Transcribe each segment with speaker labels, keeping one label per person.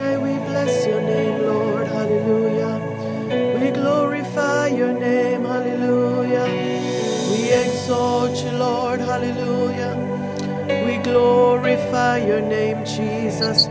Speaker 1: We bless your name, Lord, hallelujah. We glorify your name, hallelujah. We exalt you, Lord, hallelujah. We glorify your name, Jesus.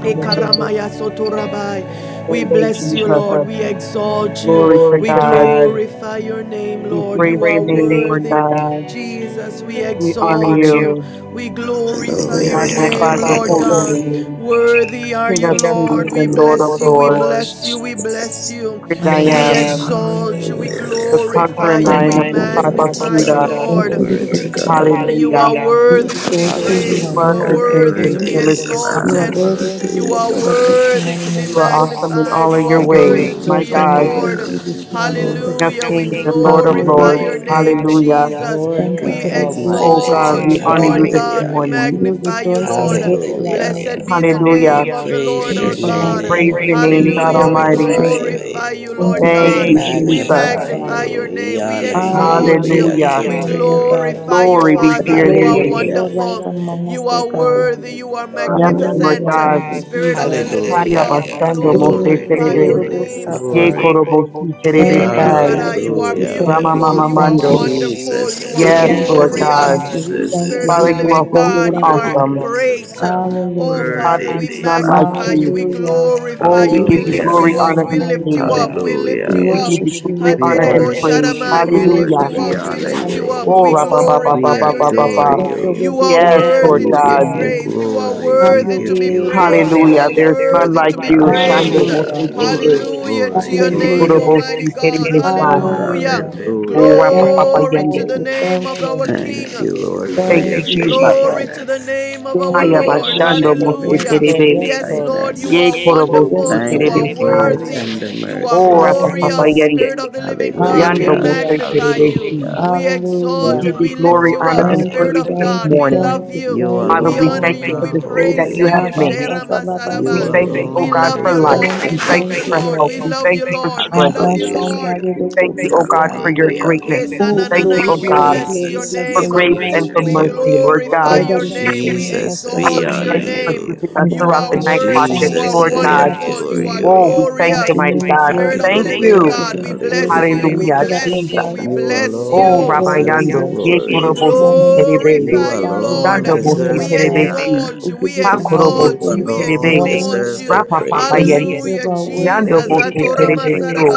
Speaker 2: Hallelujah.
Speaker 1: Ekaramaya sotorabai. We
Speaker 2: Thank you,
Speaker 1: bless you,
Speaker 2: Jesus.
Speaker 1: Lord. We exalt you.
Speaker 2: Glory
Speaker 1: Glory
Speaker 2: to
Speaker 1: We to God.
Speaker 2: God.
Speaker 1: glorify your name,
Speaker 2: We
Speaker 1: Lord. We You are
Speaker 2: praise your
Speaker 1: praise
Speaker 2: name,
Speaker 1: name,
Speaker 2: Lord
Speaker 1: worthy.
Speaker 2: God.
Speaker 1: Jesus, we We
Speaker 2: We honor
Speaker 1: exalt we you.
Speaker 2: you.
Speaker 1: you, We glorify
Speaker 2: We
Speaker 1: your we
Speaker 3: Hallelujah,
Speaker 1: name,
Speaker 2: magnify your
Speaker 1: Lord God.
Speaker 2: holy
Speaker 3: hallelujah,
Speaker 1: holy
Speaker 2: name,
Speaker 1: Worthy are
Speaker 2: King
Speaker 1: you,
Speaker 2: of kings
Speaker 1: Lord. We
Speaker 2: and
Speaker 1: bless
Speaker 2: Lord of
Speaker 3: hallelujah.
Speaker 1: you. We
Speaker 2: lords.
Speaker 3: Thank you,
Speaker 1: bless you. We
Speaker 3: Jesus.
Speaker 1: bless you.
Speaker 2: Great I
Speaker 1: We
Speaker 2: am,
Speaker 4: Hallelujah.
Speaker 1: exalt you. We
Speaker 4: Hallelujah.
Speaker 3: Hallelujah.
Speaker 2: the
Speaker 1: glorify you.
Speaker 2: conquering
Speaker 4: Thank
Speaker 1: We
Speaker 2: lion
Speaker 4: you,
Speaker 2: of the tribe
Speaker 4: Jesus.
Speaker 3: Glory
Speaker 2: of
Speaker 3: to
Speaker 1: magnify you,
Speaker 2: Judah.
Speaker 3: God,
Speaker 4: Blessed
Speaker 1: Lord.
Speaker 4: to be
Speaker 3: glory to
Speaker 4: praised
Speaker 1: You
Speaker 4: you.
Speaker 3: God.
Speaker 1: are
Speaker 2: Hallelujah.
Speaker 4: We
Speaker 1: worthy to be
Speaker 4: exalt you.
Speaker 2: Who
Speaker 4: You are
Speaker 1: praised. You are
Speaker 2: was
Speaker 4: worthy
Speaker 3: Hallelujah.
Speaker 2: and
Speaker 4: to be
Speaker 2: is
Speaker 1: worthy to
Speaker 2: and
Speaker 3: Worthy
Speaker 1: be
Speaker 4: praised.
Speaker 2: still is
Speaker 3: is
Speaker 2: to
Speaker 3: the
Speaker 4: You are
Speaker 2: come.
Speaker 3: Lamb,
Speaker 1: exalted.
Speaker 4: worthy to
Speaker 3: worthy
Speaker 4: be
Speaker 3: is
Speaker 4: lifted up this
Speaker 3: the
Speaker 1: You are worthy to
Speaker 4: morning, O
Speaker 1: be
Speaker 2: You are
Speaker 4: God.
Speaker 1: awesome
Speaker 2: awesome in
Speaker 1: magnified.
Speaker 2: all
Speaker 1: You
Speaker 2: of
Speaker 1: are
Speaker 2: your
Speaker 4: Father,
Speaker 2: ways,
Speaker 4: we
Speaker 1: worthy
Speaker 3: Lamb.
Speaker 1: to
Speaker 2: my
Speaker 4: exalt
Speaker 1: be
Speaker 4: you and we
Speaker 2: God,
Speaker 1: adored.
Speaker 3: Hallelujah.
Speaker 4: praise you this
Speaker 5: We just
Speaker 4: morning.
Speaker 2: King
Speaker 3: Glory,
Speaker 2: of
Speaker 1: Hallelujah. We
Speaker 2: kings and
Speaker 3: glory,
Speaker 5: look
Speaker 4: Have
Speaker 2: Lord of
Speaker 4: your way
Speaker 1: glorify
Speaker 2: lords.
Speaker 1: your
Speaker 3: glory.
Speaker 4: this
Speaker 1: name,
Speaker 4: morning.
Speaker 5: like
Speaker 2: Hallelujah.
Speaker 3: Lord
Speaker 4: Thank
Speaker 1: Jesus.
Speaker 4: you
Speaker 1: We
Speaker 4: for
Speaker 3: God
Speaker 4: this day that
Speaker 2: Oh
Speaker 4: you've
Speaker 2: God,
Speaker 1: exalt
Speaker 3: Almighty.
Speaker 4: made,
Speaker 2: we
Speaker 4: O
Speaker 1: you,
Speaker 2: honor
Speaker 1: Lord
Speaker 2: you
Speaker 4: God.
Speaker 2: this
Speaker 1: God. We
Speaker 3: Hallelujah,
Speaker 4: We
Speaker 2: morning.
Speaker 4: will
Speaker 1: magnify you,
Speaker 4: rejoice and we
Speaker 1: Lord.
Speaker 4: will be glad in
Speaker 3: hallelujah.
Speaker 1: Blessed
Speaker 4: it this
Speaker 1: be the
Speaker 5: we're
Speaker 4: morning.
Speaker 2: Hallelujah.
Speaker 3: We
Speaker 1: name of the Lord
Speaker 3: praise
Speaker 4: Thank
Speaker 5: just
Speaker 1: our
Speaker 4: you
Speaker 3: your
Speaker 4: for
Speaker 5: off
Speaker 2: We
Speaker 4: life.
Speaker 1: God.
Speaker 3: name,
Speaker 2: praise
Speaker 4: Thank you
Speaker 2: your
Speaker 4: for
Speaker 3: Lord. We
Speaker 2: name,
Speaker 4: peace.
Speaker 2: God
Speaker 1: Hallelujah.
Speaker 4: Thank
Speaker 5: with
Speaker 1: We
Speaker 4: you for
Speaker 2: Almighty.
Speaker 3: glorify
Speaker 4: joy.
Speaker 1: Glorify
Speaker 3: you.
Speaker 1: you.
Speaker 4: Thank
Speaker 1: Lord
Speaker 4: you
Speaker 1: God.
Speaker 5: Father.
Speaker 4: for
Speaker 3: We
Speaker 2: Thank you,
Speaker 1: We
Speaker 4: restoration,
Speaker 2: Jesus.
Speaker 4: O
Speaker 1: magnify
Speaker 3: magnify
Speaker 4: God.
Speaker 1: your
Speaker 3: you. We
Speaker 1: name. We
Speaker 3: honor
Speaker 4: Have
Speaker 3: you.
Speaker 4: your
Speaker 1: exalt you.
Speaker 3: We
Speaker 4: way
Speaker 1: We
Speaker 4: this
Speaker 2: Hallelujah.
Speaker 3: adore
Speaker 4: morning, O God.
Speaker 3: you.
Speaker 1: glorify
Speaker 5: you,
Speaker 1: you,
Speaker 2: Glory be
Speaker 1: Father.
Speaker 4: Let
Speaker 2: to
Speaker 4: the
Speaker 2: your
Speaker 1: You
Speaker 4: glory
Speaker 1: are
Speaker 4: of
Speaker 2: name.
Speaker 4: the
Speaker 3: Hallelujah.
Speaker 4: Lord
Speaker 1: wonderful.
Speaker 4: rise among us,
Speaker 1: You
Speaker 4: O
Speaker 1: are
Speaker 5: that There is
Speaker 4: God.
Speaker 1: worthy.
Speaker 5: no
Speaker 1: You are Yes,
Speaker 5: God
Speaker 2: Yes,
Speaker 5: like
Speaker 2: Lord
Speaker 1: magnificent.
Speaker 5: you,
Speaker 4: Hallelujah. Thank
Speaker 2: God.
Speaker 4: you,
Speaker 1: Spirit of the
Speaker 4: Jesus.
Speaker 1: living God,
Speaker 2: Haya
Speaker 5: Father,
Speaker 3: Hallelujah.
Speaker 5: and
Speaker 2: bastando
Speaker 5: we
Speaker 2: mose
Speaker 5: thank
Speaker 4: Praise
Speaker 3: Glory,
Speaker 4: the
Speaker 1: glorify
Speaker 4: Lord,
Speaker 1: your
Speaker 4: O
Speaker 2: terebe.
Speaker 4: Lord,
Speaker 3: glory,
Speaker 2: Ye
Speaker 1: name.
Speaker 3: glory.
Speaker 2: korobo si terebe
Speaker 1: Ela
Speaker 4: Thank you,
Speaker 2: sai.
Speaker 1: Masada, You
Speaker 4: Jesus.
Speaker 1: are
Speaker 4: We
Speaker 5: you.
Speaker 3: Hallelujah.
Speaker 4: thank
Speaker 2: Rama
Speaker 4: you.
Speaker 1: beautiful,
Speaker 4: We
Speaker 2: mama
Speaker 1: you
Speaker 4: thank
Speaker 1: are
Speaker 2: mando.
Speaker 4: you.
Speaker 1: wonderful, you
Speaker 3: Jesus,
Speaker 1: are
Speaker 4: We
Speaker 2: Yes,
Speaker 4: thank
Speaker 1: yes,
Speaker 5: We
Speaker 4: you.
Speaker 2: Lord
Speaker 4: We
Speaker 3: Jesus,
Speaker 4: thank
Speaker 2: God.
Speaker 4: you.
Speaker 5: glorify
Speaker 1: glorious.
Speaker 4: We
Speaker 5: your
Speaker 4: thank
Speaker 3: Jesus.
Speaker 1: Spirit
Speaker 4: you.
Speaker 1: of
Speaker 4: We
Speaker 1: the
Speaker 2: Father,
Speaker 5: name,
Speaker 2: you
Speaker 5: Lord.
Speaker 1: living
Speaker 4: thank
Speaker 2: are
Speaker 4: you. We
Speaker 5: We
Speaker 1: God,
Speaker 2: holy and
Speaker 1: you
Speaker 5: thank
Speaker 4: thank
Speaker 5: you,
Speaker 1: are
Speaker 3: Worthy
Speaker 4: you.
Speaker 2: awesome.
Speaker 3: is the
Speaker 1: great.
Speaker 3: Lamb.
Speaker 1: Oh
Speaker 4: Hallelujah.
Speaker 2: God,
Speaker 1: Father,
Speaker 3: Worthy
Speaker 5: Father,
Speaker 2: there
Speaker 1: we
Speaker 2: is
Speaker 3: is the
Speaker 2: none
Speaker 3: Lamb.
Speaker 2: like
Speaker 1: magnify
Speaker 5: God,
Speaker 1: like you,
Speaker 2: you.
Speaker 1: we
Speaker 4: Hallelujah.
Speaker 1: glorify
Speaker 2: Oh,
Speaker 1: you, Oh,
Speaker 2: we
Speaker 4: We
Speaker 1: we
Speaker 2: give
Speaker 4: lift
Speaker 2: you
Speaker 4: up
Speaker 1: lift
Speaker 3: Hallelujah.
Speaker 1: you
Speaker 4: your
Speaker 2: glory,
Speaker 4: name
Speaker 1: up, we
Speaker 2: honor,
Speaker 4: on
Speaker 2: and
Speaker 1: lift
Speaker 4: high, O
Speaker 1: you
Speaker 2: praise.
Speaker 1: up,
Speaker 4: God.
Speaker 1: we
Speaker 4: We
Speaker 1: lift you
Speaker 3: Hallelujah.
Speaker 2: We
Speaker 1: Hallelujah. We
Speaker 2: give
Speaker 1: up.
Speaker 4: worship
Speaker 2: you
Speaker 1: give you honor
Speaker 4: you,
Speaker 2: glory,
Speaker 4: Lord
Speaker 3: We
Speaker 2: honor,
Speaker 5: that
Speaker 2: and
Speaker 4: God.
Speaker 3: worship
Speaker 2: praise.
Speaker 3: you,
Speaker 4: We
Speaker 3: Lord.
Speaker 4: worship
Speaker 5: victory.
Speaker 2: Hallelujah.
Speaker 1: you
Speaker 4: you
Speaker 3: We
Speaker 1: up.
Speaker 4: in
Speaker 1: We Yes,
Speaker 3: honor
Speaker 4: spirit
Speaker 1: lift
Speaker 4: and
Speaker 1: you
Speaker 4: in
Speaker 3: you.
Speaker 1: up.
Speaker 4: truth
Speaker 2: Oh,
Speaker 1: We Oh,
Speaker 4: this
Speaker 2: rabba, ba, ba,
Speaker 4: morning.
Speaker 2: ba,
Speaker 3: We
Speaker 1: glorify
Speaker 2: ba,
Speaker 1: your
Speaker 2: ba,
Speaker 5: We
Speaker 2: ba,
Speaker 3: adore
Speaker 1: name.
Speaker 2: ba.
Speaker 4: Let your
Speaker 3: you.
Speaker 4: will
Speaker 1: You
Speaker 4: be
Speaker 1: are Yes,
Speaker 5: just
Speaker 4: done,
Speaker 2: Yes,
Speaker 4: O God,
Speaker 1: worthy
Speaker 2: Lord
Speaker 1: to
Speaker 3: We
Speaker 4: this
Speaker 1: be
Speaker 3: give
Speaker 2: God.
Speaker 5: you,
Speaker 3: you
Speaker 4: morning.
Speaker 1: praised. You are
Speaker 3: glory.
Speaker 4: Have
Speaker 3: We
Speaker 4: your
Speaker 1: worthy to
Speaker 3: give
Speaker 1: be
Speaker 4: way
Speaker 3: you
Speaker 1: praised.
Speaker 4: this
Speaker 1: You
Speaker 5: are the
Speaker 1: are
Speaker 3: honor.
Speaker 5: God
Speaker 2: Hallelujah.
Speaker 4: morning.
Speaker 5: who is
Speaker 2: There's
Speaker 5: worthy,
Speaker 2: none
Speaker 1: worthy
Speaker 2: like
Speaker 1: to be like
Speaker 2: you.
Speaker 5: who is
Speaker 1: praised.
Speaker 2: Shando
Speaker 3: Hallelujah.
Speaker 4: Hallelujah.
Speaker 2: Messi
Speaker 3: Glory,
Speaker 2: Kennedy.
Speaker 1: Hallelujah to
Speaker 3: glory,
Speaker 1: your
Speaker 5: worthy,
Speaker 1: name,
Speaker 4: Hallelujah.
Speaker 3: glory.
Speaker 2: Nikorobo
Speaker 1: Almighty Si God.
Speaker 2: Kennedy
Speaker 5: God,
Speaker 2: San.
Speaker 5: God,
Speaker 1: Hallelujah. Oh,
Speaker 4: Hallelujah.
Speaker 2: Oh,
Speaker 3: Hallelujah.
Speaker 2: Rapa
Speaker 4: Thank
Speaker 2: Papa
Speaker 4: you,
Speaker 1: Glory
Speaker 2: Yende.
Speaker 1: to
Speaker 4: thank
Speaker 1: the
Speaker 4: you,
Speaker 1: name
Speaker 4: thank
Speaker 1: of our
Speaker 4: you.
Speaker 5: the
Speaker 1: King.
Speaker 3: Thank you, Lord,
Speaker 5: worthy,
Speaker 3: for
Speaker 2: Thank
Speaker 4: Thank
Speaker 2: you,
Speaker 3: your
Speaker 4: you,
Speaker 5: mighty.
Speaker 2: Jesus.
Speaker 1: Glory
Speaker 4: Jesus.
Speaker 1: to the
Speaker 3: faithfulness.
Speaker 1: name of our
Speaker 4: Yes,
Speaker 2: Haya
Speaker 5: You're the,
Speaker 4: Lord.
Speaker 1: Lord.
Speaker 3: Thank
Speaker 4: Yes,
Speaker 3: you
Speaker 2: Bashando
Speaker 4: Lord.
Speaker 3: for
Speaker 2: Messi
Speaker 3: your
Speaker 1: Hallelujah.
Speaker 4: Yes, Lord.
Speaker 2: Kennedy.
Speaker 3: loving
Speaker 4: Yes,
Speaker 1: Yes,
Speaker 4: Lord.
Speaker 1: Lord, you
Speaker 3: kindness.
Speaker 5: you're
Speaker 1: are
Speaker 2: Ye Korobo
Speaker 5: worthy,
Speaker 4: Yes,
Speaker 1: wonderful.
Speaker 4: to your
Speaker 1: You Si are
Speaker 5: mighty,
Speaker 3: Thank you
Speaker 4: will
Speaker 2: Kennedy
Speaker 4: and to
Speaker 3: for
Speaker 4: your
Speaker 3: your
Speaker 2: San.
Speaker 4: way.
Speaker 5: God,
Speaker 1: worthy.
Speaker 3: tender
Speaker 1: You are Oh,
Speaker 2: Oh,
Speaker 3: mercies.
Speaker 2: Rapa
Speaker 1: glorious.
Speaker 2: Papa
Speaker 4: Hallelujah.
Speaker 2: Yende.
Speaker 1: Spirit of the
Speaker 5: the
Speaker 1: living God, we
Speaker 2: Yando
Speaker 5: beginning
Speaker 3: Hallelujah.
Speaker 4: Hallelujah.
Speaker 2: Messi
Speaker 1: magnify you.
Speaker 2: Kennedy Si.
Speaker 3: Hallelujah.
Speaker 1: We
Speaker 5: Yes,
Speaker 2: We
Speaker 1: exalt
Speaker 3: You
Speaker 4: Hallelujah.
Speaker 2: give
Speaker 1: and
Speaker 2: you
Speaker 1: we lift
Speaker 2: glory,
Speaker 1: you
Speaker 3: alone
Speaker 2: honor,
Speaker 1: up.
Speaker 3: are
Speaker 2: and
Speaker 4: Thank
Speaker 2: praise
Speaker 1: Spirit
Speaker 4: you,
Speaker 1: of
Speaker 2: this
Speaker 3: worthy.
Speaker 4: thank
Speaker 1: God,
Speaker 4: you,
Speaker 1: we
Speaker 2: morning.
Speaker 4: thank
Speaker 1: love
Speaker 4: you,
Speaker 1: you.
Speaker 3: You
Speaker 1: Oh
Speaker 4: thank
Speaker 1: We
Speaker 4: you,
Speaker 2: Father, we
Speaker 1: honor
Speaker 4: thank
Speaker 2: thank
Speaker 1: you.
Speaker 3: alone
Speaker 2: you
Speaker 4: you.
Speaker 2: for
Speaker 1: We
Speaker 3: are
Speaker 2: this day
Speaker 1: praise
Speaker 2: that you
Speaker 1: you.
Speaker 3: holy.
Speaker 1: you
Speaker 2: have
Speaker 1: have
Speaker 4: Abba,
Speaker 2: made.
Speaker 4: Sata, Abba,
Speaker 3: You
Speaker 2: We
Speaker 5: Lord.
Speaker 1: We
Speaker 2: thank you,
Speaker 4: Sete.
Speaker 2: oh
Speaker 1: oh
Speaker 3: alone
Speaker 2: God,
Speaker 1: love
Speaker 2: for
Speaker 1: you,
Speaker 2: life.
Speaker 3: deserve
Speaker 1: Lord.
Speaker 4: Thank
Speaker 1: We
Speaker 4: you,
Speaker 2: We
Speaker 3: the
Speaker 1: love you,
Speaker 2: thank
Speaker 4: thank
Speaker 2: you
Speaker 4: you,
Speaker 2: for
Speaker 3: glory.
Speaker 1: Lord.
Speaker 4: Lord.
Speaker 1: We
Speaker 2: health. We
Speaker 1: love you,
Speaker 2: thank you for
Speaker 1: Lord. We
Speaker 2: strength.
Speaker 1: love
Speaker 4: Abba,
Speaker 1: you,
Speaker 5: Lord,
Speaker 3: Hallelujah.
Speaker 5: lift
Speaker 1: Lord.
Speaker 5: up
Speaker 4: Shandali,
Speaker 2: We
Speaker 5: your
Speaker 1: Yes, for
Speaker 2: thank you, O
Speaker 5: name this
Speaker 2: God,
Speaker 4: Satan.
Speaker 2: for your
Speaker 5: morning.
Speaker 3: Hallelujah.
Speaker 1: greatness.
Speaker 2: greatness.
Speaker 1: We thank
Speaker 5: We
Speaker 2: We
Speaker 5: lift
Speaker 4: Oh,
Speaker 2: thank
Speaker 5: you
Speaker 2: you,
Speaker 5: up,
Speaker 4: glory,
Speaker 2: O
Speaker 1: we oh
Speaker 4: glory,
Speaker 5: Father.
Speaker 2: God,
Speaker 1: bless
Speaker 4: glory.
Speaker 1: your
Speaker 3: Jesus,
Speaker 4: Bless
Speaker 5: We
Speaker 2: for
Speaker 4: the
Speaker 1: name.
Speaker 3: we
Speaker 4: Lord, O
Speaker 2: grace
Speaker 4: my
Speaker 2: and
Speaker 5: praise
Speaker 3: worship
Speaker 2: for
Speaker 5: you,
Speaker 1: We
Speaker 4: soul.
Speaker 5: Lord.
Speaker 3: you.
Speaker 2: mercy, Lord
Speaker 1: glorify
Speaker 2: God.
Speaker 4: All that
Speaker 1: your
Speaker 4: is
Speaker 5: And we
Speaker 1: name. We
Speaker 4: within me, bless
Speaker 3: Jesus,
Speaker 4: your
Speaker 2: Father,
Speaker 1: exalt
Speaker 3: we
Speaker 4: holy
Speaker 2: we
Speaker 1: your
Speaker 3: honor
Speaker 5: praise
Speaker 2: thank you
Speaker 4: name.
Speaker 5: you.
Speaker 2: for
Speaker 1: name.
Speaker 3: you.
Speaker 5: in the
Speaker 2: keeping
Speaker 5: name
Speaker 2: us
Speaker 4: From
Speaker 1: you.
Speaker 4: the
Speaker 2: throughout
Speaker 1: are
Speaker 2: the
Speaker 4: rising
Speaker 5: of Jesus Christ.
Speaker 4: of
Speaker 2: night
Speaker 5: We
Speaker 4: the
Speaker 1: worthy.
Speaker 5: give
Speaker 1: You
Speaker 4: sun
Speaker 1: are
Speaker 2: watches,
Speaker 5: you
Speaker 4: until the
Speaker 3: Jesus,
Speaker 2: Lord
Speaker 4: going
Speaker 3: we
Speaker 4: down
Speaker 2: God.
Speaker 4: of the
Speaker 1: wonderful.
Speaker 3: adore
Speaker 1: You are Oh,
Speaker 4: same.
Speaker 2: Oh,
Speaker 3: you.
Speaker 2: we thank
Speaker 4: God,
Speaker 1: glorious.
Speaker 2: you,
Speaker 5: the
Speaker 4: your
Speaker 5: thanks
Speaker 2: mighty
Speaker 4: name is
Speaker 2: God. We
Speaker 4: worthy
Speaker 1: Spirit of
Speaker 5: and
Speaker 4: to
Speaker 1: the
Speaker 2: thank
Speaker 4: be
Speaker 1: living
Speaker 4: praised.
Speaker 2: you.
Speaker 3: Hallelujah.
Speaker 4: Your
Speaker 1: God,
Speaker 4: name
Speaker 1: we
Speaker 4: is
Speaker 1: bless
Speaker 4: worthy
Speaker 1: you.
Speaker 5: the
Speaker 4: to be
Speaker 3: Hallelujah.
Speaker 2: Hallelujah,
Speaker 4: lifted
Speaker 5: glory.
Speaker 4: up, O
Speaker 1: Bless you.
Speaker 2: Jesus.
Speaker 5: As
Speaker 1: We
Speaker 4: God.
Speaker 5: I
Speaker 3: You
Speaker 5: will
Speaker 1: bless
Speaker 5: sing
Speaker 4: King
Speaker 2: Oh,
Speaker 3: alone
Speaker 4: of
Speaker 1: you.
Speaker 2: Rabbi
Speaker 4: glory,
Speaker 3: deserve
Speaker 4: we
Speaker 5: to you.
Speaker 3: the
Speaker 2: Yando,
Speaker 4: worship
Speaker 2: ye
Speaker 4: you
Speaker 1: We
Speaker 3: glory.
Speaker 5: Shout
Speaker 4: this
Speaker 2: korobo
Speaker 5: the
Speaker 2: si
Speaker 5: Lord,
Speaker 4: morning.
Speaker 2: terebe,
Speaker 3: You
Speaker 4: Great
Speaker 1: glorify you,
Speaker 4: God, we lift
Speaker 1: Lord.
Speaker 3: alone
Speaker 4: up
Speaker 2: dando
Speaker 4: your
Speaker 2: mo
Speaker 4: name
Speaker 2: se
Speaker 4: on
Speaker 1: We
Speaker 3: deserve the
Speaker 2: terebe
Speaker 4: high.
Speaker 2: si,
Speaker 3: honor.
Speaker 1: exalt
Speaker 4: We
Speaker 1: you.
Speaker 4: give
Speaker 1: We
Speaker 4: you
Speaker 2: pa
Speaker 4: the
Speaker 5: give you
Speaker 4: highest
Speaker 2: korobo
Speaker 1: exalt
Speaker 3: You
Speaker 1: you.
Speaker 2: si
Speaker 4: praise
Speaker 5: the
Speaker 1: We
Speaker 4: this
Speaker 3: alone
Speaker 2: terebe,
Speaker 1: exalt
Speaker 4: morning.
Speaker 3: deserve the
Speaker 1: you.
Speaker 2: rapa papa
Speaker 4: For you
Speaker 3: praise.
Speaker 2: yendo,
Speaker 4: deserve
Speaker 1: Hallelujah,
Speaker 4: our worship.
Speaker 2: yando
Speaker 1: Jesus.
Speaker 4: You
Speaker 2: mo se
Speaker 4: deserve
Speaker 1: Atora
Speaker 3: Hallelujah.
Speaker 4: our
Speaker 2: terebe so,
Speaker 4: praise.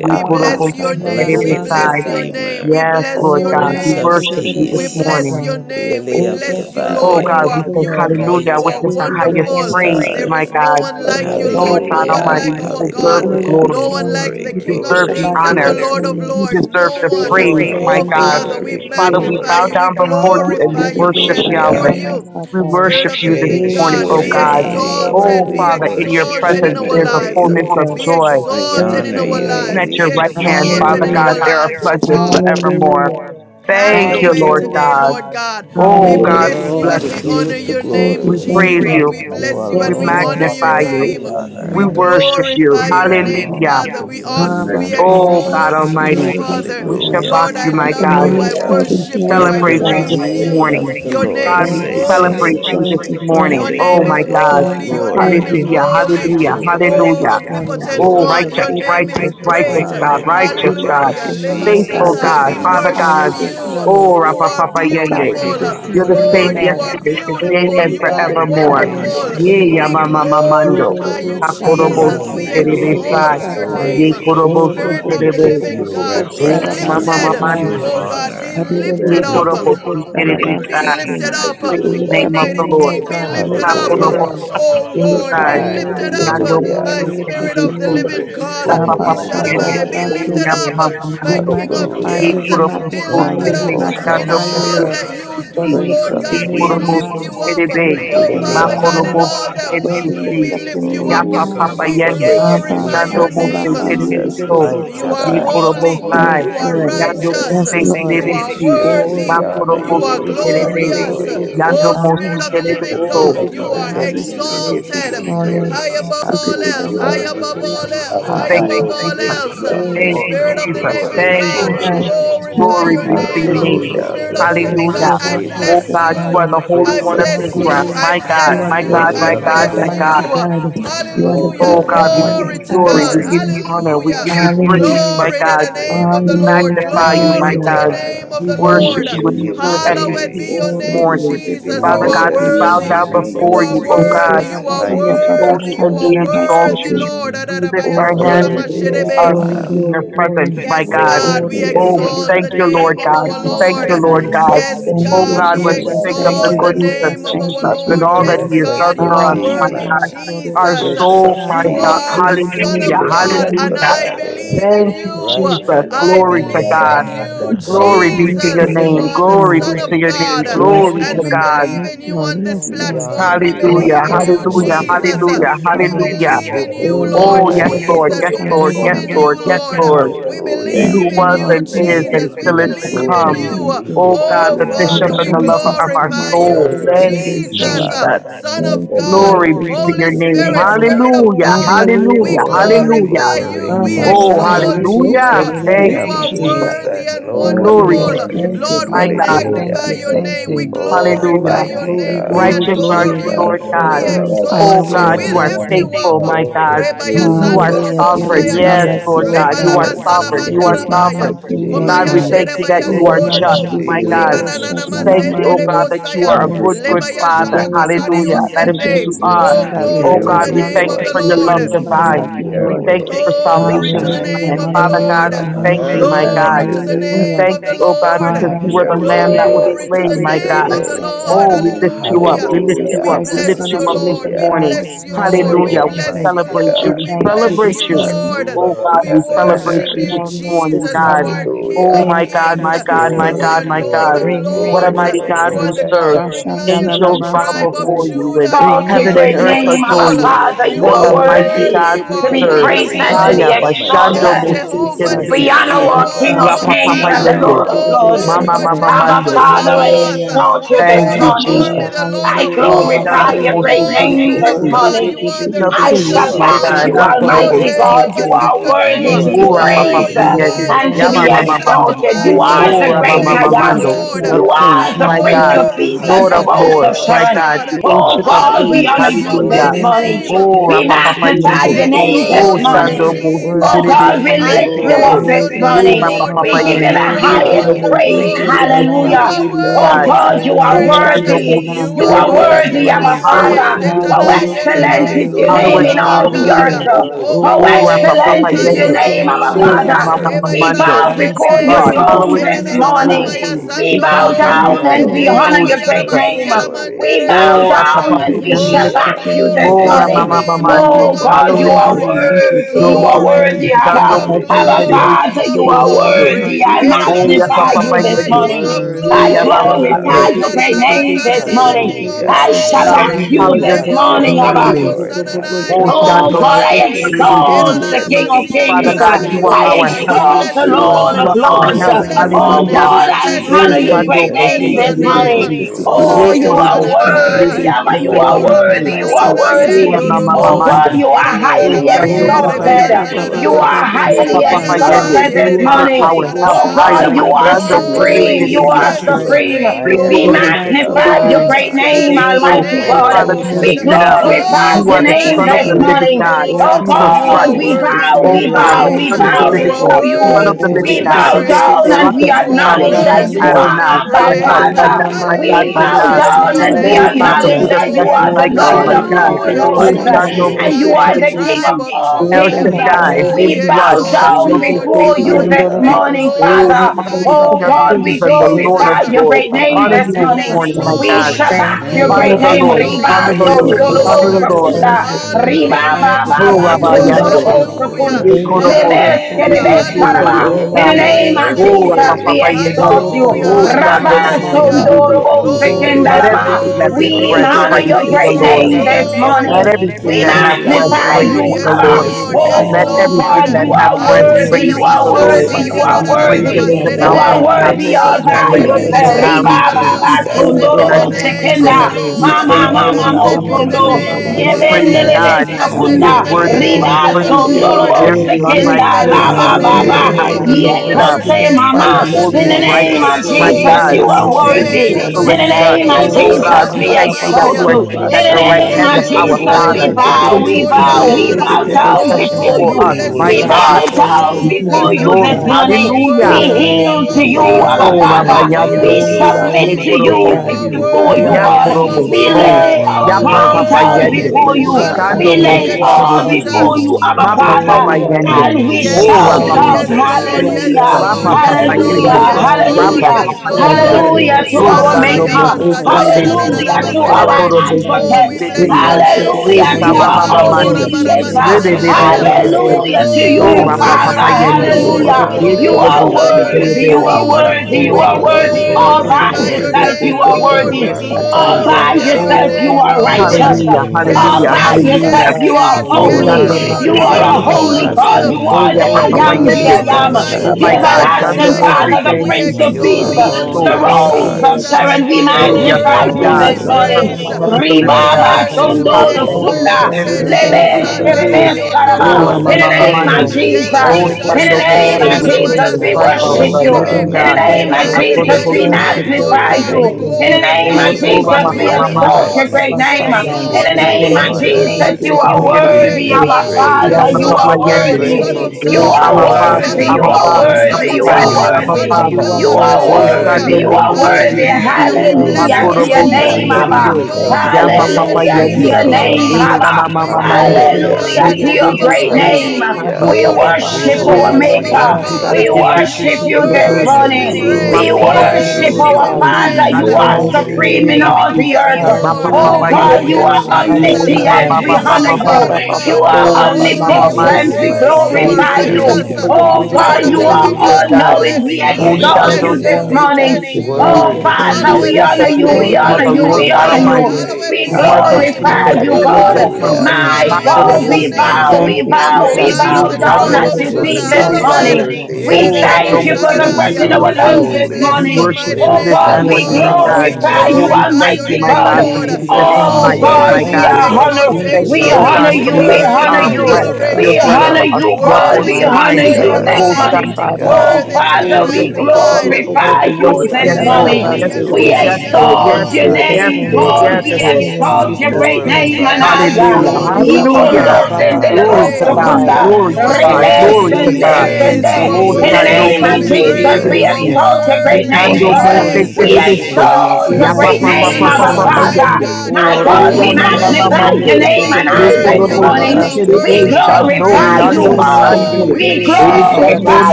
Speaker 2: ye
Speaker 1: We
Speaker 4: Abba,
Speaker 1: bless
Speaker 2: korobo
Speaker 1: your
Speaker 2: si
Speaker 4: Shanda, La,
Speaker 1: name.
Speaker 4: La,
Speaker 1: We
Speaker 2: terebe
Speaker 4: Ba,
Speaker 3: Blessed
Speaker 5: glory,
Speaker 1: bless
Speaker 2: Sai,
Speaker 1: your
Speaker 5: Father.
Speaker 1: name.
Speaker 3: Redeemer,
Speaker 1: We
Speaker 2: Yes,
Speaker 1: bless
Speaker 2: Lord
Speaker 5: We
Speaker 1: your
Speaker 4: Oh,
Speaker 5: will
Speaker 2: God, we
Speaker 3: Prince
Speaker 1: name.
Speaker 3: of
Speaker 2: worship you this
Speaker 1: We
Speaker 4: Ramandiri
Speaker 3: Peace.
Speaker 1: bless
Speaker 2: morning.
Speaker 1: your name name. We
Speaker 3: lily
Speaker 4: Oh,
Speaker 3: of
Speaker 5: worship
Speaker 3: the
Speaker 1: bless
Speaker 5: and
Speaker 4: blessed
Speaker 1: you,
Speaker 4: be the
Speaker 2: Oh
Speaker 1: Lord.
Speaker 5: praise
Speaker 3: valley,
Speaker 1: You
Speaker 4: name
Speaker 1: Oh
Speaker 2: God,
Speaker 4: of
Speaker 5: you,
Speaker 1: are
Speaker 2: we
Speaker 4: the
Speaker 2: say
Speaker 1: beautiful. You
Speaker 4: Lord.
Speaker 5: Jesus.
Speaker 1: are
Speaker 2: hallelujah,
Speaker 3: bright
Speaker 2: which is
Speaker 4: You
Speaker 3: and
Speaker 2: the
Speaker 4: deserve
Speaker 5: Let
Speaker 2: highest
Speaker 3: morning
Speaker 1: wonderful.
Speaker 4: our
Speaker 2: praise,
Speaker 4: worship.
Speaker 3: star.
Speaker 1: There
Speaker 2: my
Speaker 1: is no
Speaker 2: God.
Speaker 1: one
Speaker 5: you
Speaker 1: like
Speaker 4: Oh,
Speaker 5: bless
Speaker 1: you,
Speaker 5: the
Speaker 1: Lord.
Speaker 2: Oh
Speaker 1: Oh
Speaker 4: mighty
Speaker 2: God
Speaker 1: No one
Speaker 4: God,
Speaker 2: Almighty,
Speaker 3: Hallelujah,
Speaker 4: we
Speaker 1: like
Speaker 2: you
Speaker 1: our
Speaker 2: deserve
Speaker 1: God.
Speaker 4: honor
Speaker 2: the
Speaker 4: you
Speaker 3: hallelujah,
Speaker 1: No
Speaker 4: this
Speaker 2: glory.
Speaker 1: one like
Speaker 4: morning.
Speaker 1: the
Speaker 3: glory,
Speaker 2: You
Speaker 1: King
Speaker 4: We
Speaker 1: of
Speaker 2: deserve
Speaker 4: shall
Speaker 3: glory,
Speaker 2: the
Speaker 4: back
Speaker 1: Kings
Speaker 4: you
Speaker 1: and
Speaker 5: people
Speaker 1: the
Speaker 2: honor.
Speaker 4: this
Speaker 1: Lord
Speaker 3: glory,
Speaker 1: of
Speaker 5: in
Speaker 4: morning.
Speaker 2: You
Speaker 5: this
Speaker 1: Lords. No
Speaker 2: deserve the
Speaker 4: Great
Speaker 1: one.
Speaker 4: is the
Speaker 2: praise,
Speaker 3: glory,
Speaker 4: Lord
Speaker 5: name.
Speaker 2: my
Speaker 1: Oh,
Speaker 4: and
Speaker 2: God.
Speaker 4: greatly
Speaker 1: Father,
Speaker 4: to
Speaker 1: we
Speaker 4: be
Speaker 3: glory,
Speaker 2: Father,
Speaker 4: praised.
Speaker 2: we
Speaker 1: magnify
Speaker 6: Worship
Speaker 2: bow
Speaker 1: you.
Speaker 3: glory.
Speaker 1: We
Speaker 2: down before
Speaker 5: you
Speaker 4: Abba,
Speaker 2: you and
Speaker 1: glorify
Speaker 2: we
Speaker 1: you.
Speaker 5: obviously
Speaker 1: we
Speaker 4: Sedebe,
Speaker 2: worship
Speaker 5: you
Speaker 1: adore
Speaker 3: Hallelujah.
Speaker 5: are
Speaker 1: you.
Speaker 2: Yahweh.
Speaker 4: Satalama,
Speaker 5: not
Speaker 2: We
Speaker 5: a
Speaker 4: Satai.
Speaker 1: Spirit
Speaker 3: We
Speaker 1: of the
Speaker 2: worship you this
Speaker 1: living
Speaker 5: human
Speaker 4: Eh,
Speaker 3: praise
Speaker 1: God,
Speaker 2: morning, oh
Speaker 3: your
Speaker 1: be oh
Speaker 4: Dodobo,
Speaker 2: God.
Speaker 3: name,
Speaker 5: being
Speaker 2: Oh
Speaker 3: Lord.
Speaker 1: exalted. Oh Be
Speaker 3: We
Speaker 2: Father,
Speaker 1: exalted in
Speaker 2: in your
Speaker 1: our
Speaker 3: worship
Speaker 5: this
Speaker 3: and
Speaker 4: Oh,
Speaker 2: presence
Speaker 4: thank
Speaker 5: morning.
Speaker 2: there's a
Speaker 3: adore
Speaker 4: you,
Speaker 1: lives.
Speaker 2: fullness
Speaker 3: you.
Speaker 2: of
Speaker 6: Daddy
Speaker 1: Be
Speaker 4: Jesus.
Speaker 2: joy.
Speaker 3: We
Speaker 5: There's
Speaker 4: Thank
Speaker 1: exalted in
Speaker 4: you,
Speaker 3: honor
Speaker 5: your
Speaker 1: our
Speaker 4: Lord.
Speaker 2: And
Speaker 3: you.
Speaker 1: lives.
Speaker 2: at
Speaker 1: Be
Speaker 3: We
Speaker 5: name
Speaker 2: your
Speaker 3: give
Speaker 2: right
Speaker 1: right
Speaker 3: you
Speaker 2: hand,
Speaker 5: out of
Speaker 1: exalted
Speaker 2: Father
Speaker 1: in
Speaker 5: that.
Speaker 2: God,
Speaker 1: our
Speaker 3: glory.
Speaker 4: Hallelujah.
Speaker 2: there are
Speaker 1: lives, there oh
Speaker 2: pleasures
Speaker 1: God.
Speaker 2: forevermore.
Speaker 4: Hallelujah.
Speaker 1: Have
Speaker 2: Thank
Speaker 1: your
Speaker 5: Jesus,
Speaker 2: you,
Speaker 1: way
Speaker 2: Lord
Speaker 5: you
Speaker 1: today,
Speaker 4: Hallelujah.
Speaker 2: God.
Speaker 1: Lord God.
Speaker 5: you
Speaker 2: Oh
Speaker 3: You
Speaker 1: Oh
Speaker 2: God,
Speaker 1: bless
Speaker 2: we
Speaker 4: Hallelujah.
Speaker 1: you
Speaker 3: alone
Speaker 2: bless
Speaker 1: and
Speaker 5: glorify
Speaker 1: we
Speaker 5: your
Speaker 1: honor
Speaker 2: you.
Speaker 3: deserve the
Speaker 1: your
Speaker 5: name this
Speaker 4: Thank you,
Speaker 1: name,
Speaker 2: We
Speaker 3: glory.
Speaker 5: morning,
Speaker 4: thank
Speaker 1: Jesus.
Speaker 2: praise
Speaker 4: you.
Speaker 5: Father
Speaker 2: you.
Speaker 1: We
Speaker 5: God.
Speaker 3: You
Speaker 1: bless you
Speaker 2: We
Speaker 1: and
Speaker 4: Yes,
Speaker 1: we
Speaker 5: You
Speaker 3: alone
Speaker 4: Lord.
Speaker 1: honor your
Speaker 2: magnify
Speaker 5: honor,
Speaker 3: deserve
Speaker 2: you.
Speaker 5: you
Speaker 1: name.
Speaker 3: the
Speaker 5: honor
Speaker 1: We
Speaker 5: your
Speaker 3: honor.
Speaker 2: We
Speaker 5: life, of
Speaker 2: worship
Speaker 5: God.
Speaker 2: you.
Speaker 1: glorify
Speaker 3: You
Speaker 1: your
Speaker 5: You
Speaker 1: name,
Speaker 5: are
Speaker 2: Hallelujah.
Speaker 1: Father.
Speaker 3: alone
Speaker 5: glorious and
Speaker 3: deserve the
Speaker 1: We ex- we
Speaker 2: Oh
Speaker 1: Oh
Speaker 3: praise.
Speaker 5: magnificent,
Speaker 2: God
Speaker 1: exalt,
Speaker 5: for
Speaker 2: Almighty.
Speaker 5: all
Speaker 1: Father.
Speaker 2: We
Speaker 5: things,
Speaker 4: Abba-kada-ba-sa-kiri-ri-bi-sa-tai.
Speaker 3: Hallelujah.
Speaker 2: shabak
Speaker 1: Lord, I
Speaker 2: you,
Speaker 5: magnanimous,
Speaker 4: Our
Speaker 2: my
Speaker 1: love
Speaker 5: for all
Speaker 1: you.
Speaker 2: God.
Speaker 1: I
Speaker 4: economic
Speaker 3: Hallelujah.
Speaker 4: start this
Speaker 5: things,
Speaker 2: We
Speaker 1: worship
Speaker 5: for
Speaker 1: you.
Speaker 4: morning,
Speaker 1: I
Speaker 3: Let
Speaker 4: oh
Speaker 7: Shindakaya
Speaker 3: the
Speaker 2: celebrate you
Speaker 1: praise
Speaker 4: God.
Speaker 2: this
Speaker 7: Baraka
Speaker 1: you
Speaker 5: all things.
Speaker 3: redeemed
Speaker 7: Boloto.
Speaker 2: morning.
Speaker 3: of the
Speaker 1: Your
Speaker 5: Bless your
Speaker 3: Lord
Speaker 1: name is
Speaker 2: God,
Speaker 4: Thank
Speaker 2: we
Speaker 5: name
Speaker 7: Mama
Speaker 4: you,
Speaker 3: say
Speaker 5: in
Speaker 1: holy.
Speaker 5: the
Speaker 4: thank
Speaker 7: Makata
Speaker 3: so.
Speaker 2: celebrate
Speaker 4: you,
Speaker 5: name
Speaker 2: you this
Speaker 4: thank
Speaker 7: Borobosa
Speaker 5: of
Speaker 4: you,
Speaker 5: the
Speaker 1: Your
Speaker 4: thank
Speaker 2: morning.
Speaker 4: you,
Speaker 7: Kavarete
Speaker 1: name
Speaker 2: Oh
Speaker 1: is
Speaker 4: thank
Speaker 2: my
Speaker 1: Oh
Speaker 4: you,
Speaker 3: Hallelujah.
Speaker 7: Karados.
Speaker 2: God.
Speaker 4: thank
Speaker 1: holy.
Speaker 4: you,
Speaker 1: Your name
Speaker 4: thank
Speaker 7: Brenda
Speaker 3: Glory,
Speaker 1: is Hallelujah.
Speaker 4: you.
Speaker 2: Hallelujah.
Speaker 1: holy.
Speaker 7: Mahakaya
Speaker 4: Great
Speaker 2: Hallelujah.
Speaker 4: is
Speaker 5: Lord
Speaker 4: the
Speaker 1: Oh,
Speaker 7: Manahavarete.
Speaker 4: Lord
Speaker 3: glory,
Speaker 2: Hallelujah.
Speaker 4: this morning.
Speaker 1: omnipotent
Speaker 4: Great
Speaker 1: One.
Speaker 5: Jesus.
Speaker 2: Oh,
Speaker 7: Sika
Speaker 4: is your
Speaker 1: your
Speaker 3: glory.
Speaker 2: righteous,
Speaker 7: Tobohosa
Speaker 1: name is
Speaker 4: faithfulness
Speaker 2: righteous,
Speaker 7: Kama.
Speaker 4: this
Speaker 1: great.
Speaker 2: righteous
Speaker 4: morning.
Speaker 2: God,
Speaker 7: Ekama
Speaker 4: We
Speaker 2: righteous
Speaker 7: Makata
Speaker 4: lift
Speaker 3: Hallelujah.
Speaker 2: God,
Speaker 1: Hallelujah.
Speaker 4: up your
Speaker 1: God,
Speaker 7: Berekete.
Speaker 5: We
Speaker 4: name, oh
Speaker 5: are
Speaker 4: God.
Speaker 2: faithful
Speaker 4: We
Speaker 5: born
Speaker 3: Jesus,
Speaker 2: God,
Speaker 1: we
Speaker 7: Ikana
Speaker 5: in
Speaker 2: Father
Speaker 1: worship
Speaker 5: the
Speaker 4: magnify you
Speaker 2: God.
Speaker 3: Jesus,
Speaker 7: Monokoto
Speaker 4: this
Speaker 1: you. You
Speaker 7: Kamaha
Speaker 4: morning.
Speaker 2: Oh,
Speaker 3: Jesus.
Speaker 5: old
Speaker 1: Oh, are
Speaker 2: Rapa Papa
Speaker 7: Karabos.
Speaker 4: back
Speaker 2: Yende.
Speaker 5: the
Speaker 7: Ina
Speaker 1: beautiful.
Speaker 4: you this
Speaker 2: You're
Speaker 5: no,
Speaker 2: the
Speaker 5: we
Speaker 4: morning, oh
Speaker 1: Lord,
Speaker 5: give
Speaker 2: same
Speaker 1: you
Speaker 5: you
Speaker 4: God.
Speaker 7: Marahasaka.
Speaker 1: are
Speaker 3: Hallelujah.
Speaker 2: yesterday,
Speaker 1: beautiful. You
Speaker 7: Manda
Speaker 2: today,
Speaker 4: Oh,
Speaker 2: and
Speaker 4: you
Speaker 5: the
Speaker 4: are
Speaker 1: are
Speaker 4: the
Speaker 7: Bohokoto.
Speaker 5: whole
Speaker 3: We
Speaker 5: for
Speaker 2: forevermore.
Speaker 5: your
Speaker 4: covenant
Speaker 3: praise
Speaker 1: wonderful.
Speaker 7: Bakadosh
Speaker 3: your
Speaker 4: keeping
Speaker 2: Ye
Speaker 5: life.
Speaker 4: God.
Speaker 3: holy
Speaker 7: Ipalahande.
Speaker 3: name.
Speaker 7: Ikala
Speaker 5: The earth
Speaker 4: Ye
Speaker 2: Yamamamamando.
Speaker 4: do the
Speaker 5: that
Speaker 1: Glorify you,
Speaker 5: we are
Speaker 4: best,
Speaker 1: Jesus.
Speaker 3: We
Speaker 5: doing,
Speaker 2: Hakorobo
Speaker 4: Adabas,
Speaker 5: your
Speaker 3: honor
Speaker 2: si
Speaker 4: make
Speaker 1: We
Speaker 4: it
Speaker 3: you.
Speaker 2: terebe
Speaker 5: life,
Speaker 4: the
Speaker 7: Mamakata.
Speaker 3: We
Speaker 5: the
Speaker 1: exalt
Speaker 4: best,
Speaker 2: sai.
Speaker 1: your
Speaker 5: God,
Speaker 7: Bakata,
Speaker 3: adore
Speaker 4: Atai.
Speaker 5: the
Speaker 2: Ye
Speaker 1: name.
Speaker 5: we,
Speaker 3: you.
Speaker 7: Zikama
Speaker 2: korobo
Speaker 5: the
Speaker 4: Oh,
Speaker 2: si
Speaker 1: Spirit
Speaker 5: God,
Speaker 3: We
Speaker 1: of the
Speaker 7: Mahalabedis,
Speaker 5: the
Speaker 2: terebe.
Speaker 3: give
Speaker 1: living
Speaker 5: God,
Speaker 3: you
Speaker 5: the
Speaker 1: God,
Speaker 4: Robopopopopopo,
Speaker 7: Shikama
Speaker 1: be
Speaker 2: O
Speaker 5: Abba,
Speaker 3: reverence.
Speaker 4: Shadabas,
Speaker 5: the
Speaker 3: We
Speaker 5: Lord,
Speaker 1: lifted.
Speaker 3: give
Speaker 7: Rashakara,
Speaker 2: Mamamamando.
Speaker 4: Atai.
Speaker 5: and
Speaker 3: you
Speaker 1: Oh God,
Speaker 3: honor.
Speaker 1: be
Speaker 7: Manabohosoto,
Speaker 5: the
Speaker 1: lifted
Speaker 5: Lord,
Speaker 2: Ye
Speaker 5: the
Speaker 3: be
Speaker 1: up.
Speaker 2: korobo
Speaker 7: Rakatia,
Speaker 4: Abidodopopopopo,
Speaker 2: si
Speaker 5: Lord,
Speaker 2: terebe
Speaker 4: Shadabas,
Speaker 1: Be
Speaker 3: praised.
Speaker 7: Makabereti,
Speaker 2: sai.
Speaker 1: lifted
Speaker 4: Atai.
Speaker 5: and
Speaker 1: up,
Speaker 5: the
Speaker 2: Praise
Speaker 5: Lord,
Speaker 4: We
Speaker 5: the
Speaker 2: the
Speaker 4: lift
Speaker 5: Lord,
Speaker 3: Hallelujah.
Speaker 4: up
Speaker 2: name of
Speaker 4: your
Speaker 7: Ikalabokoto,
Speaker 1: Almighty
Speaker 2: the
Speaker 4: name,
Speaker 2: Lord.
Speaker 4: oh
Speaker 1: King. Be
Speaker 4: God. We lift
Speaker 1: lifted
Speaker 5: the
Speaker 4: up
Speaker 1: up,
Speaker 7: Ikalamamakata,
Speaker 4: your
Speaker 2: Hakorobo
Speaker 3: Hallelujah.
Speaker 4: name.
Speaker 1: O
Speaker 4: We
Speaker 2: si
Speaker 4: lift
Speaker 5: first
Speaker 1: Lord.
Speaker 4: up
Speaker 7: Shandalamanakala
Speaker 1: Be
Speaker 4: your
Speaker 2: sai.
Speaker 4: name.
Speaker 5: Jesus,
Speaker 4: We
Speaker 1: lifted
Speaker 7: Rokoto,
Speaker 4: lift
Speaker 1: up,
Speaker 4: up
Speaker 2: Yando
Speaker 4: your
Speaker 2: bo
Speaker 4: name.
Speaker 3: Hallelujah.
Speaker 1: my
Speaker 2: si
Speaker 4: We lift
Speaker 7: Mindabala
Speaker 4: up
Speaker 1: Spirit
Speaker 2: terebe
Speaker 4: your
Speaker 1: of the
Speaker 5: the
Speaker 7: Hakata
Speaker 4: name.
Speaker 2: si.
Speaker 1: Living
Speaker 3: Glory,
Speaker 1: God.
Speaker 7: Melehese,
Speaker 2: Papa
Speaker 4: Abba,
Speaker 3: glory,
Speaker 2: papa
Speaker 5: God,
Speaker 2: yende.
Speaker 7: Zidamahala
Speaker 1: Ishadabai,
Speaker 5: of
Speaker 1: be
Speaker 3: glory.
Speaker 4: Shadarabba,
Speaker 2: O
Speaker 7: Borosho
Speaker 1: lifted
Speaker 4: Sete.
Speaker 1: up,
Speaker 7: Kavanadesh.
Speaker 1: my
Speaker 4: We
Speaker 2: Yamamamamando.
Speaker 1: King of
Speaker 4: magnify
Speaker 7: Makabara
Speaker 2: ye
Speaker 3: Hallelujah.
Speaker 4: you,
Speaker 1: Kings.
Speaker 4: we
Speaker 2: korobo
Speaker 7: Hazakoto
Speaker 1: Be
Speaker 2: so
Speaker 4: magnify you,
Speaker 5: the
Speaker 1: lifted
Speaker 4: we
Speaker 2: terebe
Speaker 5: Abba, the
Speaker 1: up
Speaker 5: Lord,
Speaker 3: Wonderful
Speaker 7: Maharaberese,
Speaker 5: we
Speaker 1: in
Speaker 2: shando
Speaker 4: magnify you,
Speaker 1: all
Speaker 2: busi
Speaker 3: counselor,
Speaker 4: Lord.
Speaker 1: that you do,
Speaker 7: Ikamanasa,
Speaker 4: Lord,
Speaker 2: terebesi
Speaker 4: we lift
Speaker 3: Prince
Speaker 4: up
Speaker 1: Lord
Speaker 2: ye
Speaker 3: of
Speaker 4: your
Speaker 1: God.
Speaker 7: Sikate,
Speaker 4: name
Speaker 1: We
Speaker 4: on
Speaker 2: korobo
Speaker 5: praise
Speaker 3: Peace,
Speaker 1: lift
Speaker 2: si
Speaker 4: high.
Speaker 5: and
Speaker 1: you
Speaker 7: Mikabohoto,
Speaker 5: we
Speaker 1: up,
Speaker 4: We
Speaker 2: terebe
Speaker 4: lift
Speaker 7: Renda
Speaker 5: honor
Speaker 4: up
Speaker 1: oh
Speaker 4: your
Speaker 2: ma
Speaker 4: name
Speaker 3: Lily
Speaker 1: Father
Speaker 5: God,
Speaker 4: on
Speaker 3: of
Speaker 7: Barahaza,
Speaker 1: God.
Speaker 3: the
Speaker 5: the
Speaker 1: In
Speaker 2: korobo
Speaker 4: high.
Speaker 1: all
Speaker 2: si
Speaker 3: Valley.
Speaker 1: that
Speaker 4: Lord,
Speaker 7: Barakata
Speaker 1: we
Speaker 4: we
Speaker 1: do,
Speaker 4: lift
Speaker 1: we
Speaker 4: up
Speaker 5: Lord,
Speaker 4: your
Speaker 1: lift
Speaker 5: the
Speaker 7: Bareheseti,
Speaker 1: you
Speaker 4: name
Speaker 2: ya
Speaker 3: Oh,
Speaker 1: up.
Speaker 4: on
Speaker 2: pa
Speaker 5: Lord,
Speaker 2: papa
Speaker 4: high.
Speaker 5: the
Speaker 7: Ikaraboroso,
Speaker 2: yende
Speaker 5: Lord,
Speaker 3: Jesus,
Speaker 4: Abba,
Speaker 1: Glorify
Speaker 2: shando
Speaker 7: Vendarana
Speaker 1: your
Speaker 3: Jesus,
Speaker 4: Shadarabba,
Speaker 2: busi
Speaker 1: name.
Speaker 7: Bahasa,
Speaker 2: terebe
Speaker 3: Jesus,
Speaker 2: so
Speaker 7: Shandana
Speaker 4: Nididodobo,
Speaker 3: mighty
Speaker 1: You
Speaker 7: Raha
Speaker 1: are
Speaker 2: ye
Speaker 5: You
Speaker 3: God.
Speaker 4: Satai.
Speaker 7: Karedos
Speaker 1: holy.
Speaker 5: are God,
Speaker 2: korobo
Speaker 1: You
Speaker 5: light,
Speaker 4: Yes,
Speaker 2: sai
Speaker 5: the
Speaker 1: are
Speaker 5: hope
Speaker 4: Lord.
Speaker 5: of
Speaker 7: Kalamaharoso,
Speaker 5: God.
Speaker 2: yando
Speaker 7: Zima
Speaker 3: Jesus,
Speaker 4: Yes,
Speaker 5: You
Speaker 7: Maha
Speaker 2: busi
Speaker 3: we
Speaker 1: righteous.
Speaker 4: Lord.
Speaker 7: Kota
Speaker 1: You are
Speaker 3: praise
Speaker 2: terebesi
Speaker 3: you,
Speaker 4: Oh,
Speaker 7: Marakarese,
Speaker 2: ma
Speaker 1: worthy.
Speaker 3: we honor
Speaker 1: You
Speaker 2: korobo
Speaker 7: Dandala
Speaker 1: are
Speaker 2: si
Speaker 3: you,
Speaker 4: Rebebebebebe,
Speaker 5: are
Speaker 7: Raha
Speaker 3: we
Speaker 2: terebe
Speaker 5: God,
Speaker 7: Kamanaha
Speaker 1: glorious.
Speaker 3: adore
Speaker 4: Sundododobo,
Speaker 3: you.
Speaker 2: yando
Speaker 1: O
Speaker 7: Lamorokosa,
Speaker 2: busi
Speaker 4: Satai.
Speaker 1: Spirit of the
Speaker 3: With
Speaker 2: terebe
Speaker 3: the
Speaker 1: living
Speaker 4: Oh, we
Speaker 7: Ekataya,
Speaker 2: so
Speaker 3: fruit
Speaker 1: God,
Speaker 4: give
Speaker 3: of
Speaker 4: you
Speaker 1: you
Speaker 4: the
Speaker 3: our
Speaker 1: are
Speaker 7: Mikaverese
Speaker 4: highest
Speaker 3: lips,
Speaker 5: you
Speaker 3: we
Speaker 5: are
Speaker 4: praise
Speaker 3: give
Speaker 7: Ikadosh,
Speaker 1: exalted.
Speaker 4: this
Speaker 8: Yes,
Speaker 3: you
Speaker 4: morning.
Speaker 8: Lord,
Speaker 1: High
Speaker 3: praise.
Speaker 7: haza.
Speaker 1: above
Speaker 4: We give
Speaker 1: all
Speaker 5: Your
Speaker 4: you the
Speaker 1: else,
Speaker 7: Zekamana
Speaker 1: high
Speaker 3: Hallelujah.
Speaker 4: highest
Speaker 5: word is
Speaker 1: above
Speaker 5: to
Speaker 4: praise
Speaker 1: all
Speaker 7: kama
Speaker 5: be
Speaker 4: this
Speaker 1: else, high
Speaker 4: morning.
Speaker 2: thank
Speaker 1: above
Speaker 7: haberese,
Speaker 3: Hallelujah.
Speaker 2: you
Speaker 5: adored
Speaker 1: all
Speaker 5: this
Speaker 2: Jesus
Speaker 1: else.
Speaker 7: emana Jesus.
Speaker 4: Oh,
Speaker 5: morning.
Speaker 4: Rabba,
Speaker 2: Thank
Speaker 7: haborosho
Speaker 2: you,
Speaker 1: Spirit
Speaker 3: Glory,
Speaker 7: kama
Speaker 1: of
Speaker 7: Thank
Speaker 4: Baba,
Speaker 1: the
Speaker 7: you,
Speaker 4: Baba,
Speaker 2: Jesus.
Speaker 7: harasa,
Speaker 5: And
Speaker 1: living
Speaker 4: Baba,
Speaker 3: glory,
Speaker 2: Thank
Speaker 7: Jesus.
Speaker 1: God,
Speaker 2: you,
Speaker 1: we
Speaker 7: levana
Speaker 4: Shandai,
Speaker 3: glory.
Speaker 2: Jesus.
Speaker 4: you
Speaker 1: glorify
Speaker 5: we
Speaker 1: your
Speaker 2: Glory be
Speaker 5: give
Speaker 4: deserve
Speaker 2: to
Speaker 4: the
Speaker 1: name.
Speaker 2: your name.
Speaker 8: yes,
Speaker 4: worship.
Speaker 3: Hallelujah.
Speaker 1: Spirit
Speaker 8: Lord,
Speaker 1: of
Speaker 5: you
Speaker 1: the
Speaker 4: You
Speaker 5: the
Speaker 3: Blessed
Speaker 1: living
Speaker 8: hallelujah,
Speaker 1: God,
Speaker 8: hallelujah,
Speaker 2: Hallelujah.
Speaker 1: I
Speaker 4: deserve our
Speaker 1: bless
Speaker 2: Oh
Speaker 4: praise
Speaker 3: Redeemer,
Speaker 1: you.
Speaker 4: this
Speaker 7: God,
Speaker 2: God,
Speaker 8: hallelujah.
Speaker 5: God,
Speaker 2: you are the
Speaker 4: morning.
Speaker 1: I
Speaker 8: I
Speaker 2: Holy
Speaker 7: hakalamono
Speaker 5: We
Speaker 3: Prince
Speaker 2: One
Speaker 8: worship
Speaker 2: of
Speaker 4: King
Speaker 3: of
Speaker 1: bless
Speaker 8: you,
Speaker 4: of
Speaker 1: you.
Speaker 7: koto,
Speaker 8: adore
Speaker 2: Israel.
Speaker 1: I
Speaker 8: you,
Speaker 7: Israel.
Speaker 4: glory,
Speaker 3: Peace,
Speaker 2: My
Speaker 7: My
Speaker 1: bless
Speaker 2: God,
Speaker 8: magnify
Speaker 4: you are
Speaker 2: my
Speaker 8: you.
Speaker 1: you. I
Speaker 4: great.
Speaker 2: God,
Speaker 3: Lily
Speaker 2: my
Speaker 3: of
Speaker 8: Hey,
Speaker 4: You
Speaker 3: the
Speaker 8: and
Speaker 2: God,
Speaker 1: bless
Speaker 4: are
Speaker 2: my
Speaker 8: that
Speaker 1: you.
Speaker 8: I
Speaker 4: mighty
Speaker 3: Valley,
Speaker 2: God.
Speaker 4: God.
Speaker 8: worship you.
Speaker 4: You are the
Speaker 3: Bright
Speaker 1: Hallelujah. Oh
Speaker 2: Oh
Speaker 4: bright
Speaker 3: and
Speaker 4: and
Speaker 2: God, we give
Speaker 4: morning
Speaker 1: Glory
Speaker 2: you
Speaker 3: Morning
Speaker 1: to
Speaker 4: star
Speaker 1: God.
Speaker 8: Yes,
Speaker 2: glory.
Speaker 4: this
Speaker 2: We
Speaker 3: Star. We
Speaker 8: Lord,
Speaker 2: give
Speaker 5: praise
Speaker 2: you
Speaker 3: give
Speaker 4: morning.
Speaker 8: yes,
Speaker 5: and
Speaker 3: you
Speaker 2: honor.
Speaker 8: Lord,
Speaker 5: the
Speaker 2: We
Speaker 1: Hallelujah.
Speaker 2: give
Speaker 8: glory
Speaker 3: glory,
Speaker 2: you
Speaker 8: to
Speaker 3: Lord.
Speaker 8: God.
Speaker 2: praise.
Speaker 3: We
Speaker 4: Hallelujah.
Speaker 5: blessing
Speaker 2: My
Speaker 3: give
Speaker 1: Glory to the
Speaker 3: you
Speaker 8: Yes,
Speaker 2: God.
Speaker 8: Lord,
Speaker 5: of the Lord this morning. Thank you, Father. Praise and Father. Magnificent
Speaker 8: we
Speaker 1: name
Speaker 8: can
Speaker 1: of
Speaker 3: glory.
Speaker 1: the
Speaker 2: We
Speaker 8: do
Speaker 5: and
Speaker 8: it.
Speaker 1: Lord.
Speaker 4: Hallelujah.
Speaker 3: We
Speaker 2: magnify
Speaker 8: Praise
Speaker 2: you,
Speaker 3: give
Speaker 8: the Lord,
Speaker 1: Glory
Speaker 2: my
Speaker 8: we
Speaker 1: to
Speaker 8: can
Speaker 4: Hallelujah.
Speaker 3: you
Speaker 8: do
Speaker 1: the
Speaker 2: God.
Speaker 8: it. Praise the
Speaker 3: honor.
Speaker 1: name of
Speaker 2: We
Speaker 1: the
Speaker 8: Lord, we
Speaker 4: Thank
Speaker 5: powerful,
Speaker 3: We
Speaker 1: Lord.
Speaker 2: worship
Speaker 8: can
Speaker 4: you,
Speaker 2: you
Speaker 8: do
Speaker 3: give
Speaker 2: in
Speaker 3: you
Speaker 5: glorious,
Speaker 2: spirit
Speaker 8: it.
Speaker 4: Jesus.
Speaker 1: Hallowed
Speaker 2: and in
Speaker 1: be
Speaker 5: wonderful,
Speaker 2: truth
Speaker 8: Praise
Speaker 3: praise.
Speaker 1: your
Speaker 8: the
Speaker 2: this
Speaker 8: Lord,
Speaker 4: Oh,
Speaker 5: Savior.
Speaker 8: we
Speaker 1: name,
Speaker 8: can
Speaker 4: rebe,
Speaker 8: do it.
Speaker 4: be,
Speaker 2: morning.
Speaker 4: be, be,
Speaker 1: Jesus.
Speaker 4: be,
Speaker 1: You
Speaker 2: Father
Speaker 1: are
Speaker 5: How
Speaker 2: God, we
Speaker 3: Jesus,
Speaker 1: worthy.
Speaker 5: excellent
Speaker 2: bow
Speaker 5: is
Speaker 2: down
Speaker 4: Shandai.
Speaker 5: your
Speaker 1: You
Speaker 2: before
Speaker 1: are
Speaker 3: Jesus,
Speaker 2: you,
Speaker 5: name,
Speaker 1: oh
Speaker 2: oh
Speaker 4: Oh,
Speaker 5: O
Speaker 2: God.
Speaker 1: worthy. You
Speaker 4: reba,
Speaker 3: Jesus,
Speaker 4: ba,
Speaker 1: are
Speaker 4: ba,
Speaker 2: We
Speaker 4: ba,
Speaker 3: mighty
Speaker 8: Amen.
Speaker 4: ba, ba,
Speaker 2: extol
Speaker 3: God.
Speaker 1: worthy.
Speaker 2: you
Speaker 1: You
Speaker 2: and
Speaker 1: are
Speaker 4: Shandai,
Speaker 5: God,
Speaker 2: we
Speaker 5: God
Speaker 2: exalt
Speaker 1: worthy,
Speaker 2: you.
Speaker 8: Yeah,
Speaker 1: Lord.
Speaker 5: Almighty.
Speaker 2: We lift our
Speaker 4: Oh,
Speaker 2: hands
Speaker 5: God,
Speaker 2: and
Speaker 4: glory,
Speaker 2: we
Speaker 3: Worthy
Speaker 2: leave
Speaker 4: glory,
Speaker 3: is the
Speaker 5: God,
Speaker 2: our
Speaker 4: glory,
Speaker 5: is
Speaker 2: hands in
Speaker 3: Lamb.
Speaker 2: your
Speaker 4: glory,
Speaker 5: great, is
Speaker 2: presence,
Speaker 4: glory.
Speaker 2: my
Speaker 1: Yes,
Speaker 5: great
Speaker 2: God.
Speaker 1: God,
Speaker 5: to
Speaker 4: Oh,
Speaker 1: we
Speaker 5: be
Speaker 3: Worthy
Speaker 1: Oh,
Speaker 4: rebe-
Speaker 3: is
Speaker 2: Oh,
Speaker 4: be-
Speaker 5: praised.
Speaker 2: we
Speaker 3: the
Speaker 4: be-
Speaker 1: exalt
Speaker 4: be-
Speaker 1: the
Speaker 2: thank
Speaker 4: be-
Speaker 2: you,
Speaker 3: Lamb.
Speaker 4: be-
Speaker 5: You
Speaker 1: name
Speaker 4: be-
Speaker 2: Lord
Speaker 1: of
Speaker 5: are
Speaker 4: be-
Speaker 1: our
Speaker 4: be-
Speaker 2: God. We
Speaker 4: be-
Speaker 2: thank
Speaker 1: Lord.
Speaker 5: marvelous
Speaker 2: you, Lord
Speaker 4: Sakai.
Speaker 5: and
Speaker 2: God.
Speaker 3: Jesus,
Speaker 1: Yes,
Speaker 4: Thank
Speaker 2: Oh
Speaker 4: you,
Speaker 1: God, Oh
Speaker 5: magnificent
Speaker 2: God,
Speaker 1: we
Speaker 2: when
Speaker 5: in
Speaker 2: we
Speaker 3: Jesus,
Speaker 4: Jesus.
Speaker 5: that
Speaker 1: so
Speaker 2: think of
Speaker 4: Thank
Speaker 2: the
Speaker 1: exalt the
Speaker 4: you,
Speaker 5: God,
Speaker 2: goodness
Speaker 5: our
Speaker 3: Jesus.
Speaker 2: of
Speaker 4: Jesus.
Speaker 1: name of
Speaker 4: Thank
Speaker 2: Jesus
Speaker 1: our
Speaker 4: you,
Speaker 2: and
Speaker 1: Lord.
Speaker 2: all that
Speaker 4: Jesus.
Speaker 2: he has
Speaker 3: Blessed
Speaker 1: God,
Speaker 2: done
Speaker 1: you
Speaker 5: Father,
Speaker 2: for
Speaker 1: are
Speaker 4: Ah,
Speaker 2: us, my
Speaker 1: worthy,
Speaker 5: Jesus,
Speaker 3: Redeemer,
Speaker 4: Shalama
Speaker 5: you
Speaker 2: our
Speaker 1: Jesus.
Speaker 4: Sorodobo
Speaker 3: Prince
Speaker 2: soul
Speaker 3: of
Speaker 4: Shakai.
Speaker 1: You
Speaker 2: cries
Speaker 5: are
Speaker 2: out,
Speaker 1: are
Speaker 3: Peace,
Speaker 4: We
Speaker 5: our
Speaker 1: the
Speaker 4: look to
Speaker 1: Son
Speaker 4: you
Speaker 5: strong
Speaker 1: of
Speaker 2: hallelujah,
Speaker 4: this
Speaker 3: Lily
Speaker 1: God,
Speaker 3: of
Speaker 1: and
Speaker 4: morning.
Speaker 3: the
Speaker 2: hallelujah,
Speaker 5: foundation,
Speaker 1: I
Speaker 3: Valley,
Speaker 5: Father,
Speaker 1: believe in
Speaker 2: Thank you,
Speaker 5: spoken of
Speaker 1: you,
Speaker 5: the
Speaker 3: Bright
Speaker 2: Jesus.
Speaker 5: day.
Speaker 3: and
Speaker 1: I
Speaker 2: Glory to
Speaker 3: Morning Star.
Speaker 2: God.
Speaker 5: Rabanda
Speaker 1: Oh, believe you, Jesus.
Speaker 5: Satare,
Speaker 2: Glory
Speaker 4: We
Speaker 2: be
Speaker 5: the
Speaker 1: You
Speaker 4: look
Speaker 2: to
Speaker 1: are
Speaker 4: to
Speaker 2: your
Speaker 5: Lord,
Speaker 4: you,
Speaker 5: the
Speaker 2: name.
Speaker 3: Worship
Speaker 4: Lord
Speaker 3: you,
Speaker 2: Glory
Speaker 4: God.
Speaker 2: be to
Speaker 3: Lord.
Speaker 2: your
Speaker 5: Lord,
Speaker 3: We
Speaker 5: the
Speaker 2: name.
Speaker 1: God. name,
Speaker 5: God,
Speaker 4: Yes,
Speaker 2: Glory
Speaker 3: worship
Speaker 5: we
Speaker 2: to
Speaker 4: Lord.
Speaker 3: you.
Speaker 2: God.
Speaker 5: thank
Speaker 4: Yes,
Speaker 1: Even you
Speaker 5: you.
Speaker 4: Lord.
Speaker 1: on this
Speaker 4: Yes,
Speaker 5: We
Speaker 3: We
Speaker 4: Lord.
Speaker 3: honor
Speaker 1: platform,
Speaker 5: praise
Speaker 1: we
Speaker 5: you,
Speaker 3: you.
Speaker 4: Our
Speaker 1: believe.
Speaker 2: Hallelujah.
Speaker 3: We
Speaker 5: matchless
Speaker 4: present help
Speaker 3: adore
Speaker 5: name
Speaker 2: Hallelujah.
Speaker 4: in
Speaker 5: this
Speaker 4: times
Speaker 3: you.
Speaker 4: of
Speaker 2: Hallelujah.
Speaker 1: hallelujah, We
Speaker 4: trouble.
Speaker 5: So
Speaker 2: Hallelujah.
Speaker 5: you
Speaker 3: We
Speaker 1: believe in
Speaker 3: give
Speaker 5: are the
Speaker 1: you,
Speaker 3: you
Speaker 4: Oh,
Speaker 3: the
Speaker 5: great
Speaker 1: Lord Oh,
Speaker 2: Oh, yes,
Speaker 5: God,
Speaker 1: yes,
Speaker 3: highest
Speaker 2: Lord.
Speaker 4: Robobobobo
Speaker 1: Jesus.
Speaker 2: Yes,
Speaker 5: the
Speaker 1: We yes,
Speaker 2: Lord.
Speaker 1: believe
Speaker 3: praise.
Speaker 2: Yes,
Speaker 1: in
Speaker 5: wonderful
Speaker 1: yes, you,
Speaker 2: Lord.
Speaker 1: Lord,
Speaker 2: Yes,
Speaker 5: God,
Speaker 1: yes,
Speaker 4: Shandarabasakai.
Speaker 2: Lord.
Speaker 5: the
Speaker 1: We
Speaker 2: He
Speaker 3: Hallelujah.
Speaker 4: Thank
Speaker 1: believe
Speaker 2: who
Speaker 4: you,
Speaker 1: in
Speaker 5: amazing
Speaker 2: was
Speaker 4: Lord.
Speaker 2: and
Speaker 4: Thank
Speaker 2: is
Speaker 3: We
Speaker 4: you.
Speaker 5: God.
Speaker 2: and
Speaker 1: Yes, we
Speaker 3: give
Speaker 1: so
Speaker 4: Thank
Speaker 2: still is
Speaker 4: you.
Speaker 3: you
Speaker 2: to
Speaker 1: believe
Speaker 4: Thank
Speaker 1: in
Speaker 4: you.
Speaker 1: you.
Speaker 8: yeah,
Speaker 2: come.
Speaker 3: glory.
Speaker 4: Thank
Speaker 3: We
Speaker 4: you.
Speaker 1: Oh,
Speaker 2: Oh,
Speaker 3: give
Speaker 2: God,
Speaker 1: Oh,
Speaker 2: the
Speaker 3: you
Speaker 5: Jesus,
Speaker 2: bishop
Speaker 1: Father, we
Speaker 2: and
Speaker 3: honor.
Speaker 2: the lover
Speaker 5: Jesus,
Speaker 2: of our
Speaker 1: glorify
Speaker 5: Jesus,
Speaker 1: you.
Speaker 8: yeah.
Speaker 2: soul.
Speaker 3: Worthy
Speaker 2: Thank you,
Speaker 3: is
Speaker 5: Jesus,
Speaker 3: the
Speaker 1: Jesus,
Speaker 4: Irabasakarabasekerebesai.
Speaker 3: Lamb.
Speaker 8: Hallelujah,
Speaker 5: my
Speaker 2: Jesus.
Speaker 1: Son
Speaker 5: God,
Speaker 4: Thank
Speaker 1: of
Speaker 5: the
Speaker 4: you,
Speaker 1: God,
Speaker 5: man,
Speaker 4: thank
Speaker 2: Glory
Speaker 4: you,
Speaker 2: be
Speaker 3: Worthy
Speaker 2: to
Speaker 1: Holy
Speaker 4: thank
Speaker 2: your
Speaker 5: my
Speaker 4: you,
Speaker 3: is the
Speaker 2: name.
Speaker 4: thank
Speaker 1: Spirit,
Speaker 5: God,
Speaker 4: you.
Speaker 3: Lamb.
Speaker 5: that was
Speaker 2: Hallelujah.
Speaker 4: Have your
Speaker 1: God,
Speaker 5: really
Speaker 4: way
Speaker 5: my
Speaker 2: Hallelujah.
Speaker 4: this
Speaker 5: God.
Speaker 3: Glory,
Speaker 4: morning.
Speaker 2: Hallelujah.
Speaker 1: glorify
Speaker 3: glory,
Speaker 1: you. We Oh,
Speaker 4: Abba
Speaker 5: You
Speaker 2: Oh,
Speaker 3: glory.
Speaker 1: exalt hallelujah. you
Speaker 5: mercy,
Speaker 4: Shandalebo
Speaker 5: my
Speaker 2: hallelujah.
Speaker 5: God,
Speaker 3: King
Speaker 2: Thank you,
Speaker 5: the
Speaker 3: of
Speaker 1: are
Speaker 2: Jesus.
Speaker 5: Son
Speaker 4: Serebesatai.
Speaker 5: of
Speaker 3: kings
Speaker 1: worthy
Speaker 3: and
Speaker 1: and
Speaker 3: Lord
Speaker 4: Thank
Speaker 3: of
Speaker 1: wonderful.
Speaker 4: you,
Speaker 2: Glory
Speaker 5: morning,
Speaker 2: be
Speaker 5: my
Speaker 4: Lord.
Speaker 2: to your name,
Speaker 4: Thank
Speaker 3: lords.
Speaker 4: you,
Speaker 1: Lord,
Speaker 5: morning,
Speaker 1: we
Speaker 2: my
Speaker 5: you
Speaker 4: thank you,
Speaker 2: God.
Speaker 4: thank
Speaker 3: Hallelujah.
Speaker 1: magnify
Speaker 5: mercy,
Speaker 4: you,
Speaker 1: your
Speaker 5: I
Speaker 4: thank
Speaker 1: name. We
Speaker 4: you.
Speaker 5: see.
Speaker 1: glorify
Speaker 3: Oh,
Speaker 2: Hallelujah.
Speaker 4: Oh,
Speaker 5: And
Speaker 1: your
Speaker 3: mighty
Speaker 4: glory,
Speaker 5: I
Speaker 1: name.
Speaker 3: God,
Speaker 1: We
Speaker 4: glory,
Speaker 5: need
Speaker 2: Righteous
Speaker 5: to
Speaker 2: are
Speaker 1: adore
Speaker 3: mighty
Speaker 4: glory.
Speaker 5: get
Speaker 2: you,
Speaker 1: you,
Speaker 5: home,
Speaker 2: Lord
Speaker 3: God,
Speaker 5: that
Speaker 1: We
Speaker 2: God.
Speaker 5: was
Speaker 3: ruler of
Speaker 4: Consuming
Speaker 5: all
Speaker 1: exalt
Speaker 3: my
Speaker 1: Oh
Speaker 5: the
Speaker 4: fire,
Speaker 2: Oh
Speaker 1: you.
Speaker 4: we
Speaker 2: God,
Speaker 1: We
Speaker 5: love,
Speaker 2: you
Speaker 3: soul.
Speaker 2: are
Speaker 4: exalt
Speaker 1: lift
Speaker 5: God,
Speaker 4: you.
Speaker 1: you
Speaker 5: the
Speaker 2: faithful,
Speaker 1: up.
Speaker 5: Son.
Speaker 1: faithful,
Speaker 2: my
Speaker 1: my God.
Speaker 3: Oh,
Speaker 2: God.
Speaker 1: Rebaya You are
Speaker 2: You
Speaker 5: Great
Speaker 2: are
Speaker 5: is
Speaker 4: Hallelujah.
Speaker 3: Jesus,
Speaker 4: There
Speaker 2: sovereign.
Speaker 4: is none
Speaker 5: faithfulness
Speaker 2: Yes,
Speaker 4: like
Speaker 5: of
Speaker 1: Yes,
Speaker 4: you,
Speaker 2: Lord
Speaker 3: Jesus,
Speaker 5: God.
Speaker 4: O
Speaker 2: God,
Speaker 1: Rebalaba you are
Speaker 2: you are
Speaker 4: God.
Speaker 3: Jesus,
Speaker 2: sovereign.
Speaker 5: Delegate
Speaker 2: You
Speaker 4: There
Speaker 2: are
Speaker 5: for
Speaker 4: is
Speaker 5: this
Speaker 4: none like
Speaker 2: sovereign.
Speaker 4: you,
Speaker 5: morning.
Speaker 4: Lord
Speaker 1: Komaya
Speaker 2: God, we
Speaker 4: God.
Speaker 2: thank you
Speaker 3: Jesus,
Speaker 2: that
Speaker 1: sherebaya
Speaker 2: you are
Speaker 4: Oh,
Speaker 1: solobo.
Speaker 2: just,
Speaker 3: Jesus,
Speaker 4: Lamande, the
Speaker 2: my God.
Speaker 1: Libanana
Speaker 3: Jesus.
Speaker 1: We thank oh
Speaker 2: We thank you, oh God,
Speaker 4: Lamande.
Speaker 2: that you are a
Speaker 4: There
Speaker 2: good,
Speaker 4: is,
Speaker 2: good
Speaker 1: Lebaya good Father.
Speaker 2: father.
Speaker 4: there is none
Speaker 2: Hallelujah.
Speaker 5: We
Speaker 4: like
Speaker 2: That
Speaker 5: give
Speaker 2: is
Speaker 4: you.
Speaker 2: who
Speaker 4: There
Speaker 5: you
Speaker 2: you
Speaker 4: is none
Speaker 2: are.
Speaker 1: Oh,
Speaker 5: glory
Speaker 4: like
Speaker 5: this
Speaker 3: Have
Speaker 4: you.
Speaker 1: glory
Speaker 2: Oh
Speaker 4: There
Speaker 1: to the
Speaker 3: your
Speaker 4: is
Speaker 2: God,
Speaker 5: morning.
Speaker 2: we
Speaker 3: way,
Speaker 4: none
Speaker 2: thank
Speaker 4: like
Speaker 2: you
Speaker 3: Lord.
Speaker 2: for
Speaker 4: you.
Speaker 2: your
Speaker 1: Lord.
Speaker 4: There
Speaker 2: love
Speaker 5: You
Speaker 4: is
Speaker 5: are the
Speaker 4: none like
Speaker 2: divine.
Speaker 3: Have
Speaker 4: you,
Speaker 5: main
Speaker 2: We
Speaker 3: your
Speaker 4: Lord.
Speaker 5: actor
Speaker 2: thank you
Speaker 3: way.
Speaker 2: for
Speaker 5: for this
Speaker 1: Glory to
Speaker 2: salvation's
Speaker 1: the
Speaker 5: morning.
Speaker 3: Thy
Speaker 1: name
Speaker 4: Hallelujah.
Speaker 2: plan.
Speaker 1: of the
Speaker 2: Father
Speaker 5: Lord,
Speaker 3: kingdom
Speaker 5: yes,
Speaker 1: Lord.
Speaker 2: God,
Speaker 4: Hallelujah.
Speaker 2: we
Speaker 3: come
Speaker 5: yes,
Speaker 3: on
Speaker 2: thank
Speaker 5: yes,
Speaker 2: you,
Speaker 3: earth
Speaker 2: my
Speaker 5: Lord,
Speaker 4: Hallelujah.
Speaker 3: as
Speaker 5: and
Speaker 3: it
Speaker 1: Glory
Speaker 2: God.
Speaker 1: to
Speaker 3: is
Speaker 1: the
Speaker 3: in
Speaker 2: We
Speaker 4: Hallelujah.
Speaker 3: heaven.
Speaker 1: name of
Speaker 2: thank
Speaker 1: the
Speaker 2: you, oh God,
Speaker 5: we thank
Speaker 2: because
Speaker 3: Have
Speaker 1: Lord.
Speaker 4: Abba,
Speaker 2: you were the
Speaker 3: your
Speaker 4: Shanda,
Speaker 2: lamb
Speaker 3: way,
Speaker 5: you,
Speaker 2: that
Speaker 4: Lady,
Speaker 2: was
Speaker 1: Glory
Speaker 3: Lord.
Speaker 1: to the
Speaker 2: slain,
Speaker 3: Have
Speaker 4: Biscuit,
Speaker 5: we
Speaker 2: my
Speaker 3: your
Speaker 2: God.
Speaker 1: name of the
Speaker 3: way.
Speaker 1: Lord.
Speaker 5: glorify
Speaker 2: Oh, we
Speaker 5: your
Speaker 2: lift
Speaker 5: name,
Speaker 2: you
Speaker 4: you are
Speaker 2: up.
Speaker 1: Hallelujah.
Speaker 2: We
Speaker 5: Lord
Speaker 2: lift
Speaker 4: Jesus
Speaker 2: you
Speaker 5: God.
Speaker 1: We
Speaker 2: up.
Speaker 4: Christ,
Speaker 3: Hallelujah.
Speaker 2: We
Speaker 4: the
Speaker 2: lift
Speaker 1: bless
Speaker 4: Son
Speaker 2: you
Speaker 4: of
Speaker 1: you,
Speaker 4: the
Speaker 2: up this
Speaker 1: Lord.
Speaker 4: living
Speaker 1: We
Speaker 3: Hallelujah.
Speaker 4: God.
Speaker 2: morning.
Speaker 4: This
Speaker 1: bless you,
Speaker 4: morning
Speaker 1: Lord.
Speaker 4: we
Speaker 1: We
Speaker 2: Hallelujah.
Speaker 3: Oh,
Speaker 4: thank
Speaker 2: We
Speaker 1: bless
Speaker 4: you.
Speaker 1: you,
Speaker 3: mighty
Speaker 2: celebrate you.
Speaker 4: We
Speaker 1: Lord.
Speaker 3: God,
Speaker 2: We
Speaker 1: We
Speaker 4: thank you
Speaker 1: bless
Speaker 2: celebrate
Speaker 3: mighty
Speaker 4: this
Speaker 1: you,
Speaker 2: you.
Speaker 3: God,
Speaker 4: morning.
Speaker 1: Lord.
Speaker 2: Oh
Speaker 3: ruler
Speaker 2: God,
Speaker 3: of
Speaker 1: We
Speaker 2: we
Speaker 4: Yes,
Speaker 3: heaven
Speaker 4: Lord,
Speaker 3: and
Speaker 2: celebrate
Speaker 4: reign
Speaker 1: worship
Speaker 2: you
Speaker 4: in
Speaker 3: earth.
Speaker 2: this
Speaker 1: you,
Speaker 4: our midst
Speaker 1: Jesus,
Speaker 4: this
Speaker 2: morning, God.
Speaker 4: morning.
Speaker 1: King
Speaker 2: Oh
Speaker 4: Reign
Speaker 3: Hallelujah.
Speaker 1: of
Speaker 2: my
Speaker 4: in our
Speaker 2: God, my
Speaker 4: midst this
Speaker 2: God, my
Speaker 1: you
Speaker 3: Glory,
Speaker 1: are
Speaker 2: God,
Speaker 4: morning.
Speaker 2: my
Speaker 1: Lord
Speaker 2: God.
Speaker 4: Reign
Speaker 3: glory,
Speaker 1: of
Speaker 4: in
Speaker 2: What
Speaker 4: our
Speaker 2: a
Speaker 1: Lords.
Speaker 3: glory.
Speaker 4: midst
Speaker 2: mighty
Speaker 4: this
Speaker 2: God
Speaker 1: You are
Speaker 3: Oh,
Speaker 2: we
Speaker 1: the
Speaker 4: morning.
Speaker 3: the
Speaker 2: serve.
Speaker 4: Abba
Speaker 1: conquering
Speaker 3: heavens
Speaker 4: Shanda
Speaker 1: lion
Speaker 4: la
Speaker 1: of
Speaker 4: la
Speaker 2: Angels
Speaker 3: declare
Speaker 1: the
Speaker 4: ma
Speaker 2: bow
Speaker 3: your
Speaker 1: tribe of
Speaker 2: before
Speaker 3: glory
Speaker 2: you
Speaker 3: this
Speaker 2: and
Speaker 1: Judah.
Speaker 4: Reign
Speaker 9: exalt
Speaker 4: in
Speaker 9: your
Speaker 2: heaven
Speaker 3: morning.
Speaker 4: our
Speaker 2: and
Speaker 9: great
Speaker 4: midst
Speaker 2: earth
Speaker 4: this
Speaker 9: name,
Speaker 1: You
Speaker 9: Abba
Speaker 2: adore
Speaker 1: are
Speaker 2: you.
Speaker 4: morning.
Speaker 9: Father. You
Speaker 2: What
Speaker 9: are
Speaker 2: a
Speaker 3: Hallelujah.
Speaker 4: Oh,
Speaker 2: mighty
Speaker 4: Ribi
Speaker 9: worthy
Speaker 1: worthy,
Speaker 2: God
Speaker 1: you
Speaker 4: Bibi
Speaker 2: we
Speaker 9: to
Speaker 1: are
Speaker 4: Bibi
Speaker 9: be
Speaker 2: serve.
Speaker 4: Bibi
Speaker 9: praised and to
Speaker 1: wonderful,
Speaker 4: Satai.
Speaker 3: Hallelujah.
Speaker 9: be
Speaker 2: Haya
Speaker 3: How
Speaker 1: you
Speaker 2: bashando
Speaker 4: Thank
Speaker 1: are
Speaker 9: exalted.
Speaker 4: you,
Speaker 3: majestic
Speaker 2: mose
Speaker 3: is
Speaker 1: Jehovah
Speaker 3: your
Speaker 4: Jesus.
Speaker 1: kiri
Speaker 9: We honor
Speaker 3: name,
Speaker 2: terebesi.
Speaker 3: O
Speaker 9: our
Speaker 1: You are our
Speaker 9: King
Speaker 4: Abba,
Speaker 9: of
Speaker 3: God,
Speaker 2: Rapa
Speaker 1: Rababa
Speaker 9: Kings
Speaker 4: Shatala,
Speaker 2: papa
Speaker 9: and
Speaker 1: banner.
Speaker 3: in
Speaker 9: the
Speaker 4: Mandiri,
Speaker 9: Lord
Speaker 2: yende.
Speaker 3: all
Speaker 9: of
Speaker 3: of
Speaker 1: Oh God,
Speaker 4: Dodo,
Speaker 3: the
Speaker 9: Lords.
Speaker 1: you
Speaker 2: Mama
Speaker 3: earth.
Speaker 1: are
Speaker 4: Satai.
Speaker 2: mama
Speaker 1: Jehovah
Speaker 9: Abba
Speaker 2: mando.
Speaker 9: Father,
Speaker 1: Bath,
Speaker 9: I
Speaker 3: Hallelujah.
Speaker 4: Hallelujah.
Speaker 9: exalt you
Speaker 1: the
Speaker 2: Thank
Speaker 9: this
Speaker 1: Lord
Speaker 2: you,
Speaker 1: of
Speaker 3: My
Speaker 9: morning.
Speaker 2: Jesus.
Speaker 4: Hallelujah.
Speaker 1: armies,
Speaker 3: God,
Speaker 1: the
Speaker 3: my
Speaker 1: Lord
Speaker 9: I
Speaker 1: of
Speaker 2: Oh,
Speaker 4: Hallelujah.
Speaker 3: God,
Speaker 1: hosts.
Speaker 2: God,
Speaker 9: glorify
Speaker 3: you
Speaker 2: the
Speaker 9: your
Speaker 2: most
Speaker 4: Hallelujah.
Speaker 9: great
Speaker 3: alone
Speaker 1: Oh
Speaker 3: are
Speaker 9: name
Speaker 2: incredible
Speaker 1: Spirit of
Speaker 9: this
Speaker 4: Oh,
Speaker 2: thing.
Speaker 1: God,
Speaker 3: worthy.
Speaker 4: ribi,
Speaker 9: morning.
Speaker 1: you
Speaker 4: bi,
Speaker 1: are
Speaker 4: bi,
Speaker 2: King
Speaker 1: the
Speaker 4: bi,
Speaker 2: of
Speaker 4: bi, bi,
Speaker 9: I
Speaker 2: Kings,
Speaker 4: bi,
Speaker 3: You
Speaker 9: shall
Speaker 1: righteous
Speaker 4: bi,
Speaker 2: my
Speaker 4: bi,
Speaker 9: back
Speaker 1: one.
Speaker 4: bi,
Speaker 2: God,
Speaker 9: you,
Speaker 3: alone
Speaker 2: not
Speaker 3: are
Speaker 1: Oh
Speaker 2: quotable.
Speaker 9: Almighty God.
Speaker 3: holy.
Speaker 1: Jehovah
Speaker 9: You
Speaker 4: Shatarabasete.
Speaker 9: are worthy
Speaker 1: Noah.
Speaker 3: You
Speaker 9: to
Speaker 4: Thank you,
Speaker 9: be
Speaker 2: Oh, Rapa
Speaker 4: thank you,
Speaker 3: alone
Speaker 1: Oh,
Speaker 2: Papa
Speaker 9: praised
Speaker 1: you
Speaker 9: uh,
Speaker 4: thank you,
Speaker 3: deserve
Speaker 1: are
Speaker 2: Yende,
Speaker 3: the
Speaker 1: the
Speaker 9: and
Speaker 4: thank
Speaker 9: to
Speaker 4: you,
Speaker 1: one
Speaker 2: Yama
Speaker 9: be
Speaker 2: Mama
Speaker 3: glory.
Speaker 4: Lord.
Speaker 2: Mando.
Speaker 1: who
Speaker 9: exalted. You
Speaker 1: finds
Speaker 3: You
Speaker 4: Abba,
Speaker 1: us.
Speaker 9: are
Speaker 2: Oh,
Speaker 9: the
Speaker 2: Rama
Speaker 9: great
Speaker 4: Shandali,
Speaker 9: I
Speaker 3: alone
Speaker 2: Mama
Speaker 1: Bless you,
Speaker 4: Dodo,
Speaker 9: am.
Speaker 2: Mando,
Speaker 3: deserve
Speaker 1: Lord.
Speaker 2: King of
Speaker 3: the
Speaker 4: Satai.
Speaker 9: You
Speaker 2: Kings,
Speaker 9: are
Speaker 3: honor.
Speaker 9: the
Speaker 2: my
Speaker 9: Prince
Speaker 2: God,
Speaker 4: Hallelujah.
Speaker 9: of Peace
Speaker 1: Glorify
Speaker 9: and
Speaker 2: Lord
Speaker 9: the
Speaker 1: you,
Speaker 2: of
Speaker 9: Rose
Speaker 2: Lords,
Speaker 9: of
Speaker 3: Hallelujah.
Speaker 1: Lord
Speaker 2: my
Speaker 1: God.
Speaker 9: Sharon.
Speaker 2: God, the
Speaker 9: Oh
Speaker 2: Ancient of
Speaker 1: All the
Speaker 9: God,
Speaker 1: way
Speaker 9: we
Speaker 2: Days,
Speaker 9: honor
Speaker 3: Hallelujah.
Speaker 9: you this
Speaker 2: hallelujah.
Speaker 3: Glory
Speaker 4: Thank
Speaker 3: to
Speaker 4: you,
Speaker 9: morning.
Speaker 3: your
Speaker 1: name.
Speaker 2: Oh,
Speaker 9: We
Speaker 2: Rapa
Speaker 3: name.
Speaker 4: Jesus.
Speaker 2: Papa
Speaker 9: magnify
Speaker 1: I
Speaker 2: Yende.
Speaker 9: your name
Speaker 3: Glory
Speaker 9: this
Speaker 2: Oh,
Speaker 1: exalt
Speaker 3: to
Speaker 4: Yidididibushakai.
Speaker 2: Shando
Speaker 9: morning.
Speaker 3: your
Speaker 2: most
Speaker 1: Jesus.
Speaker 3: name.
Speaker 9: Oh
Speaker 4: Worthy is
Speaker 2: incredible
Speaker 4: the
Speaker 9: God, we
Speaker 4: Lamb
Speaker 1: I
Speaker 4: of
Speaker 9: lift
Speaker 2: thing!
Speaker 9: you
Speaker 4: God.
Speaker 9: up
Speaker 2: Oh,
Speaker 1: praise
Speaker 3: Glory
Speaker 9: this
Speaker 1: your
Speaker 3: to
Speaker 4: Worthy is
Speaker 3: your
Speaker 1: name,
Speaker 4: the
Speaker 9: morning.
Speaker 2: Rapa
Speaker 4: Lamb
Speaker 1: Lord.
Speaker 4: of
Speaker 3: name.
Speaker 9: We
Speaker 2: Papa
Speaker 9: give
Speaker 4: God.
Speaker 9: you
Speaker 2: Yende,
Speaker 9: the
Speaker 1: You
Speaker 4: Worthy,
Speaker 2: Ye
Speaker 1: are
Speaker 9: highest
Speaker 4: worthy,
Speaker 2: Kodobo,
Speaker 9: praise.
Speaker 2: Si
Speaker 4: worthy
Speaker 1: wonderful.
Speaker 4: is the
Speaker 3: Hallelujah.
Speaker 2: Terebe,
Speaker 1: You
Speaker 2: So
Speaker 4: Lamb.
Speaker 9: Hallelujah.
Speaker 1: are
Speaker 3: Mighty
Speaker 2: Terebe
Speaker 9: Oh
Speaker 4: Worthy
Speaker 1: worthy,
Speaker 3: God,
Speaker 4: is the
Speaker 9: God, you
Speaker 4: Lamb.
Speaker 3: mighty
Speaker 9: are
Speaker 2: O
Speaker 1: praise.
Speaker 4: Worthy
Speaker 3: God,
Speaker 2: Shando
Speaker 4: is the
Speaker 9: worthy.
Speaker 2: Mose
Speaker 1: You
Speaker 4: Lamb.
Speaker 9: You
Speaker 1: are
Speaker 9: are
Speaker 4: Worthy
Speaker 3: lover
Speaker 4: is
Speaker 3: of
Speaker 1: worthy,
Speaker 2: Kerebesi.
Speaker 4: the
Speaker 9: worthy,
Speaker 3: my
Speaker 9: our
Speaker 4: Lamb.
Speaker 2: Hallowed
Speaker 1: praise.
Speaker 2: be
Speaker 9: Father.
Speaker 3: soul.
Speaker 2: your
Speaker 9: How
Speaker 2: holy
Speaker 4: Hallelujah,
Speaker 2: name.
Speaker 9: excellent is your name
Speaker 2: Hallowed
Speaker 4: hallelujah,
Speaker 9: in
Speaker 3: Hallelujah.
Speaker 2: be
Speaker 9: all
Speaker 2: your
Speaker 3: You
Speaker 9: the
Speaker 3: are
Speaker 4: hallelujah.
Speaker 9: earth.
Speaker 2: holy
Speaker 9: uh,
Speaker 2: name.
Speaker 1: Oh, we
Speaker 9: How
Speaker 3: worthy.
Speaker 2: O
Speaker 4: Oh Lord,
Speaker 2: Rapa
Speaker 4: you
Speaker 1: glory.
Speaker 4: are
Speaker 2: Papa
Speaker 9: excellent
Speaker 4: the
Speaker 9: is
Speaker 3: You
Speaker 9: your
Speaker 2: Yende.
Speaker 9: name,
Speaker 4: consuming
Speaker 9: Abba
Speaker 2: O
Speaker 3: alone
Speaker 4: fire
Speaker 3: are
Speaker 9: Father.
Speaker 4: this
Speaker 2: Yamama
Speaker 4: morning.
Speaker 9: We
Speaker 3: worthy.
Speaker 1: Sebayarabande.
Speaker 2: Mamando.
Speaker 9: bow
Speaker 4: And we
Speaker 2: My
Speaker 9: before your
Speaker 3: You
Speaker 2: God,
Speaker 4: shabbat you this
Speaker 9: throne
Speaker 2: hallowed
Speaker 1: Na
Speaker 2: be
Speaker 9: this
Speaker 3: alone
Speaker 1: na
Speaker 4: morning,
Speaker 2: your
Speaker 1: na
Speaker 4: oh
Speaker 1: na
Speaker 3: are
Speaker 1: na
Speaker 2: holy
Speaker 4: God.
Speaker 9: morning.
Speaker 1: maya
Speaker 8: hallelujah.
Speaker 2: name.
Speaker 3: holy.
Speaker 4: We
Speaker 9: We
Speaker 4: bow
Speaker 9: bow
Speaker 4: down
Speaker 3: You
Speaker 9: down and
Speaker 4: before
Speaker 9: we
Speaker 4: you.
Speaker 9: honor
Speaker 3: alone
Speaker 8: hallelujah.
Speaker 2: O
Speaker 9: your great
Speaker 3: deserve
Speaker 8: I
Speaker 2: Jesus.
Speaker 3: the
Speaker 9: name.
Speaker 3: glory.
Speaker 9: We
Speaker 2: O
Speaker 9: bow
Speaker 8: worship
Speaker 2: Rapa
Speaker 9: down
Speaker 2: Papa
Speaker 9: and we
Speaker 4: And we
Speaker 2: Yende.
Speaker 1: Oh,
Speaker 4: lift
Speaker 1: we
Speaker 4: up
Speaker 9: shabbat
Speaker 3: Hallelujah.
Speaker 4: your
Speaker 9: you
Speaker 4: name
Speaker 9: this
Speaker 4: this
Speaker 1: glory,
Speaker 2: O
Speaker 3: Let
Speaker 4: morning,
Speaker 3: the
Speaker 9: morning.
Speaker 2: Ramama
Speaker 4: Lord God.
Speaker 2: Mamando.
Speaker 9: Oh
Speaker 3: redeemed
Speaker 4: Thank
Speaker 3: of
Speaker 4: you,
Speaker 9: God,
Speaker 3: the
Speaker 9: you
Speaker 2: Hallowed
Speaker 4: thank
Speaker 9: are
Speaker 4: you,
Speaker 5: Yes,
Speaker 1: glory,
Speaker 3: Lord
Speaker 2: be
Speaker 4: thank
Speaker 3: say
Speaker 4: you,
Speaker 9: worthy.
Speaker 2: your
Speaker 5: we
Speaker 9: You
Speaker 4: thank
Speaker 3: so.
Speaker 9: are
Speaker 4: you,
Speaker 2: holy
Speaker 1: glory,
Speaker 4: thank
Speaker 9: worthy,
Speaker 2: name.
Speaker 4: you, thank
Speaker 2: Shando
Speaker 9: Abba.
Speaker 4: you,
Speaker 2: Mose
Speaker 4: thank
Speaker 9: Abba,
Speaker 1: glory, glory.
Speaker 4: you.
Speaker 3: Hallelujah.
Speaker 2: Kerebesi
Speaker 9: Father, you
Speaker 1: King
Speaker 9: are
Speaker 4: Oh,
Speaker 2: Kerebesi.
Speaker 9: worthy.
Speaker 4: Ramandi,
Speaker 3: Worthy
Speaker 9: I
Speaker 3: is the
Speaker 2: O Yapa
Speaker 3: Lamb.
Speaker 9: magnify
Speaker 2: Papa
Speaker 9: you this
Speaker 2: Yende.
Speaker 9: morning.
Speaker 1: of
Speaker 2: Ye
Speaker 3: Worthy
Speaker 9: I
Speaker 3: is
Speaker 1: glory.
Speaker 3: the
Speaker 2: Yamama
Speaker 4: Oh,
Speaker 2: Mamando.
Speaker 3: Lamb.
Speaker 9: glorify
Speaker 4: ribi
Speaker 9: your
Speaker 4: bi bi
Speaker 9: great
Speaker 4: bi bi
Speaker 9: name
Speaker 4: bi
Speaker 9: this
Speaker 4: bi bi bi
Speaker 9: morning.
Speaker 1: King
Speaker 4: bi bi
Speaker 1: of
Speaker 3: Hallelujah.
Speaker 9: I
Speaker 1: glory.
Speaker 2: God, we
Speaker 9: shabbat you
Speaker 2: hallow
Speaker 4: Shatalamandai.
Speaker 2: your
Speaker 9: this
Speaker 1: Lebo
Speaker 3: Have
Speaker 2: name this
Speaker 9: morning,
Speaker 3: your
Speaker 4: Oh,
Speaker 1: robo
Speaker 9: Abba.
Speaker 3: way,
Speaker 2: morning.
Speaker 1: boyo
Speaker 3: Lord. Have
Speaker 4: Ribobobobo
Speaker 1: sananai,
Speaker 2: Oh,
Speaker 3: your
Speaker 1: King of
Speaker 9: Oh
Speaker 3: way.
Speaker 2: Shando
Speaker 9: God,
Speaker 4: Shatalamasi,
Speaker 9: I
Speaker 2: Mose
Speaker 1: glory.
Speaker 4: Ribebe
Speaker 9: exalt
Speaker 2: Kerebesi.
Speaker 9: the King
Speaker 3: Jesus,
Speaker 4: Sete.
Speaker 9: of
Speaker 3: we
Speaker 5: pray
Speaker 2: Father
Speaker 9: Kings.
Speaker 3: praise
Speaker 2: God,
Speaker 9: Uh,
Speaker 5: that
Speaker 2: you
Speaker 4: Yeshua,
Speaker 2: are
Speaker 5: this
Speaker 3: you.
Speaker 9: I
Speaker 1: Darabasiandarabarios.
Speaker 2: our
Speaker 4: Yeshua,
Speaker 2: help.
Speaker 9: exalt the
Speaker 4: Yeshua.
Speaker 9: Lord
Speaker 2: You
Speaker 9: of
Speaker 2: are
Speaker 3: Jesus,
Speaker 2: our
Speaker 3: we
Speaker 9: Lords.
Speaker 4: Oh,
Speaker 9: Uh,
Speaker 2: help.
Speaker 3: honor
Speaker 9: Oh
Speaker 3: you.
Speaker 2: Hallelujah.
Speaker 10: Thank
Speaker 4: Ramamandiri
Speaker 9: God,
Speaker 10: you,
Speaker 9: I
Speaker 1: Bless
Speaker 10: Jesus.
Speaker 1: you,
Speaker 2: Oh,
Speaker 9: honor your
Speaker 4: Dobostakai.
Speaker 2: Shando
Speaker 9: great
Speaker 3: Jesus,
Speaker 9: name
Speaker 1: bless
Speaker 4: You
Speaker 2: Mose
Speaker 3: we
Speaker 4: are
Speaker 1: your
Speaker 10: Thank
Speaker 9: this
Speaker 10: you,
Speaker 3: adore
Speaker 4: beautiful
Speaker 9: morning.
Speaker 2: Kerebesi.
Speaker 4: for
Speaker 1: name.
Speaker 3: you.
Speaker 1: Ola
Speaker 10: Jesus.
Speaker 9: Oh,
Speaker 2: Ye
Speaker 9: you
Speaker 10: Thank
Speaker 4: situations,
Speaker 9: are
Speaker 4: my
Speaker 2: Korobosi
Speaker 4: God.
Speaker 10: you,
Speaker 3: Oh,
Speaker 9: worthy,
Speaker 2: Kerebesi
Speaker 3: you
Speaker 9: Abba.
Speaker 4: You
Speaker 9: You
Speaker 4: are the
Speaker 9: are
Speaker 10: Jesus.
Speaker 1: ora
Speaker 2: Kerebesi.
Speaker 4: rock of
Speaker 3: alone
Speaker 10: Thank
Speaker 9: worthy.
Speaker 4: my
Speaker 1: na
Speaker 3: are
Speaker 9: You
Speaker 1: na
Speaker 9: are
Speaker 1: na
Speaker 2: Oh,
Speaker 3: worthy.
Speaker 9: worthy.
Speaker 4: salvation
Speaker 1: yendo
Speaker 4: this
Speaker 2: Ramama
Speaker 10: you, Jesus. Thank you,
Speaker 9: Oh
Speaker 4: morning.
Speaker 1: robo.
Speaker 10: Jesus.
Speaker 9: God,
Speaker 2: Mamando.
Speaker 9: you are
Speaker 3: You
Speaker 2: Oh,
Speaker 9: highly
Speaker 10: Thank
Speaker 2: Shando
Speaker 4: Oh,
Speaker 3: alone
Speaker 1: Abaye
Speaker 4: ra
Speaker 10: you,
Speaker 4: ba
Speaker 1: rebe
Speaker 2: Mose
Speaker 3: deserve
Speaker 4: ba
Speaker 9: exalted.
Speaker 3: the
Speaker 4: ba ba ba
Speaker 9: You
Speaker 4: ba
Speaker 2: Kerebesi.
Speaker 3: glory.
Speaker 1: asadada.
Speaker 4: ba
Speaker 9: are
Speaker 10: Jesus.
Speaker 4: ba
Speaker 5: prayer be
Speaker 2: Rapa
Speaker 9: highly
Speaker 5: not
Speaker 2: Papa
Speaker 4: satai.
Speaker 3: You
Speaker 10: Thank
Speaker 3: alone
Speaker 2: Yende.
Speaker 9: exalted this
Speaker 2: You
Speaker 4: Oh,
Speaker 10: you,
Speaker 1: Yedede
Speaker 4: ro
Speaker 2: are
Speaker 4: po
Speaker 9: morning.
Speaker 4: po
Speaker 2: our
Speaker 4: po
Speaker 3: the
Speaker 2: help.
Speaker 9: Oh
Speaker 1: marada.
Speaker 3: honor.
Speaker 4: shata
Speaker 2: Haya
Speaker 4: la
Speaker 9: God, you
Speaker 4: la ba
Speaker 9: are
Speaker 2: Bashando
Speaker 4: se
Speaker 2: Mose
Speaker 4: te
Speaker 3: Oh,
Speaker 4: re
Speaker 1: Oh,
Speaker 4: re re
Speaker 9: supreme.
Speaker 1: we
Speaker 4: re
Speaker 9: You
Speaker 2: Kerebesi.
Speaker 9: are
Speaker 3: Jesus,
Speaker 1: bless
Speaker 3: you
Speaker 10: Jesus.
Speaker 4: satai.
Speaker 1: your
Speaker 3: are
Speaker 9: supreme.
Speaker 1: name,
Speaker 2: Ye
Speaker 3: high
Speaker 9: We
Speaker 3: and
Speaker 1: Lord.
Speaker 4: Oh,
Speaker 2: Korobosi
Speaker 3: lifted
Speaker 4: mighty
Speaker 3: up,
Speaker 9: magnify
Speaker 3: oh
Speaker 4: God.
Speaker 9: your
Speaker 2: Kerebesi
Speaker 1: Oh, we
Speaker 9: great
Speaker 3: God.
Speaker 9: name,
Speaker 1: bless
Speaker 4: Oh,
Speaker 1: your
Speaker 2: Kerebesi.
Speaker 4: thank
Speaker 9: Almighty
Speaker 5: back
Speaker 4: you,
Speaker 5: up,
Speaker 1: name,
Speaker 9: God.
Speaker 2: Father,
Speaker 3: Oh,
Speaker 2: be
Speaker 4: Jesus.
Speaker 1: Lord.
Speaker 9: We
Speaker 1: Oh,
Speaker 2: lifted
Speaker 1: we
Speaker 4: Thank
Speaker 2: up.
Speaker 4: you,
Speaker 3: Jesus,
Speaker 9: glorify
Speaker 2: You
Speaker 1: bless
Speaker 9: your
Speaker 2: are
Speaker 5: but
Speaker 2: the
Speaker 4: Jesus.
Speaker 3: mighty
Speaker 9: name
Speaker 2: Son
Speaker 4: Thank
Speaker 2: of
Speaker 9: this
Speaker 1: your
Speaker 2: the
Speaker 5: let
Speaker 1: name,
Speaker 4: you.
Speaker 3: God,
Speaker 10: Thank
Speaker 2: living
Speaker 9: morning.
Speaker 2: God,
Speaker 10: you,
Speaker 1: Lord.
Speaker 3: mighty
Speaker 4: Oh,
Speaker 9: Oh
Speaker 2: Jesus
Speaker 10: Jesus.
Speaker 3: God.
Speaker 4: thank
Speaker 1: You
Speaker 5: the
Speaker 4: you,
Speaker 2: Christ.
Speaker 1: are
Speaker 9: God,
Speaker 5: best
Speaker 9: we
Speaker 4: thank
Speaker 10: Present
Speaker 4: you,
Speaker 1: worthy,
Speaker 9: bow,
Speaker 2: Oh
Speaker 4: thank
Speaker 9: we
Speaker 10: helping
Speaker 5: in
Speaker 4: you,
Speaker 5: the
Speaker 2: God, the
Speaker 9: bow,
Speaker 10: time
Speaker 4: thank
Speaker 1: praise.
Speaker 9: we
Speaker 3: Worthy,
Speaker 2: Son
Speaker 4: you,
Speaker 2: of
Speaker 10: for
Speaker 2: the
Speaker 9: bow
Speaker 1: You
Speaker 4: thank
Speaker 2: Living
Speaker 1: are
Speaker 4: you.
Speaker 2: God,
Speaker 3: worthy,
Speaker 9: before
Speaker 2: the Son
Speaker 9: you.
Speaker 2: of
Speaker 1: worthy.
Speaker 10: thank
Speaker 2: the
Speaker 10: you,
Speaker 3: worthy
Speaker 4: Oh,
Speaker 2: Living
Speaker 4: re
Speaker 3: to
Speaker 9: We
Speaker 4: be
Speaker 2: God,
Speaker 4: be
Speaker 9: bow
Speaker 4: be
Speaker 10: Jesus.
Speaker 4: be
Speaker 1: Praise.
Speaker 3: receive
Speaker 4: be
Speaker 9: down
Speaker 2: the
Speaker 4: be
Speaker 9: and
Speaker 2: Rock
Speaker 4: be
Speaker 9: we
Speaker 2: of
Speaker 3: honor
Speaker 1: You
Speaker 2: our
Speaker 3: and
Speaker 1: are
Speaker 4: scandala
Speaker 9: acknowledge that
Speaker 2: salvation,
Speaker 3: glory.
Speaker 1: worthy
Speaker 9: you
Speaker 10: Present helping
Speaker 4: mandi.
Speaker 10: time
Speaker 1: of
Speaker 2: Adonai,
Speaker 9: are
Speaker 2: our
Speaker 9: Abba
Speaker 4: Oh,
Speaker 10: for
Speaker 2: help,
Speaker 4: ra
Speaker 1: praise.
Speaker 2: my
Speaker 9: Father.
Speaker 4: mama
Speaker 2: God,
Speaker 5: hand
Speaker 2: my
Speaker 3: Hallelujah,
Speaker 4: mandi
Speaker 1: Hallelujah.
Speaker 2: God,
Speaker 9: We
Speaker 4: re re
Speaker 2: my
Speaker 4: re
Speaker 9: bow
Speaker 4: re
Speaker 2: God.
Speaker 9: down
Speaker 4: satala
Speaker 9: and we
Speaker 2: Oh
Speaker 1: Name.
Speaker 2: God, the
Speaker 9: acknowledge
Speaker 4: bastatai.
Speaker 2: Lord
Speaker 3: hallelujah.
Speaker 2: of
Speaker 9: that
Speaker 5: of
Speaker 9: you
Speaker 2: Blessings,
Speaker 9: are
Speaker 4: Oh,
Speaker 2: my
Speaker 9: the
Speaker 4: re
Speaker 10: the
Speaker 4: be
Speaker 2: God,
Speaker 9: Lord
Speaker 2: my
Speaker 4: be
Speaker 9: of
Speaker 10: person.
Speaker 4: be
Speaker 2: God.
Speaker 3: Glory,
Speaker 4: be
Speaker 9: all
Speaker 4: be
Speaker 1: Hallelujah.
Speaker 4: be
Speaker 2: Oh
Speaker 10: Thank
Speaker 9: lords
Speaker 3: glory,
Speaker 10: you,
Speaker 4: shandali
Speaker 2: Chando
Speaker 4: re
Speaker 1: to
Speaker 4: re
Speaker 9: and you
Speaker 2: Mose
Speaker 1: Lion
Speaker 3: glory.
Speaker 9: are the
Speaker 4: be
Speaker 10: Jesus.
Speaker 9: King of
Speaker 1: tribe of
Speaker 2: Terebesi,
Speaker 9: all
Speaker 2: El
Speaker 4: Ora
Speaker 9: kings. Uh,
Speaker 2: Shaddai,
Speaker 4: namande
Speaker 10: Jesus,
Speaker 3: Hallelujah.
Speaker 1: Oh,
Speaker 4: rere
Speaker 1: we
Speaker 2: Holy
Speaker 9: We
Speaker 2: One,
Speaker 9: bow
Speaker 4: sana.
Speaker 1: exalt you.
Speaker 9: down
Speaker 2: Chando Mose
Speaker 3: Jesus,
Speaker 9: before you
Speaker 3: my
Speaker 9: this
Speaker 4: Ikondoro
Speaker 1: We
Speaker 2: Terebesi.
Speaker 3: God,
Speaker 9: morning,
Speaker 4: robose
Speaker 2: Oh, we
Speaker 9: Father.
Speaker 2: honor
Speaker 1: glorify
Speaker 4: tererere
Speaker 2: the
Speaker 1: you,
Speaker 9: Oh
Speaker 2: King of
Speaker 4: satai.
Speaker 9: God,
Speaker 2: Kings
Speaker 9: we
Speaker 2: and the Lord
Speaker 4: Ori
Speaker 2: of
Speaker 9: glorify your
Speaker 2: Lords.
Speaker 9: great
Speaker 2: We
Speaker 9: name
Speaker 2: honor
Speaker 9: this
Speaker 2: you this
Speaker 4: apapapapasara
Speaker 9: morning.
Speaker 2: morning, my
Speaker 4: basai.
Speaker 9: We
Speaker 2: God.
Speaker 1: Lord.
Speaker 8: you, adore
Speaker 9: shabak
Speaker 1: Yes,
Speaker 4: Thank
Speaker 8: you,
Speaker 4: you,
Speaker 2: We
Speaker 9: your
Speaker 3: my
Speaker 1: Lord.
Speaker 2: honor
Speaker 4: Lord.
Speaker 9: great
Speaker 8: magnify
Speaker 2: the
Speaker 8: you,
Speaker 9: name.
Speaker 8: I
Speaker 3: God.
Speaker 2: Lord.
Speaker 4: Thank
Speaker 8: lift
Speaker 2: We
Speaker 4: you
Speaker 9: Riba
Speaker 8: you
Speaker 2: honor
Speaker 4: for
Speaker 8: up,
Speaker 1: Lord.
Speaker 4: your
Speaker 2: the
Speaker 3: You
Speaker 2: Lord. We
Speaker 8: hallelujah.
Speaker 4: greatness.
Speaker 9: sondorobo
Speaker 2: honor the
Speaker 3: alone
Speaker 8: Thank you,
Speaker 2: Lord.
Speaker 4: Thank
Speaker 9: sakunda.
Speaker 3: deserve
Speaker 8: Jesus.
Speaker 3: the
Speaker 4: you,
Speaker 8: Glory be
Speaker 4: thank
Speaker 1: Hallelujah.
Speaker 8: to
Speaker 4: you,
Speaker 3: glory.
Speaker 9: Riba
Speaker 8: God.
Speaker 4: thank you,
Speaker 8: Yanda, yanda,
Speaker 9: baba
Speaker 2: Oh,
Speaker 4: thank
Speaker 9: ba
Speaker 4: you,
Speaker 2: Rabbi
Speaker 3: You
Speaker 8: yanda,
Speaker 4: thank
Speaker 2: Yando.
Speaker 10: you
Speaker 9: sondorobo
Speaker 4: you.
Speaker 10: are
Speaker 3: alone
Speaker 10: our
Speaker 1: Hallelujah.
Speaker 9: sakun.
Speaker 8: yanda,
Speaker 2: Ye
Speaker 3: deserve
Speaker 4: Ere
Speaker 3: the
Speaker 10: Redeemer.
Speaker 2: Korobo
Speaker 4: robose
Speaker 3: honor.
Speaker 9: Lebes
Speaker 8: Yes,
Speaker 10: We
Speaker 8: Lord.
Speaker 2: Siridi
Speaker 9: kerebes
Speaker 4: satai.
Speaker 8: Yes,
Speaker 10: thank
Speaker 2: So
Speaker 10: you,
Speaker 3: You
Speaker 8: Lord.
Speaker 9: karaba.
Speaker 10: you
Speaker 2: Siridi
Speaker 10: are
Speaker 8: Yes, Lord.
Speaker 9: In the
Speaker 4: Ore
Speaker 8: Yeah,
Speaker 10: our
Speaker 2: Sai.
Speaker 3: alone
Speaker 1: Hallelujah.
Speaker 8: no, no,
Speaker 9: name
Speaker 8: no.
Speaker 4: robose
Speaker 9: of
Speaker 3: deserve the
Speaker 2: Oh
Speaker 9: Jesus,
Speaker 8: Magnify
Speaker 4: te.
Speaker 2: Rapa
Speaker 8: you,
Speaker 9: we
Speaker 2: Papa
Speaker 8: Lord.
Speaker 3: praise.
Speaker 8: In the name
Speaker 10: we
Speaker 8: of
Speaker 2: Yende.
Speaker 9: exalt
Speaker 10: thank
Speaker 4: Ora
Speaker 9: you.
Speaker 8: Jesus, I
Speaker 10: you,
Speaker 1: Hallelujah.
Speaker 10: you
Speaker 2: Oh
Speaker 8: lift
Speaker 4: mama
Speaker 10: are
Speaker 1: Hallelujah.
Speaker 3: Glory
Speaker 8: you up.
Speaker 3: to
Speaker 4: mama
Speaker 10: our
Speaker 2: Shando
Speaker 9: Rabba
Speaker 3: your
Speaker 4: mama
Speaker 2: Musi
Speaker 10: Savior.
Speaker 8: You are
Speaker 3: name,
Speaker 4: nai.
Speaker 8: the Alpha,
Speaker 10: Thank
Speaker 3: Lord.
Speaker 9: sondorobo
Speaker 8: the
Speaker 10: you,
Speaker 2: Si.
Speaker 8: Omega,
Speaker 4: Ore
Speaker 8: the
Speaker 3: Glory
Speaker 4: be
Speaker 10: Jesus.
Speaker 2: Let
Speaker 1: Glory,
Speaker 3: to
Speaker 4: be
Speaker 8: beginning
Speaker 4: be
Speaker 9: sekendalaba.
Speaker 8: and
Speaker 2: everything
Speaker 8: the
Speaker 3: your
Speaker 4: be
Speaker 2: that has
Speaker 8: end,
Speaker 4: be
Speaker 1: glory,
Speaker 10: You
Speaker 3: name.
Speaker 8: and
Speaker 10: are
Speaker 4: be be
Speaker 8: I
Speaker 9: We
Speaker 4: be
Speaker 10: our
Speaker 2: breath
Speaker 8: worship
Speaker 4: be
Speaker 1: glory,
Speaker 4: be
Speaker 9: honor
Speaker 8: you.
Speaker 2: praise
Speaker 4: be
Speaker 9: your
Speaker 2: thee
Speaker 4: be
Speaker 2: the
Speaker 9: great
Speaker 1: glory,
Speaker 10: salvation.
Speaker 2: Lord.
Speaker 9: name this
Speaker 3: Hallelujah.
Speaker 8: Hallelujah,
Speaker 1: glory.
Speaker 4: satara
Speaker 2: Let
Speaker 9: morning.
Speaker 8: hallelujah,
Speaker 10: We
Speaker 2: everything
Speaker 9: We
Speaker 2: that
Speaker 10: thank
Speaker 8: hallelujah.
Speaker 1: Yes,
Speaker 4: Oh
Speaker 2: have
Speaker 4: God,
Speaker 10: you, Lord,
Speaker 2: breath
Speaker 4: we
Speaker 10: for
Speaker 8: Yes,
Speaker 9: magnify
Speaker 4: honor
Speaker 3: Hallelujah.
Speaker 2: praise
Speaker 8: Lord,
Speaker 1: Lord.
Speaker 4: you,
Speaker 9: you,
Speaker 2: thee
Speaker 8: in
Speaker 10: your
Speaker 4: we
Speaker 8: the
Speaker 1: Yes,
Speaker 2: the
Speaker 8: name of
Speaker 10: glory
Speaker 4: honor
Speaker 9: Abba.
Speaker 2: Lord.
Speaker 4: you,
Speaker 10: to
Speaker 1: Lord.
Speaker 8: Jesus,
Speaker 4: we
Speaker 3: Blessed
Speaker 10: be
Speaker 1: Yes,
Speaker 4: honor
Speaker 2: Let
Speaker 8: hallelujah.
Speaker 10: praised.
Speaker 4: you,
Speaker 9: Oh
Speaker 4: we
Speaker 1: Lord.
Speaker 2: everything
Speaker 9: God,
Speaker 4: honor
Speaker 8: We
Speaker 3: Redeemer,
Speaker 2: that
Speaker 9: you
Speaker 4: you, we
Speaker 2: have
Speaker 9: are
Speaker 8: magnify
Speaker 10: Thank
Speaker 8: you,
Speaker 2: breath
Speaker 4: honor
Speaker 10: you,
Speaker 8: we
Speaker 4: you.
Speaker 3: Prince
Speaker 8: lift
Speaker 9: worthy,
Speaker 2: praise
Speaker 3: of
Speaker 8: you
Speaker 9: you
Speaker 8: up,
Speaker 2: thee
Speaker 10: Jesus.
Speaker 9: are
Speaker 2: the
Speaker 10: You
Speaker 8: Lord,
Speaker 10: are
Speaker 8: in
Speaker 10: the
Speaker 8: the
Speaker 4: Oh,
Speaker 2: Lord.
Speaker 9: worthy,
Speaker 3: Peace,
Speaker 8: name
Speaker 9: you
Speaker 4: Baba,
Speaker 8: of
Speaker 10: great
Speaker 9: are
Speaker 1: Ayarara,
Speaker 2: We
Speaker 4: Baba,
Speaker 8: Jesus.
Speaker 10: one.
Speaker 8: say,
Speaker 2: praise
Speaker 4: Baba,
Speaker 2: him
Speaker 8: and
Speaker 9: worthy,
Speaker 3: Lily
Speaker 8: da,
Speaker 2: in
Speaker 3: of
Speaker 2: the
Speaker 8: da, da,
Speaker 9: you
Speaker 3: the
Speaker 10: Your
Speaker 4: Sandai.
Speaker 1: serebe.
Speaker 8: yada,
Speaker 9: are
Speaker 2: mountaintop.
Speaker 8: yada.
Speaker 3: Valley,
Speaker 9: worthy
Speaker 10: willingness
Speaker 4: Jehovah
Speaker 9: all
Speaker 2: We
Speaker 10: and
Speaker 9: by
Speaker 8: Yes,
Speaker 2: praise
Speaker 4: Jireh,
Speaker 10: thank
Speaker 8: Lord,
Speaker 10: you.
Speaker 2: him
Speaker 8: your
Speaker 10: You
Speaker 2: in
Speaker 3: Bright
Speaker 2: the
Speaker 9: yourself.
Speaker 8: words
Speaker 4: Jehovah
Speaker 10: never
Speaker 3: and
Speaker 8: should
Speaker 9: Riba
Speaker 2: valley.
Speaker 8: be
Speaker 10: leave
Speaker 4: Nissi.
Speaker 10: us.
Speaker 8: praised,
Speaker 3: Morning
Speaker 10: and
Speaker 2: We
Speaker 9: baba
Speaker 10: You
Speaker 2: praise
Speaker 4: Oh,
Speaker 2: him
Speaker 8: magnified,
Speaker 3: Star.
Speaker 2: in
Speaker 10: you
Speaker 2: our
Speaker 4: Rama,
Speaker 8: lifted
Speaker 9: sondorobo
Speaker 10: never
Speaker 8: up,
Speaker 4: Mama,
Speaker 1: name of
Speaker 2: transition.
Speaker 1: the
Speaker 9: sekenda,
Speaker 10: forsake
Speaker 8: hallelujah.
Speaker 4: Mando.
Speaker 2: We
Speaker 10: us.
Speaker 1: Lord.
Speaker 2: praise
Speaker 9: mama
Speaker 2: him
Speaker 3: Hallelujah.
Speaker 8: Glory,
Speaker 4: Oh,
Speaker 2: in
Speaker 9: mama
Speaker 2: the
Speaker 10: Thank
Speaker 8: glory,
Speaker 1: Blessed
Speaker 4: Rama,
Speaker 2: in
Speaker 10: you
Speaker 1: be
Speaker 10: that
Speaker 8: glory,
Speaker 4: Mama,
Speaker 1: the
Speaker 10: you are
Speaker 9: mosondo,
Speaker 2: between.
Speaker 4: Mama,
Speaker 10: with
Speaker 8: hallelujah.
Speaker 1: name
Speaker 2: We
Speaker 1: of
Speaker 4: Mando,
Speaker 10: us.
Speaker 1: the
Speaker 4: the
Speaker 3: Hallelujah.
Speaker 2: praise
Speaker 8: And
Speaker 4: Dodobo
Speaker 10: Christ
Speaker 8: they
Speaker 1: Lord.
Speaker 9: yebendelebe
Speaker 2: God.
Speaker 10: in
Speaker 8: teach
Speaker 10: us,
Speaker 8: and
Speaker 10: the
Speaker 3: Have
Speaker 8: da,
Speaker 2: He
Speaker 4: Satai.
Speaker 10: hope
Speaker 2: is
Speaker 8: da, da,
Speaker 3: your
Speaker 9: sekunda,
Speaker 10: of
Speaker 3: way,
Speaker 2: worthy
Speaker 8: da,
Speaker 10: glory.
Speaker 2: to
Speaker 4: Oh,
Speaker 1: Praise
Speaker 8: da,
Speaker 2: be
Speaker 3: Lord.
Speaker 8: da,
Speaker 9: riba
Speaker 8: da,
Speaker 1: the
Speaker 4: glory,
Speaker 2: praised.
Speaker 3: Have
Speaker 8: da.
Speaker 10: We thank
Speaker 3: your
Speaker 4: glory,
Speaker 10: you
Speaker 1: Lord.
Speaker 8: I
Speaker 9: sondorobo
Speaker 10: that
Speaker 2: There
Speaker 3: way.
Speaker 2: is
Speaker 4: glory,
Speaker 10: you
Speaker 8: worship
Speaker 2: none
Speaker 8: you,
Speaker 10: are
Speaker 2: like
Speaker 1: Blessed
Speaker 4: glory,
Speaker 8: adore
Speaker 1: be
Speaker 9: sekenda,
Speaker 8: you, I
Speaker 4: glory,
Speaker 2: him.
Speaker 1: the
Speaker 9: La
Speaker 3: Have
Speaker 8: magnify
Speaker 2: He
Speaker 4: glory,
Speaker 8: you, I
Speaker 1: name
Speaker 2: is
Speaker 3: your
Speaker 10: Emmanuel,
Speaker 9: baba,
Speaker 8: lift
Speaker 2: high
Speaker 8: you
Speaker 1: of
Speaker 8: up.
Speaker 4: glory.
Speaker 10: God
Speaker 1: the
Speaker 3: way,
Speaker 2: and
Speaker 10: with
Speaker 2: lifted
Speaker 3: Lord.
Speaker 8: Thank
Speaker 10: us.
Speaker 8: you,
Speaker 1: Lord.
Speaker 2: up.
Speaker 8: Lord
Speaker 9: yekonte
Speaker 4: Consuming
Speaker 2: He is
Speaker 4: fire
Speaker 8: Jesus.
Speaker 9: mama.
Speaker 8: say,
Speaker 10: We
Speaker 4: this
Speaker 8: and
Speaker 2: holy
Speaker 9: In
Speaker 8: da,
Speaker 9: the
Speaker 10: thank
Speaker 2: and
Speaker 8: da, da,
Speaker 10: you,
Speaker 4: morning.
Speaker 9: name
Speaker 1: Bless
Speaker 2: righteous.
Speaker 8: da,
Speaker 9: of
Speaker 3: Jesus,
Speaker 1: the
Speaker 8: da, da,
Speaker 2: My
Speaker 4: Have
Speaker 10: Lord,
Speaker 8: da.
Speaker 4: your
Speaker 9: Jesus,
Speaker 1: Lord.
Speaker 10: I
Speaker 2: God,
Speaker 4: way
Speaker 9: you
Speaker 10: am
Speaker 3: Jesus,
Speaker 9: are
Speaker 10: with
Speaker 4: among
Speaker 8: Thank you,
Speaker 4: us
Speaker 2: he
Speaker 10: you
Speaker 2: is
Speaker 4: this
Speaker 1: Eh,
Speaker 9: worthy.
Speaker 8: Jesus.
Speaker 2: faithful
Speaker 10: always.
Speaker 3: Jesus,
Speaker 9: In
Speaker 8: say,
Speaker 4: morning.
Speaker 9: the
Speaker 2: and
Speaker 8: and da,
Speaker 10: Thank
Speaker 2: just.
Speaker 8: da,
Speaker 9: name
Speaker 1: yabasiendo,
Speaker 10: you,
Speaker 8: da,
Speaker 9: of
Speaker 4: Oh,
Speaker 8: da,
Speaker 2: Oh
Speaker 3: lover
Speaker 8: yada,
Speaker 4: Rabba,
Speaker 9: Jesus,
Speaker 10: Jesus.
Speaker 2: God,
Speaker 3: of
Speaker 8: yada,
Speaker 2: we
Speaker 4: Baba,
Speaker 9: we
Speaker 8: da.
Speaker 3: my
Speaker 2: thank
Speaker 4: Baba,
Speaker 2: you that
Speaker 9: exalt
Speaker 4: Baba,
Speaker 2: you are
Speaker 3: soul.
Speaker 9: you.
Speaker 2: sitting
Speaker 4: Baba,
Speaker 8: Yanada,
Speaker 9: In
Speaker 2: at
Speaker 1: Oh,
Speaker 9: the
Speaker 2: the
Speaker 10: And
Speaker 1: we
Speaker 2: right
Speaker 10: in
Speaker 8: yanada.
Speaker 9: name
Speaker 4: Sandai.
Speaker 10: the
Speaker 2: hand
Speaker 9: of
Speaker 2: of
Speaker 10: name of the
Speaker 8: Thank
Speaker 2: our
Speaker 8: you,
Speaker 1: glorify
Speaker 9: Jesus,
Speaker 4: Oh,
Speaker 10: Father,
Speaker 1: your
Speaker 3: Hallelujah,
Speaker 9: we
Speaker 2: Father,
Speaker 8: Jesus.
Speaker 4: Ribbi,
Speaker 10: forsake
Speaker 9: bow,
Speaker 4: Bibbi,
Speaker 1: name,
Speaker 10: us,
Speaker 9: we
Speaker 1: Lord
Speaker 8: Hallelujah.
Speaker 4: Bibbi,
Speaker 10: to
Speaker 9: bow,
Speaker 8: You
Speaker 2: interceding
Speaker 1: God.
Speaker 8: are
Speaker 4: Bibbi,
Speaker 2: and
Speaker 10: take
Speaker 9: we
Speaker 8: worthy
Speaker 4: Bibbi,
Speaker 10: us
Speaker 2: making
Speaker 9: bow
Speaker 10: up.
Speaker 8: to
Speaker 4: Bibbi,
Speaker 3: hallelujah.
Speaker 9: down
Speaker 8: of
Speaker 2: intercession
Speaker 9: before
Speaker 4: Satai.
Speaker 1: Oh,
Speaker 8: praise,
Speaker 2: for
Speaker 1: we
Speaker 10: Thank
Speaker 9: you.
Speaker 8: Lord,
Speaker 2: us.
Speaker 3: We
Speaker 8: in
Speaker 10: you,
Speaker 8: the
Speaker 1: bless
Speaker 4: We
Speaker 8: name
Speaker 2: My
Speaker 8: of
Speaker 9: We
Speaker 1: your
Speaker 4: bow
Speaker 2: God,
Speaker 1: name,
Speaker 8: Jesus.
Speaker 3: worship
Speaker 9: bow
Speaker 4: before
Speaker 10: Jesus.
Speaker 3: you,
Speaker 4: you
Speaker 9: down
Speaker 4: this
Speaker 3: Lord.
Speaker 2: we
Speaker 8: Hallelujah.
Speaker 2: give
Speaker 9: before
Speaker 1: Jesus.
Speaker 2: you
Speaker 4: morning,
Speaker 3: We
Speaker 9: you
Speaker 4: O
Speaker 10: Wonderful
Speaker 2: glory.
Speaker 9: this
Speaker 8: Worthy
Speaker 4: God.
Speaker 1: You
Speaker 8: to be
Speaker 3: worship
Speaker 1: are
Speaker 9: morning.
Speaker 10: Christ Jesus.
Speaker 8: lifted
Speaker 2: Hallelujah.
Speaker 9: We
Speaker 3: you.
Speaker 8: up
Speaker 4: Oh,
Speaker 8: and
Speaker 1: worthy, you
Speaker 9: heal to
Speaker 1: are
Speaker 8: magnified,
Speaker 3: We
Speaker 9: you,
Speaker 8: Lord, in
Speaker 10: Thank
Speaker 8: the
Speaker 3: honor
Speaker 9: our
Speaker 10: you,
Speaker 1: worthy,
Speaker 2: Oh,
Speaker 8: name of
Speaker 10: Lord,
Speaker 2: Rabbi
Speaker 4: Lamandiribisatai.
Speaker 9: Father.
Speaker 3: you.
Speaker 1: you
Speaker 10: of
Speaker 1: are
Speaker 8: Jesus.
Speaker 3: We
Speaker 10: Lord,
Speaker 2: Yando.
Speaker 9: We
Speaker 4: Oh, you
Speaker 3: adore
Speaker 8: Hallelujah.
Speaker 4: are
Speaker 1: worthy,
Speaker 4: a
Speaker 9: submit
Speaker 2: Ye
Speaker 9: to
Speaker 10: and
Speaker 3: you. We
Speaker 4: mighty
Speaker 8: Yes,
Speaker 2: Korobo
Speaker 1: you
Speaker 9: you
Speaker 10: King
Speaker 3: give
Speaker 9: be-
Speaker 4: God.
Speaker 10: of
Speaker 1: are
Speaker 8: Lord.
Speaker 2: Si,
Speaker 10: Kings.
Speaker 3: you
Speaker 8: Yes,
Speaker 9: before
Speaker 4: You
Speaker 9: you,
Speaker 8: Lord.
Speaker 2: Ya
Speaker 4: are a
Speaker 1: worthy,
Speaker 8: Thank you,
Speaker 9: God.
Speaker 3: reverence.
Speaker 5: the
Speaker 1: you are
Speaker 2: Korobo
Speaker 3: We
Speaker 4: mighty
Speaker 8: Jesus.
Speaker 5: living
Speaker 10: Trust
Speaker 9: We
Speaker 3: give
Speaker 10: you,
Speaker 2: So,
Speaker 4: God.
Speaker 3: you
Speaker 9: lay
Speaker 10: Lord
Speaker 1: worthy, you
Speaker 9: our
Speaker 8: Eh,
Speaker 2: Ya
Speaker 1: are
Speaker 10: Jesus.
Speaker 4: You
Speaker 3: honor.
Speaker 4: are,
Speaker 9: crown
Speaker 8: yandada,
Speaker 4: the
Speaker 2: Papa
Speaker 1: worthy.
Speaker 9: down
Speaker 5: God.
Speaker 8: yandada,
Speaker 3: We
Speaker 2: Yende,
Speaker 8: yandada,
Speaker 4: Almighty-
Speaker 10: You
Speaker 9: before
Speaker 4: you
Speaker 3: bless
Speaker 9: you.
Speaker 10: will
Speaker 4: are,
Speaker 3: your
Speaker 10: never
Speaker 4: an-
Speaker 2: Shando
Speaker 9: We
Speaker 8: yandada,
Speaker 1: Hallelujah.
Speaker 10: leave
Speaker 9: lay it
Speaker 3: holy
Speaker 8: yandada.
Speaker 4: you
Speaker 2: Mose
Speaker 10: us
Speaker 4: are
Speaker 10: in
Speaker 9: all
Speaker 3: name.
Speaker 2: Terebe
Speaker 10: the
Speaker 5: You are
Speaker 1: Jesus.
Speaker 4: awesome.
Speaker 9: before
Speaker 2: Si,
Speaker 8: Yeah,
Speaker 9: you,
Speaker 8: na
Speaker 10: forsake.
Speaker 8: na na
Speaker 9: our
Speaker 2: Ma
Speaker 5: the
Speaker 8: na na.
Speaker 4: Oh,
Speaker 5: God,
Speaker 9: Father.
Speaker 2: Papa
Speaker 4: you
Speaker 10: Thank
Speaker 4: are,
Speaker 8: Yeah,
Speaker 10: you,
Speaker 3: Hallelujah.
Speaker 2: Yende,
Speaker 9: And
Speaker 8: yeah,
Speaker 10: you
Speaker 9: we
Speaker 4: you
Speaker 10: are
Speaker 8: yeah,
Speaker 1: Yes,
Speaker 4: are
Speaker 10: our
Speaker 2: O
Speaker 8: yeah, yeah.
Speaker 9: shout
Speaker 8: I
Speaker 2: Rapa
Speaker 1: Lord.
Speaker 8: know I
Speaker 4: Yahweh.
Speaker 1: Yes,
Speaker 9: out,
Speaker 2: Papa
Speaker 10: faithful
Speaker 8: did yeah,
Speaker 3: Jesus,
Speaker 8: da,
Speaker 1: Lord.
Speaker 4: You
Speaker 2: Yende,
Speaker 4: are
Speaker 8: da.
Speaker 1: Yes,
Speaker 5: yes,
Speaker 9: Hallelujah,
Speaker 3: Jesus,
Speaker 10: friend.
Speaker 8: We
Speaker 2: Rapa
Speaker 1: Lord.
Speaker 10: We
Speaker 4: Yahweh.
Speaker 8: bless
Speaker 5: yes,
Speaker 8: your
Speaker 2: Papa
Speaker 10: thank
Speaker 1: Yes,
Speaker 3: Jesus.
Speaker 8: name,
Speaker 10: you,
Speaker 4: You
Speaker 1: Lord.
Speaker 4: are
Speaker 8: Lord,
Speaker 2: Yende,
Speaker 9: Hallelujah,
Speaker 8: in the
Speaker 10: faithful
Speaker 8: name of
Speaker 4: Yahweh.
Speaker 1: Lord.
Speaker 2: Rapa
Speaker 10: husband
Speaker 9: Hallelujah,
Speaker 8: Jesus.
Speaker 3: Oh
Speaker 2: Papa
Speaker 4: You are
Speaker 8: We
Speaker 3: God,
Speaker 1: Lord.
Speaker 2: Yende,
Speaker 5: yes,
Speaker 8: lift
Speaker 10: and
Speaker 8: you
Speaker 4: Yahweh
Speaker 3: pour
Speaker 8: up,
Speaker 9: Hallelujah
Speaker 4: this
Speaker 9: to
Speaker 3: out your
Speaker 8: Lord,
Speaker 2: O
Speaker 8: in
Speaker 1: Sharata
Speaker 9: our
Speaker 8: the
Speaker 4: morning.
Speaker 8: name
Speaker 2: Shando
Speaker 8: of
Speaker 3: spirit
Speaker 10: friend.
Speaker 9: Maker.
Speaker 3: on
Speaker 10: We
Speaker 8: Jesus.
Speaker 2: Mose
Speaker 4: Oh,
Speaker 3: us
Speaker 10: thank
Speaker 3: this
Speaker 4: blessed
Speaker 10: you,
Speaker 2: Terebe
Speaker 8: We
Speaker 4: be the
Speaker 2: Si,
Speaker 3: morning,
Speaker 4: name
Speaker 9: Hallelujah
Speaker 1: yadaraba
Speaker 3: oh
Speaker 8: magnify
Speaker 4: of
Speaker 9: to
Speaker 8: you,
Speaker 4: the
Speaker 2: Ma
Speaker 10: wonderful
Speaker 9: our
Speaker 3: God.
Speaker 8: Lord,
Speaker 4: Lord
Speaker 8: in
Speaker 1: sedede.
Speaker 8: the
Speaker 4: Most
Speaker 2: Korobo
Speaker 8: name of
Speaker 2: Si
Speaker 4: High.
Speaker 1: Oh,
Speaker 9: advocate.
Speaker 1: we
Speaker 8: Jesus.
Speaker 4: We
Speaker 10: counsel.
Speaker 1: bless
Speaker 5: yes.
Speaker 2: Terebe,
Speaker 10: We
Speaker 8: Hallelujah.
Speaker 4: thank you
Speaker 10: thank
Speaker 4: this
Speaker 8: You
Speaker 3: Jesus,
Speaker 10: you.
Speaker 5: Thank
Speaker 8: are
Speaker 2: O
Speaker 9: Hallelujah
Speaker 8: the
Speaker 9: to
Speaker 2: Sama
Speaker 4: morning.
Speaker 8: Alpha,
Speaker 9: our
Speaker 8: the
Speaker 2: Mama
Speaker 9: holy
Speaker 10: Thank
Speaker 8: Omega,
Speaker 4: Oh,
Speaker 1: you.
Speaker 3: Jesus,
Speaker 8: the
Speaker 4: let
Speaker 2: Mando,
Speaker 10: you,
Speaker 4: the
Speaker 8: beginning
Speaker 1: Rabaraba.
Speaker 9: mediator.
Speaker 8: and the
Speaker 4: praises
Speaker 10: Jesus.
Speaker 8: end,
Speaker 2: Rebe
Speaker 4: of
Speaker 8: and I
Speaker 10: Lord,
Speaker 2: Bebe
Speaker 3: you
Speaker 4: God
Speaker 10: set
Speaker 8: worship
Speaker 2: Bebe
Speaker 8: you.
Speaker 10: us
Speaker 4: rise
Speaker 3: are the
Speaker 2: Bebe,
Speaker 10: apart.
Speaker 4: among
Speaker 8: Yeah,
Speaker 9: Hallelujah
Speaker 4: us
Speaker 9: to
Speaker 4: this
Speaker 8: yeah,
Speaker 2: O
Speaker 9: you,
Speaker 8: yeah,
Speaker 4: morning.
Speaker 2: Rapa
Speaker 1: Glorify
Speaker 8: yeah, yeah,
Speaker 1: your
Speaker 10: Thank
Speaker 9: Father.
Speaker 3: Jesus.
Speaker 2: Papa
Speaker 10: you,
Speaker 8: yeah, yeah. I
Speaker 4: O
Speaker 2: Yende,
Speaker 8: know
Speaker 4: Lord
Speaker 8: I
Speaker 3: You
Speaker 1: Lord.
Speaker 4: of
Speaker 10: Jesus.
Speaker 1: We
Speaker 4: the
Speaker 8: did
Speaker 9: Hallelujah.
Speaker 8: yeah, da,
Speaker 3: are
Speaker 4: Boss,
Speaker 2: Ye
Speaker 8: da,
Speaker 3: the
Speaker 9: You
Speaker 8: da, da,
Speaker 1: glorify
Speaker 9: are
Speaker 8: da,
Speaker 2: Korobo
Speaker 3: King
Speaker 4: Natalie
Speaker 10: Lord,
Speaker 8: da,
Speaker 4: of
Speaker 2: Si
Speaker 3: of
Speaker 10: we
Speaker 4: the
Speaker 8: da.
Speaker 1: your
Speaker 4: Boss,
Speaker 9: worthy.
Speaker 10: build
Speaker 1: name,
Speaker 9: You
Speaker 10: and
Speaker 2: Terebe,
Speaker 3: Kings.
Speaker 4: I.
Speaker 10: we
Speaker 9: are
Speaker 8: Yeah, yeah,
Speaker 1: Lord.
Speaker 8: da,
Speaker 10: thank
Speaker 8: da,
Speaker 9: worthy.
Speaker 10: you.
Speaker 3: You
Speaker 8: yeah,
Speaker 9: You
Speaker 4: O
Speaker 8: da,
Speaker 1: We
Speaker 8: da,
Speaker 9: are
Speaker 3: are
Speaker 8: da,
Speaker 4: Rebe,
Speaker 3: the
Speaker 8: da,
Speaker 9: worthy.
Speaker 8: da,
Speaker 4: Bebe,
Speaker 8: da,
Speaker 10: Thank
Speaker 3: Lord
Speaker 9: All
Speaker 8: da,
Speaker 9: by
Speaker 10: you,
Speaker 3: of
Speaker 4: Bebe,
Speaker 8: da,
Speaker 4: Bebe,
Speaker 1: glorify
Speaker 10: Lord.
Speaker 8: da,
Speaker 1: your
Speaker 4: Bebe,
Speaker 8: da, da.
Speaker 3: Lords.
Speaker 10: You
Speaker 9: yourself, you
Speaker 1: name,
Speaker 10: build the
Speaker 4: Satan,
Speaker 9: are
Speaker 4: and
Speaker 10: house.
Speaker 4: the
Speaker 1: Lord.
Speaker 3: You
Speaker 8: Yes,
Speaker 4: Bebe,
Speaker 1: We
Speaker 9: worthy.
Speaker 3: are
Speaker 8: Lord,
Speaker 3: the
Speaker 8: yes,
Speaker 10: You
Speaker 9: All
Speaker 4: Satai.
Speaker 3: great
Speaker 8: Lord,
Speaker 10: build
Speaker 3: I
Speaker 9: by
Speaker 10: the
Speaker 8: yes,
Speaker 1: glorify
Speaker 10: house,
Speaker 8: Lord,
Speaker 1: your
Speaker 3: am.
Speaker 9: yourself,
Speaker 4: O
Speaker 8: yes.
Speaker 10: Lord.
Speaker 9: you
Speaker 1: name,
Speaker 10: You
Speaker 9: are
Speaker 4: Raman,
Speaker 10: build
Speaker 3: You
Speaker 8: Worthy to
Speaker 4: Nibid
Speaker 1: Lord.
Speaker 4: of
Speaker 8: be
Speaker 4: the
Speaker 9: righteous
Speaker 3: are the
Speaker 2: Hallelujah,
Speaker 4: Boss,
Speaker 8: praised,
Speaker 3: Prince
Speaker 9: all
Speaker 10: the
Speaker 2: hallelujah,
Speaker 3: of
Speaker 8: magnified,
Speaker 9: by
Speaker 8: and
Speaker 4: Tatabas,
Speaker 1: Yes,
Speaker 10: house.
Speaker 8: lifted up.
Speaker 2: hallelujah.
Speaker 9: yourself.
Speaker 3: Peace.
Speaker 4: Satai.
Speaker 9: You
Speaker 10: You
Speaker 9: are
Speaker 1: yes,
Speaker 8: Thank
Speaker 10: build
Speaker 8: you,
Speaker 2: Oh,
Speaker 10: the
Speaker 3: You
Speaker 8: Lord
Speaker 4: O
Speaker 1: yes,
Speaker 9: holy.
Speaker 3: are
Speaker 2: Shando
Speaker 10: house.
Speaker 3: the
Speaker 10: Lord,
Speaker 8: Jesus.
Speaker 4: Raman,
Speaker 1: Lord.
Speaker 9: You
Speaker 10: that
Speaker 2: Mose
Speaker 8: Thank
Speaker 1: We
Speaker 9: are
Speaker 1: exalt
Speaker 8: you,
Speaker 3: lily
Speaker 10: we're
Speaker 4: Nibid of
Speaker 9: a
Speaker 4: the
Speaker 3: of
Speaker 8: Lord
Speaker 3: the
Speaker 4: Boss,
Speaker 9: holy
Speaker 2: Terebesi.
Speaker 10: the
Speaker 8: Jesus.
Speaker 9: God.
Speaker 3: valley.
Speaker 8: Eh,
Speaker 10: labor.
Speaker 4: Satai.
Speaker 9: You
Speaker 1: you.
Speaker 8: yanda
Speaker 2: Oh,
Speaker 9: are
Speaker 8: da
Speaker 9: the
Speaker 8: da,
Speaker 2: Yapa
Speaker 4: O
Speaker 9: I
Speaker 1: Oh, we
Speaker 3: You
Speaker 2: Papa
Speaker 8: yada
Speaker 4: Rebe,
Speaker 9: am,
Speaker 8: da,
Speaker 3: are
Speaker 10: Thank
Speaker 9: the
Speaker 4: Bebe,
Speaker 3: the
Speaker 8: ye,
Speaker 9: I
Speaker 10: you,
Speaker 2: Yende.
Speaker 1: glorify
Speaker 8: yada
Speaker 9: am,
Speaker 8: wa
Speaker 4: Sana,
Speaker 8: da
Speaker 3: bright
Speaker 10: Jesus.
Speaker 8: da,
Speaker 1: you.
Speaker 2: Oh,
Speaker 10: You
Speaker 3: and
Speaker 9: the
Speaker 2: my
Speaker 1: We
Speaker 8: yada da
Speaker 4: Rabas,
Speaker 10: are all
Speaker 2: God.
Speaker 8: da. da.
Speaker 3: morning
Speaker 4: Satai.
Speaker 2: Shando
Speaker 9: everlasting
Speaker 1: magnify
Speaker 10: righteous,
Speaker 1: you.
Speaker 10: Lord.
Speaker 3: star.
Speaker 8: Ye
Speaker 2: Mose
Speaker 9: Father, the
Speaker 8: kan tu
Speaker 4: Thank
Speaker 8: shi
Speaker 4: you,
Speaker 9: Prince
Speaker 1: We
Speaker 2: Terebesi
Speaker 9: of
Speaker 8: yanda
Speaker 3: You
Speaker 8: wa da,
Speaker 9: Peace,
Speaker 4: Jesus.
Speaker 10: Thank
Speaker 8: ya
Speaker 9: uh,
Speaker 2: Terebesi.
Speaker 8: wa
Speaker 10: you.
Speaker 8: da
Speaker 1: exalt
Speaker 10: You
Speaker 3: alone
Speaker 8: da,
Speaker 10: are
Speaker 9: the
Speaker 2: Oh,
Speaker 1: you.
Speaker 3: are
Speaker 10: the
Speaker 8: yada
Speaker 4: Thank
Speaker 8: da
Speaker 4: you,
Speaker 3: God.
Speaker 8: da
Speaker 9: Rose
Speaker 10: same,
Speaker 8: da da.
Speaker 9: of
Speaker 4: Lord.
Speaker 10: God.
Speaker 8: da.
Speaker 1: You
Speaker 9: Sharon.
Speaker 4: Thank
Speaker 9: We
Speaker 4: you,
Speaker 1: are
Speaker 8: Ye
Speaker 3: You
Speaker 4: Lord.
Speaker 2: yes,
Speaker 8: yada
Speaker 10: Thank
Speaker 1: worthy.
Speaker 9: magnify
Speaker 2: my
Speaker 8: na
Speaker 10: you,
Speaker 9: you
Speaker 8: da
Speaker 10: the
Speaker 3: alone
Speaker 8: da
Speaker 2: God.
Speaker 4: O
Speaker 9: this
Speaker 8: da
Speaker 2: We
Speaker 8: da
Speaker 10: same.
Speaker 8: da
Speaker 4: Raman,
Speaker 3: deserve
Speaker 2: serve
Speaker 9: morning.
Speaker 10: You
Speaker 3: the
Speaker 8: da.
Speaker 2: the Son of
Speaker 1: praised.
Speaker 4: Nibid
Speaker 2: the
Speaker 4: of
Speaker 3: glory.
Speaker 4: the
Speaker 10: You
Speaker 2: Living
Speaker 8: Hey,
Speaker 4: Boss,
Speaker 10: are
Speaker 8: I'm
Speaker 2: God.
Speaker 10: all
Speaker 9: Ribaba
Speaker 1: Worthy
Speaker 8: just
Speaker 4: Satai.
Speaker 8: gonna
Speaker 10: so
Speaker 8: go
Speaker 3: You
Speaker 8: to
Speaker 9: sondo
Speaker 8: put
Speaker 9: the
Speaker 4: Thank
Speaker 8: you.
Speaker 10: everything.
Speaker 8: na,
Speaker 4: you,
Speaker 2: Hakorobo
Speaker 8: na,
Speaker 3: alone
Speaker 9: funda
Speaker 8: na,
Speaker 4: thank
Speaker 8: na,
Speaker 1: exalted
Speaker 4: you,
Speaker 8: na.
Speaker 3: deserve
Speaker 10: You
Speaker 2: Terebesi
Speaker 1: are
Speaker 4: thank
Speaker 3: the
Speaker 10: are
Speaker 4: you,
Speaker 9: lebes
Speaker 10: the
Speaker 4: thank
Speaker 10: way,
Speaker 3: honor.
Speaker 4: you.
Speaker 2: Terebesi.
Speaker 8: Hallelujah,
Speaker 9: kerebes
Speaker 10: you are the
Speaker 1: Sataribiondo
Speaker 8: hallelujah,
Speaker 2: Oh,
Speaker 9: karaba.
Speaker 10: truth,
Speaker 3: Oh,
Speaker 9: In
Speaker 10: you
Speaker 9: the
Speaker 8: hallelujah.
Speaker 10: are
Speaker 9: name
Speaker 1: Serebe.
Speaker 3: Father,
Speaker 9: of
Speaker 2: Ramamamamando.
Speaker 4: Habashondo,
Speaker 8: Yeah,
Speaker 3: we
Speaker 8: yeah, na,
Speaker 9: Jesus,
Speaker 8: na,
Speaker 1: Yalabasanana
Speaker 2: Oh,
Speaker 8: na,
Speaker 3: worship
Speaker 8: na,
Speaker 10: the
Speaker 4: Alebo
Speaker 8: na,
Speaker 9: in
Speaker 3: and
Speaker 10: light,
Speaker 9: the
Speaker 2: Shando
Speaker 8: yeah,
Speaker 2: Mose.
Speaker 10: you
Speaker 8: na,
Speaker 9: name
Speaker 3: adore
Speaker 8: yeah,
Speaker 9: of
Speaker 10: are
Speaker 8: yeah.
Speaker 2: We
Speaker 3: you.
Speaker 10: our
Speaker 2: serve
Speaker 1: Yarabaya
Speaker 9: Jesus,
Speaker 2: the
Speaker 4: Satarabasete.
Speaker 9: we
Speaker 2: Son
Speaker 10: advantage,
Speaker 2: of
Speaker 1: Solobo
Speaker 9: worship
Speaker 8: Hallelujah,
Speaker 3: Oh,
Speaker 4: Thank
Speaker 2: the
Speaker 4: you,
Speaker 9: you.
Speaker 2: Living
Speaker 8: hallelujah,
Speaker 1: Serebe.
Speaker 4: thank
Speaker 9: In
Speaker 10: you
Speaker 9: the
Speaker 3: Father,
Speaker 4: you,
Speaker 10: are
Speaker 2: God.
Speaker 3: we
Speaker 8: hallelujah.
Speaker 9: name
Speaker 4: thank
Speaker 10: our
Speaker 9: of
Speaker 4: you,
Speaker 3: honor
Speaker 8: I
Speaker 9: Jesus,
Speaker 1: Magnify
Speaker 10: righteous
Speaker 2: Hakorobo
Speaker 8: worship
Speaker 3: you.
Speaker 9: we
Speaker 1: your
Speaker 4: thank
Speaker 8: you,
Speaker 3: We
Speaker 10: judge.
Speaker 4: you,
Speaker 1: name,
Speaker 8: adore you,
Speaker 2: Terebesi
Speaker 4: thank
Speaker 1: Lord
Speaker 3: adore
Speaker 4: you,
Speaker 1: God.
Speaker 9: magnify
Speaker 4: thank
Speaker 9: you.
Speaker 8: magnify
Speaker 3: you.
Speaker 10: Thank
Speaker 8: you,
Speaker 4: you.
Speaker 9: In
Speaker 8: and
Speaker 10: you,
Speaker 9: the
Speaker 2: Terebesi.
Speaker 10: your
Speaker 8: lift you
Speaker 9: name
Speaker 8: up.
Speaker 1: Glorify
Speaker 9: of
Speaker 3: We
Speaker 10: body
Speaker 1: you.
Speaker 4: Ora
Speaker 2: Oh,
Speaker 3: give
Speaker 4: ba
Speaker 9: Jesus,
Speaker 10: heals
Speaker 8: Thank
Speaker 4: ba
Speaker 3: you
Speaker 8: you,
Speaker 1: We
Speaker 10: us
Speaker 4: ba
Speaker 9: we
Speaker 8: Lord
Speaker 10: when
Speaker 4: ba ba
Speaker 10: we
Speaker 4: ba
Speaker 2: Ramamamamando.
Speaker 9: exalt
Speaker 8: Jesus.
Speaker 10: pray.
Speaker 4: ba
Speaker 9: your
Speaker 4: ba
Speaker 1: exalt
Speaker 8: Thank
Speaker 3: reverence.
Speaker 1: you.
Speaker 9: great
Speaker 4: ba
Speaker 8: you,
Speaker 1: We
Speaker 9: name.
Speaker 8: Lord. I
Speaker 10: Your
Speaker 3: We
Speaker 9: In
Speaker 8: could
Speaker 4: shandai.
Speaker 8: do it,
Speaker 10: eyes
Speaker 9: the
Speaker 3: give
Speaker 1: exalt
Speaker 10: are
Speaker 2: Ye
Speaker 1: you.
Speaker 8: yeah,
Speaker 9: name
Speaker 3: you
Speaker 10: upon.
Speaker 8: da,
Speaker 9: of
Speaker 4: Thank
Speaker 2: korobo
Speaker 8: da,
Speaker 10: us.
Speaker 4: you,
Speaker 8: da,
Speaker 2: si
Speaker 8: da,
Speaker 3: honor.
Speaker 8: da,
Speaker 4: thank
Speaker 9: Jesus,
Speaker 2: terebe
Speaker 4: you,
Speaker 1: Exalt
Speaker 9: you
Speaker 8: da.
Speaker 2: si
Speaker 9: are
Speaker 1: you.
Speaker 4: thank
Speaker 3: We
Speaker 4: you,
Speaker 10: Thank you,
Speaker 2: terebe
Speaker 8: Yeah,
Speaker 3: give
Speaker 4: thank
Speaker 9: worthy,
Speaker 8: could
Speaker 2: so.
Speaker 3: you
Speaker 4: you.
Speaker 8: you share
Speaker 9: Abba
Speaker 10: Jesus,
Speaker 8: it
Speaker 10: for
Speaker 1: Exalt
Speaker 8: with
Speaker 10: your
Speaker 4: You
Speaker 8: us,
Speaker 4: are
Speaker 9: Father.
Speaker 2: Rapa
Speaker 8: yeah, da,
Speaker 3: praise.
Speaker 9: You
Speaker 10: name
Speaker 8: ba,
Speaker 4: worthy
Speaker 2: papa
Speaker 9: are
Speaker 8: da,
Speaker 4: of
Speaker 8: da,
Speaker 4: all
Speaker 8: yeah,
Speaker 4: the
Speaker 2: yende.
Speaker 8: da,
Speaker 10: is
Speaker 1: you.
Speaker 8: da.
Speaker 9: worthy.
Speaker 1: Son of
Speaker 10: above
Speaker 4: glory.
Speaker 3: Praise
Speaker 9: You
Speaker 2: Oh,
Speaker 3: and
Speaker 1: God.
Speaker 8: Yes,
Speaker 10: every
Speaker 4: You
Speaker 9: are
Speaker 2: Abba
Speaker 4: are
Speaker 8: Lord,
Speaker 10: other
Speaker 3: worship
Speaker 2: Father,
Speaker 8: yes,
Speaker 4: worthy
Speaker 1: Son
Speaker 4: of
Speaker 9: worthy.
Speaker 10: name,
Speaker 3: and
Speaker 8: Lord,
Speaker 1: of
Speaker 9: You
Speaker 4: all
Speaker 2: Abba
Speaker 1: God.
Speaker 4: the
Speaker 8: yes,
Speaker 9: are
Speaker 3: honor
Speaker 8: Lord,
Speaker 2: Father,
Speaker 4: praise
Speaker 3: be
Speaker 8: yes.
Speaker 4: this
Speaker 9: worthy.
Speaker 2: Abba
Speaker 10: your
Speaker 9: You
Speaker 3: unto
Speaker 8: We
Speaker 9: are
Speaker 2: Father,
Speaker 4: morning.
Speaker 10: great
Speaker 1: God.
Speaker 8: worship
Speaker 3: you.
Speaker 2: Abba
Speaker 10: name.
Speaker 8: you,
Speaker 9: worthy.
Speaker 8: we
Speaker 10: Thank
Speaker 2: Father.
Speaker 4: You
Speaker 8: adore
Speaker 4: are
Speaker 10: you,
Speaker 8: you,
Speaker 9: You
Speaker 8: we
Speaker 1: God.
Speaker 9: are
Speaker 4: worthy,
Speaker 8: magnify
Speaker 2: Oh,
Speaker 10: Jesus.
Speaker 8: you,
Speaker 4: Lord.
Speaker 8: Lord, in the
Speaker 4: You
Speaker 9: worthy.
Speaker 2: Sando
Speaker 4: you
Speaker 8: name
Speaker 9: You
Speaker 3: Hallelujah.
Speaker 8: of
Speaker 4: are
Speaker 9: are
Speaker 10: We
Speaker 2: Mosi
Speaker 8: Jesus.
Speaker 10: love
Speaker 9: worthy.
Speaker 4: worthy.
Speaker 10: to
Speaker 8: Hallelujah.
Speaker 10: call
Speaker 2: Terebesi.
Speaker 1: Hallelujah.
Speaker 4: You
Speaker 10: your
Speaker 1: We
Speaker 4: are a
Speaker 10: name,
Speaker 8: Worthy
Speaker 9: Hallelujah
Speaker 1: bless
Speaker 8: be
Speaker 4: sweet,
Speaker 9: to
Speaker 3: Hallelujah.
Speaker 1: you,
Speaker 9: your
Speaker 8: to
Speaker 4: sweet
Speaker 10: King
Speaker 2: Hakorobo
Speaker 3: Let
Speaker 8: be
Speaker 1: Lord.
Speaker 3: the
Speaker 2: si
Speaker 9: name,
Speaker 10: Jesus,
Speaker 8: praised,
Speaker 4: wonder.
Speaker 9: Abba.
Speaker 2: terebe.
Speaker 3: redeemed
Speaker 8: magnified,
Speaker 4: Thank
Speaker 8: and
Speaker 3: of
Speaker 4: you
Speaker 1: Glory
Speaker 3: the
Speaker 4: for
Speaker 8: lifted
Speaker 4: your
Speaker 2: Yapa
Speaker 8: up.
Speaker 3: Lord
Speaker 2: papa
Speaker 4: love.
Speaker 8: I
Speaker 9: Hallelujah
Speaker 3: say
Speaker 9: to
Speaker 4: Thank
Speaker 2: yende.
Speaker 4: you
Speaker 1: of
Speaker 8: am
Speaker 9: your
Speaker 10: Lord
Speaker 4: for
Speaker 8: da
Speaker 1: our
Speaker 3: so.
Speaker 8: da
Speaker 4: your
Speaker 9: name,
Speaker 8: da
Speaker 10: Jesus.
Speaker 8: da
Speaker 2: Oh,
Speaker 8: da
Speaker 1: God.
Speaker 8: da
Speaker 4: grace.
Speaker 2: Sama
Speaker 9: Abba.
Speaker 8: da da. I
Speaker 2: mama
Speaker 8: am the
Speaker 4: Thank
Speaker 2: mando.
Speaker 4: you,
Speaker 8: Shia da
Speaker 4: Lord,
Speaker 3: Hallelujah.
Speaker 1: Glorify
Speaker 4: for
Speaker 9: Hallelujah
Speaker 1: the
Speaker 10: Hallelujah,
Speaker 2: Ye
Speaker 9: to
Speaker 8: Kashi
Speaker 4: your
Speaker 8: da da
Speaker 9: your
Speaker 1: name
Speaker 8: da
Speaker 1: of
Speaker 2: korobo
Speaker 4: grace.
Speaker 8: da
Speaker 9: great
Speaker 1: our
Speaker 8: da.
Speaker 2: so.
Speaker 1: God.
Speaker 10: hallelujah,
Speaker 9: name.
Speaker 2: Ye
Speaker 4: Abba,
Speaker 3: Hallelujah.
Speaker 8: Hey,
Speaker 9: We
Speaker 4: ba,
Speaker 8: ya
Speaker 4: ba,
Speaker 2: korobo
Speaker 8: da
Speaker 4: ba,
Speaker 8: da
Speaker 1: Glorify
Speaker 8: da
Speaker 9: worship
Speaker 1: the name
Speaker 2: sai.
Speaker 9: our
Speaker 3: Glory
Speaker 4: sanda,
Speaker 10: hallelujah,
Speaker 3: to
Speaker 4: ya,
Speaker 1: of our
Speaker 2: Ye
Speaker 3: your
Speaker 9: Maker.
Speaker 4: ba,
Speaker 2: te
Speaker 8: da da da
Speaker 1: God.
Speaker 2: te
Speaker 9: We
Speaker 8: da
Speaker 3: name.
Speaker 2: te
Speaker 8: ya
Speaker 4: satai.
Speaker 2: te
Speaker 8: da da da da da ya da
Speaker 1: You
Speaker 8: da
Speaker 1: are
Speaker 2: te
Speaker 8: da
Speaker 9: worship
Speaker 2: te
Speaker 8: da.
Speaker 2: te
Speaker 9: you
Speaker 3: We
Speaker 10: hallelujah.
Speaker 2: te.
Speaker 9: this
Speaker 4: Olobo,
Speaker 1: worthy
Speaker 3: honor
Speaker 1: to be
Speaker 4: shede,
Speaker 3: you,
Speaker 8: Oh,
Speaker 9: morning.
Speaker 4: de, de,
Speaker 2: Oh,
Speaker 10: Glory
Speaker 8: ya da
Speaker 10: to
Speaker 9: We
Speaker 1: praised, We
Speaker 3: Lord.
Speaker 8: da da da
Speaker 3: We
Speaker 4: sete, de,
Speaker 8: da
Speaker 2: makorobo
Speaker 10: the
Speaker 4: de,
Speaker 10: Lord,
Speaker 8: da da
Speaker 10: glory,
Speaker 2: si
Speaker 9: worship
Speaker 4: de,
Speaker 1: worship
Speaker 3: adore
Speaker 10: we
Speaker 8: da.
Speaker 9: our
Speaker 10: to
Speaker 4: sai.
Speaker 3: you.
Speaker 10: be
Speaker 2: terebe.
Speaker 3: We
Speaker 9: Father.
Speaker 8: Hey,
Speaker 1: worthy to
Speaker 9: You
Speaker 10: praised.
Speaker 2: Sando
Speaker 8: ya
Speaker 9: are
Speaker 8: da da
Speaker 3: reverence
Speaker 8: da
Speaker 2: Mosi
Speaker 3: your
Speaker 8: da da
Speaker 9: supreme
Speaker 8: ya
Speaker 10: and
Speaker 9: in
Speaker 8: da
Speaker 4: Hallelujah.
Speaker 3: name.
Speaker 8: da.
Speaker 9: all
Speaker 2: Terebesi.
Speaker 9: the
Speaker 1: be
Speaker 10: magnified.
Speaker 1: you, praised, are
Speaker 9: earth.
Speaker 8: Worthy
Speaker 2: Mapa
Speaker 8: to
Speaker 1: Lord.
Speaker 8: be
Speaker 1: grateful. We
Speaker 4: Hallelujah.
Speaker 9: Oh
Speaker 1: Hallelujah,
Speaker 2: papa
Speaker 8: lifted
Speaker 9: God,
Speaker 8: up,
Speaker 9: you
Speaker 2: yende.
Speaker 3: Hallelujah.
Speaker 9: are
Speaker 4: Hallelujah.
Speaker 8: worthy,
Speaker 10: The
Speaker 3: Mighty
Speaker 10: Lord
Speaker 8: worthy,
Speaker 10: God
Speaker 4: Hallelujah.
Speaker 3: God,
Speaker 9: omniscient.
Speaker 8: worthy,
Speaker 9: We
Speaker 1: You are
Speaker 10: is
Speaker 9: honor
Speaker 3: mighty
Speaker 8: Lord. I
Speaker 9: you.
Speaker 1: God.
Speaker 4: Abba,
Speaker 8: ya
Speaker 2: Oh,
Speaker 3: God.
Speaker 8: da da
Speaker 4: Baba,
Speaker 9: You
Speaker 8: da
Speaker 1: You are
Speaker 9: are
Speaker 4: Baba,
Speaker 8: da.
Speaker 10: in
Speaker 4: Baba,
Speaker 10: him. The
Speaker 1: holy,
Speaker 8: Worthy to
Speaker 4: Sandiri,
Speaker 10: Lord
Speaker 2: Ramamamamando.
Speaker 9: omnipotent.
Speaker 3: Jesus,
Speaker 8: be
Speaker 4: Bibi,
Speaker 9: We
Speaker 3: my
Speaker 1: worthy,
Speaker 8: lifted
Speaker 1: you
Speaker 8: up.
Speaker 1: are
Speaker 10: is
Speaker 2: Ye
Speaker 4: Satai.
Speaker 10: in
Speaker 9: glorify
Speaker 8: I
Speaker 2: terebe,
Speaker 3: Savior.
Speaker 8: ya
Speaker 4: Thank
Speaker 10: praise.
Speaker 8: da
Speaker 1: righteous.
Speaker 4: you
Speaker 8: da
Speaker 9: you.
Speaker 2: si
Speaker 4: for
Speaker 8: da
Speaker 4: your
Speaker 8: da
Speaker 1: Oh,
Speaker 8: da
Speaker 9: Oh
Speaker 8: da
Speaker 2: terebe,
Speaker 4: grace and
Speaker 1: Spirit
Speaker 8: da.
Speaker 9: God,
Speaker 1: of
Speaker 2: so
Speaker 1: God,
Speaker 8: I
Speaker 9: you
Speaker 4: your
Speaker 8: give
Speaker 9: are
Speaker 8: him the
Speaker 4: mercies,
Speaker 2: terebe,
Speaker 4: O
Speaker 9: all
Speaker 3: Hallelujah.
Speaker 8: highest
Speaker 2: sai.
Speaker 4: God,
Speaker 9: knowing.
Speaker 8: praise.
Speaker 9: We
Speaker 8: He
Speaker 4: that are
Speaker 8: and
Speaker 2: Oh,
Speaker 8: da
Speaker 4: new
Speaker 10: Lord,
Speaker 8: da da
Speaker 9: exalt
Speaker 8: da
Speaker 4: every
Speaker 2: Shando,
Speaker 9: you
Speaker 10: thank
Speaker 8: yeah, da
Speaker 10: you,
Speaker 2: Mose,
Speaker 9: this
Speaker 8: da.
Speaker 3: Hallelujah.
Speaker 4: morning.
Speaker 9: morning.
Speaker 4: Thank
Speaker 1: you, hallowed be,
Speaker 4: you,
Speaker 8: Even
Speaker 1: are glory,
Speaker 8: the
Speaker 4: thank
Speaker 2: Tiribisi.
Speaker 9: Oh
Speaker 4: you,
Speaker 3: Worthy
Speaker 8: highest
Speaker 3: to
Speaker 4: thank
Speaker 1: hallowed
Speaker 9: Father,
Speaker 1: be
Speaker 2: We
Speaker 10: thank
Speaker 4: you.
Speaker 8: praise,
Speaker 1: your
Speaker 9: we
Speaker 10: you,
Speaker 3: receive
Speaker 9: honor
Speaker 2: blessed
Speaker 8: highest
Speaker 2: be
Speaker 9: you.
Speaker 2: the
Speaker 8: praise.
Speaker 9: We
Speaker 4: Thank
Speaker 8: Da,
Speaker 2: name
Speaker 4: you,
Speaker 3: glory
Speaker 8: da,
Speaker 2: of
Speaker 9: honor
Speaker 1: name,
Speaker 2: the
Speaker 8: da,
Speaker 3: and
Speaker 8: da,
Speaker 9: you.
Speaker 8: da,
Speaker 2: Lord
Speaker 9: We
Speaker 4: Jesus.
Speaker 8: da,
Speaker 2: God
Speaker 8: da,
Speaker 3: honor
Speaker 9: honor
Speaker 4: Thank
Speaker 3: and
Speaker 8: da,
Speaker 9: you.
Speaker 8: da.
Speaker 2: Almighty,
Speaker 4: you.
Speaker 9: We
Speaker 2: who
Speaker 10: thank
Speaker 3: praise.
Speaker 2: was
Speaker 1: magnify
Speaker 10: you,
Speaker 2: and
Speaker 4: Abba,
Speaker 2: is
Speaker 8: Worthy
Speaker 10: Lord.
Speaker 8: to
Speaker 2: and
Speaker 9: glorify
Speaker 8: be
Speaker 1: O
Speaker 4: Shanda,
Speaker 9: you,
Speaker 1: you,
Speaker 2: still is
Speaker 4: Bido,
Speaker 1: Lord
Speaker 2: to
Speaker 1: of
Speaker 4: Bo,
Speaker 9: God.
Speaker 10: So
Speaker 8: lifted
Speaker 10: we
Speaker 2: come.
Speaker 8: up.
Speaker 1: Lords.
Speaker 3: Hallelujah.
Speaker 10: believe
Speaker 4: Satai.
Speaker 8: Eh,
Speaker 10: in
Speaker 8: da,
Speaker 9: My
Speaker 1: Hallowed
Speaker 8: da,
Speaker 10: you
Speaker 8: da,
Speaker 10: and
Speaker 8: da,
Speaker 10: not
Speaker 9: God,
Speaker 3: There
Speaker 2: Makodobo,
Speaker 8: da, da,
Speaker 9: we
Speaker 3: is
Speaker 1: name,
Speaker 3: none
Speaker 10: yourself.
Speaker 8: da, da,
Speaker 9: bow,
Speaker 4: Thank
Speaker 9: we
Speaker 3: like
Speaker 8: da.
Speaker 2: Tiribisi,
Speaker 4: you,
Speaker 3: you,
Speaker 9: bow,
Speaker 1: conquering
Speaker 10: the
Speaker 9: we
Speaker 4: Jesus.
Speaker 3: Lord.
Speaker 10: you,
Speaker 1: lion of
Speaker 2: Tiribisi.
Speaker 9: bow
Speaker 4: Ebo,
Speaker 8: Worthy,
Speaker 9: down
Speaker 10: of
Speaker 2: Shando,
Speaker 3: There
Speaker 4: Sodo,
Speaker 9: at
Speaker 3: is
Speaker 9: your
Speaker 1: Judah.
Speaker 10: Jesus.
Speaker 4: Bo,
Speaker 2: Mose,
Speaker 3: none
Speaker 9: feet
Speaker 1: Hallowed.
Speaker 9: this
Speaker 3: so
Speaker 8: worthy,
Speaker 1: morning.
Speaker 4: Shandai.
Speaker 2: Tiribisi.
Speaker 9: morning.
Speaker 10: your
Speaker 3: worthy.
Speaker 2: Oh,
Speaker 9: We
Speaker 4: Oh,
Speaker 10: son.
Speaker 8: worthy.
Speaker 9: thank
Speaker 2: Shando,
Speaker 3: There
Speaker 4: Ribi,
Speaker 9: you for
Speaker 3: is
Speaker 4: Bibi,
Speaker 9: the
Speaker 2: Mose,
Speaker 10: And
Speaker 3: none
Speaker 8: You
Speaker 4: Bibi,
Speaker 9: breath in
Speaker 4: Bibi,
Speaker 8: are
Speaker 9: our
Speaker 10: to
Speaker 3: so
Speaker 1: Oh,
Speaker 10: you
Speaker 2: Tiribisi.
Speaker 4: Bibi.
Speaker 9: lungs
Speaker 1: we
Speaker 10: this
Speaker 9: this
Speaker 8: worthy
Speaker 3: holy.
Speaker 1: bless
Speaker 2: We
Speaker 1: your
Speaker 9: morning.
Speaker 10: morning,
Speaker 8: to
Speaker 2: worship
Speaker 8: be
Speaker 1: mighty
Speaker 2: you
Speaker 3: There
Speaker 1: name,
Speaker 9: Oh
Speaker 2: this
Speaker 3: is
Speaker 9: God,
Speaker 8: lifted
Speaker 3: none
Speaker 9: we
Speaker 10: and
Speaker 2: morning,
Speaker 1: Lord.
Speaker 3: so
Speaker 8: up.
Speaker 2: my
Speaker 4: Adonai
Speaker 10: to
Speaker 4: this
Speaker 2: God.
Speaker 10: you
Speaker 1: Glory
Speaker 10: this
Speaker 9: glorify
Speaker 4: morning.
Speaker 2: Oh,
Speaker 9: you,
Speaker 1: to your
Speaker 3: righteous.
Speaker 10: day.
Speaker 2: we thank you,
Speaker 9: Almighty
Speaker 2: my
Speaker 1: name,
Speaker 2: God,
Speaker 9: God.
Speaker 10: We
Speaker 2: for
Speaker 1: Lord.
Speaker 8: Eh.
Speaker 2: giving
Speaker 1: You
Speaker 10: thank
Speaker 2: us
Speaker 10: you,
Speaker 4: Thank you,
Speaker 3: Jesus,
Speaker 9: Oh
Speaker 1: are
Speaker 2: life,
Speaker 8: Yeah,
Speaker 4: Lord.
Speaker 8: yeah,
Speaker 10: Jesus.
Speaker 9: God,
Speaker 8: da,
Speaker 2: my
Speaker 1: Worthy
Speaker 8: da,
Speaker 4: Thank
Speaker 9: we
Speaker 1: of
Speaker 2: God.
Speaker 4: you,
Speaker 8: da, da,
Speaker 9: are
Speaker 8: da,
Speaker 3: Jesus.
Speaker 4: Lord.
Speaker 8: da, da,
Speaker 9: honor,
Speaker 2: We
Speaker 8: da,
Speaker 4: Thank
Speaker 8: da,
Speaker 4: you,
Speaker 2: thank
Speaker 10: Yes,
Speaker 1: Says
Speaker 8: da, da,
Speaker 2: you,
Speaker 9: we
Speaker 10: we
Speaker 4: Lord.
Speaker 2: oh
Speaker 8: da, da,
Speaker 9: honor
Speaker 2: God,
Speaker 10: thank
Speaker 4: Thank
Speaker 3: Mighty
Speaker 10: the
Speaker 2: for
Speaker 9: you,
Speaker 4: you,
Speaker 8: da.
Speaker 10: Lord
Speaker 9: we
Speaker 4: Lord.
Speaker 3: God,
Speaker 2: lending
Speaker 1: worthy
Speaker 9: honor
Speaker 10: Jesus.
Speaker 4: Thank
Speaker 2: our
Speaker 1: of
Speaker 4: you,
Speaker 10: Thank
Speaker 9: you,
Speaker 2: breath,
Speaker 8: Yeah,
Speaker 3: mighty
Speaker 4: Lord.
Speaker 8: yeah, no,
Speaker 2: your
Speaker 4: Thank
Speaker 9: we
Speaker 3: God,
Speaker 8: no,
Speaker 10: you,
Speaker 4: you,
Speaker 8: no,
Speaker 1: adoration,
Speaker 2: breath
Speaker 10: Lord.
Speaker 8: no,
Speaker 9: honor
Speaker 2: to
Speaker 4: Lord.
Speaker 8: yeah,
Speaker 2: us
Speaker 8: da,
Speaker 9: you,
Speaker 8: da, da,
Speaker 2: one
Speaker 8: da,
Speaker 9: God,
Speaker 10: Let
Speaker 1: worthy
Speaker 2: more
Speaker 8: da.
Speaker 10: me
Speaker 4: Prince
Speaker 9: we
Speaker 4: of
Speaker 10: lift
Speaker 9: honor
Speaker 3: mighty
Speaker 2: time.
Speaker 4: Peace,
Speaker 10: her
Speaker 9: you
Speaker 3: God,
Speaker 8: Yeah, yeah,
Speaker 10: up,
Speaker 9: this
Speaker 2: Oh,
Speaker 8: da, da,
Speaker 1: glorified,
Speaker 4: Everlasting
Speaker 8: da, da, da, da,
Speaker 10: lift
Speaker 9: morning.
Speaker 2: Shando,
Speaker 8: da, da,
Speaker 3: mighty
Speaker 8: da,
Speaker 10: her up,
Speaker 2: Mose,
Speaker 4: Father.
Speaker 3: God,
Speaker 10: Lord.
Speaker 9: Oh
Speaker 1: worthy
Speaker 3: we
Speaker 8: yeah,
Speaker 10: I
Speaker 8: da, da,
Speaker 4: Oh,
Speaker 9: Father,
Speaker 8: da,
Speaker 4: ro-
Speaker 9: we
Speaker 8: da,
Speaker 2: King
Speaker 3: worship
Speaker 4: bo-
Speaker 8: yeah,
Speaker 4: bo-
Speaker 8: da,
Speaker 4: bo-
Speaker 1: magnified.
Speaker 8: da,
Speaker 3: you.
Speaker 4: bo-
Speaker 10: Thank
Speaker 8: da,
Speaker 10: you,
Speaker 4: bo-
Speaker 8: da,
Speaker 2: of
Speaker 4: bo-
Speaker 8: yeah.
Speaker 9: glorify
Speaker 2: the
Speaker 10: Lord
Speaker 4: bo- bo-
Speaker 9: you
Speaker 2: world.
Speaker 10: Jesus.
Speaker 2: Yes,
Speaker 9: this
Speaker 4: shanda
Speaker 3: We
Speaker 8: Yen
Speaker 1: Yes,
Speaker 10: Thank
Speaker 8: da
Speaker 4: la
Speaker 10: you
Speaker 2: Lord.
Speaker 8: da
Speaker 9: morning.
Speaker 10: for
Speaker 3: honor
Speaker 1: Lord,
Speaker 4: ba-
Speaker 8: da
Speaker 2: Yes,
Speaker 10: your
Speaker 8: koshi
Speaker 1: yes,
Speaker 8: da
Speaker 2: Lord.
Speaker 3: you.
Speaker 4: sete.
Speaker 9: We
Speaker 10: grace
Speaker 8: da
Speaker 1: Lord,
Speaker 8: da
Speaker 3: We
Speaker 2: Yes,
Speaker 10: and
Speaker 8: da
Speaker 10: your
Speaker 8: da
Speaker 2: Lord.
Speaker 10: mercy.
Speaker 8: da
Speaker 9: exalt
Speaker 4: In
Speaker 2: Yes,
Speaker 8: da da
Speaker 9: your
Speaker 8: da.
Speaker 3: magnify
Speaker 2: Lord.
Speaker 4: Jesus'
Speaker 2: Yes,
Speaker 3: your
Speaker 9: name,
Speaker 4: name,
Speaker 8: Ye
Speaker 4: in
Speaker 2: Lord.
Speaker 8: ma
Speaker 10: Thank
Speaker 9: God.
Speaker 2: Yes,
Speaker 3: name.
Speaker 9: We
Speaker 8: ha
Speaker 10: you,
Speaker 4: Jesus'
Speaker 8: ye
Speaker 2: Lord.
Speaker 4: name, in
Speaker 9: exalt
Speaker 10: Lord.
Speaker 3: We
Speaker 8: sri
Speaker 9: your
Speaker 8: da da
Speaker 4: Jesus'
Speaker 8: da
Speaker 9: great
Speaker 8: da da
Speaker 4: name.
Speaker 8: da
Speaker 9: name,
Speaker 8: ye
Speaker 3: glorify
Speaker 8: da da
Speaker 10: Thanks,
Speaker 8: da
Speaker 3: your
Speaker 1: yes.
Speaker 8: da
Speaker 9: Anaya.
Speaker 10: Lord.
Speaker 8: da
Speaker 2: Hallelujah.
Speaker 8: da
Speaker 10: We
Speaker 4: Oh,
Speaker 3: name.
Speaker 8: da.
Speaker 1: You
Speaker 10: Exalt
Speaker 1: are
Speaker 10: you.
Speaker 8: Ye
Speaker 2: Hallelujah.
Speaker 9: Yikondo
Speaker 1: worthy.
Speaker 8: from the rising
Speaker 4: Rabba
Speaker 8: of
Speaker 10: We
Speaker 2: Glory
Speaker 9: sendelebo
Speaker 8: the
Speaker 2: to
Speaker 8: sun
Speaker 10: Exalt
Speaker 8: to
Speaker 2: God.
Speaker 8: the
Speaker 4: Sunday.
Speaker 10: you.
Speaker 9: sokunda.
Speaker 3: Hallelujah.
Speaker 2: Glory
Speaker 1: You
Speaker 8: going
Speaker 2: to
Speaker 1: are
Speaker 8: down
Speaker 2: God.
Speaker 8: of the
Speaker 4: Savior,
Speaker 9: Rebe
Speaker 1: worthy
Speaker 2: Glory
Speaker 8: same,
Speaker 1: to
Speaker 2: to
Speaker 1: be
Speaker 4: Savior,
Speaker 2: God.
Speaker 8: the
Speaker 4: we
Speaker 9: sende
Speaker 8: name
Speaker 1: praised.
Speaker 4: praise
Speaker 8: of
Speaker 3: Jesus,
Speaker 4: you,
Speaker 8: the
Speaker 1: You
Speaker 9: sende.
Speaker 4: we
Speaker 1: are
Speaker 10: Hallelujah.
Speaker 8: Lord
Speaker 9: In
Speaker 8: is
Speaker 9: the
Speaker 4: praise
Speaker 8: to
Speaker 4: you,
Speaker 8: be
Speaker 4: we
Speaker 1: worthy
Speaker 2: Oshando
Speaker 3: Jesus,
Speaker 9: name of
Speaker 1: to
Speaker 4: praise
Speaker 1: be
Speaker 8: praised.
Speaker 2: Mose
Speaker 4: you,
Speaker 8: Ye
Speaker 4: we
Speaker 9: Jesus,
Speaker 8: ga
Speaker 1: praised.
Speaker 9: we
Speaker 8: na
Speaker 1: You
Speaker 4: praise
Speaker 8: na
Speaker 3: Jesus,
Speaker 1: are
Speaker 2: Terebesi,
Speaker 4: you.
Speaker 8: na na
Speaker 9: exalt
Speaker 8: na
Speaker 9: your
Speaker 8: na
Speaker 4: We
Speaker 1: worthy
Speaker 9: great
Speaker 8: ye
Speaker 1: to
Speaker 8: na
Speaker 9: name,
Speaker 8: wa
Speaker 1: be
Speaker 8: da
Speaker 2: Rikando
Speaker 8: da
Speaker 10: Mm.
Speaker 9: God.
Speaker 8: ye
Speaker 4: cornerstone,
Speaker 1: praised.
Speaker 8: da
Speaker 4: we
Speaker 2: Mose
Speaker 8: da da da
Speaker 9: We
Speaker 8: da
Speaker 4: praise
Speaker 8: da.
Speaker 3: Jesus,
Speaker 4: you.
Speaker 9: exalt
Speaker 2: Terebeso,
Speaker 4: Great
Speaker 1: Hallelujah.
Speaker 9: your
Speaker 8: Hey,
Speaker 4: high
Speaker 2: Yapa
Speaker 3: Jesus,
Speaker 9: great
Speaker 2: Papa
Speaker 4: priest
Speaker 9: name,
Speaker 10: Thank
Speaker 8: hallelujah,
Speaker 4: this
Speaker 2: Papa
Speaker 10: you,
Speaker 9: our
Speaker 3: Jesus.
Speaker 2: Papa
Speaker 8: hallelujah,
Speaker 4: morning.
Speaker 10: Jesus.
Speaker 9: Father.
Speaker 2: Yende,
Speaker 8: hallelujah.
Speaker 1: you
Speaker 9: My
Speaker 1: are
Speaker 4: Oh,
Speaker 1: a
Speaker 2: O
Speaker 9: God,
Speaker 1: holy.
Speaker 8: Yen
Speaker 9: we
Speaker 8: da
Speaker 2: Rama
Speaker 8: da da
Speaker 3: Hallelujah,
Speaker 8: da
Speaker 2: Mama
Speaker 9: magnify
Speaker 8: da da ye
Speaker 9: your
Speaker 8: na
Speaker 2: Mando,
Speaker 8: wa
Speaker 1: You
Speaker 9: name
Speaker 8: to
Speaker 9: and
Speaker 1: are
Speaker 8: shen da to
Speaker 9: I
Speaker 8: ye
Speaker 1: worthy.
Speaker 9: this
Speaker 8: da da da
Speaker 9: morning.
Speaker 2: Yekorobosi
Speaker 8: da.
Speaker 3: hallelujah.
Speaker 1: You
Speaker 10: Thank
Speaker 1: are
Speaker 10: you,
Speaker 8: I
Speaker 1: worthy.
Speaker 9: We
Speaker 2: Terebe,
Speaker 10: Jesus.
Speaker 4: Satarabastete.
Speaker 8: lift you up, I
Speaker 2: Shando,
Speaker 1: Praise.
Speaker 9: glorify
Speaker 4: Oh,
Speaker 8: magnify
Speaker 9: you,
Speaker 8: you,
Speaker 2: Shando,
Speaker 3: Jesus,
Speaker 8: Lord,
Speaker 9: God.
Speaker 4: Ramande,
Speaker 3: we
Speaker 8: shen
Speaker 1: Oh,
Speaker 8: da
Speaker 2: Shando,
Speaker 1: we
Speaker 8: ki
Speaker 9: We
Speaker 8: ye na
Speaker 3: praise
Speaker 1: believe
Speaker 2: O
Speaker 8: wa da da
Speaker 3: you.
Speaker 8: ye da da
Speaker 2: Shando
Speaker 9: glorify
Speaker 8: da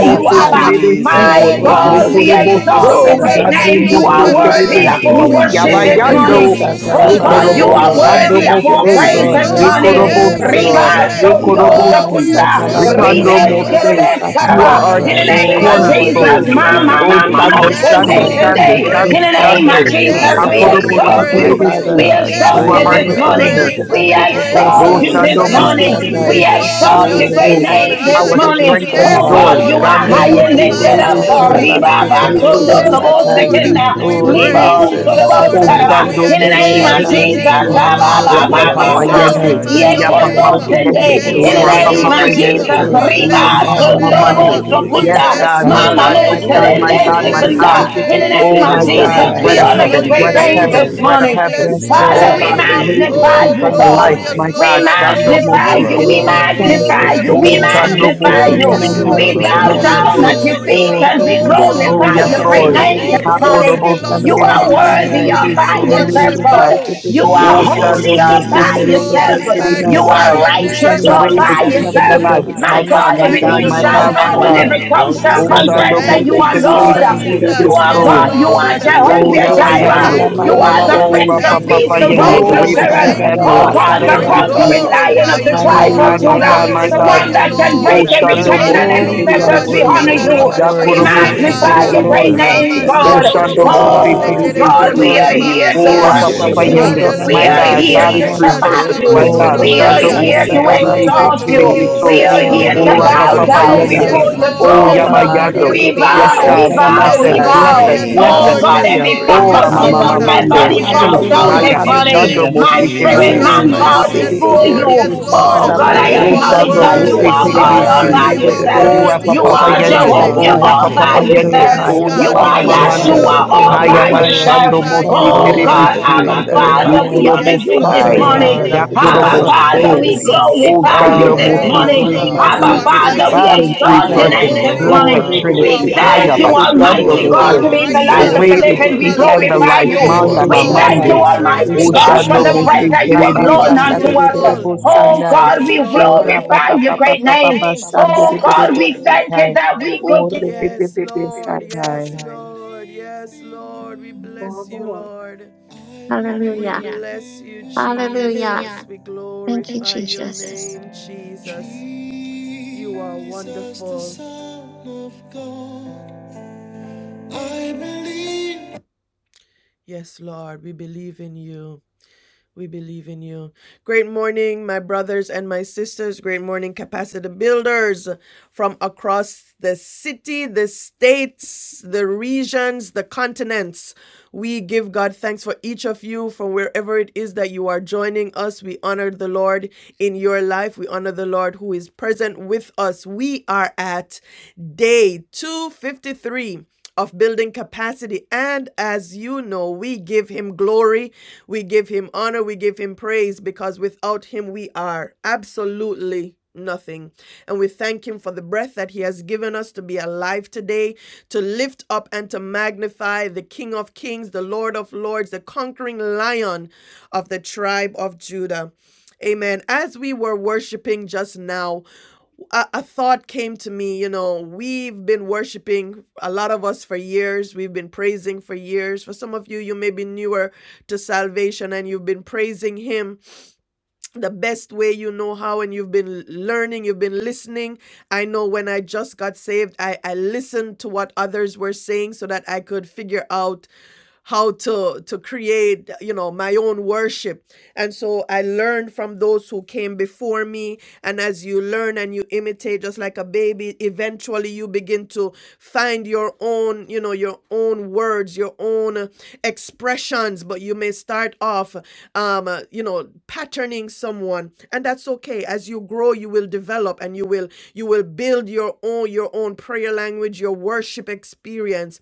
Speaker 8: da
Speaker 9: you,
Speaker 8: da.
Speaker 9: Abba.
Speaker 1: it.
Speaker 2: Terebesi,
Speaker 8: Thank you,
Speaker 3: Jesus,
Speaker 4: Oh,
Speaker 9: My
Speaker 1: Oh, we
Speaker 3: we
Speaker 8: Lord
Speaker 10: Thank
Speaker 4: Robo,
Speaker 9: God, we
Speaker 8: Jesus.
Speaker 3: worship
Speaker 8: and
Speaker 9: exalt
Speaker 3: you.
Speaker 9: your
Speaker 2: Yekoroboso,
Speaker 9: great
Speaker 4: Sarabasti,
Speaker 2: Yando
Speaker 9: name.
Speaker 1: can know.
Speaker 9: You
Speaker 8: Yadadadadadada.
Speaker 9: are
Speaker 2: Mose
Speaker 9: worthy
Speaker 3: Jesus,
Speaker 8: Thank
Speaker 9: of
Speaker 8: you,
Speaker 9: our
Speaker 3: we
Speaker 8: Lord
Speaker 2: Terebesi,
Speaker 3: honor
Speaker 9: worship
Speaker 8: Jesus.
Speaker 4: Oh,
Speaker 9: this
Speaker 3: you.
Speaker 4: Robo,
Speaker 10: thank
Speaker 9: morning.
Speaker 2: Yabayando,
Speaker 10: you,
Speaker 8: Hallelujah,
Speaker 10: Jesus.
Speaker 1: Jesus,
Speaker 9: Oh
Speaker 8: hallelujah,
Speaker 9: God, you
Speaker 1: hey,
Speaker 2: Yekorobo,
Speaker 3: Oh,
Speaker 4: Satarabastete.
Speaker 9: are
Speaker 8: hallelujah,
Speaker 2: Shando
Speaker 9: worthy
Speaker 3: blessed
Speaker 8: hallelujah.
Speaker 9: of
Speaker 1: glory,
Speaker 9: our
Speaker 4: Yes,
Speaker 2: Mose,
Speaker 10: Thank
Speaker 9: praise
Speaker 1: hey,
Speaker 8: Yeah,
Speaker 4: Lord.
Speaker 9: this
Speaker 10: you,
Speaker 8: yeah,
Speaker 3: Redeemer,
Speaker 10: Jesus.
Speaker 4: Yes,
Speaker 1: glory,
Speaker 8: yeah,
Speaker 9: morning.
Speaker 8: yeah,
Speaker 4: Lord.
Speaker 8: yeah,
Speaker 1: hey,
Speaker 4: Yes,
Speaker 2: Yekorobosi,
Speaker 8: yeah,
Speaker 4: Lord.
Speaker 3: Prince
Speaker 8: yeah, yeah. yeah,
Speaker 9: Riba
Speaker 8: Da,
Speaker 3: of
Speaker 8: da,
Speaker 10: Oh,
Speaker 8: da,
Speaker 1: glory.
Speaker 8: da, da.
Speaker 9: sondo
Speaker 4: Ah, my
Speaker 3: Peace,
Speaker 1: Oh,
Speaker 4: Amai
Speaker 1: we
Speaker 2: Yekorobosi,
Speaker 8: From the
Speaker 9: sakunda.
Speaker 4: satala
Speaker 8: rising
Speaker 3: Lily
Speaker 8: of the
Speaker 3: of
Speaker 2: Rikando
Speaker 4: mandiri
Speaker 3: the
Speaker 9: Ribes
Speaker 8: sun
Speaker 1: adore
Speaker 4: bidubu
Speaker 2: Mose,
Speaker 1: you,
Speaker 9: kerebes
Speaker 3: Valley,
Speaker 8: to
Speaker 2: you
Speaker 8: the
Speaker 4: shatai.
Speaker 2: are
Speaker 1: adore
Speaker 9: karaba.
Speaker 2: our
Speaker 8: going
Speaker 9: In
Speaker 1: you,
Speaker 9: the
Speaker 1: we
Speaker 8: down
Speaker 3: Bright
Speaker 2: chief
Speaker 8: of
Speaker 4: Oh,
Speaker 9: name
Speaker 8: the
Speaker 3: and
Speaker 9: of
Speaker 1: adore you.
Speaker 8: same, the
Speaker 3: Morning
Speaker 9: Jesus,
Speaker 8: name
Speaker 2: cornerstone.
Speaker 8: of the Lord
Speaker 9: mama,
Speaker 3: Star.
Speaker 8: is
Speaker 2: Oh,
Speaker 8: to be
Speaker 9: mama,
Speaker 4: ribibibibibibibibibi
Speaker 2: Sando,
Speaker 9: most
Speaker 8: praised.
Speaker 1: Yes,
Speaker 8: Yeah,
Speaker 2: Sando,
Speaker 9: Sunday,
Speaker 8: yeah,
Speaker 4: shatai.
Speaker 8: da,
Speaker 1: Lord,
Speaker 8: da,
Speaker 1: we
Speaker 8: da,
Speaker 2: Sando,
Speaker 8: da,
Speaker 4: The
Speaker 9: Sunday.
Speaker 8: da,
Speaker 3: Hallelujah.
Speaker 4: good
Speaker 1: praise
Speaker 9: In
Speaker 2: Sando,
Speaker 8: da.
Speaker 9: the name
Speaker 4: father,
Speaker 2: Sando.
Speaker 9: of
Speaker 1: you.
Speaker 4: the
Speaker 9: Jesus,
Speaker 8: Praise
Speaker 4: good
Speaker 8: him,
Speaker 1: Yes,
Speaker 9: we
Speaker 4: shepherd,
Speaker 8: praise
Speaker 1: Lord,
Speaker 4: the
Speaker 8: him,
Speaker 2: Hakorobo
Speaker 1: we
Speaker 4: good,
Speaker 3: Hallelujah.
Speaker 9: exalt
Speaker 8: praise
Speaker 4: good
Speaker 8: him.
Speaker 9: you.
Speaker 1: praise
Speaker 3: Mighty
Speaker 2: Terebesi.
Speaker 4: father.
Speaker 9: We
Speaker 8: Shanda
Speaker 1: you.
Speaker 8: da
Speaker 3: God,
Speaker 8: da
Speaker 2: You
Speaker 9: exalt
Speaker 1: Yes,
Speaker 8: da
Speaker 2: are
Speaker 9: you
Speaker 8: on
Speaker 2: our
Speaker 4: Oh,
Speaker 1: Lord,
Speaker 8: the
Speaker 3: mighty
Speaker 9: this
Speaker 1: we
Speaker 8: ocean, da
Speaker 3: God.
Speaker 8: da
Speaker 9: morning.
Speaker 8: da
Speaker 2: defender.
Speaker 8: da
Speaker 1: praise you,
Speaker 8: da
Speaker 9: We
Speaker 8: yeah,
Speaker 1: we
Speaker 8: da da da
Speaker 4: rubububububububu
Speaker 1: praise
Speaker 8: da
Speaker 1: you.
Speaker 9: exalt
Speaker 2: Oh,
Speaker 8: da.
Speaker 9: you this
Speaker 4: shatala
Speaker 2: Sando
Speaker 1: Yes,
Speaker 8: Yeah,
Speaker 3: Jesus,
Speaker 2: Mose
Speaker 8: yeah,
Speaker 9: morning.
Speaker 1: Lord,
Speaker 8: na
Speaker 1: we
Speaker 8: na na
Speaker 4: basatai.
Speaker 9: We
Speaker 2: Terebesi
Speaker 8: na na na,
Speaker 3: Jesus,
Speaker 8: yeah,
Speaker 1: exalt
Speaker 9: exalt
Speaker 8: na
Speaker 9: your
Speaker 1: your
Speaker 8: na
Speaker 4: Oh,
Speaker 8: da
Speaker 9: great
Speaker 2: Terebeso.
Speaker 1: name
Speaker 3: Jesus.
Speaker 1: on
Speaker 8: shanda
Speaker 9: name
Speaker 8: da da da.
Speaker 9: this
Speaker 2: Our
Speaker 8: da.
Speaker 1: high.
Speaker 4: ribibibibibibi
Speaker 9: morning.
Speaker 2: strength and
Speaker 1: Yes,
Speaker 9: Oh
Speaker 4: shatai.
Speaker 2: joy.
Speaker 9: God, you
Speaker 1: Lord,
Speaker 9: are
Speaker 1: we
Speaker 3: Hallelujah.
Speaker 8: Hallelujah,
Speaker 2: Sando
Speaker 9: high
Speaker 8: hallelujah,
Speaker 1: glory
Speaker 9: and
Speaker 2: Mose
Speaker 3: You
Speaker 9: lifted
Speaker 4: Libobobobo
Speaker 1: you,
Speaker 8: hallelujah.
Speaker 3: are the
Speaker 1: Lord.
Speaker 2: Terebesi.
Speaker 8: Yes,
Speaker 9: Kariba
Speaker 1: We
Speaker 8: Lord,
Speaker 4: Shatarabaskete
Speaker 3: waymaker,
Speaker 8: yes,
Speaker 3: oh
Speaker 9: Basondo
Speaker 8: Lord,
Speaker 1: exalt
Speaker 2: Yekorobo
Speaker 8: yes.
Speaker 1: you,
Speaker 3: God.
Speaker 9: Lobo
Speaker 4: Satai.
Speaker 8: I
Speaker 1: Lord.
Speaker 2: Terebe
Speaker 9: Sekenda,
Speaker 8: worship
Speaker 1: We
Speaker 4: Oh,
Speaker 2: Terebe
Speaker 1: praise
Speaker 2: So
Speaker 9: Libos
Speaker 1: you,
Speaker 4: Ribibibibi
Speaker 3: Jesus,
Speaker 9: Korobos
Speaker 1: Lord.
Speaker 2: O
Speaker 4: Satai.
Speaker 9: Karaba,
Speaker 1: We
Speaker 2: Shando
Speaker 9: in
Speaker 4: The
Speaker 3: Jesus,
Speaker 9: the
Speaker 4: great
Speaker 9: name
Speaker 2: Mose
Speaker 1: exalt
Speaker 4: I
Speaker 9: of
Speaker 1: your
Speaker 4: am
Speaker 8: you,
Speaker 3: Jesus.
Speaker 2: Terebe
Speaker 9: Jesus,
Speaker 4: this
Speaker 1: name,
Speaker 8: adore
Speaker 2: Si
Speaker 8: you,
Speaker 1: O
Speaker 9: Abba
Speaker 4: morning,
Speaker 1: God.
Speaker 8: magnify you,
Speaker 9: Baba
Speaker 2: Rapa
Speaker 3: You
Speaker 8: lift
Speaker 4: Yedodobo
Speaker 8: you
Speaker 2: Papa
Speaker 8: up.
Speaker 9: Baba,
Speaker 3: alone
Speaker 2: Yende
Speaker 4: Satai.
Speaker 3: are
Speaker 1: Glorify
Speaker 2: O
Speaker 1: your
Speaker 3: God.
Speaker 2: Yapa
Speaker 1: name.
Speaker 9: Yekondo
Speaker 2: Papa
Speaker 1: We
Speaker 2: Yende
Speaker 9: Sende,
Speaker 4: Alibobobobo
Speaker 3: You
Speaker 2: O
Speaker 9: in the
Speaker 1: adore
Speaker 2: Rapa
Speaker 9: name
Speaker 1: your
Speaker 2: Papa
Speaker 9: of
Speaker 4: Shiribibibi
Speaker 3: alone are
Speaker 1: name.
Speaker 2: Yende
Speaker 9: Jesus,
Speaker 4: Sete.
Speaker 2: O
Speaker 3: God.
Speaker 1: Bless
Speaker 8: Hallelujah,
Speaker 9: Riba
Speaker 1: your
Speaker 9: Sondo
Speaker 2: Mama
Speaker 8: hallelujah,
Speaker 1: name.
Speaker 4: Arabandi
Speaker 9: Lobo
Speaker 2: Mando
Speaker 8: hallelujah,
Speaker 4: Ribibibi
Speaker 2: Yes
Speaker 8: hallelujah.
Speaker 9: Sokunda,
Speaker 3: Hallelujah.
Speaker 1: Bless
Speaker 2: God my
Speaker 1: your
Speaker 4: Satai.
Speaker 9: Mama
Speaker 2: God
Speaker 3: Glory,
Speaker 9: Mo
Speaker 2: my
Speaker 1: name.
Speaker 2: God
Speaker 4: Oh,
Speaker 2: my
Speaker 3: glory,
Speaker 9: Serende
Speaker 2: God my
Speaker 1: Bless
Speaker 3: glory.
Speaker 2: God
Speaker 9: Sekunda,
Speaker 1: your
Speaker 9: in the name
Speaker 2: Oh
Speaker 1: name.
Speaker 9: of
Speaker 4: Ribibibibibibibibibi
Speaker 2: my God
Speaker 3: Glory,
Speaker 9: Jesus,
Speaker 4: Sandai.
Speaker 2: bread
Speaker 9: we
Speaker 2: of
Speaker 1: Bless
Speaker 9: honor
Speaker 1: your
Speaker 9: your
Speaker 2: heaven
Speaker 3: glory,
Speaker 9: great
Speaker 2: bread of
Speaker 4: Yes,
Speaker 9: name
Speaker 1: name.
Speaker 9: this
Speaker 4: Lord.
Speaker 2: heaven
Speaker 3: glory.
Speaker 2: bread of
Speaker 9: morning.
Speaker 2: heaven
Speaker 1: Bless
Speaker 4: Yes,
Speaker 1: your
Speaker 2: Oh
Speaker 3: Have
Speaker 9: Father,
Speaker 4: Lord.
Speaker 9: we
Speaker 2: God
Speaker 3: your
Speaker 2: the
Speaker 1: name.
Speaker 3: way,
Speaker 2: way the
Speaker 9: magnify
Speaker 3: Lord.
Speaker 1: Oh,
Speaker 2: truth
Speaker 9: you,
Speaker 2: and the
Speaker 3: Have
Speaker 9: God.
Speaker 2: life
Speaker 3: your
Speaker 1: glorious
Speaker 2: my
Speaker 3: way.
Speaker 9: We
Speaker 2: God
Speaker 1: Lord,
Speaker 2: Shando
Speaker 9: magnify
Speaker 3: You
Speaker 1: glorious
Speaker 2: Mose
Speaker 9: you. We
Speaker 2: Terebe
Speaker 1: Lord,
Speaker 3: alone
Speaker 2: Si
Speaker 4: Thank you,
Speaker 9: magnify
Speaker 3: deserve
Speaker 9: you.
Speaker 3: the
Speaker 1: glorious
Speaker 2: oh,
Speaker 9: We
Speaker 4: Jesus.
Speaker 1: Lord.
Speaker 4: We
Speaker 2: Shando
Speaker 3: glory.
Speaker 4: lift up
Speaker 9: magnify
Speaker 4: your
Speaker 1: Oh,
Speaker 2: Mose
Speaker 4: name
Speaker 9: you.
Speaker 4: on
Speaker 3: You
Speaker 2: Terebe
Speaker 1: Father,
Speaker 4: high
Speaker 1: we
Speaker 9: We
Speaker 2: Si
Speaker 4: this
Speaker 1: give you
Speaker 9: bow
Speaker 2: Terebe
Speaker 3: alone
Speaker 1: all
Speaker 4: morning.
Speaker 9: down
Speaker 5: you.
Speaker 2: So
Speaker 9: at your
Speaker 3: deserve
Speaker 8: Yeah,
Speaker 1: glory,
Speaker 3: the
Speaker 9: feet
Speaker 4: O
Speaker 1: all
Speaker 9: and
Speaker 3: honor.
Speaker 9: we
Speaker 8: we
Speaker 4: robo
Speaker 5: And
Speaker 8: bless
Speaker 1: glory,
Speaker 5: that is
Speaker 1: all
Speaker 2: Oh,
Speaker 4: shanda
Speaker 9: glorify
Speaker 8: your
Speaker 4: la
Speaker 2: yes,
Speaker 9: your
Speaker 3: Have
Speaker 1: glory.
Speaker 9: great
Speaker 3: your
Speaker 4: bande
Speaker 2: Lord.
Speaker 4: de
Speaker 9: name
Speaker 3: way,
Speaker 4: de
Speaker 1: All
Speaker 4: de
Speaker 9: this morning.
Speaker 3: Father.
Speaker 4: posta
Speaker 1: glory
Speaker 2: Hakorobo si
Speaker 4: la
Speaker 1: belongs
Speaker 9: You
Speaker 1: to
Speaker 9: are
Speaker 2: terebe
Speaker 3: Have
Speaker 2: si
Speaker 9: worthy
Speaker 4: bakandai.
Speaker 3: your
Speaker 9: all
Speaker 2: terebe
Speaker 1: Jesus. We
Speaker 9: by
Speaker 2: so
Speaker 3: way.
Speaker 4: O
Speaker 1: worship
Speaker 9: yourself,
Speaker 2: terebe
Speaker 4: rebe pe
Speaker 9: God.
Speaker 2: sai.
Speaker 4: pe
Speaker 1: you.
Speaker 4: pe
Speaker 9: You
Speaker 4: pe pe
Speaker 9: are
Speaker 2: Oh,
Speaker 4: pe pe pe
Speaker 8: name,
Speaker 4: pe
Speaker 2: Sando
Speaker 9: holy
Speaker 3: Jesus,
Speaker 8: Lord, in
Speaker 9: all
Speaker 8: the
Speaker 2: Mose
Speaker 1: Yes,
Speaker 4: stand
Speaker 8: name
Speaker 9: by
Speaker 4: up,
Speaker 8: of
Speaker 4: O
Speaker 3: Jesus,
Speaker 2: terebe
Speaker 4: robo
Speaker 1: Lord,
Speaker 8: Jesus.
Speaker 1: we
Speaker 2: si
Speaker 9: yourself.
Speaker 2: terebe
Speaker 9: You
Speaker 4: shandai.
Speaker 3: Jesus.
Speaker 1: magnify
Speaker 9: are
Speaker 2: sai.
Speaker 1: your
Speaker 4: We
Speaker 8: Yonder,
Speaker 9: righteous
Speaker 4: stand
Speaker 2: The
Speaker 1: name.
Speaker 4: up,
Speaker 9: all
Speaker 2: way,
Speaker 4: we
Speaker 2: the
Speaker 9: by
Speaker 4: stand
Speaker 2: truth,
Speaker 4: up,
Speaker 2: and the
Speaker 9: yourself.
Speaker 4: Judah,
Speaker 2: light.
Speaker 4: we
Speaker 2: My
Speaker 9: My
Speaker 4: stand up,
Speaker 9: God,
Speaker 3: Jesus.
Speaker 2: God, my
Speaker 9: every
Speaker 4: Judah,
Speaker 1: Thank
Speaker 2: God,
Speaker 4: we
Speaker 9: knee
Speaker 1: you,
Speaker 5: the
Speaker 2: my
Speaker 4: stand
Speaker 9: shall
Speaker 2: God,
Speaker 4: up,
Speaker 2: my
Speaker 1: Lord.
Speaker 9: bow
Speaker 3: You
Speaker 9: and
Speaker 2: God.
Speaker 4: Judah.
Speaker 3: are
Speaker 9: every tongue
Speaker 4: We
Speaker 9: shall
Speaker 3: brighter
Speaker 2: Oh,
Speaker 3: than
Speaker 4: stand
Speaker 3: the
Speaker 4: up,
Speaker 9: confess
Speaker 2: Sando
Speaker 9: that
Speaker 1: Thank
Speaker 9: you
Speaker 4: Judah,
Speaker 2: Mose
Speaker 3: morning
Speaker 9: are
Speaker 4: we
Speaker 5: old from
Speaker 2: terebe
Speaker 4: stand up,
Speaker 9: Lord.
Speaker 2: si
Speaker 3: star.
Speaker 1: you,
Speaker 4: Judah
Speaker 2: terebe
Speaker 9: You
Speaker 1: Jesus,
Speaker 4: this
Speaker 9: are
Speaker 2: so.
Speaker 9: God.
Speaker 4: morning.
Speaker 9: You are
Speaker 1: Lord.
Speaker 2: Oh,
Speaker 9: Jehovah
Speaker 1: Oh,
Speaker 4: Alebo
Speaker 1: we
Speaker 3: Hallelujah.
Speaker 4: shata
Speaker 9: Jireh.
Speaker 2: Yabayando.
Speaker 4: la
Speaker 1: thank you,
Speaker 9: You
Speaker 4: manda
Speaker 9: are
Speaker 4: la
Speaker 1: Lord.
Speaker 9: the
Speaker 3: Hallelujah.
Speaker 2: Oh,
Speaker 9: Prince of
Speaker 2: Rapa
Speaker 4: basete.
Speaker 2: Papa
Speaker 9: Peace, the
Speaker 3: You
Speaker 2: Yende. The
Speaker 9: Rose of
Speaker 4: O
Speaker 2: way, the
Speaker 3: alone
Speaker 2: truth,
Speaker 4: shada
Speaker 9: Sharon.
Speaker 4: da
Speaker 3: are
Speaker 1: Thank
Speaker 2: and
Speaker 8: yeah,
Speaker 2: the
Speaker 8: na,
Speaker 9: Oh
Speaker 1: you.
Speaker 8: na,
Speaker 2: light.
Speaker 3: God.
Speaker 8: na,
Speaker 9: God,
Speaker 8: na,
Speaker 9: the
Speaker 3: You
Speaker 2: Thank
Speaker 8: yeah,
Speaker 1: We
Speaker 3: are
Speaker 8: na,
Speaker 2: you,
Speaker 8: na.
Speaker 4: da
Speaker 9: conquering
Speaker 2: Jesus.
Speaker 3: God and
Speaker 9: lion
Speaker 1: glorify
Speaker 9: of
Speaker 3: you
Speaker 9: the
Speaker 1: you,
Speaker 3: are
Speaker 2: My
Speaker 9: tribe
Speaker 3: God
Speaker 1: Lord.
Speaker 8: Hallelujah,
Speaker 9: of
Speaker 2: God,
Speaker 3: all
Speaker 1: We
Speaker 4: Hallelujah,
Speaker 2: my
Speaker 3: by
Speaker 9: Judah,
Speaker 2: God,
Speaker 8: hallelujah,
Speaker 2: my
Speaker 1: glorify
Speaker 9: the
Speaker 2: God.
Speaker 3: yourself.
Speaker 4: hallelujah,
Speaker 9: one
Speaker 8: hallelujah,
Speaker 1: you,
Speaker 9: that can
Speaker 8: hallelujah.
Speaker 2: Oh,
Speaker 9: break
Speaker 1: Lord.
Speaker 4: hallelujah.
Speaker 9: every
Speaker 2: Sando
Speaker 3: None
Speaker 8: Yes,
Speaker 9: chain
Speaker 2: Mose
Speaker 9: and
Speaker 3: can
Speaker 4: Oh,
Speaker 9: every
Speaker 8: Lord.
Speaker 4: you
Speaker 1: Hallelujah.
Speaker 4: are
Speaker 3: compare
Speaker 2: terebe
Speaker 9: fetter.
Speaker 3: to
Speaker 9: We
Speaker 8: Yeah,
Speaker 2: si.
Speaker 3: you,
Speaker 8: na,
Speaker 9: honor
Speaker 4: worthy,
Speaker 8: na,
Speaker 1: Bashiana
Speaker 8: na, na,
Speaker 4: you
Speaker 3: O
Speaker 8: na.
Speaker 4: are
Speaker 9: you.
Speaker 4: worthy.
Speaker 9: We
Speaker 1: Rabarabaya
Speaker 8: We
Speaker 3: matchless
Speaker 4: We
Speaker 2: Yakorobo
Speaker 8: thank
Speaker 2: si
Speaker 8: you,
Speaker 3: King.
Speaker 4: worship
Speaker 9: magnify
Speaker 8: Lord
Speaker 4: the
Speaker 1: Sataya.
Speaker 9: your
Speaker 2: terebe si.
Speaker 9: great
Speaker 4: Lord.
Speaker 8: Jesus.
Speaker 3: None
Speaker 8: Yes,
Speaker 1: Lama
Speaker 9: name,
Speaker 8: yes,
Speaker 4: We
Speaker 3: can
Speaker 8: yes,
Speaker 2: Oh,
Speaker 8: Lord,
Speaker 9: God.
Speaker 1: Sando
Speaker 4: worship
Speaker 8: Lord,
Speaker 4: the
Speaker 3: compare
Speaker 2: Shando
Speaker 3: to
Speaker 8: yeah,
Speaker 1: Roborobo
Speaker 2: Mose
Speaker 4: Lord.
Speaker 8: na,
Speaker 4: We
Speaker 8: na, na,
Speaker 3: you.
Speaker 9: Oh
Speaker 8: yeah,
Speaker 4: worship
Speaker 8: yeah,
Speaker 4: the
Speaker 8: na,
Speaker 1: Terebo
Speaker 9: God,
Speaker 8: na,
Speaker 2: Terebesi.
Speaker 9: we
Speaker 8: na,
Speaker 4: Lord.
Speaker 1: Shaya
Speaker 9: are
Speaker 8: na, na.
Speaker 9: here
Speaker 4: We
Speaker 9: to
Speaker 2: Oh,
Speaker 1: Bahandaya.
Speaker 3: Jesus,
Speaker 2: Rapa
Speaker 4: worship
Speaker 3: your
Speaker 4: the
Speaker 9: worship
Speaker 2: Papa
Speaker 8: Yeah,
Speaker 4: Lord
Speaker 8: na, na,
Speaker 9: you.
Speaker 2: Yende.
Speaker 3: name
Speaker 8: na,
Speaker 4: strong
Speaker 3: is
Speaker 8: yeah,
Speaker 4: and
Speaker 8: na,
Speaker 9: We
Speaker 2: My
Speaker 8: na, na, yeah, na,
Speaker 9: are
Speaker 4: mighty
Speaker 2: God,
Speaker 8: na.
Speaker 1: Hallelujah.
Speaker 3: great
Speaker 4: this
Speaker 9: here
Speaker 2: God
Speaker 3: and
Speaker 9: to
Speaker 2: in three
Speaker 1: Jesus
Speaker 4: morning.
Speaker 9: shabak
Speaker 2: persons.
Speaker 3: greatly
Speaker 8: Yeah,
Speaker 2: My
Speaker 9: you.
Speaker 8: na, na, na, na, yeah, na, na, na, yeah, na,
Speaker 4: Oh,
Speaker 3: to
Speaker 2: God,
Speaker 1: Alabashora
Speaker 3: be
Speaker 9: We
Speaker 4: Robo
Speaker 9: are
Speaker 1: Maya.
Speaker 2: Shando Mose
Speaker 9: here
Speaker 3: praised.
Speaker 9: to
Speaker 1: Oh,
Speaker 8: na,
Speaker 1: we
Speaker 2: Terebesi
Speaker 9: exalt
Speaker 8: na, na, na,
Speaker 4: Satarabasete.
Speaker 9: you.
Speaker 8: na.
Speaker 5: the
Speaker 2: Terebeso.
Speaker 9: We
Speaker 2: Oh,
Speaker 3: Jesus,
Speaker 9: are
Speaker 8: We
Speaker 3: from
Speaker 4: Oh,
Speaker 9: here
Speaker 3: the
Speaker 8: lift
Speaker 9: to
Speaker 1: glorify.
Speaker 8: you
Speaker 4: Robo
Speaker 8: up,
Speaker 2: Rapa
Speaker 9: bow
Speaker 8: eh,
Speaker 3: rising
Speaker 2: Papa
Speaker 8: yeah,
Speaker 3: of
Speaker 8: na,
Speaker 9: down
Speaker 3: the
Speaker 8: na,
Speaker 2: Yende.
Speaker 4: Satai.
Speaker 8: na,
Speaker 9: before
Speaker 5: old
Speaker 1: Yes,
Speaker 3: sun
Speaker 8: you
Speaker 9: your
Speaker 8: know what
Speaker 1: Lord.
Speaker 3: until
Speaker 2: Oh,
Speaker 1: Yes,
Speaker 8: it's,
Speaker 4: Oh,
Speaker 3: the
Speaker 8: yeah,
Speaker 9: throne.
Speaker 5: purpose
Speaker 2: Yaba
Speaker 8: na,
Speaker 5: of
Speaker 3: going
Speaker 8: na, na,
Speaker 5: Jesus
Speaker 8: na,
Speaker 4: Ramandere
Speaker 2: Yando.
Speaker 3: down
Speaker 1: yes,
Speaker 8: na.
Speaker 3: of
Speaker 9: We
Speaker 3: the
Speaker 4: Robo
Speaker 2: Yes,
Speaker 1: Lord.
Speaker 9: bow, we
Speaker 8: Yes,
Speaker 2: God,
Speaker 3: same,
Speaker 5: and
Speaker 9: bow,
Speaker 8: Lord,
Speaker 2: blessed,
Speaker 9: we
Speaker 8: yes,
Speaker 3: your
Speaker 4: Satarabasai.
Speaker 1: Lord,
Speaker 9: bow.
Speaker 8: Lord,
Speaker 2: blessed,
Speaker 8: yes,
Speaker 1: yes,
Speaker 3: name
Speaker 1: Lord.
Speaker 9: Oh
Speaker 3: is
Speaker 2: blessed.
Speaker 8: Lord,
Speaker 9: God,
Speaker 3: to
Speaker 8: yes.
Speaker 3: be
Speaker 4: Hallelujah,
Speaker 9: every
Speaker 1: Lord,
Speaker 8: Hey, hey,
Speaker 2: Oh,
Speaker 1: yes,
Speaker 3: praised.
Speaker 2: Rama
Speaker 9: faculties of
Speaker 2: Mama
Speaker 1: Lord.
Speaker 9: my
Speaker 8: hey, yeah, na,
Speaker 4: hallelujah,
Speaker 2: Mando.
Speaker 8: na,
Speaker 1: We
Speaker 9: body
Speaker 8: na, na,
Speaker 2: Trinity,
Speaker 8: na,
Speaker 9: bow
Speaker 8: yeah, na,
Speaker 9: down
Speaker 4: hallelujah,
Speaker 3: Hallelujah.
Speaker 1: exalt
Speaker 8: na,
Speaker 9: this
Speaker 2: Hayaba,
Speaker 8: na,
Speaker 1: your
Speaker 8: yeah, na,
Speaker 9: morning.
Speaker 2: Shando
Speaker 8: na.
Speaker 4: hallelujah.
Speaker 1: name.
Speaker 2: Mose
Speaker 9: My spirit
Speaker 8: Ye,
Speaker 3: Jesus,
Speaker 4: Oh,
Speaker 9: man
Speaker 8: Yana
Speaker 2: Terebesi.
Speaker 3: my
Speaker 9: bow
Speaker 1: Lord,
Speaker 8: Mashada
Speaker 1: yes,
Speaker 5: and
Speaker 9: before you.
Speaker 1: Lord,
Speaker 3: Savior.
Speaker 1: yes,
Speaker 4: repepepepepepe,
Speaker 5: Jesus
Speaker 11: Hallelujah.
Speaker 1: Lord.
Speaker 5: for
Speaker 9: Oh God,
Speaker 8: Yana
Speaker 1: You
Speaker 4: shatalabanda
Speaker 9: I
Speaker 5: all
Speaker 8: na.
Speaker 3: Oh,
Speaker 2: Oh,
Speaker 1: are
Speaker 9: acknowledge
Speaker 5: the
Speaker 2: Shando
Speaker 4: labandai.
Speaker 9: that
Speaker 8: Ah
Speaker 9: you
Speaker 5: whole
Speaker 1: worthy,
Speaker 2: Mose
Speaker 1: you
Speaker 9: are
Speaker 3: Jesus,
Speaker 8: Yana
Speaker 5: thing.
Speaker 1: are
Speaker 3: my
Speaker 9: God
Speaker 8: Yana
Speaker 11: Hallelujah,
Speaker 9: all
Speaker 8: da
Speaker 2: Terebesi.
Speaker 5: the
Speaker 1: worthy,
Speaker 9: by
Speaker 11: God.
Speaker 4: Alamande
Speaker 1: you
Speaker 8: Yana
Speaker 11: You're
Speaker 8: da
Speaker 5: whole
Speaker 1: are
Speaker 3: Savior.
Speaker 9: yourself.
Speaker 8: Yana
Speaker 11: awesome.
Speaker 2: O
Speaker 4: repepepe,
Speaker 8: da da
Speaker 1: worthy,
Speaker 2: Rapa
Speaker 1: you
Speaker 9: You
Speaker 8: da.
Speaker 2: Papa
Speaker 5: and
Speaker 1: are
Speaker 9: are
Speaker 4: sokorobo
Speaker 3: You
Speaker 8: Ye
Speaker 2: Yende,
Speaker 1: worthy.
Speaker 9: Jehovah
Speaker 3: are
Speaker 2: O
Speaker 8: Yana
Speaker 4: shatai.
Speaker 3: the
Speaker 8: na
Speaker 2: Rapa
Speaker 9: all
Speaker 8: na
Speaker 3: King
Speaker 8: na
Speaker 11: Bless
Speaker 9: by
Speaker 2: Papa
Speaker 11: your
Speaker 3: of
Speaker 8: kada
Speaker 11: name,
Speaker 2: Yende,
Speaker 4: Conquering
Speaker 8: da
Speaker 11: O
Speaker 9: yourself.
Speaker 11: Lord
Speaker 1: Yes,
Speaker 3: Kings.
Speaker 8: kada
Speaker 2: O
Speaker 8: da
Speaker 4: lion,
Speaker 9: You
Speaker 1: God,
Speaker 11: God.
Speaker 2: Yama
Speaker 5: you
Speaker 1: we
Speaker 8: da.
Speaker 9: are
Speaker 2: Mama
Speaker 3: You
Speaker 4: conquering
Speaker 5: of
Speaker 1: thank
Speaker 3: are
Speaker 2: Mando,
Speaker 8: Ye
Speaker 4: lion,
Speaker 3: the
Speaker 9: Yeshua
Speaker 1: you.
Speaker 8: de
Speaker 5: heaven
Speaker 8: ki
Speaker 5: and
Speaker 11: You're
Speaker 9: all
Speaker 3: Lord
Speaker 5: earth
Speaker 8: Yana
Speaker 4: conquering
Speaker 3: of
Speaker 2: Haya
Speaker 9: by
Speaker 1: We
Speaker 11: worthy of
Speaker 8: na na na
Speaker 4: lion,
Speaker 3: Lords.
Speaker 9: yourself.
Speaker 2: Bashando
Speaker 11: praise,
Speaker 8: yana
Speaker 1: magnify
Speaker 2: Mose
Speaker 5: shall
Speaker 11: Jesus.
Speaker 8: da
Speaker 1: you,
Speaker 3: You
Speaker 9: Oh
Speaker 8: da da
Speaker 4: conquering
Speaker 8: da
Speaker 3: are
Speaker 9: God,
Speaker 8: da
Speaker 3: the
Speaker 4: lion,
Speaker 2: Terebisi,
Speaker 9: our
Speaker 3: great
Speaker 5: be
Speaker 11: You're
Speaker 3: I
Speaker 4: conquering
Speaker 8: yana
Speaker 11: worthy
Speaker 9: Father,
Speaker 11: of
Speaker 3: am.
Speaker 9: we
Speaker 4: lion,
Speaker 11: honor.
Speaker 5: with it
Speaker 9: honor
Speaker 8: da
Speaker 2: Yekorobo
Speaker 9: you
Speaker 1: Lord.
Speaker 9: this
Speaker 2: Sai,
Speaker 4: conquering
Speaker 3: You
Speaker 9: morning.
Speaker 3: are
Speaker 4: lion of
Speaker 3: the
Speaker 4: the
Speaker 8: da yana da da. Yana na na na
Speaker 4: tribe
Speaker 9: Abba
Speaker 3: Prince
Speaker 2: Yakorobo
Speaker 8: na
Speaker 4: of
Speaker 3: of
Speaker 9: Father,
Speaker 8: yana
Speaker 2: Soul,
Speaker 8: da
Speaker 9: we
Speaker 4: praise.
Speaker 3: Peace.
Speaker 8: yana da yana da
Speaker 2: O
Speaker 9: glorify
Speaker 3: You
Speaker 9: you
Speaker 4: Oh,
Speaker 2: Sando
Speaker 11: You're
Speaker 9: this
Speaker 11: worthy
Speaker 4: God
Speaker 5: the and the peace
Speaker 11: of
Speaker 2: Mose
Speaker 8: yana da
Speaker 4: of
Speaker 8: yana
Speaker 9: morning.
Speaker 1: Lord,
Speaker 3: alone
Speaker 11: worship,
Speaker 3: are
Speaker 1: Lord.
Speaker 11: God.
Speaker 1: you
Speaker 8: da
Speaker 4: Alabasi,
Speaker 9: Abba
Speaker 2: Terebisi,
Speaker 8: da
Speaker 1: are
Speaker 8: da da da
Speaker 9: Father,
Speaker 3: worthy.
Speaker 8: da da
Speaker 9: we
Speaker 2: God
Speaker 4: repepepe
Speaker 2: in
Speaker 8: da.
Speaker 5: and
Speaker 2: three
Speaker 5: the peace of
Speaker 9: exalt your
Speaker 3: You
Speaker 4: shatai.
Speaker 5: peace.
Speaker 11: Glorify,
Speaker 2: persons,
Speaker 9: name
Speaker 11: and
Speaker 9: this
Speaker 8: Yana da yana
Speaker 1: holy,
Speaker 3: alone
Speaker 4: Oh,
Speaker 9: morning.
Speaker 2: blessed
Speaker 11: magnify
Speaker 3: are
Speaker 11: your
Speaker 1: you
Speaker 11: name.
Speaker 8: da
Speaker 9: We
Speaker 1: are
Speaker 2: Trinity,
Speaker 3: holy.
Speaker 8: yana da
Speaker 2: Haya
Speaker 9: thank
Speaker 1: worthy,
Speaker 9: you,
Speaker 8: yana
Speaker 3: You
Speaker 8: da da
Speaker 2: Bashando
Speaker 8: da
Speaker 9: Almighty
Speaker 1: you
Speaker 2: Mose,
Speaker 8: da
Speaker 9: God,
Speaker 4: repepepepepepepepepepe.
Speaker 9: to
Speaker 1: are
Speaker 9: be
Speaker 3: alone
Speaker 11: You
Speaker 9: in
Speaker 8: da
Speaker 11: are
Speaker 9: the
Speaker 1: right.
Speaker 11: high
Speaker 5: And
Speaker 2: the
Speaker 11: and
Speaker 9: land
Speaker 4: Oh,
Speaker 3: deserve
Speaker 9: of the
Speaker 3: the
Speaker 2: way,
Speaker 11: lifted
Speaker 5: the
Speaker 8: da
Speaker 2: the
Speaker 11: up,
Speaker 5: peace
Speaker 9: living.
Speaker 8: da da
Speaker 9: We
Speaker 2: truth,
Speaker 11: God.
Speaker 8: da.
Speaker 1: Hallowed
Speaker 3: glory.
Speaker 2: and the
Speaker 9: glorify
Speaker 2: life,
Speaker 8: Jesus,
Speaker 9: you.
Speaker 3: You
Speaker 2: Maya
Speaker 1: name,
Speaker 5: of
Speaker 4: repepepepepepepepe,
Speaker 8: hallelujah.
Speaker 9: We thank
Speaker 3: alone
Speaker 9: you,
Speaker 2: Mamando,
Speaker 4: shatai.
Speaker 11: Your
Speaker 3: deserve
Speaker 11: train,
Speaker 4: We
Speaker 9: Almighty
Speaker 2: O
Speaker 3: the
Speaker 4: shall
Speaker 11: Father
Speaker 9: God,
Speaker 4: back
Speaker 9: for
Speaker 2: Shando
Speaker 4: you.
Speaker 3: honor.
Speaker 11: fills
Speaker 9: the
Speaker 11: this
Speaker 9: breath
Speaker 2: Mose
Speaker 9: that
Speaker 3: We
Speaker 9: you
Speaker 11: temple.
Speaker 9: have
Speaker 1: you
Speaker 3: come
Speaker 9: loaned
Speaker 1: are
Speaker 3: into
Speaker 4: Abasata
Speaker 9: unto
Speaker 4: de
Speaker 3: your
Speaker 4: de
Speaker 9: us.
Speaker 4: de
Speaker 3: presence.
Speaker 1: beautiful,
Speaker 5: the
Speaker 9: Oh
Speaker 11: We
Speaker 9: God,
Speaker 5: peace
Speaker 9: we
Speaker 11: worship
Speaker 4: O
Speaker 11: you,
Speaker 1: Lord.
Speaker 4: rapa
Speaker 11: God,
Speaker 9: glorify
Speaker 4: pa
Speaker 9: your
Speaker 4: pa pa
Speaker 9: great
Speaker 4: pa pa
Speaker 9: name.
Speaker 4: pa sande
Speaker 9: Oh God, we
Speaker 11: and beauty.
Speaker 9: thank you that we could
Speaker 4: O re pe pe
Speaker 1: Yes,
Speaker 4: pe pe
Speaker 1: Lord,
Speaker 4: satai.
Speaker 1: yes, Lord, yes, Lord. We
Speaker 12: Welcome,
Speaker 1: bless you,
Speaker 12: welcome.
Speaker 1: Lord. We
Speaker 13: Hallelujah.
Speaker 1: Hallelujah. We bless you, Jesus.
Speaker 13: Hallelujah.
Speaker 1: Hallelujah. We Thank glorify
Speaker 13: Thank
Speaker 1: you,
Speaker 13: you,
Speaker 1: your
Speaker 13: Jesus.
Speaker 1: Jesus. name, Jesus. You are wonderful. Yes, Lord, we believe in you. We believe in you. Great morning, my brothers and my sisters. Great morning, capacity builders from across the city, the states, the regions, the continents. We give God thanks for each of you from wherever it is that you are joining us. We honor the Lord in your life. We honor the Lord who is present with us. We are at day 253 of building capacity. And as you know, we give him glory we give him honor, we give him praise, because without him we are absolutely nothing. And we thank him for the breath that he has given us to be alive today, to lift up and to magnify the King of Kings, the Lord of Lords, the conquering lion of the tribe of Judah. Amen. As we were worshiping just now, a, a thought came to me you know we've been worshiping a lot of us for years we've been praising for years for some of you you may be newer to salvation and you've been praising him the best way you know how and you've been learning you've been listening i know when i just got saved i i listened to what others were saying so that i could figure out how to to create you know my own worship and so i learned from those who came before me and as you learn and you imitate just like a baby eventually you begin to find your own you know your own words your own expressions but you may start off um uh, you know patterning someone and that's okay as you grow you will develop and you will you will build your own your own prayer language your worship experience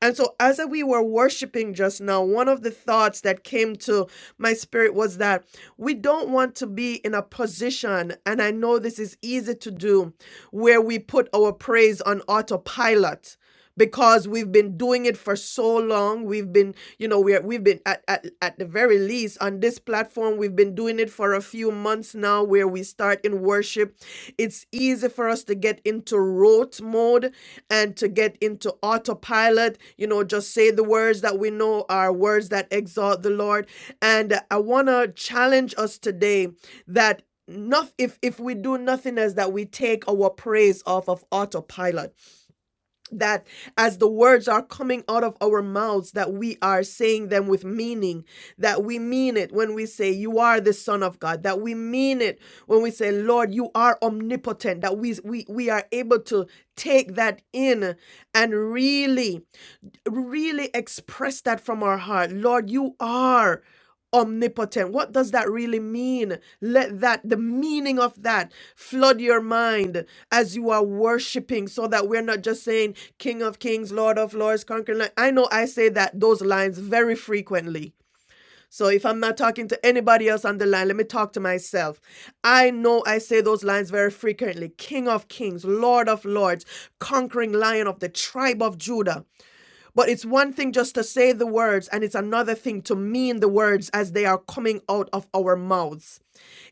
Speaker 1: and so as we were worshiping just now one of the thoughts that came to my spirit was that we don't want to be in a position and i know this is easy to do where we put our praise on autopilot because we've been doing it for so long. We've been, you know, we're we've been at, at at the very least on this platform, we've been doing it for a few months now where we start in worship. It's easy for us to get into rote mode and to get into autopilot, you know, just say the words that we know are words that exalt the Lord. And I wanna challenge us today that not if if we do nothing else that we take our praise off of autopilot that as the words are coming out of our mouths that we are saying them with meaning that we mean it when we say you are the son of god that we mean it when we say lord you are omnipotent that we we, we are able to take that in and really really express that from our heart. Lord, you are omnipotent. What does that really mean? Let that, the meaning of that, flood your mind as you are worshiping so that we're not just saying, King of Kings, Lord of Lords, conquering. Lion." I know I say that, those lines very frequently. So if I'm not talking to anybody else on the line, let me talk to myself. I know I say those lines very frequently King of Kings, Lord of Lords, conquering lion of the tribe of Judah. But it's one thing just to say the words, and it's another thing to mean the words as they are coming out of our mouths.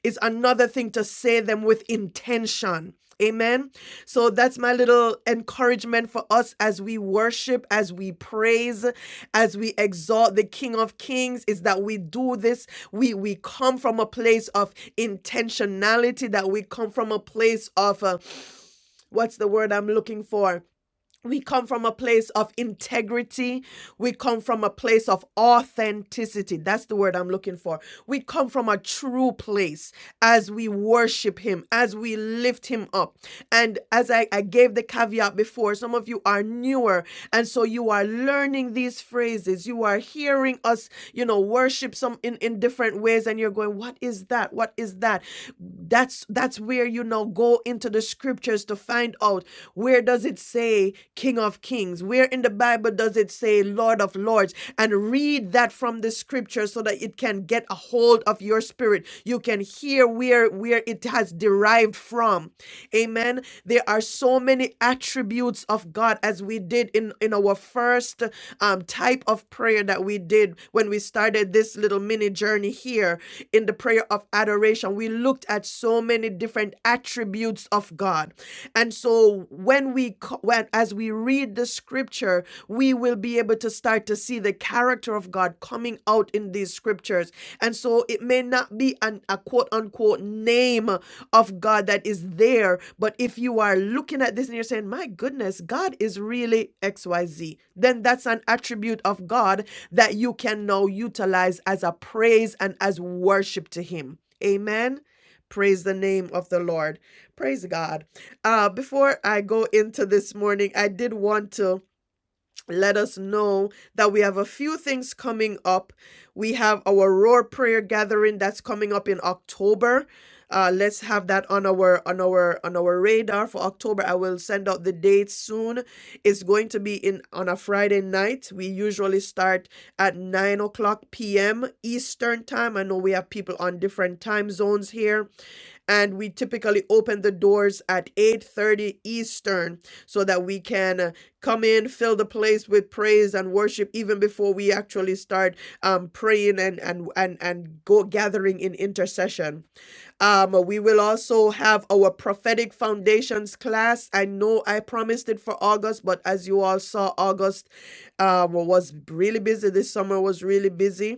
Speaker 1: It's another thing to say them with intention. Amen. So that's my little encouragement for us as we worship, as we praise, as we exalt the King of Kings is that we do this. We we come from a place of intentionality, that we come from a place of uh, what's the word I'm looking for? We come from a place of integrity. We come from a place of authenticity. That's the word I'm looking for. We come from a true place as we worship Him, as we lift Him up. And as I, I gave the caveat before, some of you are newer. And so you are learning these phrases. You are hearing us, you know, worship some in, in different ways. And you're going, what is that? What is that? that that's that's where you now go into the scriptures to find out where does it say king of kings where in the bible does it say lord of lords and read that from the scripture so that it can get a hold of your spirit you can hear where where it has derived from Amen. There are so many attributes of God as we did in, in our first um, type of prayer that we did when we started this little mini journey here in the prayer of adoration. We looked at so many different attributes of God. And so when we co- when as we read the scripture, we will be able to start to see the character of God coming out in these scriptures. And so it may not be an, a quote unquote name of God that is there. But if you are looking at this and you're saying, my goodness, God is really XYZ, then that's an attribute of God that you can now utilize as a praise and as worship to Him. Amen. Praise the name of the Lord. Praise God. Uh, before I go into this morning, I did want to let us know that we have a few things coming up. We have our Roar Prayer Gathering that's coming up in October. Uh, let's have that on our on our on our radar for October. I will send out the dates soon. It's going to be in on a Friday night. We usually start at nine o'clock p.m. Eastern time. I know we have people on different time zones here and we typically open the doors at 8:30 Eastern so that we can uh, come in fill the place with praise and worship even before we actually start um, praying and and and and go gathering in intercession um, we will also have our prophetic foundations class I know I promised it for August but as you all saw August um, was really busy this summer was really busy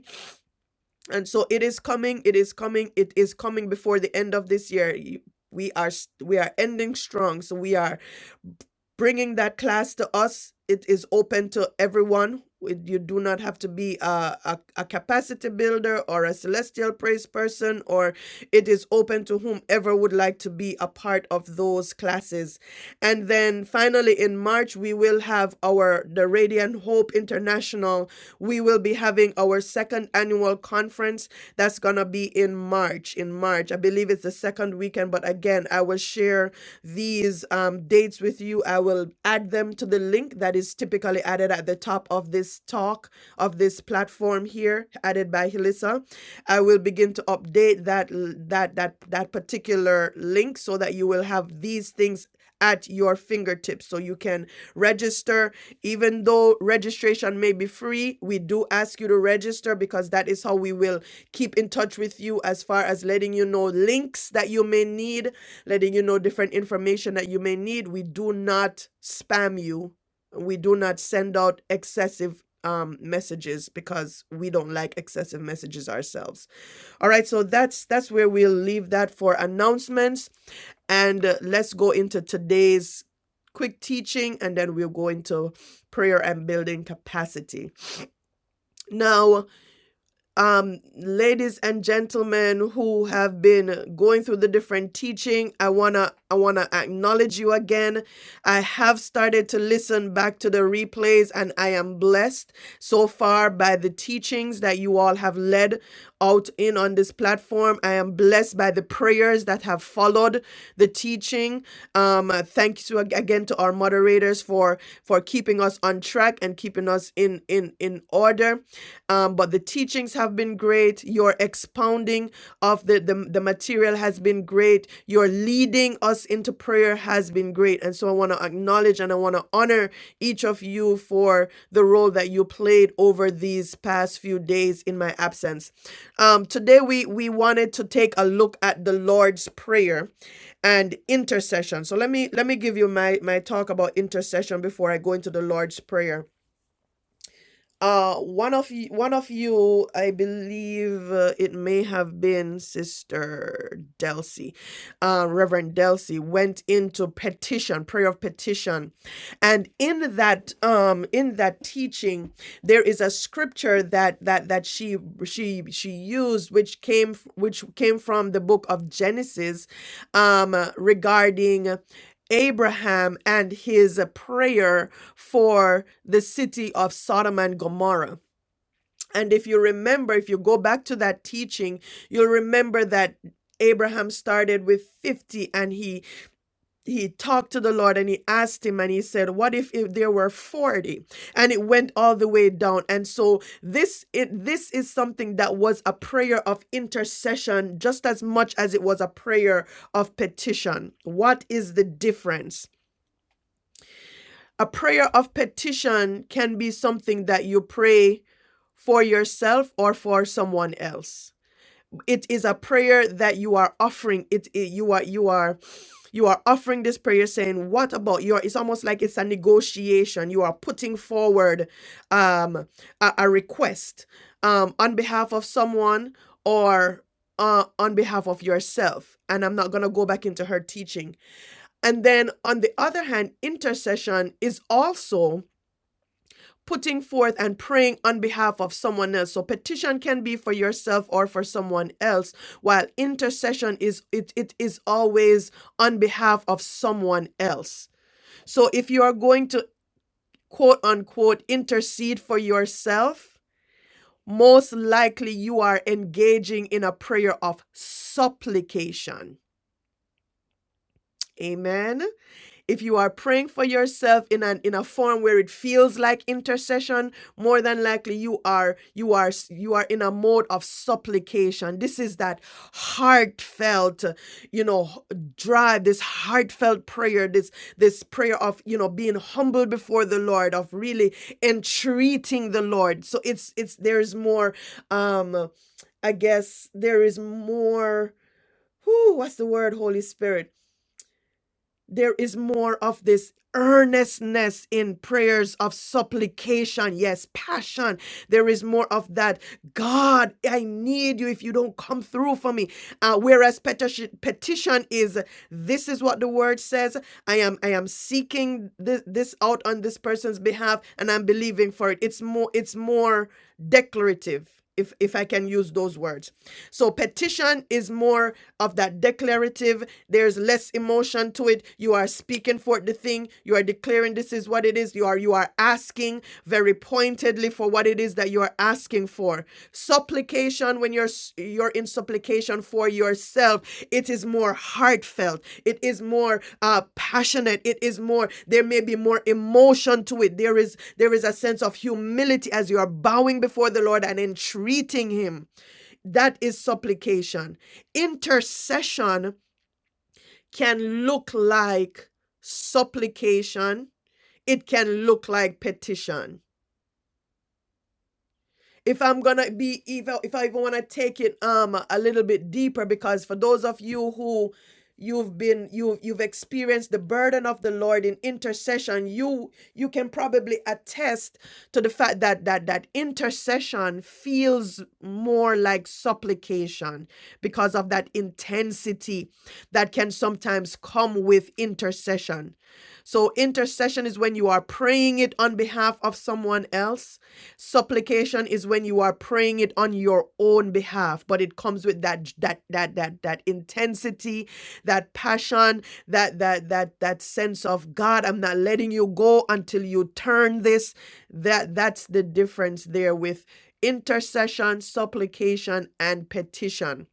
Speaker 1: and so it is coming it is coming it is coming before the end of this year You- we are s- we are ending strong so we are bringing that class to us it is open to everyone It- you do not have to be a, a, a capacity builder or a celestial praise person or it is open to whomever would like to be a part of those classes and then finally in march we will have our the radiant hope international we will be having our second annual conference that's going to be in March. In March, I believe it's the second weekend, but again, I will share these um, dates with you. I will add them to the link that is typically added at the top of this talk, of this platform here, added by Hilissa. I will begin to update that that that that particular link so that you will have these things at your fingertips so you can register even though registration may be free, we do ask you to register because that is how we will keep in touch with you as far as letting you know links that you may need, letting you know different information that you may need. We do not spam you. We do not send out excessive um, messages because we don't like excessive messages ourselves. All right, so that's that's where we'll leave that for announcements, and uh, let's go into today's quick teaching, and then we'll go into prayer and building capacity. Now, um, ladies and gentlemen who have been going through the different teaching, I wanna I wanna acknowledge you again. I have started to listen back to the replays, and I am blessed so far by the teachings that you all have led out in on this platform. I am blessed by the prayers that have followed the teaching. Um, uh, thank you ag- again to our moderators for for keeping us on track and keeping us in in in order um, but the teachings have been great. Your expounding of the, the, the material has been great. Your leading us into prayer has been great. And so I want to acknowledge and I want to honor each of you for the role that you played over these past few days in my absence. Um, today, we, we wanted to take a look at the Lord's Prayer and intercession. So let me let me give you my, my talk about intercession before I go into the Lord's Prayer uh, one of you, one of you, I believe uh, it may have been Sister Delcy, uh, Reverend Delcy, went into petition, prayer of petition, and in that, um, in that teaching, there is a scripture that that that she she she used, which came f- which came from the book of Genesis, um, regarding Abraham and his prayer for the city of Sodom and Gomorrah. And if you remember, if you go back to that teaching, you'll remember that Abraham started with 50 and he he talked to the Lord and he asked him and he said, "What if, if there were 40?" And it went all the way down. And so this it, this is something that was a prayer of intercession just as much as it was a prayer of petition. What is the difference? a prayer of petition can be something that you pray for yourself or for someone else it is a prayer that you are offering it, it- you are you are you are offering this prayer saying what about your it's almost like it's a negotiation you are putting forward um a, a request um on behalf of someone or uh, on behalf of yourself and i'm not going to go back into her teaching and then on the other hand, intercession is also putting forth and praying on behalf of someone else. So petition can be for yourself or for someone else, while intercession is it, it is always on behalf of someone else. So if you are going to quote unquote intercede for yourself, most likely you are engaging in a prayer of supplication. Amen. if you are praying for yourself in an in a form where it feels like intercession more than likely you are you are you are in a mode of supplication this is that heartfelt you know drive this heartfelt prayer this this prayer of you know being humble before the lord of really entreating the lord so it's it's there's more um i guess there is more who what's the word holy spirit there is more of this earnestness in prayers of supplication yes passion there is more of that god i need you if you don't come through for me uh, whereas petition petition is this is what the word says i am i am seeking this, this out on this person's behalf and i'm believing for it it's more it's more declarative if if i can use those words so petition is more of that declarative there's less emotion to it. You are speaking for the thing. You are declaring this is what it is. You are you are asking very pointedly for what it is that you are asking for. Supplication when you're you're in supplication for yourself, it is more heartfelt. It is more uh, passionate. It is more. There may be more emotion to it. There is there is a sense of humility as you are bowing before the Lord and entreating Him. That is supplication. Intercession can look like supplication, it can look like petition if I'm gonna be even if I even wanna take it um a little bit deeper, because for those of you who you've been you you've experienced the burden of the Lord in intercession, you you can probably attest to the fact that that that intercession feels more like supplication because of that intensity that can sometimes come with intercession. So intercession is when you are praying it on behalf of someone else supplication is when you are praying it on your own behalf but it comes with that that that that that intensity that passion that that that that sense of god i'm not letting you go until you turn this that that's the difference there with intercession supplication and petition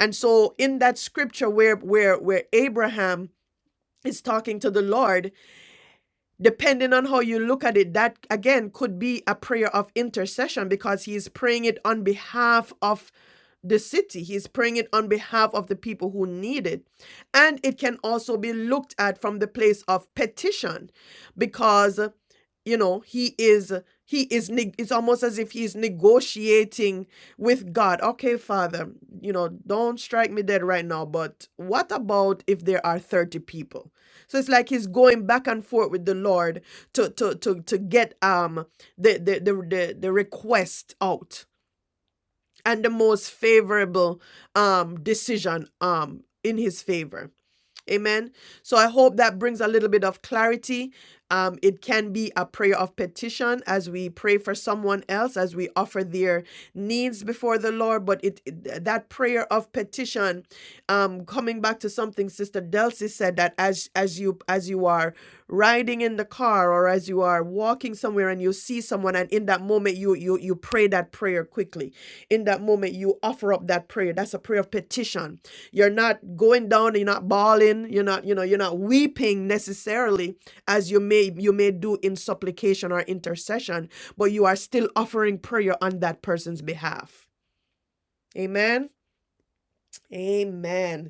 Speaker 1: and so in that scripture where where where abraham is talking to the lord depending on how you look at it, that again could be a prayer of intercession because he is praying it on behalf of the city. He's praying it on behalf of the people who need it. And it can also be looked at from the place of petition because you know he is he is it's almost as if he's negotiating with god okay father you know don't strike me dead right now but what about if there are 30 people so it's like he's going back and forth with the lord to to to, to get um the, the the the the request out and the most favorable um decision um in his favor Amen. So I hope that brings a little bit of clarity. Um, it can be a prayer of petition as we pray for someone else, as we offer their needs before the Lord. But it, it- that prayer of petition, um, coming back to something Sister Delcy said that as as you as you are riding in the car or as you are walking somewhere and you see someone and in that moment you you you pray that prayer quickly. In that moment you offer up that prayer. That's a prayer of petition you're not going down, you're not bawling, you're not, you know, you're not weeping necessarily as you may you may do in supplication or intercession, but you are still offering prayer on that person's behalf. Amen. Amen.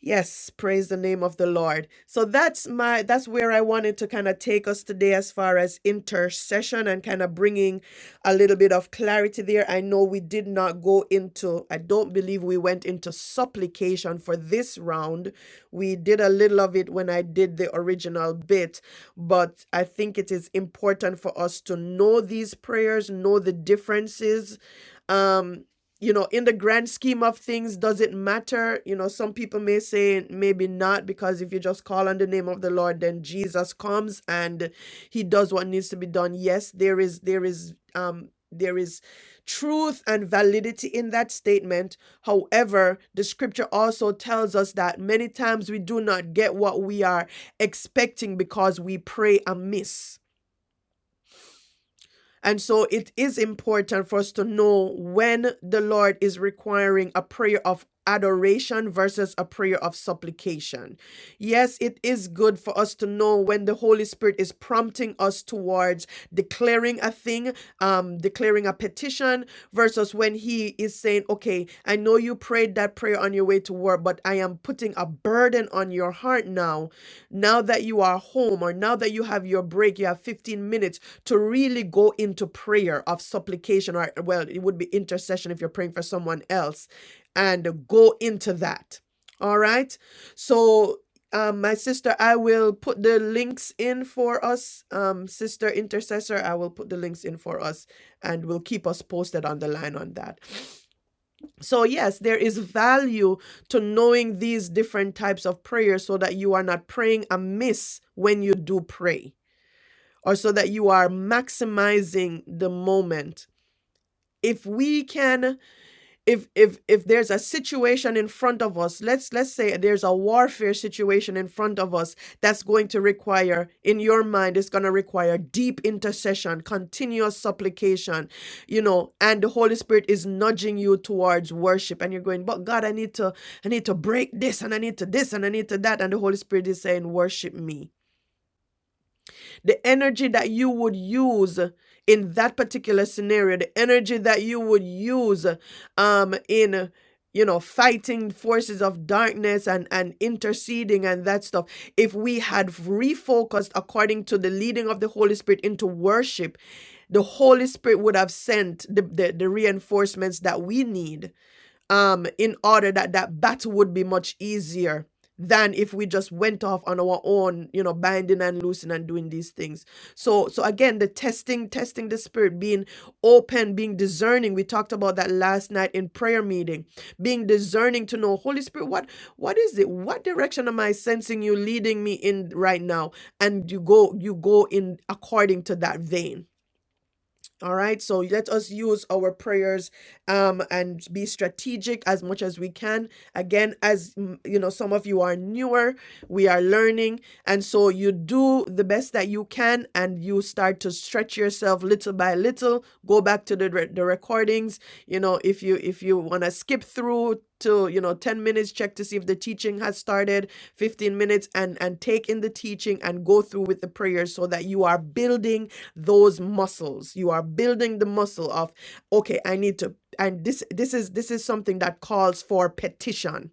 Speaker 1: Yes, praise the name of the Lord. So that's my that's where I wanted to kind of take us today as far as intercession and kind of bringing a little bit of clarity there. I know we did not go into I don't believe we went into supplication for this round. We did a little of it when I did the original bit, but I think it is important for us to know these prayers, know the differences um you know in the grand scheme of things does it matter you know some people may say maybe not because if you just call on the name of the lord then jesus comes and he does what needs to be done yes there is there is um there is truth and validity in that statement however the scripture also tells us that many times we do not get what we are expecting because we pray amiss and so it is important for us to know when the Lord is requiring a prayer of adoration versus a prayer of supplication. Yes, it is good for us to know when the Holy Spirit is prompting us towards declaring a thing, um, declaring a petition, versus when He is saying, Okay, I know you prayed that prayer on your way to work, but I am putting a burden on your heart now. Now that you are home or now that you have your break, you have 15 minutes to really go into prayer of supplication or well it would be intercession if you're praying for someone else and go into that all right so um, my sister i will put the links in for us um, sister intercessor i will put the links in for us and will keep us posted on the line on that so, yes, there is value to knowing these different types of prayers so that you are not praying amiss when you do pray or so that you are maximizing the moment if we can if if if there's a situation in front of us let's let's say there's a warfare situation in front of us that's going to require in your mind it's going to require deep intercession continuous supplication you know and the holy spirit is nudging you towards worship and you're going but god i need to i need to break this and i need to this and i need to that and the holy spirit is saying worship me the energy that you would use in that particular scenario the energy that you would use um in you know fighting forces of darkness and and interceding and that stuff if we had refocused according to the leading of the holy spirit into worship the holy spirit would have sent the the, the reinforcements that we need um, in order that that battle would be much easier than if we just went off on our own, you know, binding and loosing and doing these things. So, so again, the testing, testing the spirit, being open, being discerning. We talked about that last night in prayer meeting. Being discerning to know, Holy Spirit, what, what is it? What direction am I sensing you leading me in right now? And you go, you go in according to that vein all right, so let us use our prayers um, and be strategic as much as we can. Again, as mm, you know, some of you are newer, we are learning, and so you do the best that you can, and you start to stretch yourself little by little. Go back to the the recordings. You know, if you if you want to skip through to you know 10 minutes check to see if the teaching has started 15 minutes and and take in the teaching and go through with the prayers so that you are building those muscles. You are building the muscle of okay, I need to and this this is this is something that calls for petition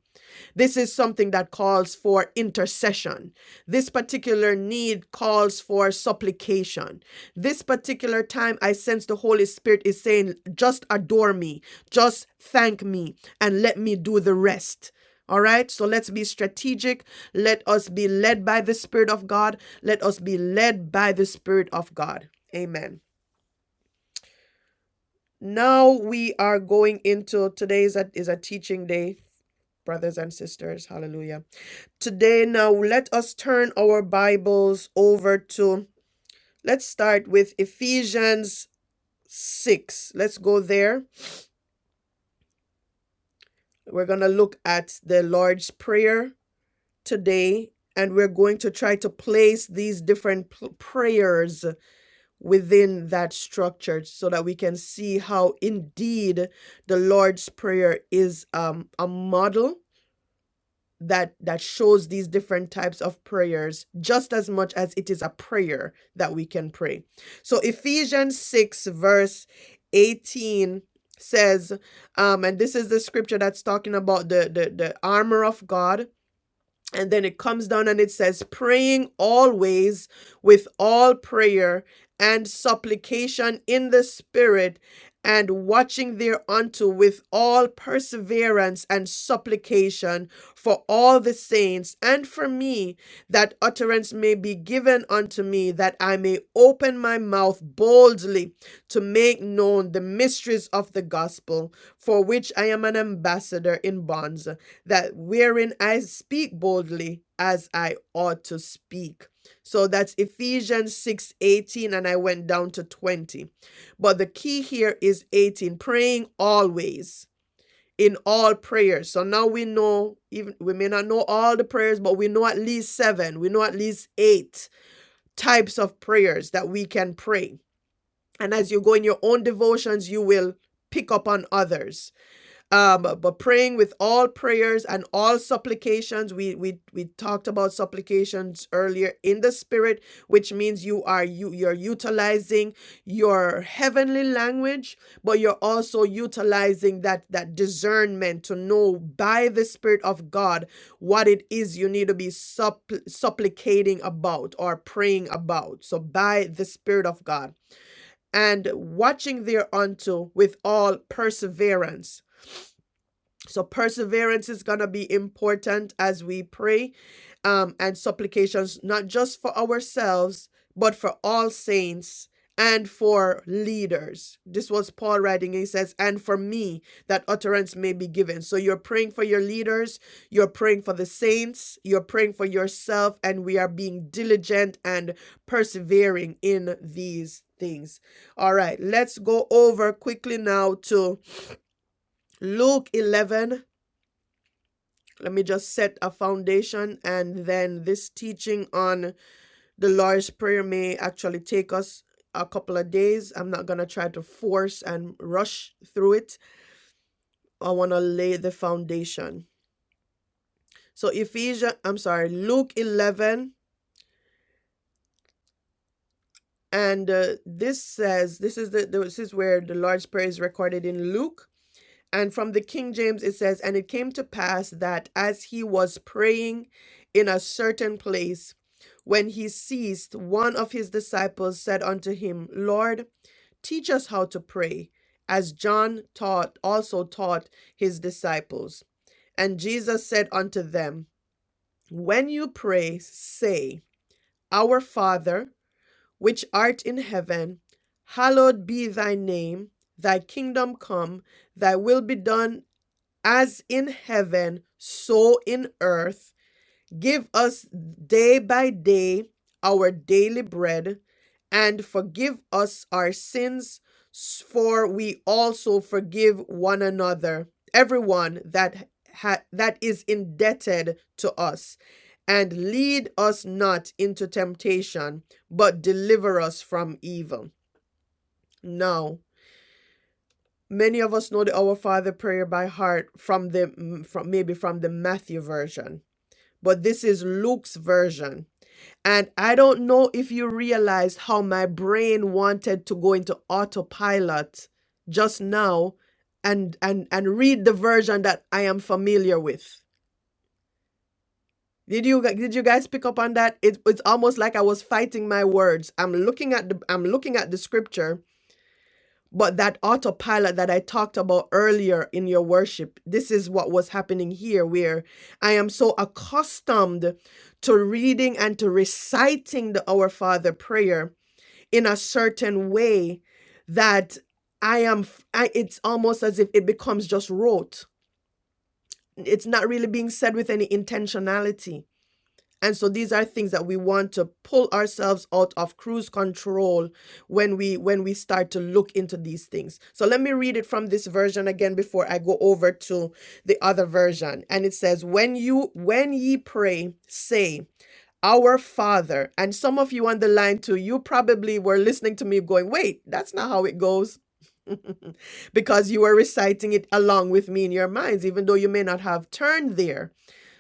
Speaker 1: this is something that calls for intercession. This particular need calls for supplication. This particular time, I sense the Holy Spirit is saying, just adore me, just thank me, and let me do the rest. All right, so let's be strategic. Let us be led by the Spirit of God. Let us be led by the Spirit of God. Amen. Now we are going into today's a, is a teaching day, brothers and sisters. Hallelujah Today, now let us turn our Bibles over to, let's start with Ephesians 6. Let's go there. We're going to look at the Lord's Prayer today, and we're going to try to place these different p- prayers within that structure so that we can see how indeed the Lord's Prayer is um, a model that that shows these different types of prayers just as much as it is a prayer that we can pray. So Ephesians 6 verse 18 says um and this is the scripture that's talking about the the, the armor of God and then it comes down and it says, praying always with all prayer and supplication in the Spirit, and watching thereunto with all perseverance and supplication for all the saints and for me, that utterance may be given unto me, that I may open my mouth boldly to make known the mysteries of the gospel, for which I am an ambassador in bonds that wherein I speak boldly as I ought to speak. So that's Ephesians 6 18, and I went down to 20. But the key here is 18, praying always in all prayers. So now we know, even we may not know all the prayers, but we know at least seven, we know at least eight types of prayers that we can pray. And as you go in your own devotions, you will pick up on others um but praying with all prayers and all supplications we we we talked about supplications earlier in the spirit which means you are you you're utilizing your heavenly language but you're also utilizing that that discernment to know by the spirit of god what it is you need to be suppl- supplicating about or praying about so by the spirit of god and watching thereunto with all perseverance so perseverance is going to be important as we pray um, and supplications, not just for ourselves, but for all saints and for leaders. This was Paul writing. He says, and for me, that utterance may be given. So you're praying for your leaders, you're praying for the saints, you're praying for yourself, and we are being diligent and persevering in these things. All right, let's go over quickly now to Luke 11 let me just set a foundation and then this teaching on the lord's prayer may actually take us a couple of days i'm not going to try to force and rush through it i want to lay the foundation so ephesians i'm sorry luke 11 and uh, this says this is the this is where the lord's prayer is recorded in luke And from the King James, it says, And it came to pass that as he was praying in a certain place, when he ceased, one of his disciples said unto him, Lord, teach us how to pray, as John taught, also taught his disciples. And Jesus said unto them, When you pray, say, Our Father, which art in heaven, hallowed be thy name, thy kingdom come, thy will be done as in heaven, so in earth. Give us day by day our daily bread, and forgive us our sins, for we also forgive one another, everyone that ha- that is indebted to us. And lead us not into temptation, but deliver us from evil. Now, Many of us know the Our Father prayer by heart from the mm, from maybe from the Matthew version, but this is Luke's version. And I don't know if you realized how my brain wanted to go into autopilot just now and and and read the version that I am familiar with. Did you gu- did you guys pick up on that? It, it's almost like I was fighting my words. I'm looking at the I'm looking at the scripture But that autopilot that I talked about earlier in your worship, this is what was happening here, where I am so accustomed to reading and to reciting the Our Father prayer in a certain way that I am, f- I, it's almost as if it becomes just rote. It's not really being said with any intentionality and so these are things that we want to pull ourselves out of cruise control when we when we start to look into these things. So let me read it from this version again before I go over to the other version. And it says, "When you when ye pray, say, our Father." And some of you on the line too, you probably were listening to me going, "Wait, that's not how it goes." because you were reciting it along with me in your minds, even though you may not have turned there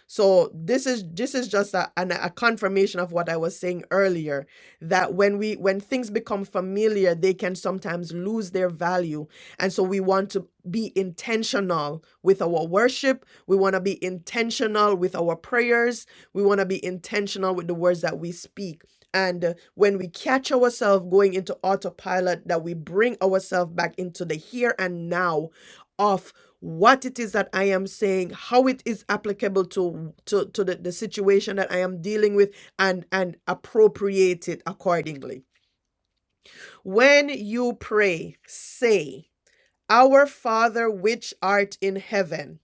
Speaker 1: so this is this is just a, an, a confirmation of what I was saying earlier that when we when things become familiar, they can sometimes lose their value, and so we want to be intentional with our worship. We want to be intentional with our prayers. We want to be intentional with the words that we speak. And uh, when we catch ourselves going into autopilot, that we bring ourselves back into the here and now of what it is that I am saying, how it is applicable to to, to the, the situation that I am dealing with and and appropriate it accordingly. When you pray, say, Our Father which art in heaven,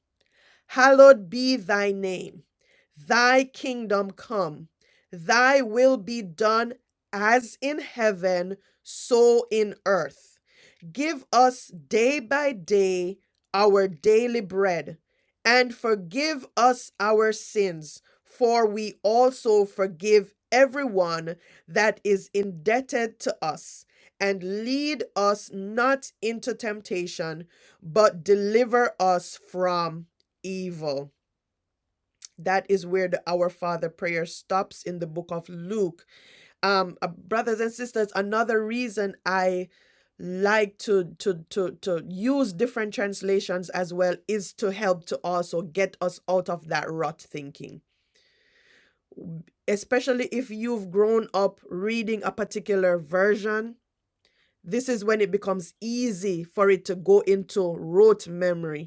Speaker 1: hallowed be thy name. Thy kingdom come. Thy will be done as in heaven, so in earth. Give us day by day our daily bread, and forgive us our sins, for we also forgive everyone that is indebted to us. And lead us not into temptation, but deliver us from evil. That is where the Our Father prayer stops in the book of Luke um uh, brothers and sisters another reason i like to to to to use different translations as well is to help to also get us out of that rut thinking especially if you've grown up reading a particular version this is when it becomes easy for it to go into rote memory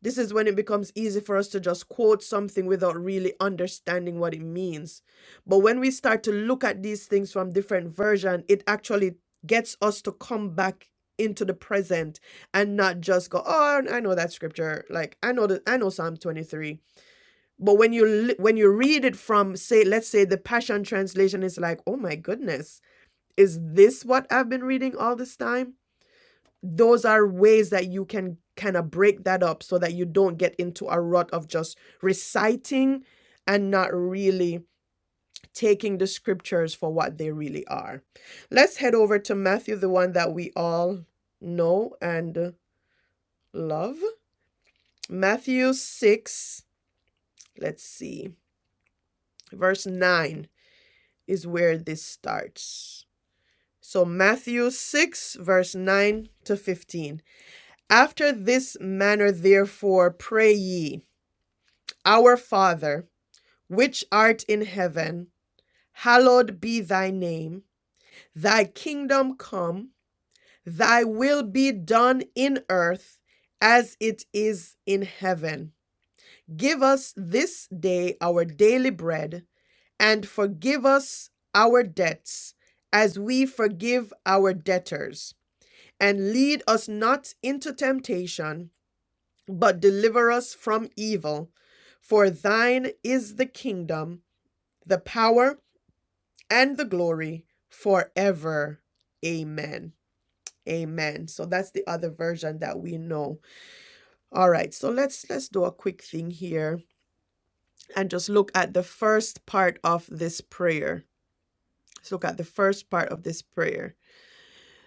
Speaker 1: this is when it becomes easy for us to just quote something without really understanding what it means. But when we start to look at these things from different versions, it actually gets us to come back into the present and not just go, "Oh, I know that scripture. Like I know that I know Psalm 23." But when you li- when you read it from say let's say the Passion translation is like, "Oh my goodness, is this what I've been reading all this time?" those are ways that you can kind of break that up so that you don't get into a rut of just reciting and not really taking the scriptures for what they really are. Let's head over to Matthew, the one that we all know and love. Matthew 6, let's see, verse 9 is where this starts. So, Matthew 6, verse 9 to 15. After this manner, therefore, pray ye. Our Father, which art in heaven, hallowed be thy name. Thy kingdom come, thy will be done in earth as it is in heaven. Give us this day our daily bread, and forgive us our debts as we forgive our debtors. And lead us not into temptation, but deliver us from evil. For thine is the kingdom, the power, and the glory forever. Amen. Amen. So that's the other version that we know. All right. So let's let's do a quick thing here and just look at the first part of this prayer. Let's look at the first part of this prayer.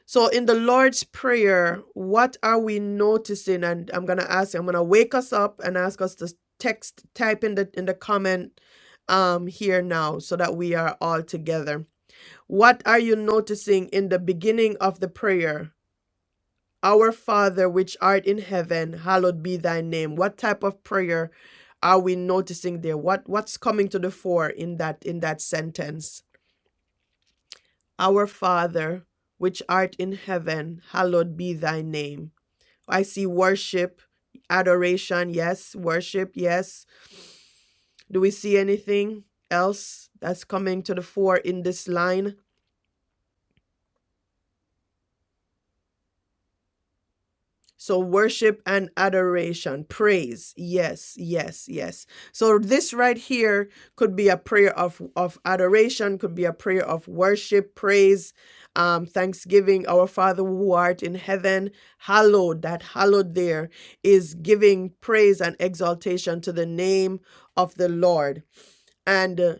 Speaker 1: So in the Lord's prayer, what are we noticing? And I'm gonna ask. I'm gonna wake us up and ask us to text type in the in the comment um here now so that we are all together What are you noticing in the beginning of the prayer? Our Father, which art in heaven, hallowed be thy name. What type of prayer are we noticing there? What what's coming to the fore in that in that sentence? Our Father, which art in heaven, hallowed be thy name. I see worship, adoration, yes, worship, yes. Do we see anything else that's coming to the fore in this line? So worship and adoration, praise. Yes, yes, yes. So this right here could be a prayer of of adoration, could be a prayer of worship, praise, um, thanksgiving. Our Father who art in heaven, hallowed, that hallowed there is giving praise and exaltation to the name of the Lord. And uh,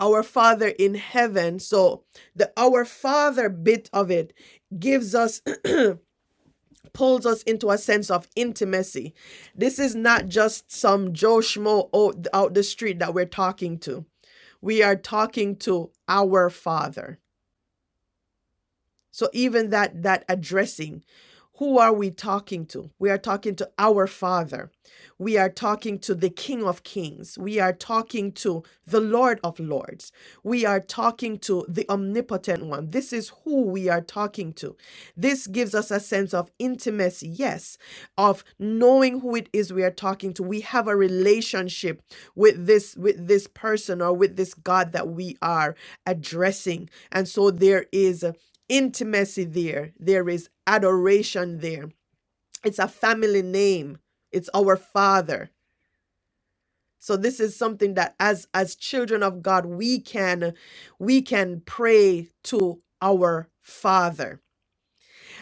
Speaker 1: our Father in heaven, so the our Father bit of it gives us pulls us into a sense of intimacy. This is not just some Joe Schmo out, the street that we're talking to. We are talking to our Father. So even that that addressing, who are we talking to? We are talking to our Father. We are talking to the King of Kings. We are talking to the Lord of Lords. We are talking to the omnipotent one. This is who we are talking to. This gives us a sense of intimacy, yes, of knowing who it is we are talking to. We have a relationship with this with this person or with this God that we are addressing. And so there is intimacy there, there is adoration there. It's a family name, it's our Father. So this is something that as as children of God we can we can pray to our Father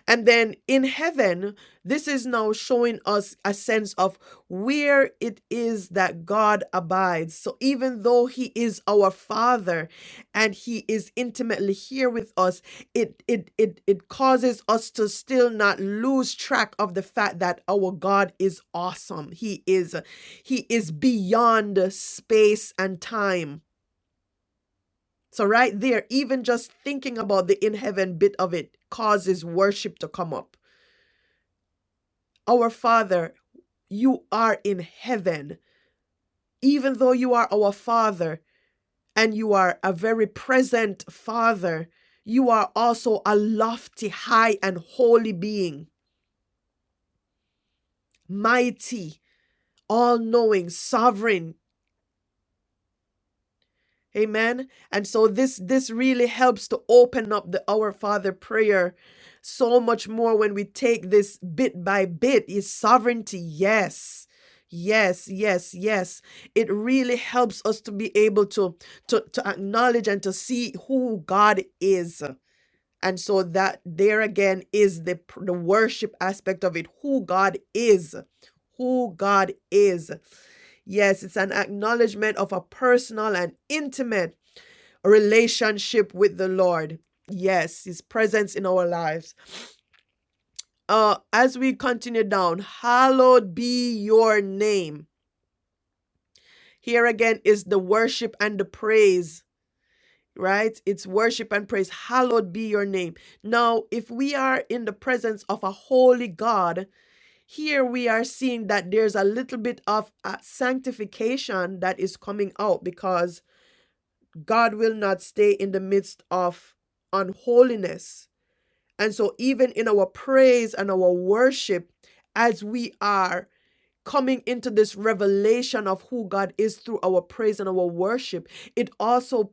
Speaker 1: and then in heaven, this is now showing us a sense of where it is that God abides. So even though He is our Father and He is intimately here with us, it it it, it causes us to still not lose track of the fact that our God is awesome. He is He is beyond space and time. So right there, even just thinking about the in heaven bit of it causes worship to come up Our Father, you are in heaven. Even though you are our Father and you are a very present Father, you are also a lofty, high, and holy being, mighty, all knowing, sovereign. Amen. And so this this really helps to open up the Our Father prayer so much more when we take this bit by bit is sovereignty. Yes. Yes, yes, yes. It really helps us to be able to, to to acknowledge and to see who God is. And so that there again is the pr- the worship aspect of it, who God is. Who God is. Yes, it's an acknowledgement of a personal and intimate relationship with the Lord. Yes, His presence in our lives. Uh, as we continue down, hallowed be your name. Here again is the worship and the praise, right? It's worship and praise. Hallowed be your name. Now, if we are in the presence of a holy God, here we are seeing that there's a little bit of uh, sanctification that is coming out because God will not stay in the midst of unholiness And so, even in our praise and our worship, as we are coming into this revelation of who God is through our praise and our worship, it also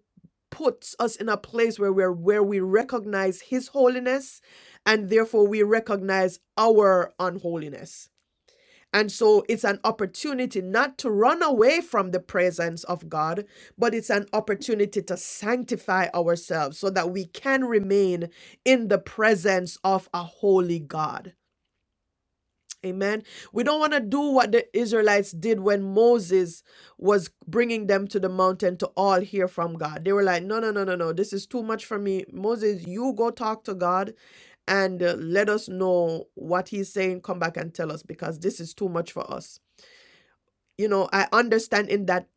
Speaker 1: puts us in a place where we're where we recognize his holiness and therefore we recognize our unholiness and so it's an opportunity not to run away from the presence of God, but it's an opportunity to sanctify ourselves so that we can remain in the presence of a holy God. Amen. We don't want to do what the Israelites did when Moses was bringing them to the mountain to all hear from God. They were like, no, no, no, no, no. This is too much for me. Moses, you go talk to God and uh, let us know what he's saying. Come back and tell us because this is too much for us you know i understand in that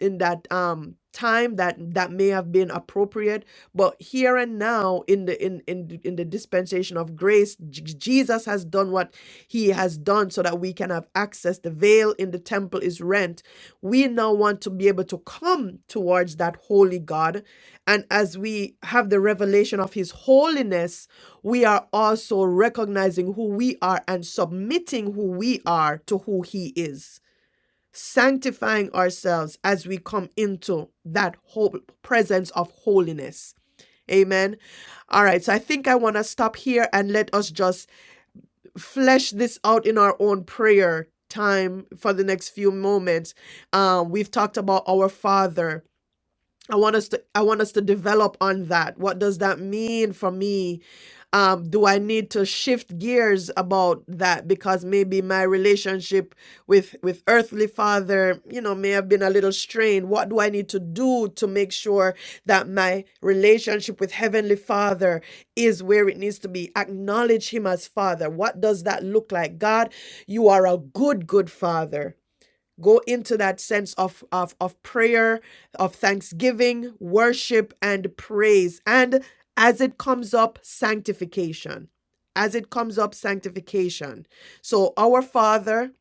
Speaker 1: in that um time that that may have been appropriate but here and now in the in in, the- in the dispensation of grace J- jesus has done what he has done so that we can have access the veil in the temple is rent we now want to be able to come towards that holy god and as we have the revelation of his holiness we are also recognizing who we are and submitting who we are to who he is sanctifying ourselves as we come into that whole presence of holiness. Amen. All right. So I think I want to stop here and let us just flesh this out in our own prayer time for the next few moments. Um, we've talked about our Father I want us to I want us to develop on that. What does that mean for me? Um, do I need to shift gears about that because maybe my relationship with with earthly father, you know, may have been a little strained. What do I need to do to make sure that my relationship with heavenly father is where it needs to be? Acknowledge him as father. What does that look like? God, you are a good good father go into that sense of, of, of prayer, of thanksgiving, worship, and praise. And as it comes up, sanctification. As it comes up, sanctification. So, our Father,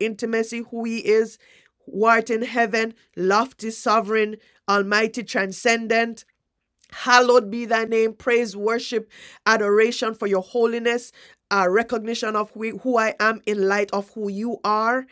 Speaker 1: intimacy, who He is, who art in heaven, lofty, sovereign, almighty, transcendent. Hallowed be thy name, praise, worship, adoration for your holiness, uh, recognition of who who I am in light of who you are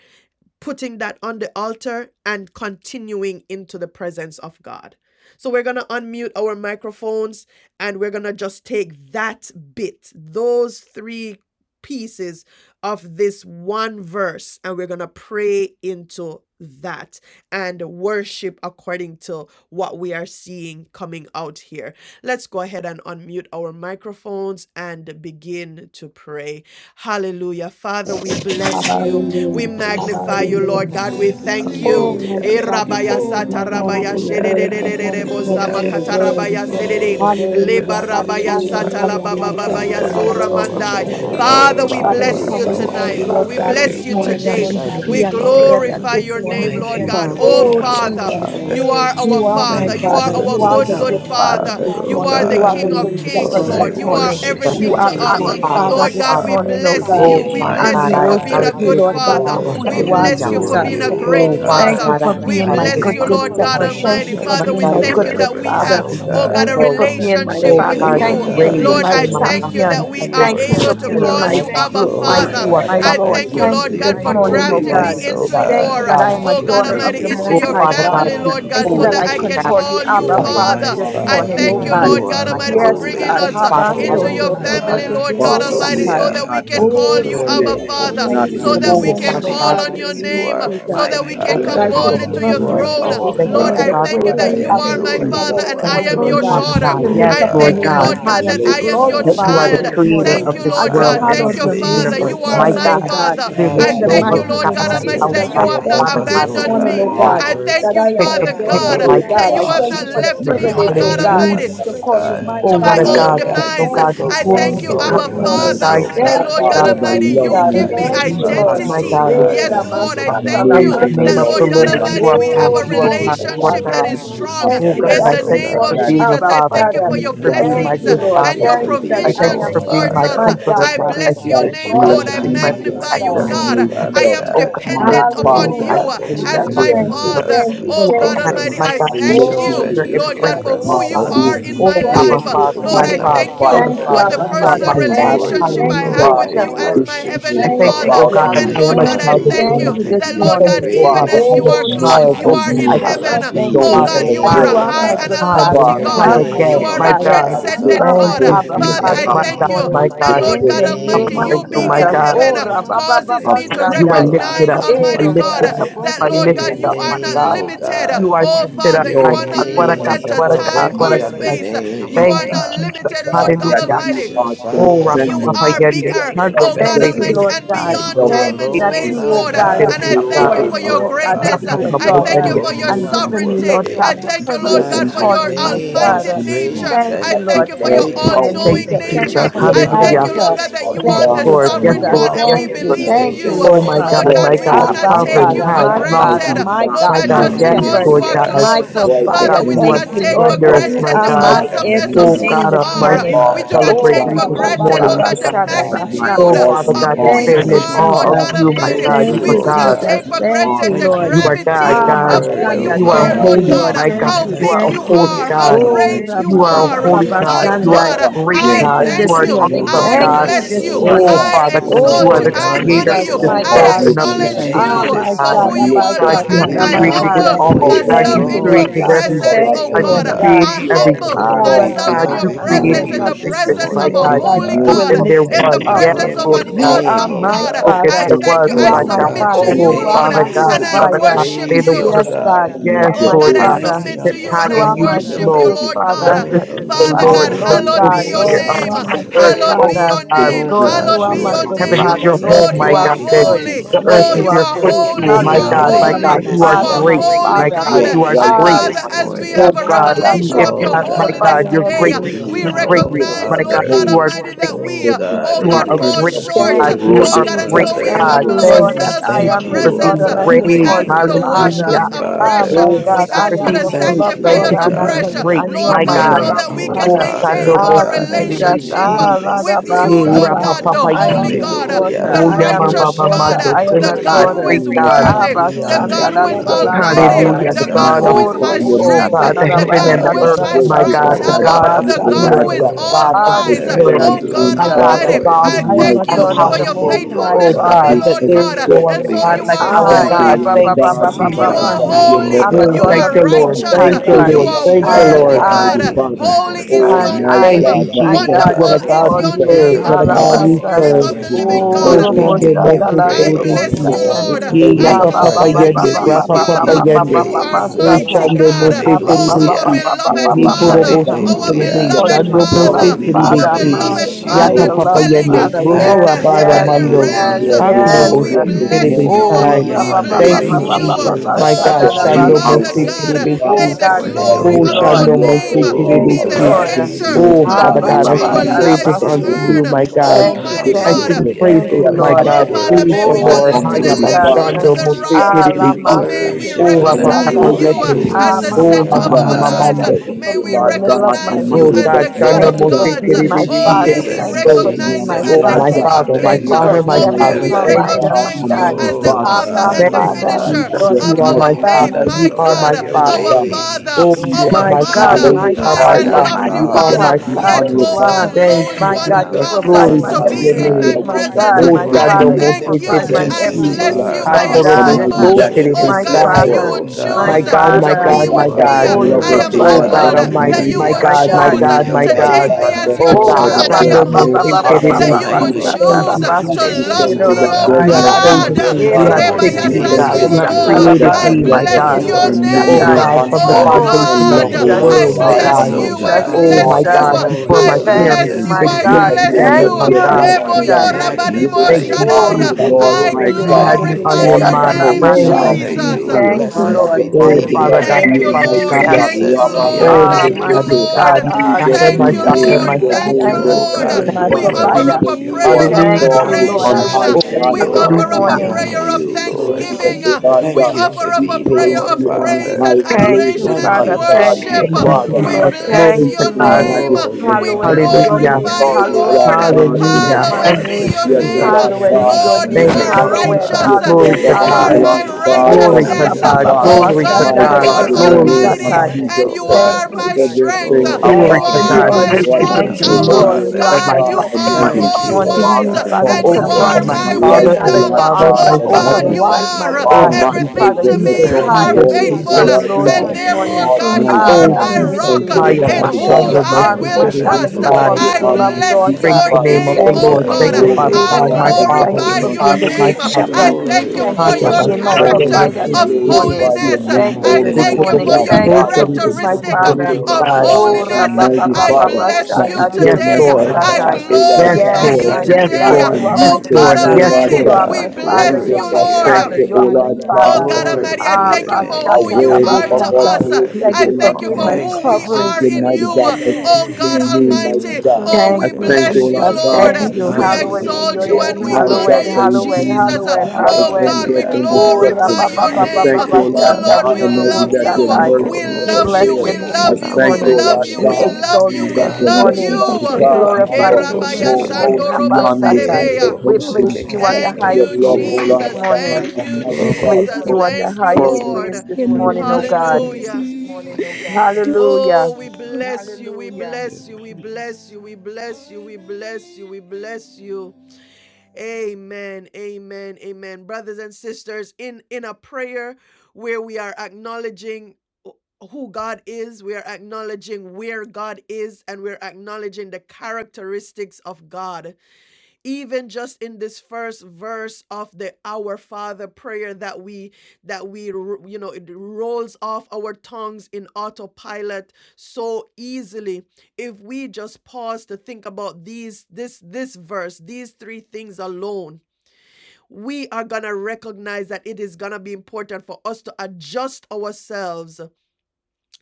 Speaker 1: putting that on the altar and continuing into the presence of God. So we're going to unmute our microphones and we're going to just take that bit, those three pieces of this one verse, and we're going to pray into that and worship according to what we are seeing coming out here. Let's go ahead and unmute our microphones and begin to pray. Hallelujah. Father, we bless you. We
Speaker 4: Hallelujah. Thank you,
Speaker 1: magnify you,
Speaker 4: Jesus.
Speaker 1: Lord God. We thank you.
Speaker 4: Oh, mighty
Speaker 3: Hallelujah.
Speaker 1: Eh,
Speaker 4: God, we
Speaker 8: Hey, la,
Speaker 4: thank you
Speaker 8: la, la,
Speaker 4: this
Speaker 8: la, la.
Speaker 4: morning for your
Speaker 14: Lord,
Speaker 3: Hallelujah.
Speaker 4: word.
Speaker 14: we
Speaker 4: Thank
Speaker 14: thank
Speaker 4: you this
Speaker 14: you this
Speaker 3: Hallelujah.
Speaker 4: morning
Speaker 14: morning
Speaker 4: for your
Speaker 14: for grace
Speaker 4: word.
Speaker 14: and good
Speaker 3: Oh, thank you,
Speaker 4: Hallelujah,
Speaker 3: God,
Speaker 14: peace,
Speaker 3: that you
Speaker 4: hallelujah,
Speaker 3: are our
Speaker 4: hallelujah.
Speaker 14: Jesus.
Speaker 4: Thank you for
Speaker 3: Father.
Speaker 4: your
Speaker 10: Father,
Speaker 4: word this
Speaker 10: oh,
Speaker 14: That
Speaker 3: Oh,
Speaker 4: morning.
Speaker 14: you
Speaker 10: Father,
Speaker 14: are the
Speaker 10: oh,
Speaker 1: Father,
Speaker 14: rock
Speaker 3: Lord,
Speaker 14: of
Speaker 1: we
Speaker 3: you
Speaker 4: Father,
Speaker 14: our
Speaker 10: Father,
Speaker 4: we
Speaker 5: of
Speaker 1: bless
Speaker 3: are
Speaker 10: we
Speaker 4: come
Speaker 1: you
Speaker 3: our
Speaker 10: thank
Speaker 4: before
Speaker 14: salvation,
Speaker 10: you.
Speaker 4: you,
Speaker 1: tonight, Lord.
Speaker 4: Lord
Speaker 1: We
Speaker 14: Lord.
Speaker 4: God,
Speaker 3: Father.
Speaker 4: this
Speaker 1: bless
Speaker 3: We
Speaker 1: you
Speaker 10: Thank
Speaker 4: morning,
Speaker 3: bless
Speaker 4: and
Speaker 1: today.
Speaker 10: you
Speaker 3: your
Speaker 4: we
Speaker 14: Lord,
Speaker 10: that
Speaker 14: we
Speaker 4: decree
Speaker 1: We
Speaker 3: name,
Speaker 10: you
Speaker 4: and
Speaker 10: are
Speaker 14: thank
Speaker 3: Lord.
Speaker 14: you,
Speaker 4: declare that
Speaker 14: Lord.
Speaker 1: glorify
Speaker 4: this
Speaker 1: your name,
Speaker 4: morning,
Speaker 10: our
Speaker 3: Thank
Speaker 1: Lord
Speaker 3: you
Speaker 8: Thank
Speaker 2: Terebisi,
Speaker 1: God.
Speaker 8: you,
Speaker 3: for
Speaker 10: Father.
Speaker 8: Father,
Speaker 1: Oh,
Speaker 3: being
Speaker 4: oh
Speaker 8: in
Speaker 3: our
Speaker 8: the
Speaker 14: We
Speaker 1: Father,
Speaker 10: We
Speaker 8: name
Speaker 4: Jesus,
Speaker 8: of
Speaker 14: come
Speaker 3: Father.
Speaker 1: you
Speaker 10: thank
Speaker 8: Jesus.
Speaker 14: into
Speaker 10: you
Speaker 1: are
Speaker 8: Thank
Speaker 1: our
Speaker 4: You
Speaker 8: you that
Speaker 4: are
Speaker 14: agreement,
Speaker 8: you
Speaker 4: my
Speaker 1: Father.
Speaker 8: are
Speaker 3: Thank
Speaker 1: You
Speaker 10: because
Speaker 3: you
Speaker 1: are
Speaker 10: you
Speaker 4: father.
Speaker 14: Jesus,
Speaker 10: are
Speaker 3: for
Speaker 1: our
Speaker 4: You
Speaker 8: holy,
Speaker 10: our
Speaker 14: with
Speaker 4: are
Speaker 1: good,
Speaker 3: being
Speaker 4: the
Speaker 14: the
Speaker 8: Lord,
Speaker 3: our
Speaker 8: in the
Speaker 1: good
Speaker 10: Father.
Speaker 4: good
Speaker 14: Lord,
Speaker 8: name of
Speaker 4: father
Speaker 1: Father.
Speaker 14: Spirit,
Speaker 3: Father,
Speaker 4: this
Speaker 3: oh
Speaker 8: Jesus.
Speaker 14: Lord
Speaker 1: You are
Speaker 4: morning.
Speaker 10: We
Speaker 1: the
Speaker 4: You
Speaker 14: God.
Speaker 4: are
Speaker 3: God.
Speaker 4: the
Speaker 10: are
Speaker 1: King
Speaker 8: Hallelujah.
Speaker 4: good
Speaker 1: of
Speaker 10: your
Speaker 1: Kings,
Speaker 4: shepherd
Speaker 3: Lord,
Speaker 4: this
Speaker 3: I
Speaker 8: Yes,
Speaker 1: Lord.
Speaker 14: We
Speaker 10: sons
Speaker 1: You are
Speaker 4: morning.
Speaker 8: Lord,
Speaker 14: thank
Speaker 3: worship
Speaker 8: we
Speaker 14: you
Speaker 8: thank
Speaker 4: You
Speaker 14: as
Speaker 1: everything
Speaker 8: you
Speaker 3: you
Speaker 1: to
Speaker 4: are
Speaker 8: for
Speaker 3: for
Speaker 10: and
Speaker 8: your
Speaker 1: us.
Speaker 14: well,
Speaker 4: Abba
Speaker 3: being
Speaker 2: Father,
Speaker 14: Lord,
Speaker 2: my
Speaker 3: our
Speaker 4: Father
Speaker 8: righteousness,
Speaker 1: Lord
Speaker 4: this
Speaker 10: daughters.
Speaker 1: God, we
Speaker 14: for
Speaker 2: Father.
Speaker 8: Lord,
Speaker 14: the
Speaker 8: in
Speaker 3: Father,
Speaker 4: morning,
Speaker 8: the
Speaker 14: rock
Speaker 4: oh
Speaker 3: for
Speaker 14: of
Speaker 10: Thank
Speaker 1: bless
Speaker 8: name
Speaker 4: God.
Speaker 2: Oh,
Speaker 1: you.
Speaker 8: of
Speaker 10: you
Speaker 3: being
Speaker 1: We
Speaker 2: Father
Speaker 3: my
Speaker 4: And
Speaker 14: faith.
Speaker 1: bless
Speaker 4: we
Speaker 2: God,
Speaker 8: Jesus.
Speaker 1: you
Speaker 2: I
Speaker 1: for being
Speaker 4: worship
Speaker 1: a
Speaker 2: acknowledge
Speaker 3: Father.
Speaker 1: good
Speaker 4: you,
Speaker 2: you
Speaker 8: Hallelujah.
Speaker 1: good
Speaker 2: as
Speaker 4: Lord
Speaker 2: my
Speaker 4: God,
Speaker 3: Oh,
Speaker 1: Father.
Speaker 4: for
Speaker 2: Father.
Speaker 3: Lord,
Speaker 4: who
Speaker 3: I
Speaker 1: We
Speaker 8: Yes,
Speaker 10: for
Speaker 4: you are,
Speaker 10: how
Speaker 14: Hallelujah,
Speaker 8: Lord,
Speaker 1: bless
Speaker 10: you
Speaker 2: Hallelujah.
Speaker 8: in
Speaker 1: you
Speaker 8: the
Speaker 1: for
Speaker 3: adore
Speaker 10: do
Speaker 1: being
Speaker 10: it.
Speaker 4: Jesus.
Speaker 3: you,
Speaker 1: a
Speaker 8: name
Speaker 14: Lord.
Speaker 8: of
Speaker 1: great
Speaker 3: oh
Speaker 2: Oh, Father
Speaker 4: Thank
Speaker 3: God.
Speaker 4: you
Speaker 10: We
Speaker 2: God, I
Speaker 8: Jesus.
Speaker 4: for
Speaker 1: Father.
Speaker 2: am
Speaker 1: We
Speaker 10: thank
Speaker 4: being
Speaker 3: I
Speaker 10: you.
Speaker 2: Father,
Speaker 4: my
Speaker 1: bless
Speaker 2: which
Speaker 3: give
Speaker 4: good,
Speaker 1: you,
Speaker 2: art
Speaker 8: Hallelujah.
Speaker 4: good
Speaker 3: you
Speaker 1: Lord
Speaker 2: in
Speaker 1: God
Speaker 4: shepherd.
Speaker 2: heaven.
Speaker 8: Hallelujah.
Speaker 4: Thank
Speaker 3: worship.
Speaker 1: Almighty.
Speaker 4: you
Speaker 14: He
Speaker 3: I
Speaker 4: for
Speaker 10: Thank
Speaker 2: My
Speaker 1: Father,
Speaker 3: give
Speaker 10: you
Speaker 1: we
Speaker 4: being
Speaker 14: led
Speaker 10: for
Speaker 4: my
Speaker 2: God,
Speaker 14: me
Speaker 3: you
Speaker 2: you
Speaker 10: your
Speaker 1: thank
Speaker 4: good,
Speaker 8: Yes,
Speaker 1: you
Speaker 14: down to
Speaker 4: good
Speaker 2: sit
Speaker 1: that
Speaker 10: love
Speaker 1: we
Speaker 8: I
Speaker 10: to
Speaker 2: high
Speaker 3: reverence,
Speaker 4: father.
Speaker 1: have,
Speaker 3: oh
Speaker 10: us.
Speaker 2: and
Speaker 8: Lord,
Speaker 14: green
Speaker 1: oh
Speaker 2: you
Speaker 3: God.
Speaker 1: God,
Speaker 4: Thank
Speaker 8: you
Speaker 1: a
Speaker 4: you
Speaker 8: look
Speaker 2: low.
Speaker 4: for
Speaker 8: low,
Speaker 4: being my
Speaker 8: Lord,
Speaker 10: Thank
Speaker 1: relationship
Speaker 8: in
Speaker 2: Oh,
Speaker 10: you
Speaker 8: the
Speaker 3: Thank
Speaker 1: with
Speaker 4: father.
Speaker 10: that
Speaker 3: you,
Speaker 2: God,
Speaker 1: you.
Speaker 8: name
Speaker 10: we
Speaker 3: oh
Speaker 8: of
Speaker 4: Thank
Speaker 2: you
Speaker 10: are
Speaker 4: you
Speaker 10: your
Speaker 4: for
Speaker 3: God,
Speaker 4: being
Speaker 14: Hallelujah,
Speaker 2: reign.
Speaker 8: Jesus.
Speaker 1: Lord,
Speaker 3: that
Speaker 4: my
Speaker 2: Oh,
Speaker 1: I
Speaker 10: children.
Speaker 3: you
Speaker 2: my
Speaker 3: are
Speaker 14: Jesus.
Speaker 1: thank
Speaker 2: God,
Speaker 1: you
Speaker 8: Hallelujah.
Speaker 14: Thank you
Speaker 2: in
Speaker 1: that
Speaker 4: champion.
Speaker 3: high,
Speaker 14: for
Speaker 1: we
Speaker 14: this
Speaker 3: you
Speaker 1: are
Speaker 2: heaven
Speaker 4: Thank
Speaker 3: are
Speaker 4: you
Speaker 2: and
Speaker 1: able
Speaker 4: for
Speaker 1: to
Speaker 14: beautiful
Speaker 2: in
Speaker 3: lifted
Speaker 4: being
Speaker 2: earth,
Speaker 1: call
Speaker 10: Thank
Speaker 3: up.
Speaker 4: my,
Speaker 2: my
Speaker 1: you
Speaker 14: morning,
Speaker 2: God.
Speaker 8: Hallelujah.
Speaker 1: Abba
Speaker 4: glo-
Speaker 14: Jesus.
Speaker 4: my,
Speaker 3: Oh
Speaker 1: Father.
Speaker 2: You are
Speaker 8: Hallelujah.
Speaker 3: God,
Speaker 4: my
Speaker 3: I
Speaker 1: I
Speaker 2: sovereign
Speaker 4: Lord.
Speaker 14: We
Speaker 3: thank
Speaker 1: thank you,
Speaker 2: and
Speaker 3: you
Speaker 8: Yes,
Speaker 4: Thank
Speaker 14: thank
Speaker 3: for
Speaker 4: you
Speaker 1: Lord
Speaker 2: you
Speaker 14: you,
Speaker 2: are
Speaker 4: this
Speaker 8: Lord,
Speaker 3: your
Speaker 1: God,
Speaker 14: Lord,
Speaker 1: for
Speaker 8: in
Speaker 14: that
Speaker 2: high
Speaker 8: the
Speaker 14: we
Speaker 8: name
Speaker 4: morning,
Speaker 2: and
Speaker 14: are to
Speaker 4: oh
Speaker 8: of
Speaker 2: you
Speaker 1: drafting
Speaker 2: are
Speaker 1: me
Speaker 14: lift
Speaker 4: God.
Speaker 3: holiness,
Speaker 14: up
Speaker 8: Jesus.
Speaker 3: oh
Speaker 2: lifted
Speaker 1: into
Speaker 2: up,
Speaker 8: Yes,
Speaker 14: your
Speaker 2: my
Speaker 8: Lord,
Speaker 4: Thank
Speaker 3: God.
Speaker 4: you
Speaker 1: your,
Speaker 8: in
Speaker 4: that
Speaker 10: you
Speaker 14: name,
Speaker 4: I
Speaker 2: God.
Speaker 4: am a
Speaker 1: oh
Speaker 3: I
Speaker 10: for
Speaker 1: God
Speaker 4: daughter
Speaker 10: your
Speaker 3: thank
Speaker 4: of
Speaker 5: peace.
Speaker 1: Almighty,
Speaker 4: the
Speaker 3: you, oh
Speaker 10: ears.
Speaker 1: into
Speaker 2: Oh,
Speaker 4: Most
Speaker 1: your
Speaker 3: God,
Speaker 4: High
Speaker 14: glorify
Speaker 2: Father
Speaker 3: that
Speaker 14: you.
Speaker 4: God.
Speaker 2: God,
Speaker 1: family,
Speaker 3: you
Speaker 2: you
Speaker 3: are
Speaker 1: Lord
Speaker 4: Thank
Speaker 1: God,
Speaker 2: are
Speaker 4: you
Speaker 10: Thank
Speaker 1: so
Speaker 4: that
Speaker 2: holy,
Speaker 1: that
Speaker 10: you,
Speaker 4: I
Speaker 1: I
Speaker 3: holy.
Speaker 4: can
Speaker 2: my
Speaker 1: can
Speaker 10: Jesus,
Speaker 2: God.
Speaker 4: call you
Speaker 1: call you
Speaker 3: You
Speaker 4: Abba
Speaker 2: As
Speaker 3: are
Speaker 5: Our
Speaker 2: you
Speaker 4: Father
Speaker 1: Father.
Speaker 2: do,
Speaker 3: my
Speaker 2: oh,
Speaker 4: this
Speaker 14: We
Speaker 5: Father
Speaker 1: I
Speaker 14: do
Speaker 10: the
Speaker 4: morning,
Speaker 5: is
Speaker 3: Father
Speaker 4: oh
Speaker 1: thank
Speaker 10: Lord,
Speaker 1: you,
Speaker 14: thank
Speaker 3: and
Speaker 4: God.
Speaker 14: you
Speaker 5: here
Speaker 2: Jesus,
Speaker 10: for
Speaker 3: you
Speaker 1: Lord
Speaker 14: for
Speaker 1: God
Speaker 3: are
Speaker 2: my
Speaker 14: all the
Speaker 1: Almighty,
Speaker 2: God.
Speaker 1: for
Speaker 4: Yes,
Speaker 10: identity.
Speaker 14: wondrous
Speaker 1: bringing
Speaker 4: God.
Speaker 3: holy.
Speaker 2: Oh,
Speaker 1: us
Speaker 14: work that
Speaker 2: Father
Speaker 4: Abba,
Speaker 5: now.
Speaker 2: God,
Speaker 10: We
Speaker 2: you
Speaker 1: into
Speaker 14: we've
Speaker 1: your
Speaker 3: Oh
Speaker 2: can
Speaker 4: Shondo,
Speaker 14: done, Lord
Speaker 10: thank
Speaker 2: even
Speaker 4: Rebe,
Speaker 1: family,
Speaker 10: you,
Speaker 5: our
Speaker 3: God,
Speaker 2: understand
Speaker 4: Rebe,
Speaker 1: Lord
Speaker 14: Jesus.
Speaker 1: God. God
Speaker 4: Rebe,
Speaker 14: We
Speaker 5: Father,
Speaker 10: Jesus.
Speaker 2: and
Speaker 1: Almighty,
Speaker 5: we
Speaker 14: thank
Speaker 5: are
Speaker 14: you
Speaker 4: Sakai.
Speaker 1: so
Speaker 14: for
Speaker 3: hallelujah.
Speaker 1: that
Speaker 14: the
Speaker 1: we
Speaker 5: not
Speaker 1: can
Speaker 2: come
Speaker 14: breath
Speaker 2: to
Speaker 14: of
Speaker 1: call
Speaker 4: Oh,
Speaker 5: going to
Speaker 1: you
Speaker 14: life
Speaker 2: God.
Speaker 3: Lord,
Speaker 4: Jesus,
Speaker 5: fear.
Speaker 1: Abba
Speaker 3: I
Speaker 4: I
Speaker 5: we are
Speaker 3: come
Speaker 1: Father,
Speaker 3: to
Speaker 4: thank
Speaker 5: not
Speaker 10: In the
Speaker 4: you
Speaker 1: so
Speaker 3: you
Speaker 4: this
Speaker 10: name
Speaker 5: going to
Speaker 10: of
Speaker 1: that we
Speaker 3: this
Speaker 2: Oh,
Speaker 4: morning,
Speaker 1: can
Speaker 2: Father
Speaker 4: oh
Speaker 3: morning
Speaker 10: Jesus, we
Speaker 2: God,
Speaker 1: call
Speaker 4: God,
Speaker 1: on
Speaker 2: this
Speaker 4: in the
Speaker 1: your
Speaker 3: because
Speaker 4: name
Speaker 2: evening,
Speaker 3: you
Speaker 4: of
Speaker 2: I
Speaker 1: name,
Speaker 3: are
Speaker 2: just say
Speaker 4: Jesus
Speaker 1: so
Speaker 3: my
Speaker 1: that
Speaker 2: thank
Speaker 1: we
Speaker 14: that
Speaker 2: you,
Speaker 10: Thank
Speaker 2: oh
Speaker 1: can
Speaker 5: fear,
Speaker 14: our
Speaker 4: that
Speaker 2: God,
Speaker 4: I
Speaker 1: come
Speaker 3: Father.
Speaker 2: for
Speaker 8: the
Speaker 4: can
Speaker 2: your
Speaker 14: brains
Speaker 1: boldly
Speaker 5: Father.
Speaker 1: to
Speaker 14: at
Speaker 1: your
Speaker 4: come,
Speaker 3: You
Speaker 2: holiness.
Speaker 14: work
Speaker 5: We
Speaker 4: my
Speaker 10: you.
Speaker 3: are
Speaker 14: and
Speaker 8: name of
Speaker 1: throne.
Speaker 4: God,
Speaker 14: our
Speaker 8: Jesus.
Speaker 4: this
Speaker 3: our
Speaker 5: provide
Speaker 2: Thank
Speaker 5: your
Speaker 14: minds
Speaker 2: you,
Speaker 1: Lord,
Speaker 4: morning
Speaker 2: oh
Speaker 8: Hallelujah.
Speaker 1: I
Speaker 5: love
Speaker 4: with
Speaker 3: Father,
Speaker 2: God,
Speaker 5: to
Speaker 1: thank
Speaker 2: for
Speaker 4: praise
Speaker 1: you
Speaker 5: us
Speaker 2: your
Speaker 3: Lord.
Speaker 4: and
Speaker 3: I
Speaker 1: that
Speaker 14: body
Speaker 10: Thank
Speaker 5: and
Speaker 1: you
Speaker 14: to
Speaker 5: make
Speaker 1: are
Speaker 5: it
Speaker 10: you.
Speaker 1: my
Speaker 3: adore
Speaker 14: move,
Speaker 2: sovereignty.
Speaker 4: adoration
Speaker 10: um,
Speaker 1: Father
Speaker 4: this
Speaker 5: God.
Speaker 3: you.
Speaker 1: and
Speaker 14: Lord
Speaker 3: I
Speaker 1: I
Speaker 2: Thank you,
Speaker 4: morning,
Speaker 5: We
Speaker 1: am
Speaker 10: Oh,
Speaker 4: oh
Speaker 2: my
Speaker 1: your
Speaker 4: God,
Speaker 2: Father
Speaker 3: worship
Speaker 8: Thank
Speaker 5: thank
Speaker 10: thank
Speaker 1: daughter.
Speaker 2: God.
Speaker 3: you,
Speaker 8: you,
Speaker 4: to
Speaker 2: Yes,
Speaker 3: oh
Speaker 8: Lord,
Speaker 4: lift
Speaker 5: you
Speaker 10: you.
Speaker 8: in
Speaker 4: up
Speaker 1: I
Speaker 14: God.
Speaker 4: your
Speaker 14: I
Speaker 3: God.
Speaker 2: Lord
Speaker 8: the
Speaker 1: thank you,
Speaker 4: name
Speaker 8: name
Speaker 5: we
Speaker 4: on
Speaker 1: Lord
Speaker 2: God,
Speaker 8: of
Speaker 14: thank you,
Speaker 10: You
Speaker 1: God,
Speaker 10: are
Speaker 4: high
Speaker 1: that
Speaker 4: and
Speaker 10: the
Speaker 4: to
Speaker 14: Jesus,
Speaker 1: I
Speaker 5: relate
Speaker 3: Oh
Speaker 8: Jesus,
Speaker 14: for
Speaker 1: am
Speaker 10: one
Speaker 8: that
Speaker 1: your
Speaker 8: you
Speaker 10: thing
Speaker 2: that
Speaker 3: God,
Speaker 8: are
Speaker 4: glorify
Speaker 2: you are
Speaker 3: you
Speaker 4: you
Speaker 2: the
Speaker 1: child.
Speaker 3: are
Speaker 8: my
Speaker 4: this
Speaker 2: creator
Speaker 8: Father.
Speaker 14: you
Speaker 1: Thank
Speaker 4: morning.
Speaker 2: of
Speaker 1: you,
Speaker 3: beyond
Speaker 10: that
Speaker 2: this
Speaker 14: and
Speaker 10: we
Speaker 4: I
Speaker 1: Lord
Speaker 14: that
Speaker 8: Thank
Speaker 14: you
Speaker 4: could
Speaker 5: God,
Speaker 2: world
Speaker 3: time
Speaker 14: were
Speaker 1: God.
Speaker 2: and
Speaker 3: and
Speaker 4: hallow
Speaker 2: of
Speaker 1: Thank
Speaker 5: we
Speaker 1: you,
Speaker 2: this
Speaker 10: just
Speaker 4: your
Speaker 8: you,
Speaker 14: God
Speaker 3: space,
Speaker 4: name
Speaker 1: Father.
Speaker 4: this
Speaker 2: universe.
Speaker 14: alone.
Speaker 3: oh
Speaker 1: You are
Speaker 2: My
Speaker 4: morning,
Speaker 8: Jesus,
Speaker 3: God.
Speaker 10: said.
Speaker 1: my
Speaker 4: oh
Speaker 2: God,
Speaker 14: I
Speaker 4: God,
Speaker 1: Father.
Speaker 2: there
Speaker 14: thank you
Speaker 8: yes,
Speaker 2: is
Speaker 3: God,
Speaker 4: in
Speaker 1: I
Speaker 5: God,
Speaker 4: the
Speaker 3: you
Speaker 10: And
Speaker 2: no
Speaker 8: Lord,
Speaker 1: thank
Speaker 10: for
Speaker 1: you,
Speaker 2: other
Speaker 8: in
Speaker 3: look,
Speaker 4: mighty
Speaker 8: the
Speaker 14: for
Speaker 1: Lord
Speaker 14: my
Speaker 5: God.
Speaker 4: name
Speaker 2: God
Speaker 10: the
Speaker 1: God
Speaker 4: of
Speaker 8: name
Speaker 2: like
Speaker 8: of
Speaker 4: Jesus.
Speaker 14: family,
Speaker 1: Almighty,
Speaker 3: you're
Speaker 2: our
Speaker 10: safety,
Speaker 1: that you
Speaker 4: I
Speaker 3: high
Speaker 8: Jesus,
Speaker 2: God.
Speaker 1: have not
Speaker 4: thank
Speaker 3: above
Speaker 10: I
Speaker 2: Father
Speaker 4: you
Speaker 14: and
Speaker 4: this
Speaker 3: us,
Speaker 2: God,
Speaker 10: will
Speaker 3: oh
Speaker 2: there is
Speaker 8: hallelujah,
Speaker 1: abandoned
Speaker 10: take
Speaker 4: morning,
Speaker 5: You
Speaker 14: everybody,
Speaker 1: me.
Speaker 2: no
Speaker 3: God.
Speaker 4: oh
Speaker 14: all
Speaker 10: you.
Speaker 5: are
Speaker 3: Your
Speaker 14: my
Speaker 2: God
Speaker 4: God,
Speaker 2: who
Speaker 1: I
Speaker 8: hallelujah.
Speaker 14: children
Speaker 3: words
Speaker 4: that
Speaker 1: thank you,
Speaker 3: are
Speaker 4: I am
Speaker 5: a
Speaker 2: can
Speaker 4: your
Speaker 3: high
Speaker 1: Father
Speaker 8: Yes,
Speaker 3: above
Speaker 4: daughter,
Speaker 8: Lord,
Speaker 10: Thank
Speaker 1: God,
Speaker 2: compare,
Speaker 14: and
Speaker 3: us,
Speaker 4: Lord
Speaker 2: my
Speaker 5: good
Speaker 8: thank
Speaker 10: you.
Speaker 14: my
Speaker 3: your
Speaker 2: God,
Speaker 8: you
Speaker 1: that
Speaker 4: God.
Speaker 8: for
Speaker 4: I
Speaker 1: you
Speaker 8: it.
Speaker 2: in
Speaker 1: have
Speaker 10: Jesus,
Speaker 4: thank
Speaker 5: Father.
Speaker 1: not
Speaker 3: thoughts
Speaker 4: you for
Speaker 14: grandchildren.
Speaker 2: Jesus'
Speaker 4: the
Speaker 1: left
Speaker 3: are
Speaker 1: me,
Speaker 8: In
Speaker 5: You
Speaker 2: name.
Speaker 14: And
Speaker 1: oh
Speaker 4: privilege,
Speaker 14: I
Speaker 8: the
Speaker 4: oh
Speaker 1: God
Speaker 3: higher
Speaker 14: thank you
Speaker 8: name
Speaker 10: the
Speaker 4: God,
Speaker 3: than
Speaker 8: of
Speaker 5: are
Speaker 2: Hallelujah.
Speaker 10: great,
Speaker 3: us,
Speaker 4: to
Speaker 1: Almighty
Speaker 3: oh
Speaker 8: Jesus,
Speaker 10: the
Speaker 4: call you
Speaker 3: God.
Speaker 4: my
Speaker 2: Oh,
Speaker 1: to
Speaker 14: for
Speaker 8: hallelujah,
Speaker 5: the
Speaker 2: what
Speaker 1: my
Speaker 2: a
Speaker 4: father,
Speaker 5: love
Speaker 1: own
Speaker 4: Lord
Speaker 14: lifting
Speaker 3: Father
Speaker 8: hallelujah.
Speaker 2: God. There
Speaker 4: God.
Speaker 14: them,
Speaker 2: is
Speaker 3: God,
Speaker 2: no
Speaker 1: demise.
Speaker 14: Lord,
Speaker 3: you
Speaker 2: God
Speaker 4: Thank
Speaker 14: this
Speaker 4: you,
Speaker 3: look
Speaker 1: I
Speaker 2: before you,
Speaker 8: Yes,
Speaker 4: thank
Speaker 1: thank
Speaker 3: down
Speaker 1: you,
Speaker 4: you
Speaker 8: Lord,
Speaker 14: offering
Speaker 3: low
Speaker 8: in
Speaker 10: great
Speaker 4: this
Speaker 1: Abba
Speaker 14: them
Speaker 2: behind
Speaker 8: the
Speaker 5: of
Speaker 14: this
Speaker 2: you,
Speaker 10: love
Speaker 3: upon
Speaker 8: name of
Speaker 4: morning.
Speaker 3: us,
Speaker 5: me.
Speaker 1: Father,
Speaker 2: beside
Speaker 3: oh
Speaker 10: towards us.
Speaker 14: morning
Speaker 2: you.
Speaker 8: Jesus,
Speaker 5: The
Speaker 14: as
Speaker 1: that
Speaker 2: Oh,
Speaker 4: Thank
Speaker 14: they
Speaker 3: God.
Speaker 2: my
Speaker 4: you,
Speaker 1: Lord
Speaker 8: that you
Speaker 1: God
Speaker 14: go
Speaker 5: Father
Speaker 2: God.
Speaker 5: that
Speaker 1: Almighty,
Speaker 3: And
Speaker 8: allow
Speaker 4: Almighty
Speaker 3: oh
Speaker 8: us,
Speaker 5: loved
Speaker 1: you
Speaker 4: God.
Speaker 5: me
Speaker 1: give
Speaker 2: Thank
Speaker 10: Thank
Speaker 14: to
Speaker 3: God,
Speaker 2: you,
Speaker 8: Lord,
Speaker 1: me
Speaker 5: is
Speaker 14: their
Speaker 8: in
Speaker 3: you
Speaker 10: you.
Speaker 4: Thank
Speaker 8: the
Speaker 4: you,
Speaker 3: love
Speaker 2: Jesus.
Speaker 8: name
Speaker 4: Lord.
Speaker 8: of
Speaker 14: respective
Speaker 3: us,
Speaker 2: My
Speaker 1: identity.
Speaker 3: oh
Speaker 14: schools
Speaker 2: God.
Speaker 14: this
Speaker 4: Eh,
Speaker 3: God,
Speaker 8: Jesus,
Speaker 1: Yes,
Speaker 5: unconditional.
Speaker 10: Of
Speaker 3: as
Speaker 10: the
Speaker 3: you
Speaker 1: Lord,
Speaker 14: morning.
Speaker 1: I
Speaker 14: I
Speaker 10: Father,
Speaker 3: look
Speaker 8: hallelujah
Speaker 4: Ramasata,
Speaker 1: thank
Speaker 3: down
Speaker 2: praise
Speaker 3: upon
Speaker 2: the
Speaker 1: you
Speaker 8: that
Speaker 5: Amazing
Speaker 2: name
Speaker 1: that
Speaker 2: of
Speaker 3: us,
Speaker 5: love,
Speaker 2: the
Speaker 1: Lord
Speaker 3: oh
Speaker 8: happen
Speaker 4: Lamasete.
Speaker 1: God
Speaker 8: in
Speaker 2: Lord.
Speaker 5: will I,
Speaker 3: God.
Speaker 8: that
Speaker 2: You
Speaker 1: Almighty,
Speaker 2: are
Speaker 1: we
Speaker 8: season
Speaker 2: God.
Speaker 3: I
Speaker 1: have
Speaker 4: Oh,
Speaker 1: a
Speaker 8: in
Speaker 2: You
Speaker 8: the
Speaker 5: my
Speaker 14: Thank
Speaker 2: are
Speaker 3: thank
Speaker 4: glory
Speaker 8: name
Speaker 3: you
Speaker 14: you
Speaker 2: God.
Speaker 4: to
Speaker 8: of
Speaker 3: that
Speaker 2: You
Speaker 14: for
Speaker 2: are
Speaker 3: you
Speaker 4: God.
Speaker 1: relationship
Speaker 14: the
Speaker 3: have
Speaker 1: that is
Speaker 4: Thank
Speaker 8: Jesus.
Speaker 2: God.
Speaker 4: you.
Speaker 14: cross
Speaker 5: I
Speaker 1: strong
Speaker 3: mercy
Speaker 14: of
Speaker 4: Thank
Speaker 2: Oh
Speaker 8: Hallelujah.
Speaker 4: you
Speaker 3: on
Speaker 2: God,
Speaker 4: that
Speaker 5: bless
Speaker 8: Thank
Speaker 14: faith
Speaker 1: in
Speaker 2: I
Speaker 10: thank
Speaker 3: us,
Speaker 4: I
Speaker 8: you
Speaker 10: you,
Speaker 1: the
Speaker 8: for
Speaker 3: oh
Speaker 14: and
Speaker 4: can
Speaker 8: the
Speaker 2: thank
Speaker 5: you,
Speaker 10: Lord
Speaker 14: the
Speaker 2: you
Speaker 1: name
Speaker 4: call
Speaker 2: for
Speaker 3: God.
Speaker 1: of
Speaker 4: you
Speaker 5: Daddy.
Speaker 2: being
Speaker 10: Jesus.
Speaker 2: a
Speaker 1: Jesus.
Speaker 8: relationship.
Speaker 4: Abba,
Speaker 1: I
Speaker 2: father.
Speaker 8: Lord, in
Speaker 1: thank
Speaker 2: I
Speaker 1: you
Speaker 8: the
Speaker 4: Father.
Speaker 1: for
Speaker 5: May
Speaker 2: thank
Speaker 1: your
Speaker 2: you
Speaker 8: name
Speaker 2: for
Speaker 8: of
Speaker 5: God
Speaker 2: being
Speaker 3: God,
Speaker 14: fullness
Speaker 4: Thank
Speaker 1: blessing
Speaker 2: my
Speaker 3: I
Speaker 14: of
Speaker 5: give
Speaker 4: you,
Speaker 8: Jesus.
Speaker 2: good
Speaker 14: your
Speaker 5: us
Speaker 3: thank
Speaker 4: Lord.
Speaker 1: and
Speaker 2: father.
Speaker 3: you
Speaker 14: fear
Speaker 1: your
Speaker 5: all
Speaker 8: Hallelujah.
Speaker 3: for
Speaker 4: Thank
Speaker 5: the
Speaker 14: in
Speaker 4: you that
Speaker 2: I
Speaker 14: the
Speaker 3: being
Speaker 5: respect.
Speaker 4: I
Speaker 2: thank
Speaker 8: It's
Speaker 14: name
Speaker 1: provisions
Speaker 2: you
Speaker 8: so
Speaker 3: our
Speaker 14: of
Speaker 4: am,
Speaker 2: for being
Speaker 1: towards
Speaker 8: in
Speaker 2: my
Speaker 3: Father.
Speaker 14: Jesus.
Speaker 4: my
Speaker 1: us.
Speaker 8: darkness,
Speaker 2: comforter,
Speaker 4: God,
Speaker 1: I
Speaker 8: Lord,
Speaker 4: the,
Speaker 2: God.
Speaker 8: in
Speaker 14: Glory.
Speaker 2: I thank
Speaker 3: Thank
Speaker 1: bless
Speaker 8: the
Speaker 3: you
Speaker 1: your
Speaker 8: name
Speaker 4: the
Speaker 5: God
Speaker 8: of
Speaker 2: you,
Speaker 3: that
Speaker 2: oh
Speaker 1: name,
Speaker 3: you
Speaker 2: God,
Speaker 4: daughter
Speaker 3: did
Speaker 8: Jesus,
Speaker 5: bless
Speaker 1: Lord.
Speaker 2: for
Speaker 4: this
Speaker 8: and
Speaker 1: I
Speaker 3: not
Speaker 8: you
Speaker 2: being
Speaker 5: me
Speaker 8: are
Speaker 2: my
Speaker 4: morning,
Speaker 3: leave
Speaker 5: with
Speaker 8: our
Speaker 4: oh
Speaker 1: magnify
Speaker 3: us
Speaker 1: you,
Speaker 4: God.
Speaker 2: protector.
Speaker 8: Father,
Speaker 3: alone,
Speaker 1: God.
Speaker 5: amazing
Speaker 8: Lord,
Speaker 2: I
Speaker 8: in
Speaker 1: I
Speaker 2: thank
Speaker 3: Father
Speaker 10: Thank
Speaker 8: the
Speaker 2: you,
Speaker 5: love.
Speaker 1: am
Speaker 14: Hallelujah.
Speaker 10: you,
Speaker 8: name
Speaker 2: oh
Speaker 3: God.
Speaker 8: of
Speaker 10: Lord.
Speaker 2: God,
Speaker 5: My
Speaker 2: for
Speaker 1: dependent
Speaker 8: Jesus.
Speaker 1: upon
Speaker 3: Oh
Speaker 2: being my
Speaker 5: Father,
Speaker 4: Hallelujah,
Speaker 1: you
Speaker 3: God,
Speaker 2: identity
Speaker 3: but
Speaker 8: Yes,
Speaker 2: and
Speaker 3: you
Speaker 4: Jesus.
Speaker 1: as
Speaker 8: Lord,
Speaker 1: my
Speaker 2: causing
Speaker 8: in
Speaker 5: Lord,
Speaker 2: me
Speaker 4: Thank
Speaker 8: the
Speaker 14: You're
Speaker 2: to
Speaker 3: adopted
Speaker 4: you.
Speaker 2: know
Speaker 8: name of
Speaker 1: Father.
Speaker 3: us.
Speaker 4: Thank
Speaker 3: You
Speaker 4: you.
Speaker 2: who
Speaker 1: Oh,
Speaker 8: Jesus.
Speaker 4: Thank
Speaker 1: God
Speaker 14: ahead
Speaker 3: called
Speaker 2: I am.
Speaker 14: of
Speaker 4: you.
Speaker 1: Almighty,
Speaker 3: us
Speaker 2: My
Speaker 1: I
Speaker 14: us,
Speaker 2: God,
Speaker 5: I
Speaker 8: Hallelujah.
Speaker 2: I
Speaker 5: look
Speaker 1: thank
Speaker 2: thank you
Speaker 5: to
Speaker 14: God,
Speaker 1: you,
Speaker 4: Oh,
Speaker 2: for
Speaker 14: and
Speaker 3: children.
Speaker 5: you.
Speaker 14: that
Speaker 2: your
Speaker 3: You
Speaker 14: we
Speaker 1: Lord
Speaker 14: can
Speaker 4: Jesus.
Speaker 2: embrace,
Speaker 1: God,
Speaker 3: called
Speaker 8: We
Speaker 1: for
Speaker 3: us
Speaker 2: my
Speaker 8: thank
Speaker 1: who
Speaker 14: call upon
Speaker 8: you,
Speaker 1: you
Speaker 5: Father
Speaker 2: God.
Speaker 14: you.
Speaker 5: who
Speaker 1: are
Speaker 8: Father,
Speaker 3: sons.
Speaker 5: is
Speaker 4: Thank
Speaker 8: in
Speaker 5: my
Speaker 14: Lord.
Speaker 1: in
Speaker 4: you.
Speaker 2: Oh,
Speaker 8: the
Speaker 1: my
Speaker 8: name of
Speaker 4: Thank
Speaker 1: life.
Speaker 2: Abba
Speaker 5: source,
Speaker 3: Thank
Speaker 4: you
Speaker 3: you
Speaker 4: this
Speaker 3: for
Speaker 2: Father,
Speaker 5: my
Speaker 1: Lord,
Speaker 2: my
Speaker 8: Jesus.
Speaker 3: being
Speaker 1: I
Speaker 4: morning.
Speaker 2: Father,
Speaker 3: our
Speaker 1: thank you
Speaker 2: our
Speaker 8: Hallelujah.
Speaker 5: provider,
Speaker 4: Thank you,
Speaker 1: for
Speaker 3: Father.
Speaker 2: Father,
Speaker 1: the
Speaker 4: Abba
Speaker 2: you
Speaker 3: I
Speaker 2: are
Speaker 8: Hallelujah.
Speaker 4: Father.
Speaker 1: personal
Speaker 2: my
Speaker 10: Thank
Speaker 14: Hallelujah.
Speaker 5: and
Speaker 8: Jesus.
Speaker 4: Thank
Speaker 2: Father.
Speaker 3: adore
Speaker 4: you.
Speaker 14: Lord,
Speaker 8: Lord,
Speaker 3: you,
Speaker 1: relationship
Speaker 4: Thank
Speaker 8: in
Speaker 1: I
Speaker 4: you,
Speaker 14: thank
Speaker 8: the
Speaker 2: Hallelujah.
Speaker 1: have
Speaker 3: Lord.
Speaker 4: great
Speaker 8: name
Speaker 14: you
Speaker 5: Father
Speaker 1: with
Speaker 3: I
Speaker 8: of
Speaker 1: you
Speaker 4: shepherd.
Speaker 10: you,
Speaker 1: as
Speaker 5: who
Speaker 1: my
Speaker 8: Jesus.
Speaker 3: worship
Speaker 5: cares
Speaker 2: I
Speaker 8: Hallelujah.
Speaker 3: you,
Speaker 1: Heavenly
Speaker 4: Thank
Speaker 2: thank you,
Speaker 4: you,
Speaker 3: Lord.
Speaker 1: Father.
Speaker 2: oh
Speaker 14: for
Speaker 5: about
Speaker 14: the
Speaker 2: God, that
Speaker 4: Yahweh.
Speaker 1: And
Speaker 5: me
Speaker 8: Thank
Speaker 2: I
Speaker 3: I
Speaker 8: you,
Speaker 2: am
Speaker 1: Lord
Speaker 2: a
Speaker 5: in
Speaker 14: love
Speaker 1: God,
Speaker 4: Thank
Speaker 8: Father,
Speaker 1: I
Speaker 3: honor
Speaker 4: you.
Speaker 14: of
Speaker 2: child
Speaker 5: everything.
Speaker 2: of
Speaker 14: us,
Speaker 8: for
Speaker 1: thank
Speaker 3: you.
Speaker 8: the
Speaker 4: Thank
Speaker 3: I
Speaker 2: God.
Speaker 1: you
Speaker 4: you
Speaker 10: thank
Speaker 3: give
Speaker 4: this
Speaker 8: promise
Speaker 10: you,
Speaker 1: that,
Speaker 14: your
Speaker 2: I
Speaker 8: of
Speaker 3: you
Speaker 8: a
Speaker 1: Lord
Speaker 14: word,
Speaker 2: thank
Speaker 1: God,
Speaker 4: morning.
Speaker 2: you, oh
Speaker 8: faithful
Speaker 1: even
Speaker 2: God,
Speaker 5: Father
Speaker 1: as
Speaker 2: that
Speaker 3: praise.
Speaker 1: says
Speaker 2: as
Speaker 5: who
Speaker 1: you
Speaker 8: relationship
Speaker 5: has
Speaker 1: are
Speaker 4: Oh,
Speaker 2: a
Speaker 8: with you,
Speaker 5: not
Speaker 14: and
Speaker 1: close,
Speaker 2: child,
Speaker 14: to
Speaker 1: you
Speaker 8: Lord,
Speaker 2: oh
Speaker 5: given
Speaker 4: Jesus,
Speaker 1: are
Speaker 14: bring
Speaker 2: God,
Speaker 8: in the
Speaker 1: in
Speaker 2: I
Speaker 8: name
Speaker 5: me
Speaker 2: could
Speaker 4: Jesus,
Speaker 8: of
Speaker 14: down
Speaker 4: I
Speaker 1: heaven.
Speaker 2: come
Speaker 3: Hallowed
Speaker 14: each
Speaker 2: to
Speaker 3: be
Speaker 14: and
Speaker 2: my
Speaker 8: Jesus.
Speaker 4: thank
Speaker 3: your
Speaker 14: every
Speaker 1: Oh
Speaker 4: you
Speaker 5: stone
Speaker 2: Father
Speaker 14: word
Speaker 1: God,
Speaker 5: for
Speaker 1: you
Speaker 4: that
Speaker 14: in
Speaker 1: are
Speaker 3: name,
Speaker 8: Hallelujah.
Speaker 2: time
Speaker 1: a
Speaker 4: you
Speaker 14: your
Speaker 5: bread.
Speaker 3: O
Speaker 4: are
Speaker 2: and
Speaker 1: high
Speaker 4: my
Speaker 1: and
Speaker 3: God.
Speaker 14: psalms
Speaker 4: good
Speaker 5: My
Speaker 1: a
Speaker 8: Yes,
Speaker 14: in
Speaker 2: time
Speaker 4: father.
Speaker 8: Lord,
Speaker 1: lofty
Speaker 14: the
Speaker 2: and
Speaker 5: Father
Speaker 3: Your
Speaker 4: You
Speaker 14: name of
Speaker 5: who
Speaker 2: time
Speaker 8: in the
Speaker 4: are
Speaker 5: has
Speaker 4: my
Speaker 1: God.
Speaker 5: not
Speaker 1: You
Speaker 8: name
Speaker 4: good
Speaker 3: name,
Speaker 8: of
Speaker 2: again.
Speaker 1: are
Speaker 5: given
Speaker 2: My
Speaker 3: O
Speaker 1: a
Speaker 5: me
Speaker 4: father.
Speaker 8: Jesus.
Speaker 2: God,
Speaker 5: a
Speaker 3: God, is
Speaker 4: You
Speaker 5: fish
Speaker 1: transcendent
Speaker 4: are
Speaker 3: above
Speaker 4: my
Speaker 2: thank
Speaker 1: God.
Speaker 8: Hallelujah.
Speaker 5: for
Speaker 2: you,
Speaker 4: Abba
Speaker 3: every
Speaker 5: smith,
Speaker 1: Father,
Speaker 2: Jesus.
Speaker 4: Father
Speaker 14: Hallelujah.
Speaker 1: I
Speaker 5: a
Speaker 2: My
Speaker 8: Yes,
Speaker 4: this
Speaker 3: name.
Speaker 14: Thank
Speaker 1: thank
Speaker 2: God,
Speaker 1: you
Speaker 14: you,
Speaker 8: Lord,
Speaker 4: morning.
Speaker 2: my
Speaker 5: fish
Speaker 14: Lord,
Speaker 8: in
Speaker 1: that
Speaker 8: the
Speaker 5: for
Speaker 2: God,
Speaker 3: Your
Speaker 4: In
Speaker 1: Lord
Speaker 8: name
Speaker 10: Lord.
Speaker 1: God
Speaker 4: the
Speaker 8: of
Speaker 14: for
Speaker 2: how
Speaker 14: your
Speaker 5: fish.
Speaker 4: name
Speaker 1: Almighty,
Speaker 3: name,
Speaker 2: great
Speaker 4: of
Speaker 8: Jesus
Speaker 2: are
Speaker 3: O
Speaker 1: you
Speaker 2: you,
Speaker 1: being
Speaker 2: my
Speaker 1: in
Speaker 3: God,
Speaker 8: Christ.
Speaker 4: Jesus.
Speaker 5: God
Speaker 3: is
Speaker 2: God?
Speaker 3: a
Speaker 4: Oh,
Speaker 3: light
Speaker 1: heaven
Speaker 4: Rabba
Speaker 14: understanding
Speaker 3: unto
Speaker 1: causes
Speaker 3: my
Speaker 8: Hallelujah. In the
Speaker 4: Baba
Speaker 5: of
Speaker 1: me
Speaker 10: Lord,
Speaker 1: to
Speaker 8: name
Speaker 3: feet
Speaker 8: of
Speaker 2: You
Speaker 3: and
Speaker 2: are
Speaker 3: a
Speaker 4: Shandai.
Speaker 5: Jesus
Speaker 14: and
Speaker 8: Jesus.
Speaker 3: lamp
Speaker 2: lifted
Speaker 1: recognize,
Speaker 14: knowledge
Speaker 2: up.
Speaker 3: unto
Speaker 14: and
Speaker 2: You
Speaker 4: Eh,
Speaker 14: the
Speaker 1: Almighty
Speaker 2: are
Speaker 3: my
Speaker 8: Hallelujah.
Speaker 4: Robo
Speaker 1: God,
Speaker 2: lifted
Speaker 3: path.
Speaker 4: Bobo
Speaker 14: insights
Speaker 2: up.
Speaker 14: that
Speaker 2: You
Speaker 10: I
Speaker 1: that
Speaker 8: Thank
Speaker 5: God,
Speaker 14: we're
Speaker 2: are
Speaker 10: Thank
Speaker 8: you,
Speaker 1: Lord
Speaker 4: Bose.
Speaker 8: Father,
Speaker 5: you
Speaker 3: Your
Speaker 1: God,
Speaker 2: lifted
Speaker 1: you
Speaker 8: in
Speaker 14: gaining,
Speaker 10: you,
Speaker 2: up,
Speaker 10: Lord.
Speaker 8: the
Speaker 1: are
Speaker 2: my
Speaker 1: not
Speaker 8: name
Speaker 3: name,
Speaker 14: Lord.
Speaker 2: God.
Speaker 10: Lord,
Speaker 8: of
Speaker 3: O
Speaker 8: Jesus.
Speaker 1: limited.
Speaker 3: God,
Speaker 2: You are
Speaker 8: Hallelujah.
Speaker 1: Oh
Speaker 14: Thank
Speaker 2: lifted
Speaker 14: you,
Speaker 2: up,
Speaker 1: Father, you
Speaker 3: your
Speaker 5: are
Speaker 2: my
Speaker 14: Lord.
Speaker 1: are
Speaker 2: God.
Speaker 1: not
Speaker 14: You
Speaker 2: What
Speaker 8: Yes,
Speaker 2: a
Speaker 3: name
Speaker 14: are
Speaker 2: God,
Speaker 1: limited
Speaker 3: is
Speaker 8: Lord, in
Speaker 1: to
Speaker 2: what
Speaker 10: I
Speaker 2: a
Speaker 5: God
Speaker 8: the
Speaker 3: above
Speaker 14: God
Speaker 1: time
Speaker 2: God,
Speaker 14: and
Speaker 2: what a
Speaker 1: or
Speaker 3: every
Speaker 14: God
Speaker 5: Almighty.
Speaker 3: other
Speaker 2: God.
Speaker 1: space.
Speaker 14: much
Speaker 10: come
Speaker 3: name,
Speaker 14: alone.
Speaker 1: You
Speaker 10: up.
Speaker 3: O
Speaker 5: My
Speaker 2: Thank
Speaker 1: are
Speaker 8: name
Speaker 2: you,
Speaker 8: of
Speaker 1: not
Speaker 8: Jesus.
Speaker 3: God.
Speaker 2: Jesus.
Speaker 1: limited,
Speaker 14: You are
Speaker 1: Lord
Speaker 5: God,
Speaker 14: the
Speaker 3: Every
Speaker 1: God
Speaker 5: that
Speaker 14: God
Speaker 2: Hallelujah.
Speaker 14: of
Speaker 3: knee
Speaker 5: you
Speaker 1: Almighty.
Speaker 3: shall
Speaker 5: are
Speaker 14: worship,
Speaker 3: bow
Speaker 2: Oh,
Speaker 3: and
Speaker 14: God
Speaker 2: Rapa
Speaker 1: You
Speaker 14: of
Speaker 8: Hallelujah.
Speaker 3: every
Speaker 2: Papa
Speaker 5: transcendent,
Speaker 1: are
Speaker 3: tongue
Speaker 14: peace.
Speaker 2: Yende.
Speaker 5: you
Speaker 3: shall
Speaker 1: bigger,
Speaker 14: You are
Speaker 5: are
Speaker 2: Mando,
Speaker 1: oh
Speaker 14: the
Speaker 1: God
Speaker 8: Yes,
Speaker 4: Thank
Speaker 3: confess
Speaker 4: you,
Speaker 8: Lord,
Speaker 14: governor
Speaker 1: Almighty,
Speaker 8: that
Speaker 5: governing,
Speaker 14: of
Speaker 4: Lord
Speaker 8: we
Speaker 1: and
Speaker 8: can
Speaker 4: God.
Speaker 3: that
Speaker 8: go
Speaker 14: miracles.
Speaker 1: beyond
Speaker 5: help
Speaker 8: out
Speaker 3: you
Speaker 8: to
Speaker 4: Thank
Speaker 1: time and
Speaker 4: you
Speaker 8: you,
Speaker 4: that
Speaker 5: my
Speaker 8: Lord,
Speaker 3: alone
Speaker 1: space,
Speaker 4: you,
Speaker 8: in
Speaker 3: are
Speaker 8: the
Speaker 14: You
Speaker 4: oh
Speaker 1: Lord.
Speaker 8: name
Speaker 1: And
Speaker 14: are
Speaker 4: God,
Speaker 8: of
Speaker 4: have
Speaker 14: who
Speaker 3: God.
Speaker 1: I
Speaker 8: Jesus,
Speaker 14: you
Speaker 5: God,
Speaker 2: we
Speaker 3: You
Speaker 8: as
Speaker 1: thank
Speaker 2: say,
Speaker 14: are,
Speaker 8: our
Speaker 1: you
Speaker 4: supported
Speaker 3: are
Speaker 1: for
Speaker 14: Lord
Speaker 4: me,
Speaker 1: your
Speaker 4: oh
Speaker 3: our
Speaker 14: God.
Speaker 8: Father,
Speaker 4: God, to
Speaker 8: Lord,
Speaker 1: greatness.
Speaker 4: be
Speaker 8: in
Speaker 3: Father.
Speaker 8: the
Speaker 4: your
Speaker 5: in
Speaker 8: name
Speaker 1: I
Speaker 3: You
Speaker 8: of
Speaker 1: thank
Speaker 4: daughter
Speaker 5: the
Speaker 2: Yapapapayende.
Speaker 1: you for
Speaker 8: Jesus, who
Speaker 1: your
Speaker 3: alone
Speaker 4: and
Speaker 5: name
Speaker 14: Hallelujah.
Speaker 8: gives
Speaker 3: are
Speaker 5: of
Speaker 8: your
Speaker 4: given
Speaker 14: You
Speaker 4: me,
Speaker 14: are the
Speaker 8: children
Speaker 4: Lord
Speaker 1: sovereignty.
Speaker 5: Jesus,
Speaker 3: worthy.
Speaker 8: good
Speaker 1: I
Speaker 4: God, the
Speaker 14: word,
Speaker 5: we
Speaker 1: thank
Speaker 8: gifts,
Speaker 14: the
Speaker 1: you,
Speaker 14: word
Speaker 8: Lord,
Speaker 14: of
Speaker 1: Lord
Speaker 4: privilege
Speaker 8: who
Speaker 4: to
Speaker 1: God,
Speaker 3: God,
Speaker 1: for
Speaker 3: your
Speaker 4: call
Speaker 8: guides
Speaker 14: sinners.
Speaker 1: your
Speaker 4: you
Speaker 5: recognize
Speaker 8: us,
Speaker 4: my
Speaker 5: you,
Speaker 8: Lord, in
Speaker 3: name
Speaker 8: the
Speaker 5: God
Speaker 1: almighty
Speaker 8: name
Speaker 3: is
Speaker 4: father.
Speaker 8: of
Speaker 14: And
Speaker 5: Almighty,
Speaker 8: Jesus,
Speaker 1: nature.
Speaker 14: I,
Speaker 3: great
Speaker 4: Thank
Speaker 1: I
Speaker 4: you,
Speaker 3: and
Speaker 5: that you're
Speaker 4: Lord.
Speaker 1: thank you
Speaker 14: I
Speaker 1: for
Speaker 8: hallelujah,
Speaker 4: Thank
Speaker 1: your
Speaker 14: kind
Speaker 5: all
Speaker 14: of
Speaker 4: you
Speaker 14: want
Speaker 3: greatly
Speaker 4: for
Speaker 1: all
Speaker 14: to
Speaker 4: your
Speaker 3: to
Speaker 14: go
Speaker 2: Thank
Speaker 3: be
Speaker 14: to
Speaker 1: knowing
Speaker 5: powerful,
Speaker 2: you,
Speaker 4: nature.
Speaker 14: work,
Speaker 4: Thank
Speaker 14: Lord
Speaker 4: you
Speaker 1: nature.
Speaker 2: Jesus.
Speaker 3: praised.
Speaker 4: for
Speaker 8: sanctifies
Speaker 4: your
Speaker 3: We
Speaker 8: us,
Speaker 14: Jesus.
Speaker 1: I
Speaker 5: you are
Speaker 3: honor
Speaker 1: thank
Speaker 8: Lord,
Speaker 2: Hallelujah.
Speaker 1: you,
Speaker 8: in
Speaker 3: you
Speaker 1: Lord
Speaker 8: the
Speaker 4: character.
Speaker 1: God,
Speaker 8: name
Speaker 3: this
Speaker 8: of
Speaker 1: that
Speaker 5: of
Speaker 1: you
Speaker 2: Holy
Speaker 3: morning,
Speaker 1: are
Speaker 8: Jesus,
Speaker 4: Thank
Speaker 3: oh
Speaker 1: the
Speaker 14: Thank you
Speaker 4: you,
Speaker 5: God
Speaker 8: we
Speaker 2: Lord.
Speaker 14: for
Speaker 3: God.
Speaker 8: thank
Speaker 2: Yes,
Speaker 14: being
Speaker 8: you,
Speaker 1: sovereign
Speaker 3: We
Speaker 4: Jesus.
Speaker 14: there
Speaker 5: Almighty.
Speaker 2: Lord.
Speaker 1: one
Speaker 14: in
Speaker 1: and
Speaker 14: our
Speaker 8: Father,
Speaker 2: Yes,
Speaker 3: honor
Speaker 1: we
Speaker 4: Thank
Speaker 8: in the
Speaker 3: your
Speaker 4: you.
Speaker 8: name
Speaker 14: midst
Speaker 2: Lord.
Speaker 1: believe
Speaker 8: of
Speaker 5: Jesus,
Speaker 14: when
Speaker 1: in
Speaker 14: we
Speaker 4: Thank
Speaker 3: name
Speaker 1: you.
Speaker 4: you,
Speaker 8: Jesus,
Speaker 3: this
Speaker 14: need
Speaker 10: Thank
Speaker 8: for
Speaker 2: Oh,
Speaker 4: Lord
Speaker 14: it
Speaker 10: you,
Speaker 2: my
Speaker 4: Father.
Speaker 1: Lord
Speaker 10: thank
Speaker 2: God,
Speaker 3: morning,
Speaker 14: most.
Speaker 10: you,
Speaker 1: God,
Speaker 2: my
Speaker 5: God,
Speaker 14: For
Speaker 8: the
Speaker 1: we
Speaker 10: thank
Speaker 5: you
Speaker 1: do
Speaker 2: God.
Speaker 5: this
Speaker 10: you.
Speaker 14: the
Speaker 1: not
Speaker 8: position
Speaker 4: Abba,
Speaker 8: that
Speaker 1: take
Speaker 2: Sovereign,
Speaker 5: morning,
Speaker 3: oh
Speaker 8: you
Speaker 4: Father,
Speaker 8: have
Speaker 1: for
Speaker 2: high,
Speaker 4: my
Speaker 14: comfort.
Speaker 3: God.
Speaker 8: given us,
Speaker 4: Father,
Speaker 2: lofty.
Speaker 5: mighty
Speaker 1: granted.
Speaker 4: my
Speaker 8: Lord,
Speaker 5: God,
Speaker 1: Lord
Speaker 2: My
Speaker 4: God,
Speaker 5: in
Speaker 8: as
Speaker 1: God,
Speaker 4: my
Speaker 5: the
Speaker 14: Thank
Speaker 2: God.
Speaker 1: just
Speaker 14: you
Speaker 8: sons
Speaker 2: Yes,
Speaker 14: for
Speaker 8: and
Speaker 5: name
Speaker 1: because
Speaker 4: shepherd,
Speaker 5: of
Speaker 1: you
Speaker 10: Thank
Speaker 2: Lord
Speaker 1: are
Speaker 10: you.
Speaker 8: daughters,
Speaker 14: soothing
Speaker 2: God.
Speaker 14: our
Speaker 3: Hallelujah.
Speaker 4: my
Speaker 8: Lord,
Speaker 1: close,
Speaker 8: in
Speaker 14: hearts
Speaker 3: Thy
Speaker 8: the
Speaker 10: Thank
Speaker 14: and
Speaker 8: name
Speaker 10: you.
Speaker 5: Christ
Speaker 2: Oh,
Speaker 3: will
Speaker 8: of
Speaker 5: of
Speaker 4: provider.
Speaker 1: Father,
Speaker 2: God,
Speaker 14: souls
Speaker 3: be
Speaker 1: we do
Speaker 5: Nazareth.
Speaker 2: you are
Speaker 4: Thank
Speaker 14: this
Speaker 1: not
Speaker 3: done
Speaker 8: Jesus,
Speaker 3: on
Speaker 4: you,
Speaker 1: take for
Speaker 4: Lord,
Speaker 14: morning,
Speaker 3: earth
Speaker 4: that
Speaker 5: Lord
Speaker 2: splendorous,
Speaker 8: that
Speaker 14: Lord
Speaker 3: as
Speaker 8: we
Speaker 4: you
Speaker 3: it
Speaker 2: my
Speaker 1: granted
Speaker 8: can
Speaker 4: are
Speaker 1: the
Speaker 3: is
Speaker 8: call
Speaker 3: in
Speaker 2: God.
Speaker 5: God
Speaker 4: my
Speaker 8: unto
Speaker 14: Jesus.
Speaker 8: you
Speaker 3: heaven
Speaker 1: awesomeness
Speaker 8: in
Speaker 10: Thank
Speaker 1: of
Speaker 2: Oh,
Speaker 10: you.
Speaker 3: this
Speaker 5: Almighty,
Speaker 1: who
Speaker 4: everything
Speaker 1: you
Speaker 2: God
Speaker 4: this
Speaker 8: reverence
Speaker 3: morning,
Speaker 8: as
Speaker 2: Almighty,
Speaker 1: are.
Speaker 3: oh
Speaker 8: our
Speaker 14: are
Speaker 4: morning.
Speaker 2: we
Speaker 5: all
Speaker 1: We
Speaker 14: going
Speaker 3: God.
Speaker 1: do
Speaker 8: Father,
Speaker 14: through
Speaker 5: Father
Speaker 1: not
Speaker 8: Lord,
Speaker 2: celebrate
Speaker 4: Oh,
Speaker 1: take
Speaker 2: you
Speaker 5: God,
Speaker 14: grief
Speaker 1: for
Speaker 8: we
Speaker 2: this
Speaker 4: rabba,
Speaker 10: Oh,
Speaker 8: thank
Speaker 3: Oh
Speaker 14: and
Speaker 4: ba,
Speaker 10: God.
Speaker 1: granted,
Speaker 8: you,
Speaker 4: ba,
Speaker 14: worry
Speaker 1: Lord
Speaker 2: morning,
Speaker 4: ba,
Speaker 3: God,
Speaker 2: my
Speaker 1: God,
Speaker 14: this
Speaker 1: the
Speaker 8: Father,
Speaker 3: you
Speaker 8: in
Speaker 2: God.
Speaker 4: shada,
Speaker 8: the name
Speaker 4: ba,
Speaker 5: God,
Speaker 3: thank
Speaker 8: of
Speaker 14: morning,
Speaker 3: you
Speaker 5: my
Speaker 3: for
Speaker 1: magnitude
Speaker 2: Oh,
Speaker 14: Lord.
Speaker 4: shada.
Speaker 5: all
Speaker 8: Jesus,
Speaker 2: Father
Speaker 5: in
Speaker 1: of
Speaker 3: sending
Speaker 2: God, we
Speaker 8: hallelujah.
Speaker 3: your
Speaker 1: who
Speaker 5: all,
Speaker 10: Very
Speaker 4: Thank
Speaker 1: you
Speaker 14: I
Speaker 2: stand
Speaker 10: good
Speaker 4: you,
Speaker 3: son.
Speaker 2: in
Speaker 1: are,
Speaker 14: thank
Speaker 10: thing,
Speaker 14: you
Speaker 4: Jesus.
Speaker 2: awe
Speaker 10: very
Speaker 1: Lord
Speaker 14: that
Speaker 2: of
Speaker 8: We
Speaker 5: God,
Speaker 1: God
Speaker 10: you.
Speaker 5: I
Speaker 2: you,
Speaker 14: you
Speaker 8: thank
Speaker 10: It
Speaker 8: you
Speaker 2: my
Speaker 14: just
Speaker 1: Almighty.
Speaker 5: thank
Speaker 10: all
Speaker 8: that
Speaker 3: Thank
Speaker 8: you
Speaker 2: God. You
Speaker 4: Thank
Speaker 10: set
Speaker 8: are
Speaker 3: you,
Speaker 2: are
Speaker 1: We
Speaker 4: you,
Speaker 3: oh
Speaker 1: do
Speaker 14: invade
Speaker 10: us.
Speaker 8: Heavenly
Speaker 1: not
Speaker 14: your
Speaker 2: God.
Speaker 14: space
Speaker 1: take
Speaker 4: Jesus.
Speaker 3: God.
Speaker 8: Father,
Speaker 1: for
Speaker 14: this
Speaker 4: Thank
Speaker 5: all
Speaker 1: granted
Speaker 8: Lord,
Speaker 4: you,
Speaker 8: in the
Speaker 1: the
Speaker 5: my
Speaker 3: Thank
Speaker 4: Lord.
Speaker 3: you
Speaker 2: You
Speaker 8: name
Speaker 1: gravity
Speaker 2: are
Speaker 14: morning
Speaker 8: of
Speaker 3: that for
Speaker 2: God,
Speaker 3: your
Speaker 4: Ah,
Speaker 8: Jesus.
Speaker 5: happiness
Speaker 2: God.
Speaker 1: of
Speaker 5: that I
Speaker 1: who
Speaker 3: word,
Speaker 1: you
Speaker 4: Bashanda,
Speaker 3: oh
Speaker 14: and
Speaker 2: You
Speaker 5: am
Speaker 8: Hallelujah.
Speaker 2: are
Speaker 14: just
Speaker 5: in
Speaker 3: God.
Speaker 1: are,
Speaker 4: thank
Speaker 5: our
Speaker 4: you,
Speaker 1: Lord
Speaker 2: holy,
Speaker 8: We
Speaker 4: Lord.
Speaker 1: God,
Speaker 5: God
Speaker 14: reassure
Speaker 2: my
Speaker 8: thank
Speaker 5: in
Speaker 8: you
Speaker 4: Thank
Speaker 2: God.
Speaker 3: We
Speaker 14: them
Speaker 1: how
Speaker 8: that
Speaker 4: you,
Speaker 8: we
Speaker 14: that
Speaker 2: You are
Speaker 1: big
Speaker 3: thank
Speaker 8: can
Speaker 2: a
Speaker 4: thank
Speaker 1: you
Speaker 3: you
Speaker 8: call
Speaker 3: for
Speaker 4: you.
Speaker 2: holy
Speaker 8: out
Speaker 3: your
Speaker 1: are,
Speaker 8: to
Speaker 14: you
Speaker 2: God.
Speaker 5: this
Speaker 1: how
Speaker 3: love.
Speaker 8: you,
Speaker 4: Oh,
Speaker 5: morning.
Speaker 1: great
Speaker 3: Thank you
Speaker 1: you
Speaker 2: You
Speaker 10: Thank
Speaker 3: for
Speaker 10: you.
Speaker 2: are a
Speaker 5: Thank
Speaker 10: We
Speaker 8: Father,
Speaker 1: are.
Speaker 14: need
Speaker 10: can
Speaker 3: loving
Speaker 2: holy
Speaker 14: to
Speaker 5: you,
Speaker 3: us,
Speaker 10: count
Speaker 2: God.
Speaker 1: My
Speaker 3: oh
Speaker 14: trust
Speaker 10: on
Speaker 2: You
Speaker 8: because,
Speaker 10: you.
Speaker 5: Jesus,
Speaker 2: are
Speaker 4: Rababababashanda.
Speaker 2: a
Speaker 1: God,
Speaker 8: Lord,
Speaker 14: and
Speaker 3: God.
Speaker 5: for
Speaker 8: in the
Speaker 2: great
Speaker 8: name
Speaker 14: believe
Speaker 5: your
Speaker 1: I
Speaker 4: Thank
Speaker 8: of
Speaker 14: and
Speaker 2: God.
Speaker 14: to
Speaker 4: you
Speaker 2: You
Speaker 3: Thank
Speaker 8: Jesus,
Speaker 4: this
Speaker 1: thank
Speaker 2: are
Speaker 3: you
Speaker 10: You'll
Speaker 14: worship
Speaker 2: an
Speaker 3: for
Speaker 1: you.
Speaker 4: morning.
Speaker 14: in
Speaker 10: never
Speaker 2: awesome
Speaker 14: you.
Speaker 1: I
Speaker 10: back
Speaker 5: wonderful
Speaker 3: loving
Speaker 4: Thank
Speaker 2: God.
Speaker 3: us
Speaker 4: you
Speaker 5: name,
Speaker 1: bless
Speaker 4: this
Speaker 5: O
Speaker 8: that you
Speaker 1: you.
Speaker 5: Lord
Speaker 8: have
Speaker 3: so.
Speaker 2: Oh,
Speaker 4: morning.
Speaker 5: God.
Speaker 1: I
Speaker 2: Father
Speaker 14: Because
Speaker 2: God,
Speaker 8: adopted
Speaker 5: I
Speaker 8: us
Speaker 3: Lord,
Speaker 2: you
Speaker 14: you
Speaker 1: exalt
Speaker 2: are
Speaker 4: Oh,
Speaker 1: you.
Speaker 8: into
Speaker 2: the
Speaker 14: are
Speaker 3: we
Speaker 8: your
Speaker 14: the
Speaker 1: I
Speaker 14: one
Speaker 3: honor
Speaker 10: with
Speaker 14: that
Speaker 8: family, Lord,
Speaker 2: creator
Speaker 1: honor
Speaker 4: Jesus,
Speaker 10: us
Speaker 2: of
Speaker 3: you.
Speaker 1: you.
Speaker 14: God
Speaker 2: this
Speaker 5: call
Speaker 3: We
Speaker 4: my
Speaker 14: can
Speaker 5: up
Speaker 2: world
Speaker 1: I
Speaker 8: in the
Speaker 14: make
Speaker 4: God.
Speaker 2: and
Speaker 10: always.
Speaker 5: you, O
Speaker 2: of
Speaker 3: reverence
Speaker 8: name
Speaker 14: all
Speaker 10: We
Speaker 8: of
Speaker 2: this
Speaker 3: your
Speaker 5: Lord
Speaker 1: acknowledge
Speaker 10: Thank
Speaker 5: God,
Speaker 10: you.
Speaker 4: Ah,
Speaker 3: name
Speaker 8: Jesus.
Speaker 1: you
Speaker 2: universe,
Speaker 4: my
Speaker 3: this
Speaker 14: situations
Speaker 1: for
Speaker 2: God.
Speaker 1: who
Speaker 4: Sada,
Speaker 8: Hallelujah.
Speaker 5: and
Speaker 14: smooth.
Speaker 1: you
Speaker 5: lift
Speaker 4: my
Speaker 3: morning.
Speaker 1: are,
Speaker 5: up
Speaker 2: God,
Speaker 1: Lord,
Speaker 8: And
Speaker 2: you
Speaker 5: your
Speaker 8: we
Speaker 2: have
Speaker 1: and
Speaker 3: We
Speaker 4: Sada,
Speaker 1: I
Speaker 4: my
Speaker 10: very,
Speaker 5: name.
Speaker 14: So
Speaker 3: bow
Speaker 2: created it
Speaker 8: reverence
Speaker 5: I
Speaker 4: Sada.
Speaker 8: you
Speaker 1: humble
Speaker 10: very
Speaker 14: Lord,
Speaker 8: for
Speaker 14: that
Speaker 3: before
Speaker 2: all.
Speaker 5: praise
Speaker 8: that,
Speaker 3: your
Speaker 10: different
Speaker 2: God,
Speaker 14: I
Speaker 5: your
Speaker 1: myself
Speaker 4: Thank
Speaker 8: Lord,
Speaker 2: you
Speaker 4: you,
Speaker 14: touch
Speaker 1: in
Speaker 5: name,
Speaker 8: in the
Speaker 1: your
Speaker 4: Lord
Speaker 3: throne
Speaker 2: created
Speaker 8: name
Speaker 4: God.
Speaker 3: this
Speaker 8: of
Speaker 14: my
Speaker 5: God
Speaker 1: presence,
Speaker 2: everything.
Speaker 1: greatly
Speaker 4: Thank
Speaker 1: oh
Speaker 8: Jesus.
Speaker 3: morning,
Speaker 4: you,
Speaker 2: God,
Speaker 3: oh
Speaker 2: you
Speaker 1: God.
Speaker 4: Lord
Speaker 1: I
Speaker 10: and
Speaker 14: spirit
Speaker 5: Almighty.
Speaker 8: Hallelujah.
Speaker 14: of
Speaker 3: God.
Speaker 2: created
Speaker 4: God.
Speaker 14: the
Speaker 10: different
Speaker 5: You
Speaker 14: living
Speaker 5: are
Speaker 1: humble
Speaker 10: from
Speaker 2: everything.
Speaker 14: God,
Speaker 8: We
Speaker 4: Ah,
Speaker 3: Lord, we
Speaker 4: when
Speaker 8: thank
Speaker 4: my
Speaker 1: myself
Speaker 8: you,
Speaker 5: exalted
Speaker 2: God,
Speaker 1: in
Speaker 3: bow
Speaker 5: on
Speaker 1: your
Speaker 2: you
Speaker 8: Father,
Speaker 4: father and
Speaker 8: in
Speaker 5: high,
Speaker 3: before
Speaker 14: all
Speaker 1: presence,
Speaker 4: mother
Speaker 8: the
Speaker 2: created
Speaker 5: my
Speaker 1: in
Speaker 4: shall
Speaker 1: the
Speaker 3: you
Speaker 8: name
Speaker 14: oppression
Speaker 3: this
Speaker 8: of
Speaker 4: forsake
Speaker 14: this
Speaker 2: everything.
Speaker 1: presence
Speaker 4: me,
Speaker 2: My
Speaker 1: of a
Speaker 3: morning,
Speaker 4: Lord
Speaker 2: God,
Speaker 8: Jesus.
Speaker 5: in
Speaker 3: O
Speaker 2: you
Speaker 4: God,
Speaker 5: the
Speaker 1: holy
Speaker 14: morning,
Speaker 4: you
Speaker 3: God.
Speaker 2: spoke
Speaker 5: name
Speaker 4: will
Speaker 1: God,
Speaker 8: Hallelujah.
Speaker 14: Jesus,
Speaker 2: and
Speaker 5: of
Speaker 2: there
Speaker 4: lift
Speaker 1: in
Speaker 14: each
Speaker 3: And
Speaker 4: me
Speaker 1: the
Speaker 2: was.
Speaker 3: we
Speaker 8: Thank
Speaker 5: Jesus.
Speaker 14: and
Speaker 4: up.
Speaker 2: Yes,
Speaker 14: every
Speaker 8: you,
Speaker 1: presence
Speaker 10: corporate.
Speaker 3: hallow
Speaker 1: Yes, of
Speaker 2: Lord
Speaker 3: your
Speaker 1: an
Speaker 2: God
Speaker 8: the
Speaker 4: You
Speaker 8: vision
Speaker 4: are
Speaker 3: name,
Speaker 1: awesome
Speaker 3: O
Speaker 4: my
Speaker 8: that
Speaker 1: God.
Speaker 8: you
Speaker 5: God
Speaker 3: God.
Speaker 8: have
Speaker 2: spoken,
Speaker 1: I
Speaker 4: father.
Speaker 10: That's
Speaker 2: it
Speaker 8: given
Speaker 5: from
Speaker 1: thank
Speaker 2: was
Speaker 1: you.
Speaker 8: us
Speaker 4: You
Speaker 1: I
Speaker 4: are
Speaker 2: my
Speaker 8: as
Speaker 3: Oh
Speaker 4: my
Speaker 14: one
Speaker 2: God.
Speaker 5: heaven,
Speaker 1: submit
Speaker 8: family
Speaker 3: God,
Speaker 1: to
Speaker 4: father.
Speaker 3: your
Speaker 5: give
Speaker 1: you,
Speaker 2: Oh,
Speaker 4: You
Speaker 14: of
Speaker 8: members,
Speaker 14: us.
Speaker 5: us
Speaker 4: are
Speaker 1: Lord,
Speaker 10: your
Speaker 3: name
Speaker 2: Father
Speaker 8: Lord,
Speaker 4: my
Speaker 8: in
Speaker 1: and
Speaker 3: is
Speaker 8: the
Speaker 2: God,
Speaker 5: the
Speaker 3: to
Speaker 1: I
Speaker 8: name
Speaker 5: God
Speaker 3: be
Speaker 8: of
Speaker 2: Father
Speaker 5: of
Speaker 4: provider.
Speaker 5: these
Speaker 2: God,
Speaker 1: worship
Speaker 8: Jesus.
Speaker 2: say the
Speaker 3: praised,
Speaker 5: people
Speaker 14: It
Speaker 3: oh
Speaker 5: upon
Speaker 2: word.
Speaker 4: Yes,
Speaker 1: you.
Speaker 5: the
Speaker 14: does
Speaker 3: God,
Speaker 8: Hallelujah.
Speaker 4: God,
Speaker 5: throne
Speaker 4: you
Speaker 1: Oh
Speaker 5: of
Speaker 2: Yes,
Speaker 4: are
Speaker 1: Yes,
Speaker 5: your
Speaker 14: deserve
Speaker 3: from
Speaker 4: my
Speaker 14: the
Speaker 3: the
Speaker 2: Lord
Speaker 1: God, I
Speaker 8: Yes,
Speaker 5: holy
Speaker 2: God,
Speaker 8: Lord,
Speaker 4: father.
Speaker 2: you
Speaker 8: that
Speaker 14: Lord
Speaker 3: rising
Speaker 1: submit
Speaker 8: you
Speaker 2: sit
Speaker 3: of
Speaker 1: to
Speaker 3: the
Speaker 1: you Oh
Speaker 8: allow
Speaker 2: high
Speaker 1: and
Speaker 4: You
Speaker 1: I
Speaker 14: Jesus.
Speaker 4: are
Speaker 2: and
Speaker 3: sun
Speaker 2: you
Speaker 8: us,
Speaker 4: my
Speaker 2: look
Speaker 5: name.
Speaker 3: until
Speaker 8: Lord,
Speaker 1: worship
Speaker 4: good,
Speaker 1: you,
Speaker 8: in
Speaker 3: the
Speaker 2: low.
Speaker 8: the
Speaker 4: good
Speaker 10: name.
Speaker 5: Give
Speaker 1: Lord
Speaker 8: name of
Speaker 1: God.
Speaker 2: The
Speaker 4: father.
Speaker 1: Father
Speaker 3: going
Speaker 8: Jesus,
Speaker 2: earth
Speaker 6: God,
Speaker 8: to
Speaker 2: is
Speaker 3: down
Speaker 10: Your
Speaker 3: of
Speaker 14: Hallelujah,
Speaker 2: the
Speaker 8: come
Speaker 3: the
Speaker 8: to
Speaker 5: God
Speaker 4: Father,
Speaker 2: Lord,
Speaker 1: God,
Speaker 8: you,
Speaker 14: glory
Speaker 2: and
Speaker 10: name
Speaker 5: the
Speaker 2: the
Speaker 4: Lord
Speaker 3: same.
Speaker 14: be
Speaker 8: Lord,
Speaker 6: worship
Speaker 3: Your
Speaker 5: Lord
Speaker 1: hallowed
Speaker 14: to
Speaker 1: be
Speaker 4: God,
Speaker 2: fullness
Speaker 6: you,
Speaker 14: your
Speaker 10: is
Speaker 1: your
Speaker 8: and
Speaker 4: Lord,
Speaker 3: name
Speaker 6: Father
Speaker 5: to
Speaker 14: name,
Speaker 3: is
Speaker 4: you
Speaker 2: thereof.
Speaker 10: certified,
Speaker 1: name.
Speaker 4: are
Speaker 8: speak
Speaker 3: to
Speaker 6: God.
Speaker 5: me,
Speaker 2: The
Speaker 4: my
Speaker 8: to
Speaker 3: be
Speaker 14: Father,
Speaker 8: you,
Speaker 2: earth,
Speaker 4: good
Speaker 1: Hallowed
Speaker 14: and
Speaker 1: be
Speaker 5: for
Speaker 8: Lord,
Speaker 2: oh
Speaker 14: you
Speaker 3: praised.
Speaker 1: Oh
Speaker 2: my
Speaker 8: and
Speaker 4: father.
Speaker 1: your
Speaker 2: God,
Speaker 5: filling
Speaker 14: deliver
Speaker 1: name.
Speaker 5: us
Speaker 3: Oh
Speaker 4: Lord,
Speaker 14: and
Speaker 8: feel
Speaker 6: Almighty
Speaker 5: with
Speaker 4: you
Speaker 1: Hallowed
Speaker 3: God,
Speaker 8: your
Speaker 4: are
Speaker 1: be
Speaker 14: healer.
Speaker 5: your
Speaker 3: you
Speaker 4: my
Speaker 1: your
Speaker 3: are
Speaker 6: God,
Speaker 4: good
Speaker 8: closeness,
Speaker 1: name.
Speaker 10: sanctified,
Speaker 2: heaven is
Speaker 6: hallowed
Speaker 4: father.
Speaker 2: your
Speaker 8: Lord,
Speaker 1: Lord,
Speaker 3: great
Speaker 8: in
Speaker 6: be
Speaker 14: The
Speaker 4: Lord,
Speaker 3: and
Speaker 2: home,
Speaker 8: the
Speaker 1: you
Speaker 14: way
Speaker 4: you
Speaker 6: your
Speaker 2: my
Speaker 8: name
Speaker 4: are
Speaker 1: are
Speaker 8: of
Speaker 2: God,
Speaker 3: greatly
Speaker 14: maker,
Speaker 2: and
Speaker 3: to
Speaker 10: and
Speaker 14: the
Speaker 4: good.
Speaker 8: Jesus.
Speaker 1: holy.
Speaker 3: be
Speaker 2: the
Speaker 14: work,
Speaker 4: Lord,
Speaker 6: Lord.
Speaker 2: earth
Speaker 1: Oh,
Speaker 14: work,
Speaker 2: is
Speaker 4: you
Speaker 8: Hallelujah.
Speaker 1: you
Speaker 4: are
Speaker 2: your
Speaker 3: praised.
Speaker 1: are
Speaker 10: holy.
Speaker 4: great.
Speaker 10: holy,
Speaker 1: holy.
Speaker 6: You
Speaker 8: As
Speaker 2: footstool,
Speaker 1: You
Speaker 8: a
Speaker 10: holy,
Speaker 6: are
Speaker 2: my
Speaker 3: We
Speaker 8: good
Speaker 1: are
Speaker 2: God,
Speaker 6: God
Speaker 10: holy.
Speaker 3: honor
Speaker 14: look
Speaker 6: that
Speaker 2: my
Speaker 4: Hallelujah,
Speaker 14: at
Speaker 8: father
Speaker 1: holy.
Speaker 3: you
Speaker 4: my
Speaker 5: opportunity.
Speaker 2: God,
Speaker 8: would
Speaker 14: all
Speaker 6: is
Speaker 2: you
Speaker 14: the
Speaker 1: You
Speaker 8: do,
Speaker 2: are
Speaker 3: this
Speaker 1: are
Speaker 5: You
Speaker 4: father,
Speaker 14: sick
Speaker 5: are
Speaker 8: Lord,
Speaker 4: my
Speaker 8: in
Speaker 14: and
Speaker 2: great,
Speaker 14: the
Speaker 3: morning.
Speaker 8: the
Speaker 1: holy,
Speaker 8: name
Speaker 14: sin
Speaker 2: my
Speaker 3: We
Speaker 8: of
Speaker 4: father.
Speaker 1: God.
Speaker 2: God,
Speaker 5: you
Speaker 14: worker,
Speaker 2: you
Speaker 5: are
Speaker 2: are
Speaker 1: And
Speaker 8: Jesus.
Speaker 3: praise you
Speaker 4: Ah,
Speaker 14: sure.
Speaker 5: righteous,
Speaker 2: great.
Speaker 1: Father,
Speaker 5: my
Speaker 6: the Almighty
Speaker 3: this
Speaker 8: Hallelujah. We
Speaker 1: as
Speaker 10: Jesus.
Speaker 6: God,
Speaker 1: we
Speaker 8: Thank you
Speaker 4: Jesus,
Speaker 1: have
Speaker 5: God.
Speaker 2: Oh
Speaker 1: a
Speaker 3: morning.
Speaker 6: you are
Speaker 8: that you
Speaker 4: my
Speaker 14: Look
Speaker 2: God,
Speaker 8: are
Speaker 6: my
Speaker 5: My
Speaker 4: God,
Speaker 14: at
Speaker 2: you
Speaker 1: revelation
Speaker 14: all
Speaker 5: God,
Speaker 8: holy,
Speaker 1: of
Speaker 4: thank
Speaker 14: for
Speaker 6: God.
Speaker 4: you
Speaker 1: your
Speaker 3: Oh
Speaker 8: Lord,
Speaker 14: the
Speaker 4: for
Speaker 2: impact,
Speaker 10: You
Speaker 8: in
Speaker 2: my
Speaker 5: you are
Speaker 8: the
Speaker 3: God,
Speaker 14: sin,
Speaker 1: holiness
Speaker 2: God,
Speaker 8: name
Speaker 4: providing
Speaker 14: and
Speaker 2: your
Speaker 3: thank
Speaker 8: of
Speaker 3: you
Speaker 6: You
Speaker 4: every
Speaker 5: so
Speaker 1: today,
Speaker 6: are
Speaker 3: for
Speaker 14: for
Speaker 6: the
Speaker 8: Jesus.
Speaker 2: greatness,
Speaker 14: the
Speaker 4: need.
Speaker 10: are
Speaker 1: we
Speaker 3: being
Speaker 2: your
Speaker 10: high
Speaker 1: Lord
Speaker 6: God
Speaker 14: sin, the
Speaker 10: and
Speaker 6: of
Speaker 3: our
Speaker 8: Hallelujah.
Speaker 2: greatness,
Speaker 6: the
Speaker 14: sick
Speaker 5: pure
Speaker 10: lifted
Speaker 2: my
Speaker 1: recognize,
Speaker 14: and
Speaker 10: up.
Speaker 14: all
Speaker 5: and
Speaker 14: the
Speaker 2: God,
Speaker 1: Lord
Speaker 3: Father.
Speaker 8: Thank
Speaker 1: God
Speaker 6: heavens
Speaker 2: you
Speaker 5: holy,
Speaker 2: are
Speaker 8: you,
Speaker 14: sin,
Speaker 6: and the
Speaker 1: Almighty,
Speaker 14: right?
Speaker 2: great
Speaker 8: Father,
Speaker 1: that
Speaker 8: in
Speaker 6: earth.
Speaker 1: we,
Speaker 3: Oh
Speaker 6: You
Speaker 8: the
Speaker 1: uh,
Speaker 5: righteous
Speaker 6: are
Speaker 8: name
Speaker 5: in
Speaker 8: of
Speaker 3: God,
Speaker 1: oh
Speaker 6: the
Speaker 2: you
Speaker 5: every
Speaker 10: So
Speaker 3: and
Speaker 2: are
Speaker 14: Back
Speaker 1: God,
Speaker 2: a
Speaker 3: you
Speaker 14: at
Speaker 3: are
Speaker 1: fall
Speaker 5: sense
Speaker 8: Jesus.
Speaker 14: all
Speaker 5: of
Speaker 2: great
Speaker 14: the
Speaker 3: such
Speaker 5: the
Speaker 3: a
Speaker 1: short.
Speaker 5: word.
Speaker 2: God.
Speaker 4: Thank
Speaker 3: good,
Speaker 14: spirit
Speaker 8: Hallelujah.
Speaker 4: you,
Speaker 14: of
Speaker 2: You
Speaker 8: Yeah,
Speaker 3: good
Speaker 2: are
Speaker 1: Lord
Speaker 2: a
Speaker 8: Da,
Speaker 14: the
Speaker 5: Romans
Speaker 1: God,
Speaker 8: da, da,
Speaker 1: and
Speaker 14: living
Speaker 5: six,
Speaker 4: Jesus.
Speaker 2: great
Speaker 1: so
Speaker 8: da,
Speaker 6: is
Speaker 1: we
Speaker 3: Father.
Speaker 10: You're,
Speaker 4: Thank
Speaker 14: God.
Speaker 2: God.
Speaker 1: humble
Speaker 5: Romans
Speaker 4: you,
Speaker 8: da,
Speaker 2: Thank
Speaker 4: Lord,
Speaker 10: you're,
Speaker 3: We
Speaker 4: that
Speaker 8: da,
Speaker 1: ourselves in
Speaker 2: you,
Speaker 4: I
Speaker 8: da,
Speaker 1: your
Speaker 6: omnipotent,
Speaker 3: thank
Speaker 4: am
Speaker 2: Jesus,
Speaker 8: yeah,
Speaker 4: your
Speaker 3: you,
Speaker 5: six,
Speaker 2: for
Speaker 8: yeah,
Speaker 3: O
Speaker 1: presence.
Speaker 4: daughter
Speaker 2: being
Speaker 4: and I
Speaker 8: da,
Speaker 14: Hallelujah,
Speaker 5: six,
Speaker 3: God,
Speaker 8: da,
Speaker 4: can
Speaker 6: omnipresent,
Speaker 1: We
Speaker 3: for
Speaker 14: walk
Speaker 10: you're
Speaker 2: great.
Speaker 8: da.
Speaker 4: call
Speaker 6: yet it
Speaker 1: ask
Speaker 3: being
Speaker 4: you
Speaker 14: with
Speaker 1: you
Speaker 10: great.
Speaker 14: us,
Speaker 3: a
Speaker 1: to
Speaker 10: name.
Speaker 3: good,
Speaker 8: We
Speaker 14: walk
Speaker 1: wash
Speaker 4: Father.
Speaker 3: good
Speaker 14: with
Speaker 2: Hallelujah.
Speaker 1: us
Speaker 8: thank
Speaker 14: us
Speaker 8: you,
Speaker 6: loves
Speaker 4: Ah,
Speaker 8: Lord,
Speaker 14: in
Speaker 1: afresh.
Speaker 6: me in
Speaker 3: Father.
Speaker 8: in
Speaker 14: our
Speaker 4: my
Speaker 8: the
Speaker 2: Oh,
Speaker 1: We
Speaker 4: God,
Speaker 2: thank
Speaker 8: name
Speaker 14: midst,
Speaker 2: you
Speaker 4: I
Speaker 8: of
Speaker 2: for
Speaker 1: ask
Speaker 6: spite
Speaker 3: We
Speaker 1: you
Speaker 6: of
Speaker 14: Lord
Speaker 4: am
Speaker 1: to
Speaker 2: being
Speaker 4: your
Speaker 6: my
Speaker 14: Jesus.
Speaker 8: Jesus.
Speaker 2: great.
Speaker 3: thank
Speaker 4: beloved
Speaker 3: you,
Speaker 1: sanctify
Speaker 5: six,
Speaker 6: love.
Speaker 2: Thank
Speaker 3: O
Speaker 4: daughter
Speaker 2: you
Speaker 14: God,
Speaker 1: us
Speaker 2: for
Speaker 5: six,
Speaker 14: our
Speaker 4: and I
Speaker 8: Hallelujah.
Speaker 3: God.
Speaker 2: being
Speaker 1: afresh,
Speaker 4: can,
Speaker 8: That
Speaker 6: You
Speaker 8: when
Speaker 2: great.
Speaker 14: minds.
Speaker 4: and you
Speaker 8: we
Speaker 6: God,
Speaker 5: six,
Speaker 4: are
Speaker 8: are
Speaker 6: I
Speaker 2: My
Speaker 1: Lord
Speaker 6: do
Speaker 4: my
Speaker 3: You
Speaker 1: God,
Speaker 5: six,
Speaker 2: God.
Speaker 1: so
Speaker 8: worthy,
Speaker 6: never
Speaker 3: are
Speaker 4: beloved
Speaker 1: that
Speaker 10: is
Speaker 1: we
Speaker 3: our
Speaker 5: nine,
Speaker 14: Take
Speaker 1: can
Speaker 2: Oh,
Speaker 6: leave
Speaker 8: you
Speaker 4: Father.
Speaker 10: Father, if
Speaker 6: you.
Speaker 3: Father,
Speaker 1: maintain
Speaker 2: Sando
Speaker 14: control
Speaker 8: still
Speaker 3: O
Speaker 14: of
Speaker 6: or
Speaker 4: Ah,
Speaker 8: are
Speaker 1: our
Speaker 14: us,
Speaker 2: Mosin
Speaker 3: God,
Speaker 8: our
Speaker 3: and
Speaker 14: Lord
Speaker 6: forsake.
Speaker 3: your
Speaker 4: Jesus.
Speaker 2: Kennedy.
Speaker 8: Father,
Speaker 5: nine,
Speaker 1: relationship
Speaker 14: Jesus.
Speaker 4: Ah,
Speaker 1: uh,
Speaker 8: Lord,
Speaker 3: name
Speaker 8: in
Speaker 10: you
Speaker 3: is
Speaker 4: Lada
Speaker 8: the
Speaker 1: with
Speaker 6: I
Speaker 10: can
Speaker 8: name
Speaker 1: you,
Speaker 8: of
Speaker 10: stay
Speaker 6: am
Speaker 2: Yeah,
Speaker 5: nine,
Speaker 3: great.
Speaker 1: Lord
Speaker 10: in
Speaker 6: your
Speaker 4: Basatan.
Speaker 2: Rapa
Speaker 8: Jesus.
Speaker 10: the
Speaker 1: God, the
Speaker 2: Papa
Speaker 14: Hallelujah,
Speaker 4: I
Speaker 10: name
Speaker 1: Holy
Speaker 6: daughter.
Speaker 8: Hallelujah
Speaker 4: am
Speaker 2: Yende.
Speaker 4: a
Speaker 5: nine, nine,
Speaker 1: God,
Speaker 10: of
Speaker 1: uh,
Speaker 3: Hallelujah.
Speaker 5: nine.
Speaker 4: daughter.
Speaker 10: the
Speaker 8: and
Speaker 6: God,
Speaker 10: Son,
Speaker 6: I
Speaker 1: the
Speaker 2: Oh,
Speaker 3: We
Speaker 4: I
Speaker 8: give
Speaker 4: am
Speaker 1: righteous.
Speaker 2: Yama
Speaker 6: thank
Speaker 4: your
Speaker 6: you,
Speaker 8: us
Speaker 2: Mama
Speaker 8: your
Speaker 3: worship
Speaker 4: daughter.
Speaker 1: God,
Speaker 6: Father,
Speaker 3: and
Speaker 1: uh,
Speaker 2: Mando.
Speaker 4: I am
Speaker 2: Great
Speaker 4: a
Speaker 1: the
Speaker 3: adore
Speaker 5: Your
Speaker 2: God.
Speaker 1: God
Speaker 8: unconditional
Speaker 1: who
Speaker 3: you.
Speaker 4: daughter.
Speaker 2: Great
Speaker 1: is
Speaker 8: love,
Speaker 6: for
Speaker 2: God.
Speaker 4: Ah,
Speaker 8: Lord,
Speaker 5: holiness,
Speaker 1: worthy,
Speaker 8: and
Speaker 3: We
Speaker 6: loving
Speaker 1: the
Speaker 3: honor
Speaker 6: me,
Speaker 1: God
Speaker 4: Bashanda,
Speaker 10: your
Speaker 1: who
Speaker 6: for
Speaker 8: fathership,
Speaker 1: is
Speaker 3: you.
Speaker 10: name.
Speaker 4: Lada
Speaker 3: We
Speaker 5: Just
Speaker 8: Lord, in
Speaker 14: hallelujah,
Speaker 1: almighty,
Speaker 8: the
Speaker 6: creating
Speaker 3: humble
Speaker 5: bow
Speaker 6: me
Speaker 8: name
Speaker 2: Hallelujah.
Speaker 4: Basatai.
Speaker 6: from
Speaker 2: The
Speaker 5: and
Speaker 8: of
Speaker 1: the God
Speaker 3: ourselves
Speaker 2: God
Speaker 14: hallelujah.
Speaker 2: of
Speaker 1: who
Speaker 8: Jesus.
Speaker 4: Oh,
Speaker 6: before
Speaker 1: is
Speaker 6: I
Speaker 5: magnify
Speaker 3: before
Speaker 1: my
Speaker 10: Thank
Speaker 5: your
Speaker 3: you
Speaker 10: you.
Speaker 2: Oh
Speaker 1: strength,
Speaker 5: name.
Speaker 8: Because
Speaker 4: Robosata,
Speaker 6: grew
Speaker 2: God,
Speaker 8: you
Speaker 2: the
Speaker 8: are
Speaker 3: today,
Speaker 4: Lada
Speaker 3: O
Speaker 1: the
Speaker 8: our
Speaker 2: heaven
Speaker 14: We
Speaker 10: Lord
Speaker 1: God
Speaker 2: and
Speaker 5: We
Speaker 2: the
Speaker 1: who
Speaker 3: God.
Speaker 4: Basata,
Speaker 5: just
Speaker 8: Father,
Speaker 1: is
Speaker 2: earth,
Speaker 14: worship
Speaker 6: up.
Speaker 1: my
Speaker 4: Lada
Speaker 8: Lord,
Speaker 2: my
Speaker 14: you
Speaker 5: worship
Speaker 8: in
Speaker 1: strong
Speaker 2: God,
Speaker 8: the
Speaker 4: Basata,
Speaker 14: this
Speaker 10: Jesus.
Speaker 8: name
Speaker 3: O
Speaker 2: the
Speaker 5: and
Speaker 8: of
Speaker 5: adore
Speaker 4: Lada
Speaker 14: morning.
Speaker 1: tower,
Speaker 2: God
Speaker 14: We
Speaker 2: of
Speaker 3: God,
Speaker 5: you,
Speaker 2: this
Speaker 8: Jesus.
Speaker 1: the
Speaker 5: O
Speaker 8: And
Speaker 3: you
Speaker 14: honor
Speaker 8: we
Speaker 1: God
Speaker 4: Basatai.
Speaker 5: Lord
Speaker 1: who
Speaker 3: are
Speaker 14: you,
Speaker 2: universe,
Speaker 8: feel
Speaker 1: is
Speaker 5: God.
Speaker 8: your
Speaker 14: Lord.
Speaker 3: our
Speaker 1: all
Speaker 8: love,
Speaker 2: God of
Speaker 4: Ah,
Speaker 5: I
Speaker 8: Lord,
Speaker 2: this
Speaker 1: wise.
Speaker 14: We
Speaker 3: Father,
Speaker 8: in the
Speaker 3: and
Speaker 2: world,
Speaker 8: name
Speaker 4: Jesus,
Speaker 10: we
Speaker 3: we
Speaker 1: Oh
Speaker 5: stand
Speaker 8: of
Speaker 10: would
Speaker 14: magnify
Speaker 10: be
Speaker 1: God
Speaker 3: love
Speaker 5: in
Speaker 14: you.
Speaker 2: my
Speaker 10: one
Speaker 14: We
Speaker 10: of
Speaker 8: Jesus.
Speaker 4: Jesus.
Speaker 3: you,
Speaker 5: awe
Speaker 2: God, the
Speaker 14: lift
Speaker 5: of
Speaker 1: Almighty,
Speaker 14: you
Speaker 3: Lord.
Speaker 6: Thank
Speaker 2: God
Speaker 8: We
Speaker 5: you,
Speaker 14: up
Speaker 1: I
Speaker 4: I
Speaker 6: you,
Speaker 2: who
Speaker 14: and
Speaker 2: is
Speaker 4: am
Speaker 8: thank
Speaker 14: we
Speaker 4: a
Speaker 1: thank
Speaker 8: you,
Speaker 2: all
Speaker 6: Father
Speaker 1: you
Speaker 3: We
Speaker 5: mighty
Speaker 4: God
Speaker 5: God.
Speaker 6: God.
Speaker 4: of
Speaker 8: Father,
Speaker 1: for
Speaker 14: praise
Speaker 4: the
Speaker 3: love
Speaker 14: your
Speaker 1: your
Speaker 3: you,
Speaker 10: with
Speaker 2: powerful.
Speaker 4: Most
Speaker 8: Lord,
Speaker 14: name.
Speaker 8: in
Speaker 5: for
Speaker 4: High
Speaker 2: Oh
Speaker 3: Lord.
Speaker 1: faithfulness
Speaker 8: the
Speaker 10: you.
Speaker 3: We
Speaker 8: name
Speaker 1: to
Speaker 5: God
Speaker 4: God.
Speaker 8: of
Speaker 1: me,
Speaker 2: God,
Speaker 5: is
Speaker 6: Nothing
Speaker 2: that
Speaker 3: thank
Speaker 1: Lord
Speaker 6: will
Speaker 2: there
Speaker 3: you
Speaker 2: is
Speaker 1: God.
Speaker 3: for
Speaker 8: Jesus.
Speaker 2: no
Speaker 14: Welcome
Speaker 1: And
Speaker 2: other
Speaker 14: to
Speaker 5: extraordinary.
Speaker 1: so
Speaker 3: loving
Speaker 14: the
Speaker 2: God
Speaker 1: you
Speaker 6: separate
Speaker 2: like
Speaker 3: us,
Speaker 5: We
Speaker 1: are
Speaker 3: O
Speaker 6: me
Speaker 8: In
Speaker 2: our
Speaker 4: Ah,
Speaker 5: Thank
Speaker 3: God.
Speaker 14: horizon of
Speaker 4: yeah,
Speaker 1: holy.
Speaker 2: God.
Speaker 14: the
Speaker 6: from
Speaker 5: you,
Speaker 4: ba,
Speaker 6: your
Speaker 5: Lord
Speaker 4: ba,
Speaker 8: Jesus'
Speaker 14: sun
Speaker 10: In
Speaker 2: Thank
Speaker 10: the
Speaker 6: love
Speaker 4: ba,
Speaker 2: you,
Speaker 14: to
Speaker 3: And
Speaker 8: mighty
Speaker 5: God,
Speaker 4: ba,
Speaker 14: go
Speaker 4: ba,
Speaker 3: we
Speaker 8: name,
Speaker 10: city,
Speaker 4: ba,
Speaker 1: You
Speaker 8: we
Speaker 14: down.
Speaker 2: Jesus.
Speaker 5: mighty
Speaker 10: would
Speaker 14: of
Speaker 4: ba.
Speaker 3: love
Speaker 6: together.
Speaker 1: are
Speaker 10: be
Speaker 5: God,
Speaker 3: you,
Speaker 14: the
Speaker 5: you
Speaker 10: left
Speaker 8: worship
Speaker 3: O
Speaker 14: You
Speaker 10: in
Speaker 4: I'm
Speaker 5: never
Speaker 14: are
Speaker 4: a
Speaker 10: that
Speaker 6: I
Speaker 8: you,
Speaker 1: holy.
Speaker 2: Oh,
Speaker 1: You
Speaker 4: God
Speaker 3: God.
Speaker 6: thank
Speaker 5: fail.
Speaker 8: we
Speaker 2: thank
Speaker 4: of
Speaker 1: are
Speaker 2: you,
Speaker 6: you,
Speaker 14: true
Speaker 4: the
Speaker 14: and
Speaker 8: adore
Speaker 5: I
Speaker 2: Lord.
Speaker 4: Most
Speaker 6: Father
Speaker 14: living
Speaker 1: righteous.
Speaker 8: you,
Speaker 4: High
Speaker 2: Thank
Speaker 3: We
Speaker 5: thank
Speaker 2: you,
Speaker 5: you,
Speaker 14: God.
Speaker 6: God,
Speaker 4: God.
Speaker 1: You
Speaker 6: that
Speaker 2: Lord.
Speaker 5: Lord
Speaker 1: are
Speaker 3: praise
Speaker 6: I
Speaker 8: we
Speaker 2: Thank
Speaker 3: you,
Speaker 2: you,
Speaker 6: can
Speaker 4: And
Speaker 3: O
Speaker 5: God,
Speaker 2: Lord.
Speaker 1: worthy,
Speaker 10: community,
Speaker 3: God.
Speaker 6: always
Speaker 4: I,
Speaker 1: God.
Speaker 5: Almighty
Speaker 8: magnify
Speaker 3: We
Speaker 10: holy
Speaker 6: call
Speaker 8: you,
Speaker 14: Lord, We
Speaker 5: Father.
Speaker 10: from
Speaker 1: Holy
Speaker 8: Lord,
Speaker 6: on
Speaker 14: thank
Speaker 6: you
Speaker 8: in
Speaker 14: you.
Speaker 1: is
Speaker 8: the
Speaker 3: magnify
Speaker 5: Oh
Speaker 4: and
Speaker 1: your
Speaker 3: your
Speaker 5: my
Speaker 6: because
Speaker 8: name of
Speaker 14: Lord.
Speaker 1: name.
Speaker 6: you
Speaker 2: Thank
Speaker 4: I,
Speaker 2: you,
Speaker 5: God,
Speaker 6: are
Speaker 3: name,
Speaker 6: my
Speaker 5: that
Speaker 8: Jesus.
Speaker 2: Jesus.
Speaker 3: O
Speaker 4: my
Speaker 5: the
Speaker 14: We
Speaker 8: We
Speaker 4: God
Speaker 6: daddy.
Speaker 8: call
Speaker 2: What
Speaker 3: God.
Speaker 2: a
Speaker 14: thank
Speaker 1: Wonderful
Speaker 4: can
Speaker 5: picture
Speaker 8: out
Speaker 5: of
Speaker 1: is
Speaker 2: God
Speaker 14: you,
Speaker 4: call
Speaker 2: we
Speaker 1: your
Speaker 8: to
Speaker 4: you.
Speaker 3: With
Speaker 8: you,
Speaker 2: serve.
Speaker 14: Father.
Speaker 1: name.
Speaker 3: the
Speaker 5: perfection,
Speaker 2: What a
Speaker 8: Lord,
Speaker 6: You're
Speaker 8: in
Speaker 3: breath,
Speaker 5: Father,
Speaker 2: God
Speaker 1: Oh,
Speaker 8: the
Speaker 6: my
Speaker 2: we
Speaker 8: name
Speaker 4: Alabasta.
Speaker 3: our
Speaker 8: of
Speaker 2: serve.
Speaker 5: lies
Speaker 1: the
Speaker 6: God,
Speaker 3: breath,
Speaker 8: Jesus.
Speaker 10: salvation.
Speaker 14: We
Speaker 6: and
Speaker 5: within
Speaker 3: O
Speaker 1: living
Speaker 10: We
Speaker 6: there
Speaker 4: Oh,
Speaker 14: thank
Speaker 6: is
Speaker 14: you
Speaker 2: Oh,
Speaker 5: you,
Speaker 3: God,
Speaker 10: hold
Speaker 1: God.
Speaker 14: for
Speaker 8: Hallelujah.
Speaker 10: it.
Speaker 3: we
Speaker 5: O
Speaker 14: your
Speaker 6: no
Speaker 2: Shanda,
Speaker 5: Lord
Speaker 3: give
Speaker 4: Robosta,
Speaker 3: you
Speaker 5: God,
Speaker 6: other
Speaker 8: Every
Speaker 4: Salada,
Speaker 1: I
Speaker 14: presence.
Speaker 8: joy,
Speaker 6: God
Speaker 3: praise.
Speaker 10: We
Speaker 5: a
Speaker 2: Mose,
Speaker 1: bless
Speaker 10: are
Speaker 6: like
Speaker 1: you,
Speaker 4: Robosta.
Speaker 6: you.
Speaker 5: pure
Speaker 14: for
Speaker 10: holy.
Speaker 8: holy,
Speaker 1: Lord.
Speaker 5: and
Speaker 6: There
Speaker 3: With
Speaker 10: We
Speaker 3: the
Speaker 6: is
Speaker 14: your
Speaker 8: Lord
Speaker 2: Ye
Speaker 8: in
Speaker 1: I
Speaker 10: thank
Speaker 3: fruit
Speaker 5: holy
Speaker 4: Ah,
Speaker 6: no
Speaker 8: the
Speaker 10: you.
Speaker 2: Yapa
Speaker 3: of
Speaker 4: ba,
Speaker 6: other
Speaker 5: Father.
Speaker 8: name
Speaker 3: our
Speaker 4: ba,
Speaker 2: Papa
Speaker 8: of
Speaker 4: ba,
Speaker 1: glorify
Speaker 14: Glory,
Speaker 4: ba,
Speaker 6: Father
Speaker 2: Yende,
Speaker 3: lips,
Speaker 4: ba,
Speaker 3: we
Speaker 4: ba,
Speaker 8: Jesus,
Speaker 1: you,
Speaker 2: Rapa
Speaker 6: God
Speaker 4: ba,
Speaker 3: give
Speaker 10: We
Speaker 4: ba,
Speaker 6: like
Speaker 2: Papa
Speaker 4: ba,
Speaker 1: Father.
Speaker 10: can
Speaker 3: you
Speaker 8: hallelujah.
Speaker 4: ba,
Speaker 6: you
Speaker 4: ba,
Speaker 10: hold
Speaker 2: Yende,
Speaker 6: because
Speaker 10: it.
Speaker 4: ba, ba,
Speaker 6: you
Speaker 8: We
Speaker 1: Almighty
Speaker 3: praise.
Speaker 14: glory,
Speaker 6: are
Speaker 2: O
Speaker 5: Morning,
Speaker 14: shake
Speaker 8: bless
Speaker 10: I
Speaker 4: Shata.
Speaker 14: it,
Speaker 6: my
Speaker 2: Chando
Speaker 10: am
Speaker 8: you,
Speaker 14: glory,
Speaker 1: God,
Speaker 10: holy.
Speaker 8: Lord,
Speaker 4: Ah,
Speaker 2: Mose
Speaker 4: ba,
Speaker 8: in
Speaker 6: Father.
Speaker 1: oh
Speaker 8: the
Speaker 4: ba, ba,
Speaker 1: our
Speaker 8: name
Speaker 4: ba,
Speaker 3: Hallelujah.
Speaker 2: Terebesi,
Speaker 8: of
Speaker 4: ba,
Speaker 6: You've
Speaker 4: ba,
Speaker 1: beloved
Speaker 10: Holy
Speaker 4: ba,
Speaker 2: Ye
Speaker 4: ba,
Speaker 8: Jesus.
Speaker 6: been
Speaker 5: Father
Speaker 14: glory,
Speaker 6: my
Speaker 8: Say,
Speaker 1: Father,
Speaker 2: Korobo
Speaker 4: my.
Speaker 8: I
Speaker 5: God,
Speaker 2: Si
Speaker 8: Elder
Speaker 1: our
Speaker 6: Father.
Speaker 14: glory,
Speaker 3: Hallelujah.
Speaker 6: You've
Speaker 2: Terebe,
Speaker 8: Becky
Speaker 14: shake
Speaker 5: look
Speaker 14: it,
Speaker 4: For
Speaker 5: at
Speaker 6: been
Speaker 4: you,
Speaker 1: beloved
Speaker 5: the
Speaker 4: my
Speaker 2: Chando
Speaker 6: my
Speaker 14: glory,
Speaker 8: Shundo,
Speaker 1: Father,
Speaker 14: shake
Speaker 5: poverty
Speaker 4: beloved
Speaker 2: Mose
Speaker 3: Lord,
Speaker 5: and is
Speaker 6: daddy
Speaker 14: it,
Speaker 8: da
Speaker 3: we
Speaker 5: in
Speaker 8: da
Speaker 1: our
Speaker 6: from
Speaker 4: Father,
Speaker 8: da.
Speaker 6: the
Speaker 5: action,
Speaker 2: Terebesi,
Speaker 4: my,
Speaker 6: day
Speaker 1: beloved
Speaker 3: praise
Speaker 6: that
Speaker 4: my
Speaker 6: I
Speaker 2: Yapa
Speaker 8: Thank
Speaker 5: know
Speaker 6: was
Speaker 3: you.
Speaker 5: it's
Speaker 1: Father
Speaker 8: you,
Speaker 2: Papa
Speaker 5: on
Speaker 4: beloved
Speaker 1: dwelling
Speaker 6: born.
Speaker 8: Lord
Speaker 14: glory,
Speaker 3: We
Speaker 2: Yende,
Speaker 4: Father,
Speaker 14: shake
Speaker 1: in
Speaker 14: it,
Speaker 6: So,
Speaker 8: Jesus.
Speaker 2: Robo
Speaker 4: yes,
Speaker 14: glory,
Speaker 5: Father
Speaker 2: Rabba
Speaker 5: God,
Speaker 8: Thank
Speaker 4: yes,
Speaker 3: magnify
Speaker 8: you,
Speaker 14: glory,
Speaker 6: oh,
Speaker 2: Ramando,
Speaker 3: you.
Speaker 5: my
Speaker 8: Lord
Speaker 4: yes,
Speaker 3: We
Speaker 1: realms.
Speaker 6: Father
Speaker 5: Lord,
Speaker 14: Sunday.
Speaker 8: Jesus.
Speaker 6: God,
Speaker 5: you
Speaker 6: I
Speaker 5: lift
Speaker 4: yes.
Speaker 1: Oh,
Speaker 2: Akurobo
Speaker 3: adore
Speaker 1: we
Speaker 5: you up
Speaker 6: never
Speaker 10: Spirit,
Speaker 2: Si
Speaker 8: Yeah,
Speaker 5: this
Speaker 3: you.
Speaker 6: knew
Speaker 1: bless
Speaker 8: da
Speaker 1: you,
Speaker 6: my
Speaker 5: morning.
Speaker 8: da da
Speaker 4: Oh,
Speaker 2: Terebesi.
Speaker 5: We
Speaker 3: We
Speaker 8: da
Speaker 6: earthly
Speaker 4: ra
Speaker 1: we
Speaker 8: da.
Speaker 4: pa
Speaker 3: honor
Speaker 4: pa
Speaker 10: welcome
Speaker 8: You
Speaker 4: pa
Speaker 2: Thank
Speaker 10: back,
Speaker 1: bless
Speaker 6: Father,
Speaker 4: pa
Speaker 2: you,
Speaker 5: you
Speaker 3: you.
Speaker 8: know,
Speaker 4: pa
Speaker 1: you,
Speaker 6: Lord
Speaker 5: up
Speaker 3: We
Speaker 4: pa
Speaker 5: this
Speaker 4: pa.
Speaker 2: Jesus.
Speaker 14: Hallelujah,
Speaker 4: ba
Speaker 3: lift
Speaker 6: God
Speaker 8: Shundo,
Speaker 5: morning
Speaker 2: My
Speaker 3: up
Speaker 4: sa
Speaker 3: our
Speaker 1: oh
Speaker 2: God,
Speaker 4: da
Speaker 5: because
Speaker 4: da
Speaker 8: yeah,
Speaker 14: Jesus.
Speaker 1: Holy
Speaker 4: ba
Speaker 6: and
Speaker 5: you
Speaker 2: Chando
Speaker 8: da
Speaker 6: you
Speaker 4: si
Speaker 5: are
Speaker 1: Father
Speaker 8: da
Speaker 6: have
Speaker 2: Mose
Speaker 3: praises
Speaker 4: ti
Speaker 8: da.
Speaker 3: to
Speaker 5: worthy,
Speaker 6: kept
Speaker 1: God.
Speaker 3: you
Speaker 6: me,
Speaker 4: oh
Speaker 1: May
Speaker 5: Father.
Speaker 2: Terebesi,
Speaker 3: this
Speaker 1: the
Speaker 4: God,
Speaker 5: You
Speaker 3: morning,
Speaker 5: are
Speaker 10: Lord,
Speaker 6: Lord.
Speaker 4: thank
Speaker 1: glory
Speaker 3: O
Speaker 8: Yeah,
Speaker 4: you,
Speaker 2: O
Speaker 6: You
Speaker 1: of
Speaker 5: worthy,
Speaker 8: da
Speaker 6: have
Speaker 8: da
Speaker 1: your
Speaker 4: Lord.
Speaker 3: God.
Speaker 2: Chando
Speaker 1: name,
Speaker 5: you are
Speaker 8: da.
Speaker 2: Mose
Speaker 6: kept
Speaker 5: holy,
Speaker 8: Shundo,
Speaker 6: me.
Speaker 4: Thank
Speaker 5: you
Speaker 3: Oh
Speaker 1: be
Speaker 5: are
Speaker 4: you,
Speaker 1: the
Speaker 8: you
Speaker 10: is
Speaker 2: Terebesi.
Speaker 10: in
Speaker 8: know,
Speaker 4: Lord.
Speaker 3: God,
Speaker 5: righteous,
Speaker 3: we
Speaker 14: Glory
Speaker 10: us.
Speaker 6: You
Speaker 8: Shundo,
Speaker 14: to your
Speaker 6: have
Speaker 3: lift
Speaker 2: Oh,
Speaker 1: center
Speaker 8: da
Speaker 5: mighty
Speaker 3: up
Speaker 4: Ah,
Speaker 2: Father
Speaker 3: our
Speaker 5: God.
Speaker 8: da da
Speaker 6: kept
Speaker 2: God, I
Speaker 1: of
Speaker 14: name,
Speaker 6: me.
Speaker 2: sing
Speaker 1: our
Speaker 6: You
Speaker 8: da.
Speaker 5: Rabande
Speaker 8: da,
Speaker 6: have
Speaker 3: praises
Speaker 2: praises
Speaker 1: lives,
Speaker 3: to
Speaker 14: glory to
Speaker 2: unto
Speaker 14: your
Speaker 8: Yeah, da da da. da, You
Speaker 6: loved
Speaker 8: know,
Speaker 5: Kimokutu.
Speaker 4: ba-ba-ba-ga-da-ba-si-ti.
Speaker 1: burn,
Speaker 2: you,
Speaker 3: you.
Speaker 14: name,
Speaker 8: da
Speaker 2: my
Speaker 6: me,
Speaker 8: da
Speaker 2: God.
Speaker 6: Daddy
Speaker 4: Thank
Speaker 5: Father,
Speaker 10: In
Speaker 4: you,
Speaker 14: Lord,
Speaker 8: da. da,
Speaker 1: Almighty
Speaker 5: speak
Speaker 6: God.
Speaker 8: da,
Speaker 2: I
Speaker 10: us,
Speaker 8: da,
Speaker 4: thank
Speaker 5: your
Speaker 4: you,
Speaker 2: sing
Speaker 1: God.
Speaker 5: faith.
Speaker 3: Hallelujah,
Speaker 4: thank
Speaker 2: praises,
Speaker 4: you,
Speaker 5: That
Speaker 14: praise
Speaker 10: we
Speaker 8: we
Speaker 2: my
Speaker 3: Lord.
Speaker 4: Lord.
Speaker 6: Oh,
Speaker 10: come
Speaker 3: We
Speaker 8: just
Speaker 5: mighty
Speaker 2: God.
Speaker 1: Oh,
Speaker 10: to
Speaker 6: Daddy
Speaker 1: Father,
Speaker 5: Lord
Speaker 8: pray,
Speaker 2: Praise
Speaker 1: may
Speaker 14: be
Speaker 2: the
Speaker 3: worship
Speaker 8: Lord,
Speaker 5: God,
Speaker 4: Oh,
Speaker 6: God.
Speaker 3: and
Speaker 8: in
Speaker 2: Lord.
Speaker 1: to
Speaker 8: the
Speaker 2: Haya
Speaker 1: the
Speaker 8: name
Speaker 3: adore
Speaker 5: Almighty
Speaker 8: of
Speaker 1: left,
Speaker 4: Jesus.
Speaker 10: thank
Speaker 14: thine.
Speaker 10: the
Speaker 6: My
Speaker 1: not
Speaker 5: Father.
Speaker 1: to
Speaker 3: you.
Speaker 2: bashando
Speaker 10: Lord
Speaker 8: Jesus.
Speaker 6: Daddy
Speaker 8: We
Speaker 2: mose
Speaker 10: Jesus.
Speaker 5: That
Speaker 6: God.
Speaker 4: Ah,
Speaker 8: thank you,
Speaker 3: We
Speaker 1: the
Speaker 5: you
Speaker 1: right,
Speaker 5: are,
Speaker 4: Lama,
Speaker 1: but
Speaker 2: terebesi.
Speaker 8: Father,
Speaker 1: may
Speaker 8: in
Speaker 5: Father
Speaker 1: we
Speaker 8: the
Speaker 3: worship
Speaker 14: Lord,
Speaker 2: O
Speaker 8: name
Speaker 5: God,
Speaker 3: and
Speaker 5: our
Speaker 2: rapa
Speaker 8: of
Speaker 10: for the
Speaker 14: glory,
Speaker 1: recognize
Speaker 2: papa
Speaker 6: God,
Speaker 5: great
Speaker 3: adore
Speaker 4: Satai.
Speaker 8: Jesus.
Speaker 14: shake
Speaker 10: Lord
Speaker 14: it,
Speaker 2: yende.
Speaker 5: high
Speaker 14: glory,
Speaker 3: you.
Speaker 6: your
Speaker 1: as
Speaker 4: Ah,
Speaker 8: Hallelujah.
Speaker 1: the
Speaker 14: Sunday,
Speaker 10: Jesus,
Speaker 6: one
Speaker 2: O
Speaker 4: Mama,
Speaker 1: center
Speaker 5: mighty
Speaker 4: Mama,
Speaker 1: of
Speaker 6: God,
Speaker 2: mama
Speaker 5: God.
Speaker 1: our
Speaker 8: Yes,
Speaker 2: mama
Speaker 6: when
Speaker 3: Ah,
Speaker 4: Jesus,
Speaker 8: Lord,
Speaker 6: I
Speaker 4: thank
Speaker 2: mando.
Speaker 8: in the
Speaker 4: you
Speaker 3: King
Speaker 1: lives.
Speaker 8: name
Speaker 4: for
Speaker 6: think
Speaker 1: May
Speaker 8: of
Speaker 3: of
Speaker 1: we
Speaker 4: being
Speaker 5: Lord
Speaker 4: the
Speaker 6: about
Speaker 3: Kings
Speaker 8: Jesus.
Speaker 4: middle
Speaker 3: and
Speaker 6: not
Speaker 4: of
Speaker 5: God,
Speaker 8: Say,
Speaker 4: my
Speaker 3: Lord
Speaker 8: and
Speaker 1: recognize
Speaker 10: we
Speaker 3: of
Speaker 14: come
Speaker 8: that
Speaker 6: having
Speaker 1: you
Speaker 6: an
Speaker 2: Oh
Speaker 14: back,
Speaker 4: wheel.
Speaker 5: Almighty,
Speaker 8: is
Speaker 1: as
Speaker 10: need
Speaker 5: that
Speaker 2: God,
Speaker 1: the
Speaker 8: that
Speaker 3: Lords.
Speaker 6: earthly
Speaker 8: she
Speaker 1: God
Speaker 2: shando
Speaker 8: and
Speaker 4: Thank
Speaker 5: Lord
Speaker 1: of
Speaker 4: you
Speaker 8: that
Speaker 5: God
Speaker 4: for
Speaker 6: father,
Speaker 2: mose
Speaker 1: peace.
Speaker 14: glory,
Speaker 4: being
Speaker 6: I
Speaker 4: my
Speaker 6: have
Speaker 14: shake it,
Speaker 2: terebesi
Speaker 1: Oh,
Speaker 6: you,
Speaker 14: glory,
Speaker 1: may
Speaker 4: father.
Speaker 8: you
Speaker 10: that
Speaker 1: we
Speaker 8: are
Speaker 6: Father
Speaker 4: Thank
Speaker 5: him
Speaker 8: the
Speaker 4: you
Speaker 5: that
Speaker 3: Jesus,
Speaker 2: terebeso.
Speaker 4: for
Speaker 5: I
Speaker 6: God,
Speaker 8: head
Speaker 6: as
Speaker 8: of
Speaker 4: being
Speaker 1: recognize
Speaker 5: am, O
Speaker 1: you
Speaker 4: my
Speaker 8: our
Speaker 6: my
Speaker 3: Jesus,
Speaker 1: as
Speaker 2: Oh
Speaker 3: oh
Speaker 5: Lord
Speaker 1: the
Speaker 2: my
Speaker 4: father.
Speaker 8: family,
Speaker 5: God.
Speaker 10: we
Speaker 2: Father,
Speaker 3: Father,
Speaker 8: Lord,
Speaker 2: my
Speaker 6: heavenly
Speaker 10: are
Speaker 4: Thank
Speaker 8: in
Speaker 4: you
Speaker 3: which
Speaker 5: We
Speaker 8: the
Speaker 6: and
Speaker 4: for
Speaker 2: Father,
Speaker 3: art
Speaker 8: name
Speaker 2: my
Speaker 8: of
Speaker 4: being
Speaker 1: Oh,
Speaker 3: in
Speaker 5: recognize,
Speaker 1: may
Speaker 4: my
Speaker 5: O
Speaker 2: Father.
Speaker 1: we
Speaker 8: Jesus.
Speaker 5: Lord
Speaker 8: We
Speaker 2: Thank
Speaker 3: heaven.
Speaker 8: call
Speaker 4: provider,
Speaker 2: you,
Speaker 5: God,
Speaker 8: you
Speaker 4: my
Speaker 14: shake
Speaker 1: recognize
Speaker 8: Father,
Speaker 14: it,
Speaker 1: you
Speaker 2: Jesus.
Speaker 4: God.
Speaker 5: Almighty
Speaker 10: is
Speaker 1: as
Speaker 14: and the
Speaker 1: the
Speaker 10: image,
Speaker 3: Oh
Speaker 14: power
Speaker 8: Lord,
Speaker 5: Father,
Speaker 14: of
Speaker 8: in
Speaker 10: us.
Speaker 14: the
Speaker 1: author
Speaker 8: the
Speaker 4: Abba,
Speaker 3: God,
Speaker 6: Thank
Speaker 1: and
Speaker 14: Holy
Speaker 8: name
Speaker 1: the
Speaker 2: Thank
Speaker 5: Lord
Speaker 6: you,
Speaker 8: of
Speaker 10: Kingdom
Speaker 3: oh
Speaker 2: you,
Speaker 10: is
Speaker 4: Father.
Speaker 1: finisher
Speaker 5: God,
Speaker 14: Ghost.
Speaker 10: in
Speaker 8: Jesus.
Speaker 3: God,
Speaker 6: Lord,
Speaker 5: that
Speaker 3: you
Speaker 2: Jesus.
Speaker 10: us.
Speaker 4: Lord,
Speaker 5: there's
Speaker 3: are
Speaker 10: We
Speaker 4: we
Speaker 2: You
Speaker 1: of
Speaker 6: Father
Speaker 2: are
Speaker 10: thank
Speaker 4: shall
Speaker 8: You
Speaker 6: God,
Speaker 1: our
Speaker 2: my
Speaker 10: you.
Speaker 5: nothing
Speaker 3: higher
Speaker 8: are
Speaker 4: back
Speaker 1: faith.
Speaker 3: than
Speaker 6: that
Speaker 2: Father.
Speaker 4: you
Speaker 8: our
Speaker 6: I
Speaker 3: us,
Speaker 1: My
Speaker 2: You
Speaker 3: oh
Speaker 6: am
Speaker 5: impossible,
Speaker 2: are my
Speaker 8: Father,
Speaker 3: God.
Speaker 1: God,
Speaker 6: your
Speaker 10: We
Speaker 14: Glory,
Speaker 3: Your
Speaker 10: thank
Speaker 5: my
Speaker 2: Father.
Speaker 8: Lord,
Speaker 10: you,
Speaker 14: shake
Speaker 1: our
Speaker 14: it,
Speaker 8: in
Speaker 10: Lord
Speaker 8: the
Speaker 6: daughter.
Speaker 5: God.
Speaker 8: name
Speaker 3: ways
Speaker 14: glory,
Speaker 8: of
Speaker 1: Father,
Speaker 2: Oh,
Speaker 10: Jesus.
Speaker 2: you
Speaker 6: I
Speaker 2: are
Speaker 1: our
Speaker 8: Jesus.
Speaker 5: Jesus,
Speaker 3: are
Speaker 4: my
Speaker 2: my
Speaker 5: we
Speaker 6: can
Speaker 4: God,
Speaker 2: Father.
Speaker 3: higher than
Speaker 2: You
Speaker 4: my
Speaker 8: Hallelujah.
Speaker 1: Father,
Speaker 2: are
Speaker 6: always
Speaker 3: us,
Speaker 1: high
Speaker 5: glorify
Speaker 2: my
Speaker 3: and
Speaker 6: come
Speaker 4: Father,
Speaker 1: and
Speaker 5: your
Speaker 3: your
Speaker 6: to
Speaker 2: Father.
Speaker 4: my
Speaker 5: mighty
Speaker 1: lofty
Speaker 8: Yes,
Speaker 2: You
Speaker 6: you,
Speaker 2: are
Speaker 8: Lord,
Speaker 1: one,
Speaker 5: God,
Speaker 8: in
Speaker 3: thoughts
Speaker 4: Papa,
Speaker 2: my
Speaker 6: Father
Speaker 8: the
Speaker 5: we
Speaker 14: Hallelujah,
Speaker 4: God,
Speaker 8: name
Speaker 5: honor
Speaker 2: Father.
Speaker 1: yet,
Speaker 3: are
Speaker 8: of
Speaker 6: God.
Speaker 5: your
Speaker 4: you
Speaker 1: oh
Speaker 10: That
Speaker 3: so
Speaker 4: are.
Speaker 5: Father.
Speaker 1: God,
Speaker 8: Jesus.
Speaker 14: Lord,
Speaker 3: much
Speaker 2: Thank
Speaker 10: it
Speaker 14: you
Speaker 1: lowly
Speaker 14: are
Speaker 2: you,
Speaker 3: higher
Speaker 4: My
Speaker 5: We
Speaker 1: one
Speaker 3: than
Speaker 4: God,
Speaker 1: who
Speaker 8: Hallelujah.
Speaker 4: you
Speaker 2: Jesus.
Speaker 5: recognize,
Speaker 3: our
Speaker 5: O
Speaker 14: worthy.
Speaker 6: Oh,
Speaker 1: comes
Speaker 14: You
Speaker 10: is
Speaker 5: Lord
Speaker 4: provide
Speaker 2: Glory
Speaker 8: In
Speaker 6: Father
Speaker 4: my
Speaker 10: not
Speaker 3: thoughts,
Speaker 1: to
Speaker 8: the
Speaker 2: be
Speaker 14: are
Speaker 5: God,
Speaker 2: to
Speaker 3: oh
Speaker 6: God,
Speaker 4: every
Speaker 5: in
Speaker 1: be
Speaker 2: your
Speaker 5: our
Speaker 6: I
Speaker 8: name
Speaker 1: in
Speaker 8: of
Speaker 3: God.
Speaker 10: meat
Speaker 2: name.
Speaker 1: my
Speaker 4: need,
Speaker 5: God,
Speaker 6: thank
Speaker 10: and
Speaker 5: we're
Speaker 4: my
Speaker 6: you
Speaker 10: drink,
Speaker 8: Jesus,
Speaker 1: presence.
Speaker 6: that
Speaker 8: we
Speaker 4: God,
Speaker 2: O
Speaker 4: my
Speaker 3: You
Speaker 6: there
Speaker 5: connected
Speaker 8: pull
Speaker 6: is
Speaker 3: are
Speaker 5: to
Speaker 1: I
Speaker 2: Shando
Speaker 4: Father,
Speaker 5: you.
Speaker 6: nothing
Speaker 4: you
Speaker 10: but
Speaker 1: thank
Speaker 2: Mose
Speaker 8: ourselves
Speaker 6: can
Speaker 1: you.
Speaker 4: provide
Speaker 5: Yes,
Speaker 14: worthy.
Speaker 4: my
Speaker 8: close to
Speaker 5: do
Speaker 3: omnipotent,
Speaker 1: I
Speaker 4: every
Speaker 8: you,
Speaker 2: Terebesi,
Speaker 10: righteousness,
Speaker 3: you
Speaker 6: separate
Speaker 5: Lord
Speaker 1: bless
Speaker 6: me
Speaker 8: Lord.
Speaker 4: need,
Speaker 1: you.
Speaker 3: are
Speaker 8: In
Speaker 1: I
Speaker 4: my
Speaker 8: the
Speaker 6: from
Speaker 5: God
Speaker 1: am
Speaker 10: peace,
Speaker 8: name
Speaker 4: God,
Speaker 6: my
Speaker 8: of
Speaker 5: Almighty,
Speaker 10: and
Speaker 1: humbled,
Speaker 2: Hakoroboso
Speaker 5: that
Speaker 10: joy
Speaker 6: earthly
Speaker 5: you
Speaker 8: Jesus,
Speaker 1: oh
Speaker 4: my
Speaker 6: and
Speaker 5: feel
Speaker 1: God,
Speaker 3: omnipresent,
Speaker 1: that
Speaker 2: Terebesai.
Speaker 5: for
Speaker 1: you
Speaker 5: us.
Speaker 8: hallelujah,
Speaker 4: Father,
Speaker 6: heavenly
Speaker 3: oh
Speaker 1: would
Speaker 10: in the
Speaker 5: We
Speaker 4: my
Speaker 2: My
Speaker 1: choose
Speaker 3: God.
Speaker 8: hallelujah.
Speaker 6: Father.
Speaker 10: Holy
Speaker 2: God,
Speaker 5: recognize,
Speaker 2: my
Speaker 1: to
Speaker 10: Ghost.
Speaker 5: my
Speaker 4: Father,
Speaker 1: be
Speaker 2: God,
Speaker 8: As
Speaker 6: Lord,
Speaker 5: God,
Speaker 3: You
Speaker 2: my
Speaker 14: You
Speaker 8: your
Speaker 14: are worthy.
Speaker 5: that
Speaker 3: are
Speaker 6: Father
Speaker 8: love
Speaker 5: your
Speaker 2: God.
Speaker 4: oh,
Speaker 6: God,
Speaker 10: We
Speaker 4: you
Speaker 6: I
Speaker 5: love
Speaker 1: I
Speaker 5: us,
Speaker 10: thank
Speaker 1: am
Speaker 5: O
Speaker 3: worthy,
Speaker 8: radiates
Speaker 6: worship
Speaker 2: Oh
Speaker 8: out
Speaker 4: provide
Speaker 10: Jesus.
Speaker 5: Lord
Speaker 4: my
Speaker 6: you.
Speaker 8: to
Speaker 2: God
Speaker 3: God.
Speaker 1: humbled
Speaker 10: We
Speaker 5: God
Speaker 4: every
Speaker 3: You
Speaker 10: thank
Speaker 8: us,
Speaker 3: are
Speaker 1: that
Speaker 2: Almighty,
Speaker 5: Almighty.
Speaker 1: you
Speaker 4: need,
Speaker 8: Lord,
Speaker 2: my
Speaker 3: the
Speaker 8: in
Speaker 1: would
Speaker 4: my
Speaker 8: the
Speaker 2: God,
Speaker 8: name
Speaker 5: We
Speaker 8: of
Speaker 2: my
Speaker 3: Alpha
Speaker 6: My
Speaker 4: God.
Speaker 1: choose.
Speaker 3: and
Speaker 5: recognize,
Speaker 2: God,
Speaker 3: the
Speaker 5: O
Speaker 8: Jesus,
Speaker 2: my
Speaker 8: we
Speaker 5: Lord
Speaker 14: You
Speaker 6: Father
Speaker 2: God.
Speaker 1: Take
Speaker 14: are
Speaker 6: that
Speaker 5: God,
Speaker 1: me
Speaker 10: you.
Speaker 8: adore
Speaker 3: Omega.
Speaker 6: is
Speaker 1: as
Speaker 8: you,
Speaker 5: the
Speaker 10: We
Speaker 14: worthy.
Speaker 1: your
Speaker 2: Oh
Speaker 6: in
Speaker 8: Lord.
Speaker 4: Oh,
Speaker 8: In
Speaker 5: Father,
Speaker 2: God,
Speaker 14: to
Speaker 8: the
Speaker 1: child.
Speaker 5: that
Speaker 14: be
Speaker 3: Oh
Speaker 4: rapa,
Speaker 1: I
Speaker 8: name
Speaker 5: there's
Speaker 1: am
Speaker 4: pa,
Speaker 2: Shando
Speaker 8: of
Speaker 3: God,
Speaker 4: pa,
Speaker 6: heaven
Speaker 3: there
Speaker 5: no
Speaker 4: pa,
Speaker 14: praised.
Speaker 2: Mose
Speaker 3: is
Speaker 4: pa,
Speaker 1: humbled
Speaker 8: Jesus,
Speaker 4: pa,
Speaker 3: no
Speaker 10: thank
Speaker 5: other
Speaker 4: pa,
Speaker 6: and
Speaker 2: Terebesi.
Speaker 1: that
Speaker 4: pa,
Speaker 5: like
Speaker 1: you
Speaker 4: pa,
Speaker 8: hallelujah.
Speaker 1: would
Speaker 6: in
Speaker 3: time
Speaker 14: Hallelujah.
Speaker 10: you,
Speaker 5: you.
Speaker 4: sta,
Speaker 3: or
Speaker 6: the
Speaker 4: cha,
Speaker 2: Thank
Speaker 4: la,
Speaker 10: Thank
Speaker 1: choose
Speaker 6: earth,
Speaker 8: We
Speaker 2: you,
Speaker 5: Jesus
Speaker 10: you,
Speaker 4: pa,
Speaker 3: presence
Speaker 1: to
Speaker 6: Lord
Speaker 5: Christ,
Speaker 4: ste,
Speaker 8: worship
Speaker 2: Jesus.
Speaker 5: We
Speaker 4: te,
Speaker 3: with
Speaker 5: thank you
Speaker 8: you,
Speaker 3: you,
Speaker 10: Jesus.
Speaker 1: love
Speaker 4: de,
Speaker 6: God,
Speaker 5: thank
Speaker 4: do,
Speaker 5: you
Speaker 1: me,
Speaker 3: oh
Speaker 8: Lord,
Speaker 5: that
Speaker 4: do,
Speaker 1: oh
Speaker 8: in
Speaker 6: I
Speaker 8: the
Speaker 3: God,
Speaker 5: there's
Speaker 4: my
Speaker 2: You have
Speaker 6: praise
Speaker 5: no
Speaker 8: name
Speaker 4: God.
Speaker 14: You're
Speaker 8: of
Speaker 4: uh,
Speaker 6: you.
Speaker 1: God.
Speaker 3: nor
Speaker 2: chosen
Speaker 5: equal,
Speaker 2: me.
Speaker 4: Eh,
Speaker 8: Jesus,
Speaker 14: good.
Speaker 2: You
Speaker 4: bo,
Speaker 2: have
Speaker 5: Father.
Speaker 3: time or
Speaker 4: bo, de,
Speaker 10: We
Speaker 6: I
Speaker 10: are
Speaker 2: picked
Speaker 1: Rebaya
Speaker 5: We
Speaker 4: de,
Speaker 2: me,
Speaker 4: de,
Speaker 8: hallelujah.
Speaker 10: one
Speaker 4: de,
Speaker 5: thank
Speaker 3: space
Speaker 10: with
Speaker 2: God.
Speaker 6: Bless
Speaker 4: de,
Speaker 5: you,
Speaker 2: You
Speaker 6: your
Speaker 10: you.
Speaker 8: In
Speaker 3: with
Speaker 5: my
Speaker 14: Thank
Speaker 2: have
Speaker 4: sta,
Speaker 3: you,
Speaker 14: you,
Speaker 8: the
Speaker 4: cha, la,
Speaker 5: God,
Speaker 3: oh
Speaker 6: name.
Speaker 14: Lord,
Speaker 5: that
Speaker 1: Sandoloboa.
Speaker 4: pa,
Speaker 2: created
Speaker 14: for
Speaker 8: patient,
Speaker 5: your
Speaker 1: I
Speaker 3: God.
Speaker 2: me,
Speaker 4: ste,
Speaker 5: love
Speaker 6: I
Speaker 8: Lord,
Speaker 2: my
Speaker 4: te,
Speaker 10: Thank
Speaker 5: us
Speaker 4: de,
Speaker 10: you,
Speaker 1: bless
Speaker 14: breaking
Speaker 4: de,
Speaker 5: with
Speaker 2: God.
Speaker 4: de,
Speaker 8: Hallelujah!
Speaker 3: You
Speaker 6: thank
Speaker 4: de,
Speaker 1: your
Speaker 5: an
Speaker 6: you,
Speaker 3: are
Speaker 14: down
Speaker 4: sta,
Speaker 14: our
Speaker 10: Jesus.
Speaker 8: We
Speaker 6: Father
Speaker 2: Oh
Speaker 1: name,
Speaker 5: amazing,
Speaker 4: chai.
Speaker 8: hold
Speaker 14: chains
Speaker 2: God,
Speaker 6: God
Speaker 8: you
Speaker 3: beyond
Speaker 2: from
Speaker 14: this
Speaker 8: in
Speaker 2: the
Speaker 1: oh
Speaker 3: time,
Speaker 6: for
Speaker 14: morning.
Speaker 4: Oh,
Speaker 8: reverence,
Speaker 5: unconditional
Speaker 2: foundation of
Speaker 1: God.
Speaker 5: love,
Speaker 8: Lord,
Speaker 2: this
Speaker 5: O
Speaker 8: in
Speaker 4: Jesus,
Speaker 10: Hallelujah.
Speaker 8: the
Speaker 5: Lord
Speaker 3: beyond
Speaker 1: I
Speaker 2: world,
Speaker 6: calling
Speaker 8: name
Speaker 6: me
Speaker 2: my
Speaker 8: of
Speaker 14: Thank
Speaker 5: God
Speaker 4: Jesus,
Speaker 6: into
Speaker 14: you,
Speaker 1: bless
Speaker 3: space,
Speaker 2: God.
Speaker 8: Jesus.
Speaker 6: your
Speaker 3: oh
Speaker 14: Lord
Speaker 8: We
Speaker 1: you.
Speaker 5: Almighty.
Speaker 4: Jesus,
Speaker 1: I
Speaker 8: thank
Speaker 3: God.
Speaker 8: you
Speaker 14: Jesus,
Speaker 2: Oh
Speaker 8: for
Speaker 6: kingdom
Speaker 2: my
Speaker 5: God,
Speaker 10: Hallelujah.
Speaker 1: bless
Speaker 8: your
Speaker 6: as
Speaker 5: we
Speaker 14: for
Speaker 4: Jesus.
Speaker 1: you.
Speaker 14: my
Speaker 2: God,
Speaker 6: your
Speaker 10: Hallelujah.
Speaker 3: Oh
Speaker 2: before
Speaker 1: I
Speaker 2: my
Speaker 5: adore
Speaker 8: holiness.
Speaker 5: your
Speaker 4: Thank
Speaker 6: daughter.
Speaker 2: parents
Speaker 4: you,
Speaker 1: bless
Speaker 5: name.
Speaker 3: Jesus,
Speaker 1: you.
Speaker 4: my
Speaker 2: even
Speaker 3: we
Speaker 14: love
Speaker 1: I
Speaker 5: Lord,
Speaker 4: God.
Speaker 2: came
Speaker 14: for
Speaker 8: God,
Speaker 5: we
Speaker 3: thank
Speaker 14: you,
Speaker 1: bless
Speaker 2: together,
Speaker 1: you.
Speaker 14: Lord
Speaker 4: Thank
Speaker 5: lift
Speaker 3: you.
Speaker 2: my
Speaker 5: your
Speaker 6: Lord,
Speaker 4: you,
Speaker 5: up,
Speaker 6: God,
Speaker 14: God.
Speaker 5: O
Speaker 2: God.
Speaker 8: hallelujah,
Speaker 10: Hallelujah.
Speaker 5: Lord
Speaker 6: I
Speaker 3: We
Speaker 4: Jesus.
Speaker 5: God.
Speaker 8: yendeti
Speaker 1: Eboyora
Speaker 6: pray, oh
Speaker 8: yendo
Speaker 14: Thank
Speaker 1: Baribo
Speaker 3: magnify
Speaker 14: you,
Speaker 2: Thank
Speaker 5: Worthy
Speaker 6: God,
Speaker 2: you,
Speaker 14: Lord,
Speaker 3: you.
Speaker 4: Oh,
Speaker 5: are
Speaker 8: hande
Speaker 4: re,
Speaker 5: you,
Speaker 3: We
Speaker 14: for
Speaker 8: shi
Speaker 2: Jesus.
Speaker 4: de,
Speaker 1: Shadaya.
Speaker 4: de,
Speaker 5: Lord,
Speaker 4: de,
Speaker 1: I
Speaker 8: yenda
Speaker 14: allowing
Speaker 4: de,
Speaker 5: my
Speaker 6: that
Speaker 4: de,
Speaker 14: us
Speaker 10: Hallelujah.
Speaker 4: de,
Speaker 14: to
Speaker 3: glorify
Speaker 5: God.
Speaker 4: de,
Speaker 2: Imagine
Speaker 4: de,
Speaker 10: Hallelujah.
Speaker 8: kayanda
Speaker 3: you.
Speaker 2: on
Speaker 4: de,
Speaker 1: glorify
Speaker 2: your
Speaker 5: All
Speaker 4: sta,
Speaker 14: speak
Speaker 5: the
Speaker 1: your
Speaker 14: your
Speaker 4: cha,
Speaker 6: to
Speaker 2: mind.
Speaker 4: la,
Speaker 8: rayando
Speaker 5: glory
Speaker 1: name,
Speaker 3: We
Speaker 2: Thank
Speaker 14: name
Speaker 2: you,
Speaker 4: mandai.
Speaker 5: belongs
Speaker 3: honor
Speaker 6: love
Speaker 8: rororo.
Speaker 14: this
Speaker 5: to
Speaker 6: you
Speaker 3: you,
Speaker 2: Jesus.
Speaker 5: you.
Speaker 14: morning
Speaker 1: Jesus.
Speaker 4: Thank
Speaker 14: to
Speaker 6: more,
Speaker 4: you,
Speaker 14: just
Speaker 3: blessed
Speaker 5: All
Speaker 4: Lord.
Speaker 5: the
Speaker 14: call
Speaker 8: Dededede.
Speaker 2: Oh,
Speaker 5: honor
Speaker 14: upon
Speaker 6: to
Speaker 4: Thank
Speaker 10: Hallelujah.
Speaker 4: you,
Speaker 6: be
Speaker 14: you,
Speaker 2: Father
Speaker 5: belongs
Speaker 3: Redeemer.
Speaker 5: to
Speaker 4: thank
Speaker 1: Thank
Speaker 2: God,
Speaker 5: you,
Speaker 1: you,
Speaker 4: you,
Speaker 14: Lord.
Speaker 8: Yes,
Speaker 6: closer
Speaker 2: Father
Speaker 6: to
Speaker 1: Lord.
Speaker 8: Lord,
Speaker 5: mighty
Speaker 10: Hallelujah.
Speaker 4: Jesus.
Speaker 6: you
Speaker 2: God.
Speaker 8: yes,
Speaker 5: God.
Speaker 1: Thank
Speaker 6: as
Speaker 1: you,
Speaker 14: and
Speaker 3: Jesus,
Speaker 14: to
Speaker 6: my
Speaker 8: Lord,
Speaker 3: we
Speaker 1: Lord.
Speaker 5: Rabando
Speaker 8: yes,
Speaker 2: Oh,
Speaker 10: Hallelujah.
Speaker 3: honor
Speaker 2: my
Speaker 4: Ah,
Speaker 8: Lord,
Speaker 6: daddy,
Speaker 1: Thank
Speaker 2: God,
Speaker 1: you,
Speaker 14: recognize,
Speaker 3: you.
Speaker 6: God.
Speaker 2: my
Speaker 4: mighty
Speaker 8: yes,
Speaker 5: Kurekete.
Speaker 8: Lord. Yes.
Speaker 14: Lord
Speaker 1: Lord.
Speaker 2: God,
Speaker 4: God,
Speaker 14: God,
Speaker 2: my
Speaker 8: dada
Speaker 4: ah,
Speaker 14: that
Speaker 5: Jesus,
Speaker 14: we
Speaker 2: Father,
Speaker 8: yenda
Speaker 14: can
Speaker 1: Thank
Speaker 5: we
Speaker 2: my
Speaker 8: no
Speaker 10: Hallelujah.
Speaker 1: you,
Speaker 6: Thank
Speaker 4: Jesus,
Speaker 6: you,
Speaker 8: manda
Speaker 2: Father,
Speaker 14: do
Speaker 5: praise
Speaker 3: Hallelujah.
Speaker 1: Lord.
Speaker 2: my
Speaker 8: yenda
Speaker 5: your
Speaker 4: Jesus,
Speaker 8: na
Speaker 6: Father
Speaker 14: anything
Speaker 1: Thank
Speaker 14: or
Speaker 2: Father.
Speaker 8: na
Speaker 5: name
Speaker 1: you,
Speaker 4: thank
Speaker 8: dada
Speaker 5: this
Speaker 4: you
Speaker 6: God,
Speaker 14: what
Speaker 3: Oh
Speaker 8: dada
Speaker 4: for
Speaker 1: Lord.
Speaker 6: that
Speaker 4: being
Speaker 3: God,
Speaker 5: morning,
Speaker 8: dada
Speaker 4: my
Speaker 3: we
Speaker 2: Thank
Speaker 1: We
Speaker 8: yenda
Speaker 2: you,
Speaker 6: you
Speaker 5: Father.
Speaker 14: without your
Speaker 8: dada
Speaker 6: love
Speaker 1: offer
Speaker 10: Hallelujah.
Speaker 4: provider.
Speaker 1: up
Speaker 3: worship
Speaker 5: For
Speaker 14: presence
Speaker 2: Jesus.
Speaker 1: a
Speaker 8: dada yenda dada
Speaker 5: you
Speaker 3: you.
Speaker 1: prayer
Speaker 5: are
Speaker 14: or
Speaker 6: me
Speaker 8: dada
Speaker 1: of
Speaker 14: without
Speaker 4: Thank
Speaker 8: yes,
Speaker 2: Hallelujah.
Speaker 14: your
Speaker 10: God,
Speaker 4: you,
Speaker 3: We
Speaker 5: exalted
Speaker 6: no
Speaker 8: Lord,
Speaker 4: Lord.
Speaker 14: name.
Speaker 4: I
Speaker 5: on
Speaker 1: adoration.
Speaker 8: yes,
Speaker 6: matter
Speaker 5: high,
Speaker 2: Oh,
Speaker 3: worship
Speaker 4: worship
Speaker 3: you,
Speaker 5: Lord
Speaker 1: We
Speaker 4: you this
Speaker 8: dada
Speaker 6: what.
Speaker 5: God
Speaker 1: offer
Speaker 8: dada
Speaker 3: Lord.
Speaker 1: up
Speaker 10: thank
Speaker 1: a
Speaker 2: hallelujah.
Speaker 3: We
Speaker 8: dada.
Speaker 10: you,
Speaker 4: morning.
Speaker 5: Almighty.
Speaker 14: ఒకరు
Speaker 3: honor
Speaker 1: prayer
Speaker 10: Father.
Speaker 1: of
Speaker 3: you,
Speaker 8: I
Speaker 14: సీకరి
Speaker 5: Lift
Speaker 6: Oh,
Speaker 8: call
Speaker 3: Lord.
Speaker 5: you
Speaker 8: you
Speaker 5: up,
Speaker 6: Father
Speaker 1: thanksgiving.
Speaker 14: వెస్సన్న
Speaker 5: O
Speaker 8: Lord
Speaker 5: Lord
Speaker 6: God,
Speaker 1: We
Speaker 8: and
Speaker 14: Krishna
Speaker 3: Thank
Speaker 10: Thank
Speaker 5: God.
Speaker 3: you
Speaker 10: you,
Speaker 1: offer
Speaker 3: for
Speaker 1: up
Speaker 5: We
Speaker 8: magnify you,
Speaker 10: thank
Speaker 1: a
Speaker 10: you,
Speaker 14: కృష్ణుడే
Speaker 3: being
Speaker 10: and
Speaker 5: place
Speaker 1: prayer
Speaker 3: our
Speaker 8: Lord.
Speaker 10: your
Speaker 5: you
Speaker 1: of
Speaker 6: abundant,
Speaker 5: on
Speaker 8: Yes, Lord, dada dada dada yenda
Speaker 10: beloved.
Speaker 1: praise
Speaker 5: a
Speaker 3: Father.
Speaker 1: and
Speaker 5: high
Speaker 6: no
Speaker 14: ఒకరు
Speaker 4: Thank
Speaker 5: place,
Speaker 8: dada
Speaker 4: you,
Speaker 1: adoration
Speaker 5: O
Speaker 8: dada
Speaker 1: and
Speaker 3: Thank
Speaker 5: Lord
Speaker 8: yenda
Speaker 6: matter
Speaker 10: Thank
Speaker 3: you
Speaker 4: Father.
Speaker 14: ఒకరు
Speaker 8: dada
Speaker 10: you,
Speaker 3: for
Speaker 6: what.
Speaker 5: God,
Speaker 8: dada.
Speaker 4: Thank you,
Speaker 5: my
Speaker 3: being
Speaker 1: worship.
Speaker 2: Thank you,
Speaker 4: thank
Speaker 3: our
Speaker 14: సీకరి
Speaker 5: Father
Speaker 4: you,
Speaker 1: We
Speaker 10: thank
Speaker 4: Lord.
Speaker 2: Jesus.
Speaker 10: you,
Speaker 3: Father.
Speaker 6: I
Speaker 1: bless
Speaker 4: Thank
Speaker 2: Glory to
Speaker 4: you,
Speaker 1: your
Speaker 5: seated in
Speaker 2: God.
Speaker 4: Lord.
Speaker 10: thank you.
Speaker 1: name.
Speaker 3: Oh,
Speaker 5: majesty
Speaker 14: Lord, we
Speaker 5: and
Speaker 3: you
Speaker 1: We
Speaker 3: are
Speaker 4: Hallowed
Speaker 6: fuck
Speaker 4: be
Speaker 14: adore
Speaker 5: splendor
Speaker 3: our
Speaker 14: you.
Speaker 4: your
Speaker 5: and
Speaker 2: Hallelujah.
Speaker 4: name.
Speaker 14: Lord,
Speaker 6: me,
Speaker 1: glorify
Speaker 3: Heavenly
Speaker 14: we
Speaker 1: you,
Speaker 5: authority,
Speaker 8: Yenda
Speaker 5: O
Speaker 6: Daddy
Speaker 4: Hallowed
Speaker 14: honor
Speaker 8: dada
Speaker 5: Lord
Speaker 1: Lord.
Speaker 4: be
Speaker 14: you.
Speaker 3: Father.
Speaker 8: dada
Speaker 6: God.
Speaker 4: your
Speaker 5: God,
Speaker 4: name
Speaker 14: We
Speaker 4: this
Speaker 3: Oh
Speaker 5: and
Speaker 2: Hallelujah.
Speaker 8: yenda
Speaker 2: Thank
Speaker 1: Hallowed
Speaker 3: God,
Speaker 6: I
Speaker 1: be
Speaker 2: you,
Speaker 4: morning.
Speaker 3: but
Speaker 1: your
Speaker 6: can
Speaker 8: dada
Speaker 5: yet,
Speaker 3: you
Speaker 5: O
Speaker 3: are
Speaker 2: Jesus.
Speaker 1: name.
Speaker 5: Lord
Speaker 6: always
Speaker 3: here
Speaker 4: Hallowed be
Speaker 6: say,
Speaker 3: with
Speaker 5: God,
Speaker 1: Lord,
Speaker 14: worship
Speaker 4: your
Speaker 3: us
Speaker 8: dada.
Speaker 1: Lord,
Speaker 3: on
Speaker 1: you
Speaker 6: oh,
Speaker 2: Thank
Speaker 4: name.
Speaker 5: Almighty
Speaker 6: oh,
Speaker 3: earth,
Speaker 2: you,
Speaker 1: are
Speaker 3: oh
Speaker 5: Father.
Speaker 6: oh.
Speaker 4: Hallowed,
Speaker 2: Jesus.
Speaker 3: God.
Speaker 1: righteous.
Speaker 5: You
Speaker 2: Glory
Speaker 5: think
Speaker 4: hallowed,
Speaker 1: You
Speaker 2: to
Speaker 5: of us,
Speaker 6: I
Speaker 5: O
Speaker 1: are
Speaker 2: God.
Speaker 4: hallowed.
Speaker 1: my
Speaker 6: can
Speaker 5: Lord
Speaker 3: Thank you,
Speaker 5: God,
Speaker 3: God.
Speaker 6: always
Speaker 14: and
Speaker 4: Oh,
Speaker 3: Your
Speaker 2: Glory to
Speaker 6: say,
Speaker 4: rapa,
Speaker 1: righteousness.
Speaker 14: praise
Speaker 5: Almighty
Speaker 14: and
Speaker 3: spirit
Speaker 2: God.
Speaker 4: papa,
Speaker 6: Daddy
Speaker 5: Father.
Speaker 4: papa,
Speaker 1: Oh
Speaker 3: dwells
Speaker 2: Glory
Speaker 14: understand.
Speaker 2: to
Speaker 5: My
Speaker 6: God,
Speaker 1: God,
Speaker 4: Sanda
Speaker 3: within
Speaker 1: you
Speaker 2: God.
Speaker 4: de
Speaker 3: us
Speaker 14: Lord,
Speaker 5: God,
Speaker 1: are
Speaker 6: oh,
Speaker 3: on
Speaker 5: in the
Speaker 4: Dodo
Speaker 3: earth
Speaker 2: Glory
Speaker 6: Daddy
Speaker 5: name
Speaker 2: to
Speaker 3: this
Speaker 5: of
Speaker 1: almighty
Speaker 2: God.
Speaker 6: God.
Speaker 3: morning,
Speaker 1: and
Speaker 5: Jesus
Speaker 3: oh
Speaker 1: you
Speaker 14: we
Speaker 6: Oh,
Speaker 5: Christ,
Speaker 4: Thank
Speaker 3: God.
Speaker 1: are
Speaker 4: you.
Speaker 1: my
Speaker 14: worship you.
Speaker 1: strength.
Speaker 5: everything
Speaker 3: Oh
Speaker 1: You
Speaker 2: Glory
Speaker 4: Thank
Speaker 3: God,
Speaker 5: about
Speaker 2: to
Speaker 4: you,
Speaker 6: I
Speaker 1: are
Speaker 5: you
Speaker 3: thank
Speaker 2: God.
Speaker 3: you
Speaker 5: is
Speaker 4: Lord.
Speaker 1: my
Speaker 3: for
Speaker 14: We
Speaker 2: Thank
Speaker 6: worship
Speaker 2: you for
Speaker 3: being
Speaker 6: you
Speaker 4: Thank
Speaker 5: righteous
Speaker 1: strong
Speaker 14: lift
Speaker 4: you,
Speaker 6: this
Speaker 3: our
Speaker 5: and
Speaker 14: you
Speaker 2: being
Speaker 1: tower.
Speaker 14: up.
Speaker 5: holy,
Speaker 4: Lord.
Speaker 5: O
Speaker 4: You
Speaker 3: Father.
Speaker 2: my
Speaker 6: morning.
Speaker 4: are
Speaker 5: Lord
Speaker 2: Father,
Speaker 14: Father,
Speaker 4: my
Speaker 1: God,
Speaker 2: my
Speaker 5: God,
Speaker 1: you
Speaker 2: Father,
Speaker 14: strength,
Speaker 4: refuge
Speaker 2: my
Speaker 1: are
Speaker 4: this
Speaker 5: Almighty.
Speaker 6: In
Speaker 3: Thank
Speaker 2: Father.
Speaker 1: all
Speaker 5: You
Speaker 3: you, O
Speaker 4: morning.
Speaker 14: our
Speaker 5: are
Speaker 1: wise
Speaker 5: the
Speaker 6: spirit
Speaker 3: God.
Speaker 6: and
Speaker 4: Father, I
Speaker 5: strong
Speaker 14: strength,
Speaker 1: and
Speaker 3: You
Speaker 6: in
Speaker 2: Oh
Speaker 1: you
Speaker 3: are
Speaker 4: can
Speaker 14: Lord
Speaker 5: tower
Speaker 4: run
Speaker 1: are
Speaker 2: God,
Speaker 5: of
Speaker 2: my
Speaker 4: to
Speaker 6: truth,
Speaker 10: Six,
Speaker 5: my
Speaker 14: Jesus.
Speaker 1: my
Speaker 4: you,
Speaker 6: you
Speaker 4: Lord
Speaker 5: life,
Speaker 2: Father,
Speaker 6: are
Speaker 5: O
Speaker 4: God,
Speaker 2: my
Speaker 3: omnipotent,
Speaker 4: and
Speaker 1: wisdom.
Speaker 4: your
Speaker 5: Lord
Speaker 6: my
Speaker 2: Father,
Speaker 4: arms
Speaker 6: Daddy
Speaker 5: God,
Speaker 2: my
Speaker 4: are
Speaker 10: virgins,
Speaker 1: Oh
Speaker 10: and
Speaker 6: God.
Speaker 14: We
Speaker 4: open
Speaker 1: God,
Speaker 2: Father.
Speaker 5: Almighty.
Speaker 6: You
Speaker 1: you
Speaker 6: are
Speaker 4: wide,
Speaker 14: honor
Speaker 10: fathers.
Speaker 3: omnipresent,
Speaker 6: the
Speaker 4: my
Speaker 14: you,
Speaker 1: are
Speaker 3: O
Speaker 2: Oh
Speaker 4: God.
Speaker 6: Alpha
Speaker 5: Almighty,
Speaker 3: God.
Speaker 6: and
Speaker 2: Jesus,
Speaker 6: the
Speaker 10: thank
Speaker 14: Lord
Speaker 4: Father,
Speaker 1: everything
Speaker 10: you,
Speaker 1: to
Speaker 4: you
Speaker 5: the
Speaker 14: God.
Speaker 4: sit
Speaker 2: Jesus,
Speaker 1: me.
Speaker 6: Omega
Speaker 1: You
Speaker 3: Thank
Speaker 1: are
Speaker 4: high
Speaker 3: you,
Speaker 2: Jesus,
Speaker 4: and
Speaker 6: of
Speaker 5: Lord,
Speaker 4: you look
Speaker 6: my
Speaker 5: we
Speaker 1: faithful
Speaker 2: Jesus,
Speaker 5: love
Speaker 4: down
Speaker 3: Jesus,
Speaker 6: life.
Speaker 3: for
Speaker 4: low this
Speaker 1: and
Speaker 14: I
Speaker 2: Jesus.
Speaker 5: God.
Speaker 3: being our
Speaker 1: therefore,
Speaker 4: morning.
Speaker 5: Lord,
Speaker 14: wish
Speaker 1: God,
Speaker 6: Oh,
Speaker 14: his
Speaker 5: my
Speaker 1: you
Speaker 4: Ah,
Speaker 3: Father.
Speaker 1: are
Speaker 6: Father
Speaker 2: Oh
Speaker 5: God,
Speaker 4: God,
Speaker 1: my
Speaker 4: you
Speaker 5: we
Speaker 6: God,
Speaker 2: Jesus,
Speaker 5: thank
Speaker 3: And
Speaker 1: rock
Speaker 6: you
Speaker 4: receive
Speaker 3: we
Speaker 4: me
Speaker 6: are
Speaker 5: you, O
Speaker 2: higher
Speaker 4: into
Speaker 1: in
Speaker 2: by
Speaker 6: my
Speaker 4: my,
Speaker 5: Father
Speaker 3: worship
Speaker 4: into
Speaker 1: whom
Speaker 5: God.
Speaker 6: Daddy
Speaker 2: Shandor,
Speaker 4: your
Speaker 3: and
Speaker 2: most
Speaker 1: I
Speaker 4: arms,
Speaker 1: will
Speaker 6: God.
Speaker 3: honor
Speaker 5: Oh,
Speaker 1: will
Speaker 4: my
Speaker 10: thank
Speaker 6: You
Speaker 14: work
Speaker 3: and
Speaker 6: have
Speaker 10: you,
Speaker 5: my
Speaker 4: God,
Speaker 10: thank
Speaker 2: sacred
Speaker 4: and
Speaker 14: that
Speaker 1: trust.
Speaker 6: a
Speaker 4: you
Speaker 14: he
Speaker 3: adore
Speaker 5: God,
Speaker 14: would
Speaker 4: call
Speaker 2: side.
Speaker 4: me
Speaker 5: you
Speaker 1: I
Speaker 5: are
Speaker 3: you.
Speaker 6: plan
Speaker 4: beloved
Speaker 5: my
Speaker 6: for
Speaker 1: bless
Speaker 6: my
Speaker 5: shield,
Speaker 2: Praise
Speaker 4: daughter.
Speaker 2: the
Speaker 1: your
Speaker 5: Father
Speaker 6: life.
Speaker 2: name of
Speaker 1: name,
Speaker 5: God.
Speaker 2: the
Speaker 4: Thank
Speaker 6: Oh,
Speaker 4: you
Speaker 1: oh
Speaker 2: Lord.
Speaker 3: Hallelujah.
Speaker 4: for
Speaker 1: God.
Speaker 2: Thank
Speaker 10: you,
Speaker 2: you,
Speaker 4: being
Speaker 5: Oh,
Speaker 6: I
Speaker 2: Father
Speaker 3: Glory,
Speaker 5: my
Speaker 4: great,
Speaker 6: am
Speaker 1: I
Speaker 2: God,
Speaker 6: your
Speaker 10: thank
Speaker 5: God,
Speaker 2: my
Speaker 10: you,
Speaker 4: Father.
Speaker 3: glory,
Speaker 5: in
Speaker 6: daughter.
Speaker 5: the
Speaker 2: Father,
Speaker 4: Thank you
Speaker 1: glorify
Speaker 5: name
Speaker 2: my
Speaker 4: for
Speaker 5: of
Speaker 10: thank
Speaker 3: glory,
Speaker 1: your
Speaker 4: being
Speaker 2: Father,
Speaker 4: the
Speaker 10: you.
Speaker 2: my
Speaker 4: great
Speaker 1: name.
Speaker 5: Jesus,
Speaker 6: You
Speaker 2: Father.
Speaker 4: shepherd.
Speaker 1: I
Speaker 6: are my
Speaker 1: thank you
Speaker 3: glory,
Speaker 6: daddy
Speaker 4: Thank you
Speaker 10: Father,
Speaker 1: for
Speaker 4: for
Speaker 10: in
Speaker 2: Higher
Speaker 1: your
Speaker 2: by
Speaker 4: being
Speaker 6: God.
Speaker 3: glory,
Speaker 4: my
Speaker 10: everything,
Speaker 6: You
Speaker 2: Shandor,
Speaker 1: character
Speaker 5: morning,
Speaker 6: said
Speaker 2: most
Speaker 10: thank
Speaker 5: I
Speaker 4: provider
Speaker 6: you
Speaker 3: glory.
Speaker 10: you,
Speaker 1: of
Speaker 4: this
Speaker 6: wish
Speaker 2: sacred
Speaker 4: morning.
Speaker 6: above
Speaker 5: glorify
Speaker 2: side.
Speaker 5: your
Speaker 1: holiness.
Speaker 6: all
Speaker 5: name,
Speaker 4: Thank you
Speaker 1: I
Speaker 4: this
Speaker 6: things.
Speaker 5: Almighty
Speaker 1: thank
Speaker 10: Father.
Speaker 1: you
Speaker 4: morning.
Speaker 1: for
Speaker 2: Nikolobos,
Speaker 5: God,
Speaker 1: your
Speaker 3: Hallelujah.
Speaker 4: Thank
Speaker 2: so
Speaker 4: you for
Speaker 5: Father.
Speaker 4: being
Speaker 10: It's
Speaker 2: sacred,
Speaker 4: my
Speaker 5: I
Speaker 10: not
Speaker 1: characteristic of
Speaker 5: thank
Speaker 10: perfect,
Speaker 3: Oh,
Speaker 4: father.
Speaker 5: you,
Speaker 2: sacred
Speaker 10: but
Speaker 1: of
Speaker 5: Lord
Speaker 10: I
Speaker 3: brogo
Speaker 2: side.
Speaker 10: thank
Speaker 6: Oh,
Speaker 10: you
Speaker 4: Oh,
Speaker 14: have
Speaker 5: God,
Speaker 6: Father
Speaker 1: holiness.
Speaker 3: keke
Speaker 6: God,
Speaker 5: Almighty
Speaker 6: your
Speaker 3: nam
Speaker 1: I
Speaker 5: Father,
Speaker 6: daddy
Speaker 3: brogo
Speaker 1: bless
Speaker 5: that
Speaker 6: God.
Speaker 1: you
Speaker 10: for
Speaker 5: the
Speaker 2: Yes,
Speaker 5: goodness
Speaker 1: today.
Speaker 6: That's
Speaker 5: of
Speaker 2: Lord.
Speaker 6: a
Speaker 5: God,
Speaker 3: Ah,
Speaker 1: I
Speaker 4: ra-ba-ba-ba-ba-ba-shandadidodobostatai.
Speaker 5: O
Speaker 6: plan
Speaker 10: just
Speaker 3: bage
Speaker 6: for
Speaker 5: Lord
Speaker 10: God's
Speaker 2: Yes,
Speaker 6: life.
Speaker 4: Yes,
Speaker 1: glorify
Speaker 5: God,
Speaker 3: shekeke.
Speaker 2: Lord.
Speaker 1: you
Speaker 3: Thank
Speaker 4: mighty
Speaker 2: Yes,
Speaker 3: you,
Speaker 14: Hallelujah,
Speaker 1: today.
Speaker 4: God,
Speaker 5: emanates
Speaker 2: Lord.
Speaker 3: God.
Speaker 5: from
Speaker 4: you are
Speaker 2: Yes,
Speaker 4: my
Speaker 5: you
Speaker 1: Oh
Speaker 5: to
Speaker 6: You
Speaker 14: hallelujah,
Speaker 1: God
Speaker 2: Lord.
Speaker 5: me,
Speaker 8: Yeah,
Speaker 4: father.
Speaker 5: O
Speaker 2: Yes,
Speaker 3: Thank
Speaker 8: that
Speaker 5: Lord
Speaker 3: you,
Speaker 6: created
Speaker 2: Lord.
Speaker 4: You
Speaker 8: one.
Speaker 14: hallelujah,
Speaker 1: Almighty,
Speaker 4: are
Speaker 5: God.
Speaker 6: me
Speaker 1: we
Speaker 3: God.
Speaker 4: my
Speaker 8: Yeah,
Speaker 6: from
Speaker 8: that that
Speaker 6: the
Speaker 4: father.
Speaker 8: that
Speaker 1: bless
Speaker 14: hallelujah,
Speaker 4: You
Speaker 3: Glory
Speaker 5: Jesus,
Speaker 1: you,
Speaker 4: are
Speaker 8: that
Speaker 3: to
Speaker 5: I
Speaker 6: day
Speaker 4: my
Speaker 6: I
Speaker 10: kindness
Speaker 3: your
Speaker 1: Lord.
Speaker 6: was
Speaker 5: thank
Speaker 4: father.
Speaker 8: that.
Speaker 6: in
Speaker 5: you,
Speaker 4: You
Speaker 5: O
Speaker 6: my
Speaker 4: are
Speaker 3: name.
Speaker 4: my
Speaker 5: Lord
Speaker 6: mother's
Speaker 8: Questioning
Speaker 5: God,
Speaker 8: or
Speaker 1: Oh
Speaker 4: father.
Speaker 8: the
Speaker 1: God
Speaker 6: womb.
Speaker 5: Almighty
Speaker 8: name
Speaker 3: Glory
Speaker 1: Almighty,
Speaker 8: of
Speaker 1: I
Speaker 3: to
Speaker 6: All
Speaker 4: Ah,
Speaker 1: thank
Speaker 6: right.
Speaker 3: your
Speaker 8: Jesus
Speaker 14: hallelujah,
Speaker 8: or
Speaker 1: you you
Speaker 14: more
Speaker 1: for
Speaker 8: something.
Speaker 5: are
Speaker 3: name.
Speaker 1: who you
Speaker 14: hallelujah.
Speaker 5: worthy
Speaker 3: Thank
Speaker 1: are
Speaker 3: you,
Speaker 8: Yeah,
Speaker 5: of
Speaker 8: yeah,
Speaker 1: to
Speaker 5: all
Speaker 14: Thank
Speaker 4: ba-shata-da-ba-shatai.
Speaker 14: you,
Speaker 8: that that
Speaker 1: us.
Speaker 8: that
Speaker 5: praise,
Speaker 3: Father.
Speaker 6: You
Speaker 8: that
Speaker 5: the
Speaker 6: are
Speaker 4: Thank
Speaker 8: that.
Speaker 1: I
Speaker 4: you
Speaker 5: whole
Speaker 8: Yeah,
Speaker 10: of
Speaker 4: for
Speaker 8: that
Speaker 1: thank
Speaker 10: our
Speaker 1: you
Speaker 4: being
Speaker 8: that
Speaker 5: time.
Speaker 1: for
Speaker 8: that
Speaker 4: my
Speaker 8: that
Speaker 10: lives,
Speaker 8: that.
Speaker 3: Thank
Speaker 1: who
Speaker 3: you,
Speaker 1: we
Speaker 10: God,
Speaker 4: covering.
Speaker 5: Thank
Speaker 1: are
Speaker 5: you,
Speaker 1: in
Speaker 14: I
Speaker 5: mighty
Speaker 1: you.
Speaker 3: Jesus.
Speaker 5: God,
Speaker 14: thank
Speaker 5: for
Speaker 14: you,
Speaker 6: the
Speaker 14: Lord,
Speaker 1: Oh
Speaker 5: choosing
Speaker 14: for your
Speaker 1: God
Speaker 10: and
Speaker 6: Thank you,
Speaker 5: me,
Speaker 14: grace.
Speaker 8: Yeah, that
Speaker 14: I
Speaker 8: that
Speaker 5: mighty
Speaker 6: Lord,
Speaker 1: Almighty.
Speaker 14: Thank
Speaker 5: God.
Speaker 8: that that
Speaker 14: you,
Speaker 3: God,
Speaker 8: that.
Speaker 1: Oh,
Speaker 6: Father
Speaker 14: for
Speaker 5: I
Speaker 3: we
Speaker 4: Thank
Speaker 1: we
Speaker 10: my
Speaker 4: you,
Speaker 6: God,
Speaker 5: thank
Speaker 6: that
Speaker 14: the
Speaker 5: you,
Speaker 1: bless
Speaker 10: Father,
Speaker 3: worship
Speaker 1: you,
Speaker 5: Lord
Speaker 4: Jesus.
Speaker 14: past
Speaker 5: God,
Speaker 6: nothing
Speaker 3: you.
Speaker 1: Lord.
Speaker 4: Thank
Speaker 10: is
Speaker 6: can
Speaker 14: today,
Speaker 3: We
Speaker 10: my
Speaker 4: you.
Speaker 5: Almighty
Speaker 1: We
Speaker 3: honor
Speaker 10: friend.
Speaker 14: cover
Speaker 4: Hallowed
Speaker 5: Father.
Speaker 6: separate
Speaker 4: be
Speaker 14: under
Speaker 3: you.
Speaker 1: exalt
Speaker 4: your
Speaker 6: me.
Speaker 14: your
Speaker 3: We
Speaker 1: you
Speaker 5: Oh,
Speaker 4: name.
Speaker 1: and we
Speaker 5: my
Speaker 3: adore
Speaker 10: Thank
Speaker 1: honor
Speaker 5: God,
Speaker 4: Hallowed,
Speaker 5: for
Speaker 10: you,
Speaker 1: you,
Speaker 3: you.
Speaker 4: hallowed,
Speaker 1: Jesus.
Speaker 5: redeeming
Speaker 14: protect,
Speaker 4: hallowed,
Speaker 5: my life
Speaker 1: Oh
Speaker 14: Lord,
Speaker 4: hallowed.
Speaker 5: from
Speaker 1: God,
Speaker 14: be
Speaker 1: we
Speaker 14: our
Speaker 5: death
Speaker 6: my
Speaker 3: Hallelujah.
Speaker 5: and
Speaker 14: guide
Speaker 4: Oh,
Speaker 8: Yeah, that that that that that. Yeah, that that that that that. Yeah, that that that that that. Yeah,
Speaker 6: father,
Speaker 10: Jesus.
Speaker 1: glorify
Speaker 14: today,
Speaker 5: destruction.
Speaker 1: your
Speaker 5: I
Speaker 14: Lord.
Speaker 1: name.
Speaker 5: thank
Speaker 4: rapapapapapa,
Speaker 5: you,
Speaker 6: because
Speaker 5: Lord
Speaker 6: you
Speaker 1: Oh
Speaker 3: Hallelujah.
Speaker 6: are
Speaker 1: Lord,
Speaker 5: God,
Speaker 10: Thank
Speaker 6: my
Speaker 1: we
Speaker 10: you,
Speaker 5: Almighty,
Speaker 14: Thank
Speaker 6: daddy,
Speaker 1: love
Speaker 5: that
Speaker 14: you,
Speaker 5: your
Speaker 14: Lord,
Speaker 6: God. I
Speaker 4: shandaridodobosatai.
Speaker 1: you.
Speaker 5: mercy
Speaker 6: can
Speaker 3: Oh,
Speaker 14: for
Speaker 1: We
Speaker 14: the
Speaker 4: we
Speaker 5: never
Speaker 3: rogo
Speaker 1: love
Speaker 6: always
Speaker 4: bless
Speaker 14: journey
Speaker 1: you.
Speaker 5: fails.
Speaker 4: your
Speaker 1: We
Speaker 6: run
Speaker 3: sheke
Speaker 10: my
Speaker 14: today,
Speaker 4: name
Speaker 6: to
Speaker 3: ke
Speaker 5: I
Speaker 1: love
Speaker 4: this
Speaker 1: you.
Speaker 6: you. I
Speaker 5: thank
Speaker 1: We
Speaker 14: Lord.
Speaker 6: can
Speaker 5: you,
Speaker 4: morning.
Speaker 3: lambrogo
Speaker 1: love
Speaker 5: Lord
Speaker 1: you.
Speaker 3: she.
Speaker 6: always
Speaker 4: We
Speaker 1: We
Speaker 5: God,
Speaker 6: go.
Speaker 1: love
Speaker 4: exalt
Speaker 1: you.
Speaker 5: Almighty,
Speaker 4: you
Speaker 1: We
Speaker 5: that
Speaker 4: this
Speaker 14: Thank
Speaker 10: Father,
Speaker 5: your
Speaker 14: you,
Speaker 10: my
Speaker 3: Branke
Speaker 1: love
Speaker 6: Lord,
Speaker 14: Lord.
Speaker 5: love,
Speaker 1: you.
Speaker 4: morning.
Speaker 14: We
Speaker 6: Father
Speaker 3: sheke
Speaker 10: Father,
Speaker 5: Father
Speaker 14: have
Speaker 4: We
Speaker 6: God,
Speaker 3: ke
Speaker 5: God,
Speaker 6: I
Speaker 5: my
Speaker 6: thank
Speaker 14: all
Speaker 4: glorify
Speaker 6: you
Speaker 5: Lord,
Speaker 4: your
Speaker 3: lambrogo
Speaker 6: no
Speaker 4: name this
Speaker 1: Kerabaya
Speaker 6: matter
Speaker 5: oh,
Speaker 14: productive
Speaker 3: sheke ke.
Speaker 5: goes
Speaker 4: morning.
Speaker 14: but
Speaker 1: Sando
Speaker 6: what.
Speaker 8: that
Speaker 1: Robo
Speaker 5: beyond the
Speaker 3: E
Speaker 4: Abashatai.
Speaker 8: that
Speaker 5: deepest
Speaker 1: Serebea.
Speaker 8: that
Speaker 3: rogo
Speaker 6: You
Speaker 4: We
Speaker 5: ocean.
Speaker 8: that that.
Speaker 4: place
Speaker 3: sheke
Speaker 4: you
Speaker 10: our Father,
Speaker 3: ke
Speaker 6: always
Speaker 4: on
Speaker 5: Father.
Speaker 3: ke
Speaker 6: love
Speaker 4: the
Speaker 1: Thank
Speaker 5: Your
Speaker 14: hallelujah
Speaker 4: highest
Speaker 1: you,
Speaker 5: love,
Speaker 14: for it
Speaker 10: our
Speaker 6: you.
Speaker 4: place
Speaker 5: oh,
Speaker 6: You
Speaker 4: this
Speaker 5: Lord
Speaker 8: Thank
Speaker 10: Father,
Speaker 1: Jesus.
Speaker 14: miracles
Speaker 5: God,
Speaker 4: morning.
Speaker 1: Thank
Speaker 6: always,
Speaker 14: we
Speaker 1: you,
Speaker 8: you.
Speaker 6: you
Speaker 5: Almighty
Speaker 4: We
Speaker 3: ke.
Speaker 14: extend
Speaker 5: Father,
Speaker 10: our.
Speaker 4: place
Speaker 1: Jesus.
Speaker 4: you
Speaker 14: to
Speaker 5: goes
Speaker 4: on the
Speaker 6: always
Speaker 1: Thank you,
Speaker 6: dear.
Speaker 4: highest
Speaker 5: further
Speaker 1: Lord.
Speaker 6: I
Speaker 5: than
Speaker 4: place
Speaker 5: the
Speaker 4: this
Speaker 6: can
Speaker 4: morning, oh
Speaker 14: someone
Speaker 6: always
Speaker 4: God.
Speaker 6: come
Speaker 14: who needs
Speaker 6: to
Speaker 1: Hallelujah.
Speaker 14: us
Speaker 6: you.
Speaker 14: the most.
Speaker 6: Lord,
Speaker 4: Hallelujah.
Speaker 1: Oh, we
Speaker 14: Thank you for
Speaker 1: bless you. We
Speaker 14: your
Speaker 1: bless you. We
Speaker 14: peace.
Speaker 1: bless you. We bless you. We bless you. We bless you. Amen. Amen. Amen. Brothers and sisters, in in a prayer where we are acknowledging who God is, we are acknowledging where God is, and we're acknowledging the characteristics of God even just in this first verse of the our father prayer that we that we you know it rolls off our tongues in autopilot so easily if we just pause to think about these this this verse these three things alone we are going to recognize that it is going to be important for us to adjust ourselves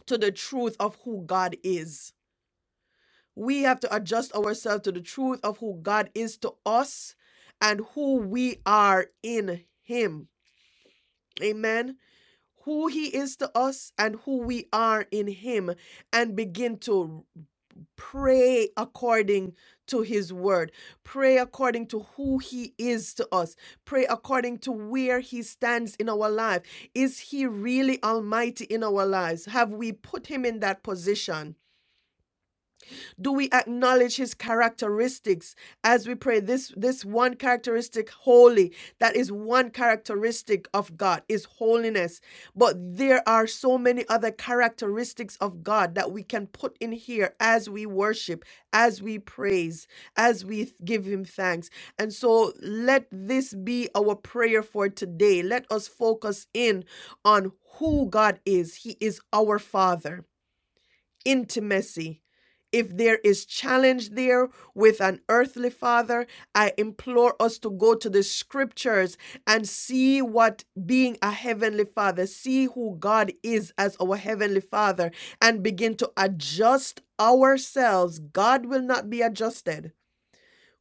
Speaker 1: to the truth of who God is we have to adjust ourselves to the truth of who God is to us and who we are in Him. Amen. Who He is to us and who we are in Him, and begin to pray according to His word. Pray according to who He is to us. Pray according to where He stands in our life. Is He really Almighty in our lives? Have we put Him in that position? Do we acknowledge his characteristics as we pray? This this one characteristic holy, that is one characteristic of God is holiness. But there are so many other characteristics of God that we can put in here as we worship, as we praise, as we th- give him thanks. And so let this be our prayer for today. Let us focus in on who God is. He is our Father intimacy. If there is challenge there with an earthly father, I implore us to go to the scriptures and see what being a heavenly father, see who God is as our heavenly father, and begin to adjust ourselves. God will not be adjusted.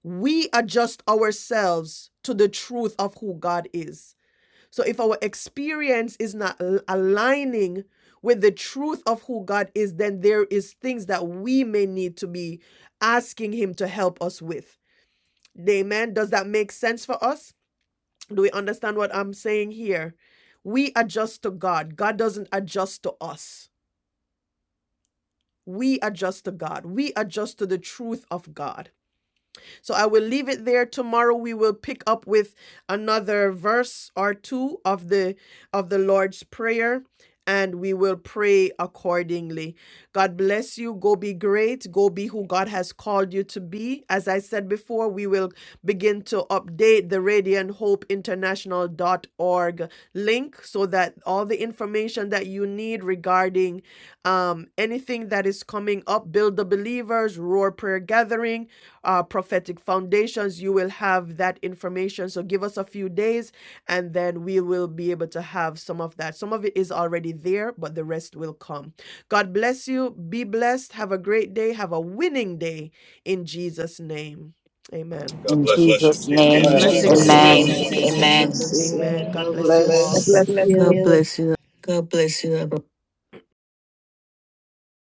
Speaker 1: We adjust ourselves to the truth of who God is. So if our experience is not aligning with the truth of who God is, then there is things that we may need to be asking him to help us with. Amen. Does that make sense for us? Do we understand what I'm saying here? We adjust to God. God doesn't adjust to us. We adjust to God. We adjust to the truth of God. So I will leave it there. Tomorrow we will pick up with another verse or two of the of the Lord's prayer and we will pray accordingly. God bless you. Go be great. Go be who God has called you to be. As I said before, we will begin to update the radiant hope international dot org link so that all the information that you need regarding um, anything that is coming up, Build the Believers, Roar Prayer Gathering, uh, prophetic foundations, you will have that information. So give us a few days and then we will be able to have some of that. Some of it is already there, but the rest will come. God bless you. Be blessed. Have a great day. Have a winning day in Jesus' name. Amen.
Speaker 7: God
Speaker 10: In
Speaker 1: God
Speaker 7: bless you.
Speaker 1: bless you.
Speaker 7: In
Speaker 10: Jesus'
Speaker 1: In In Jesus'
Speaker 14: God
Speaker 5: deepest.
Speaker 10: name,
Speaker 14: bless
Speaker 1: Blessings name. to
Speaker 14: everyone.
Speaker 7: Jesus'
Speaker 10: amen.
Speaker 14: Have a
Speaker 7: name.
Speaker 15: Let's
Speaker 14: good
Speaker 1: you.
Speaker 15: do
Speaker 16: God
Speaker 14: time.
Speaker 1: Amen.
Speaker 16: bless
Speaker 1: amen.
Speaker 15: something
Speaker 16: you.
Speaker 1: Amen. God
Speaker 16: God
Speaker 1: bless you
Speaker 4: I
Speaker 16: bless.
Speaker 1: all.
Speaker 4: bless you.
Speaker 6: God bless you.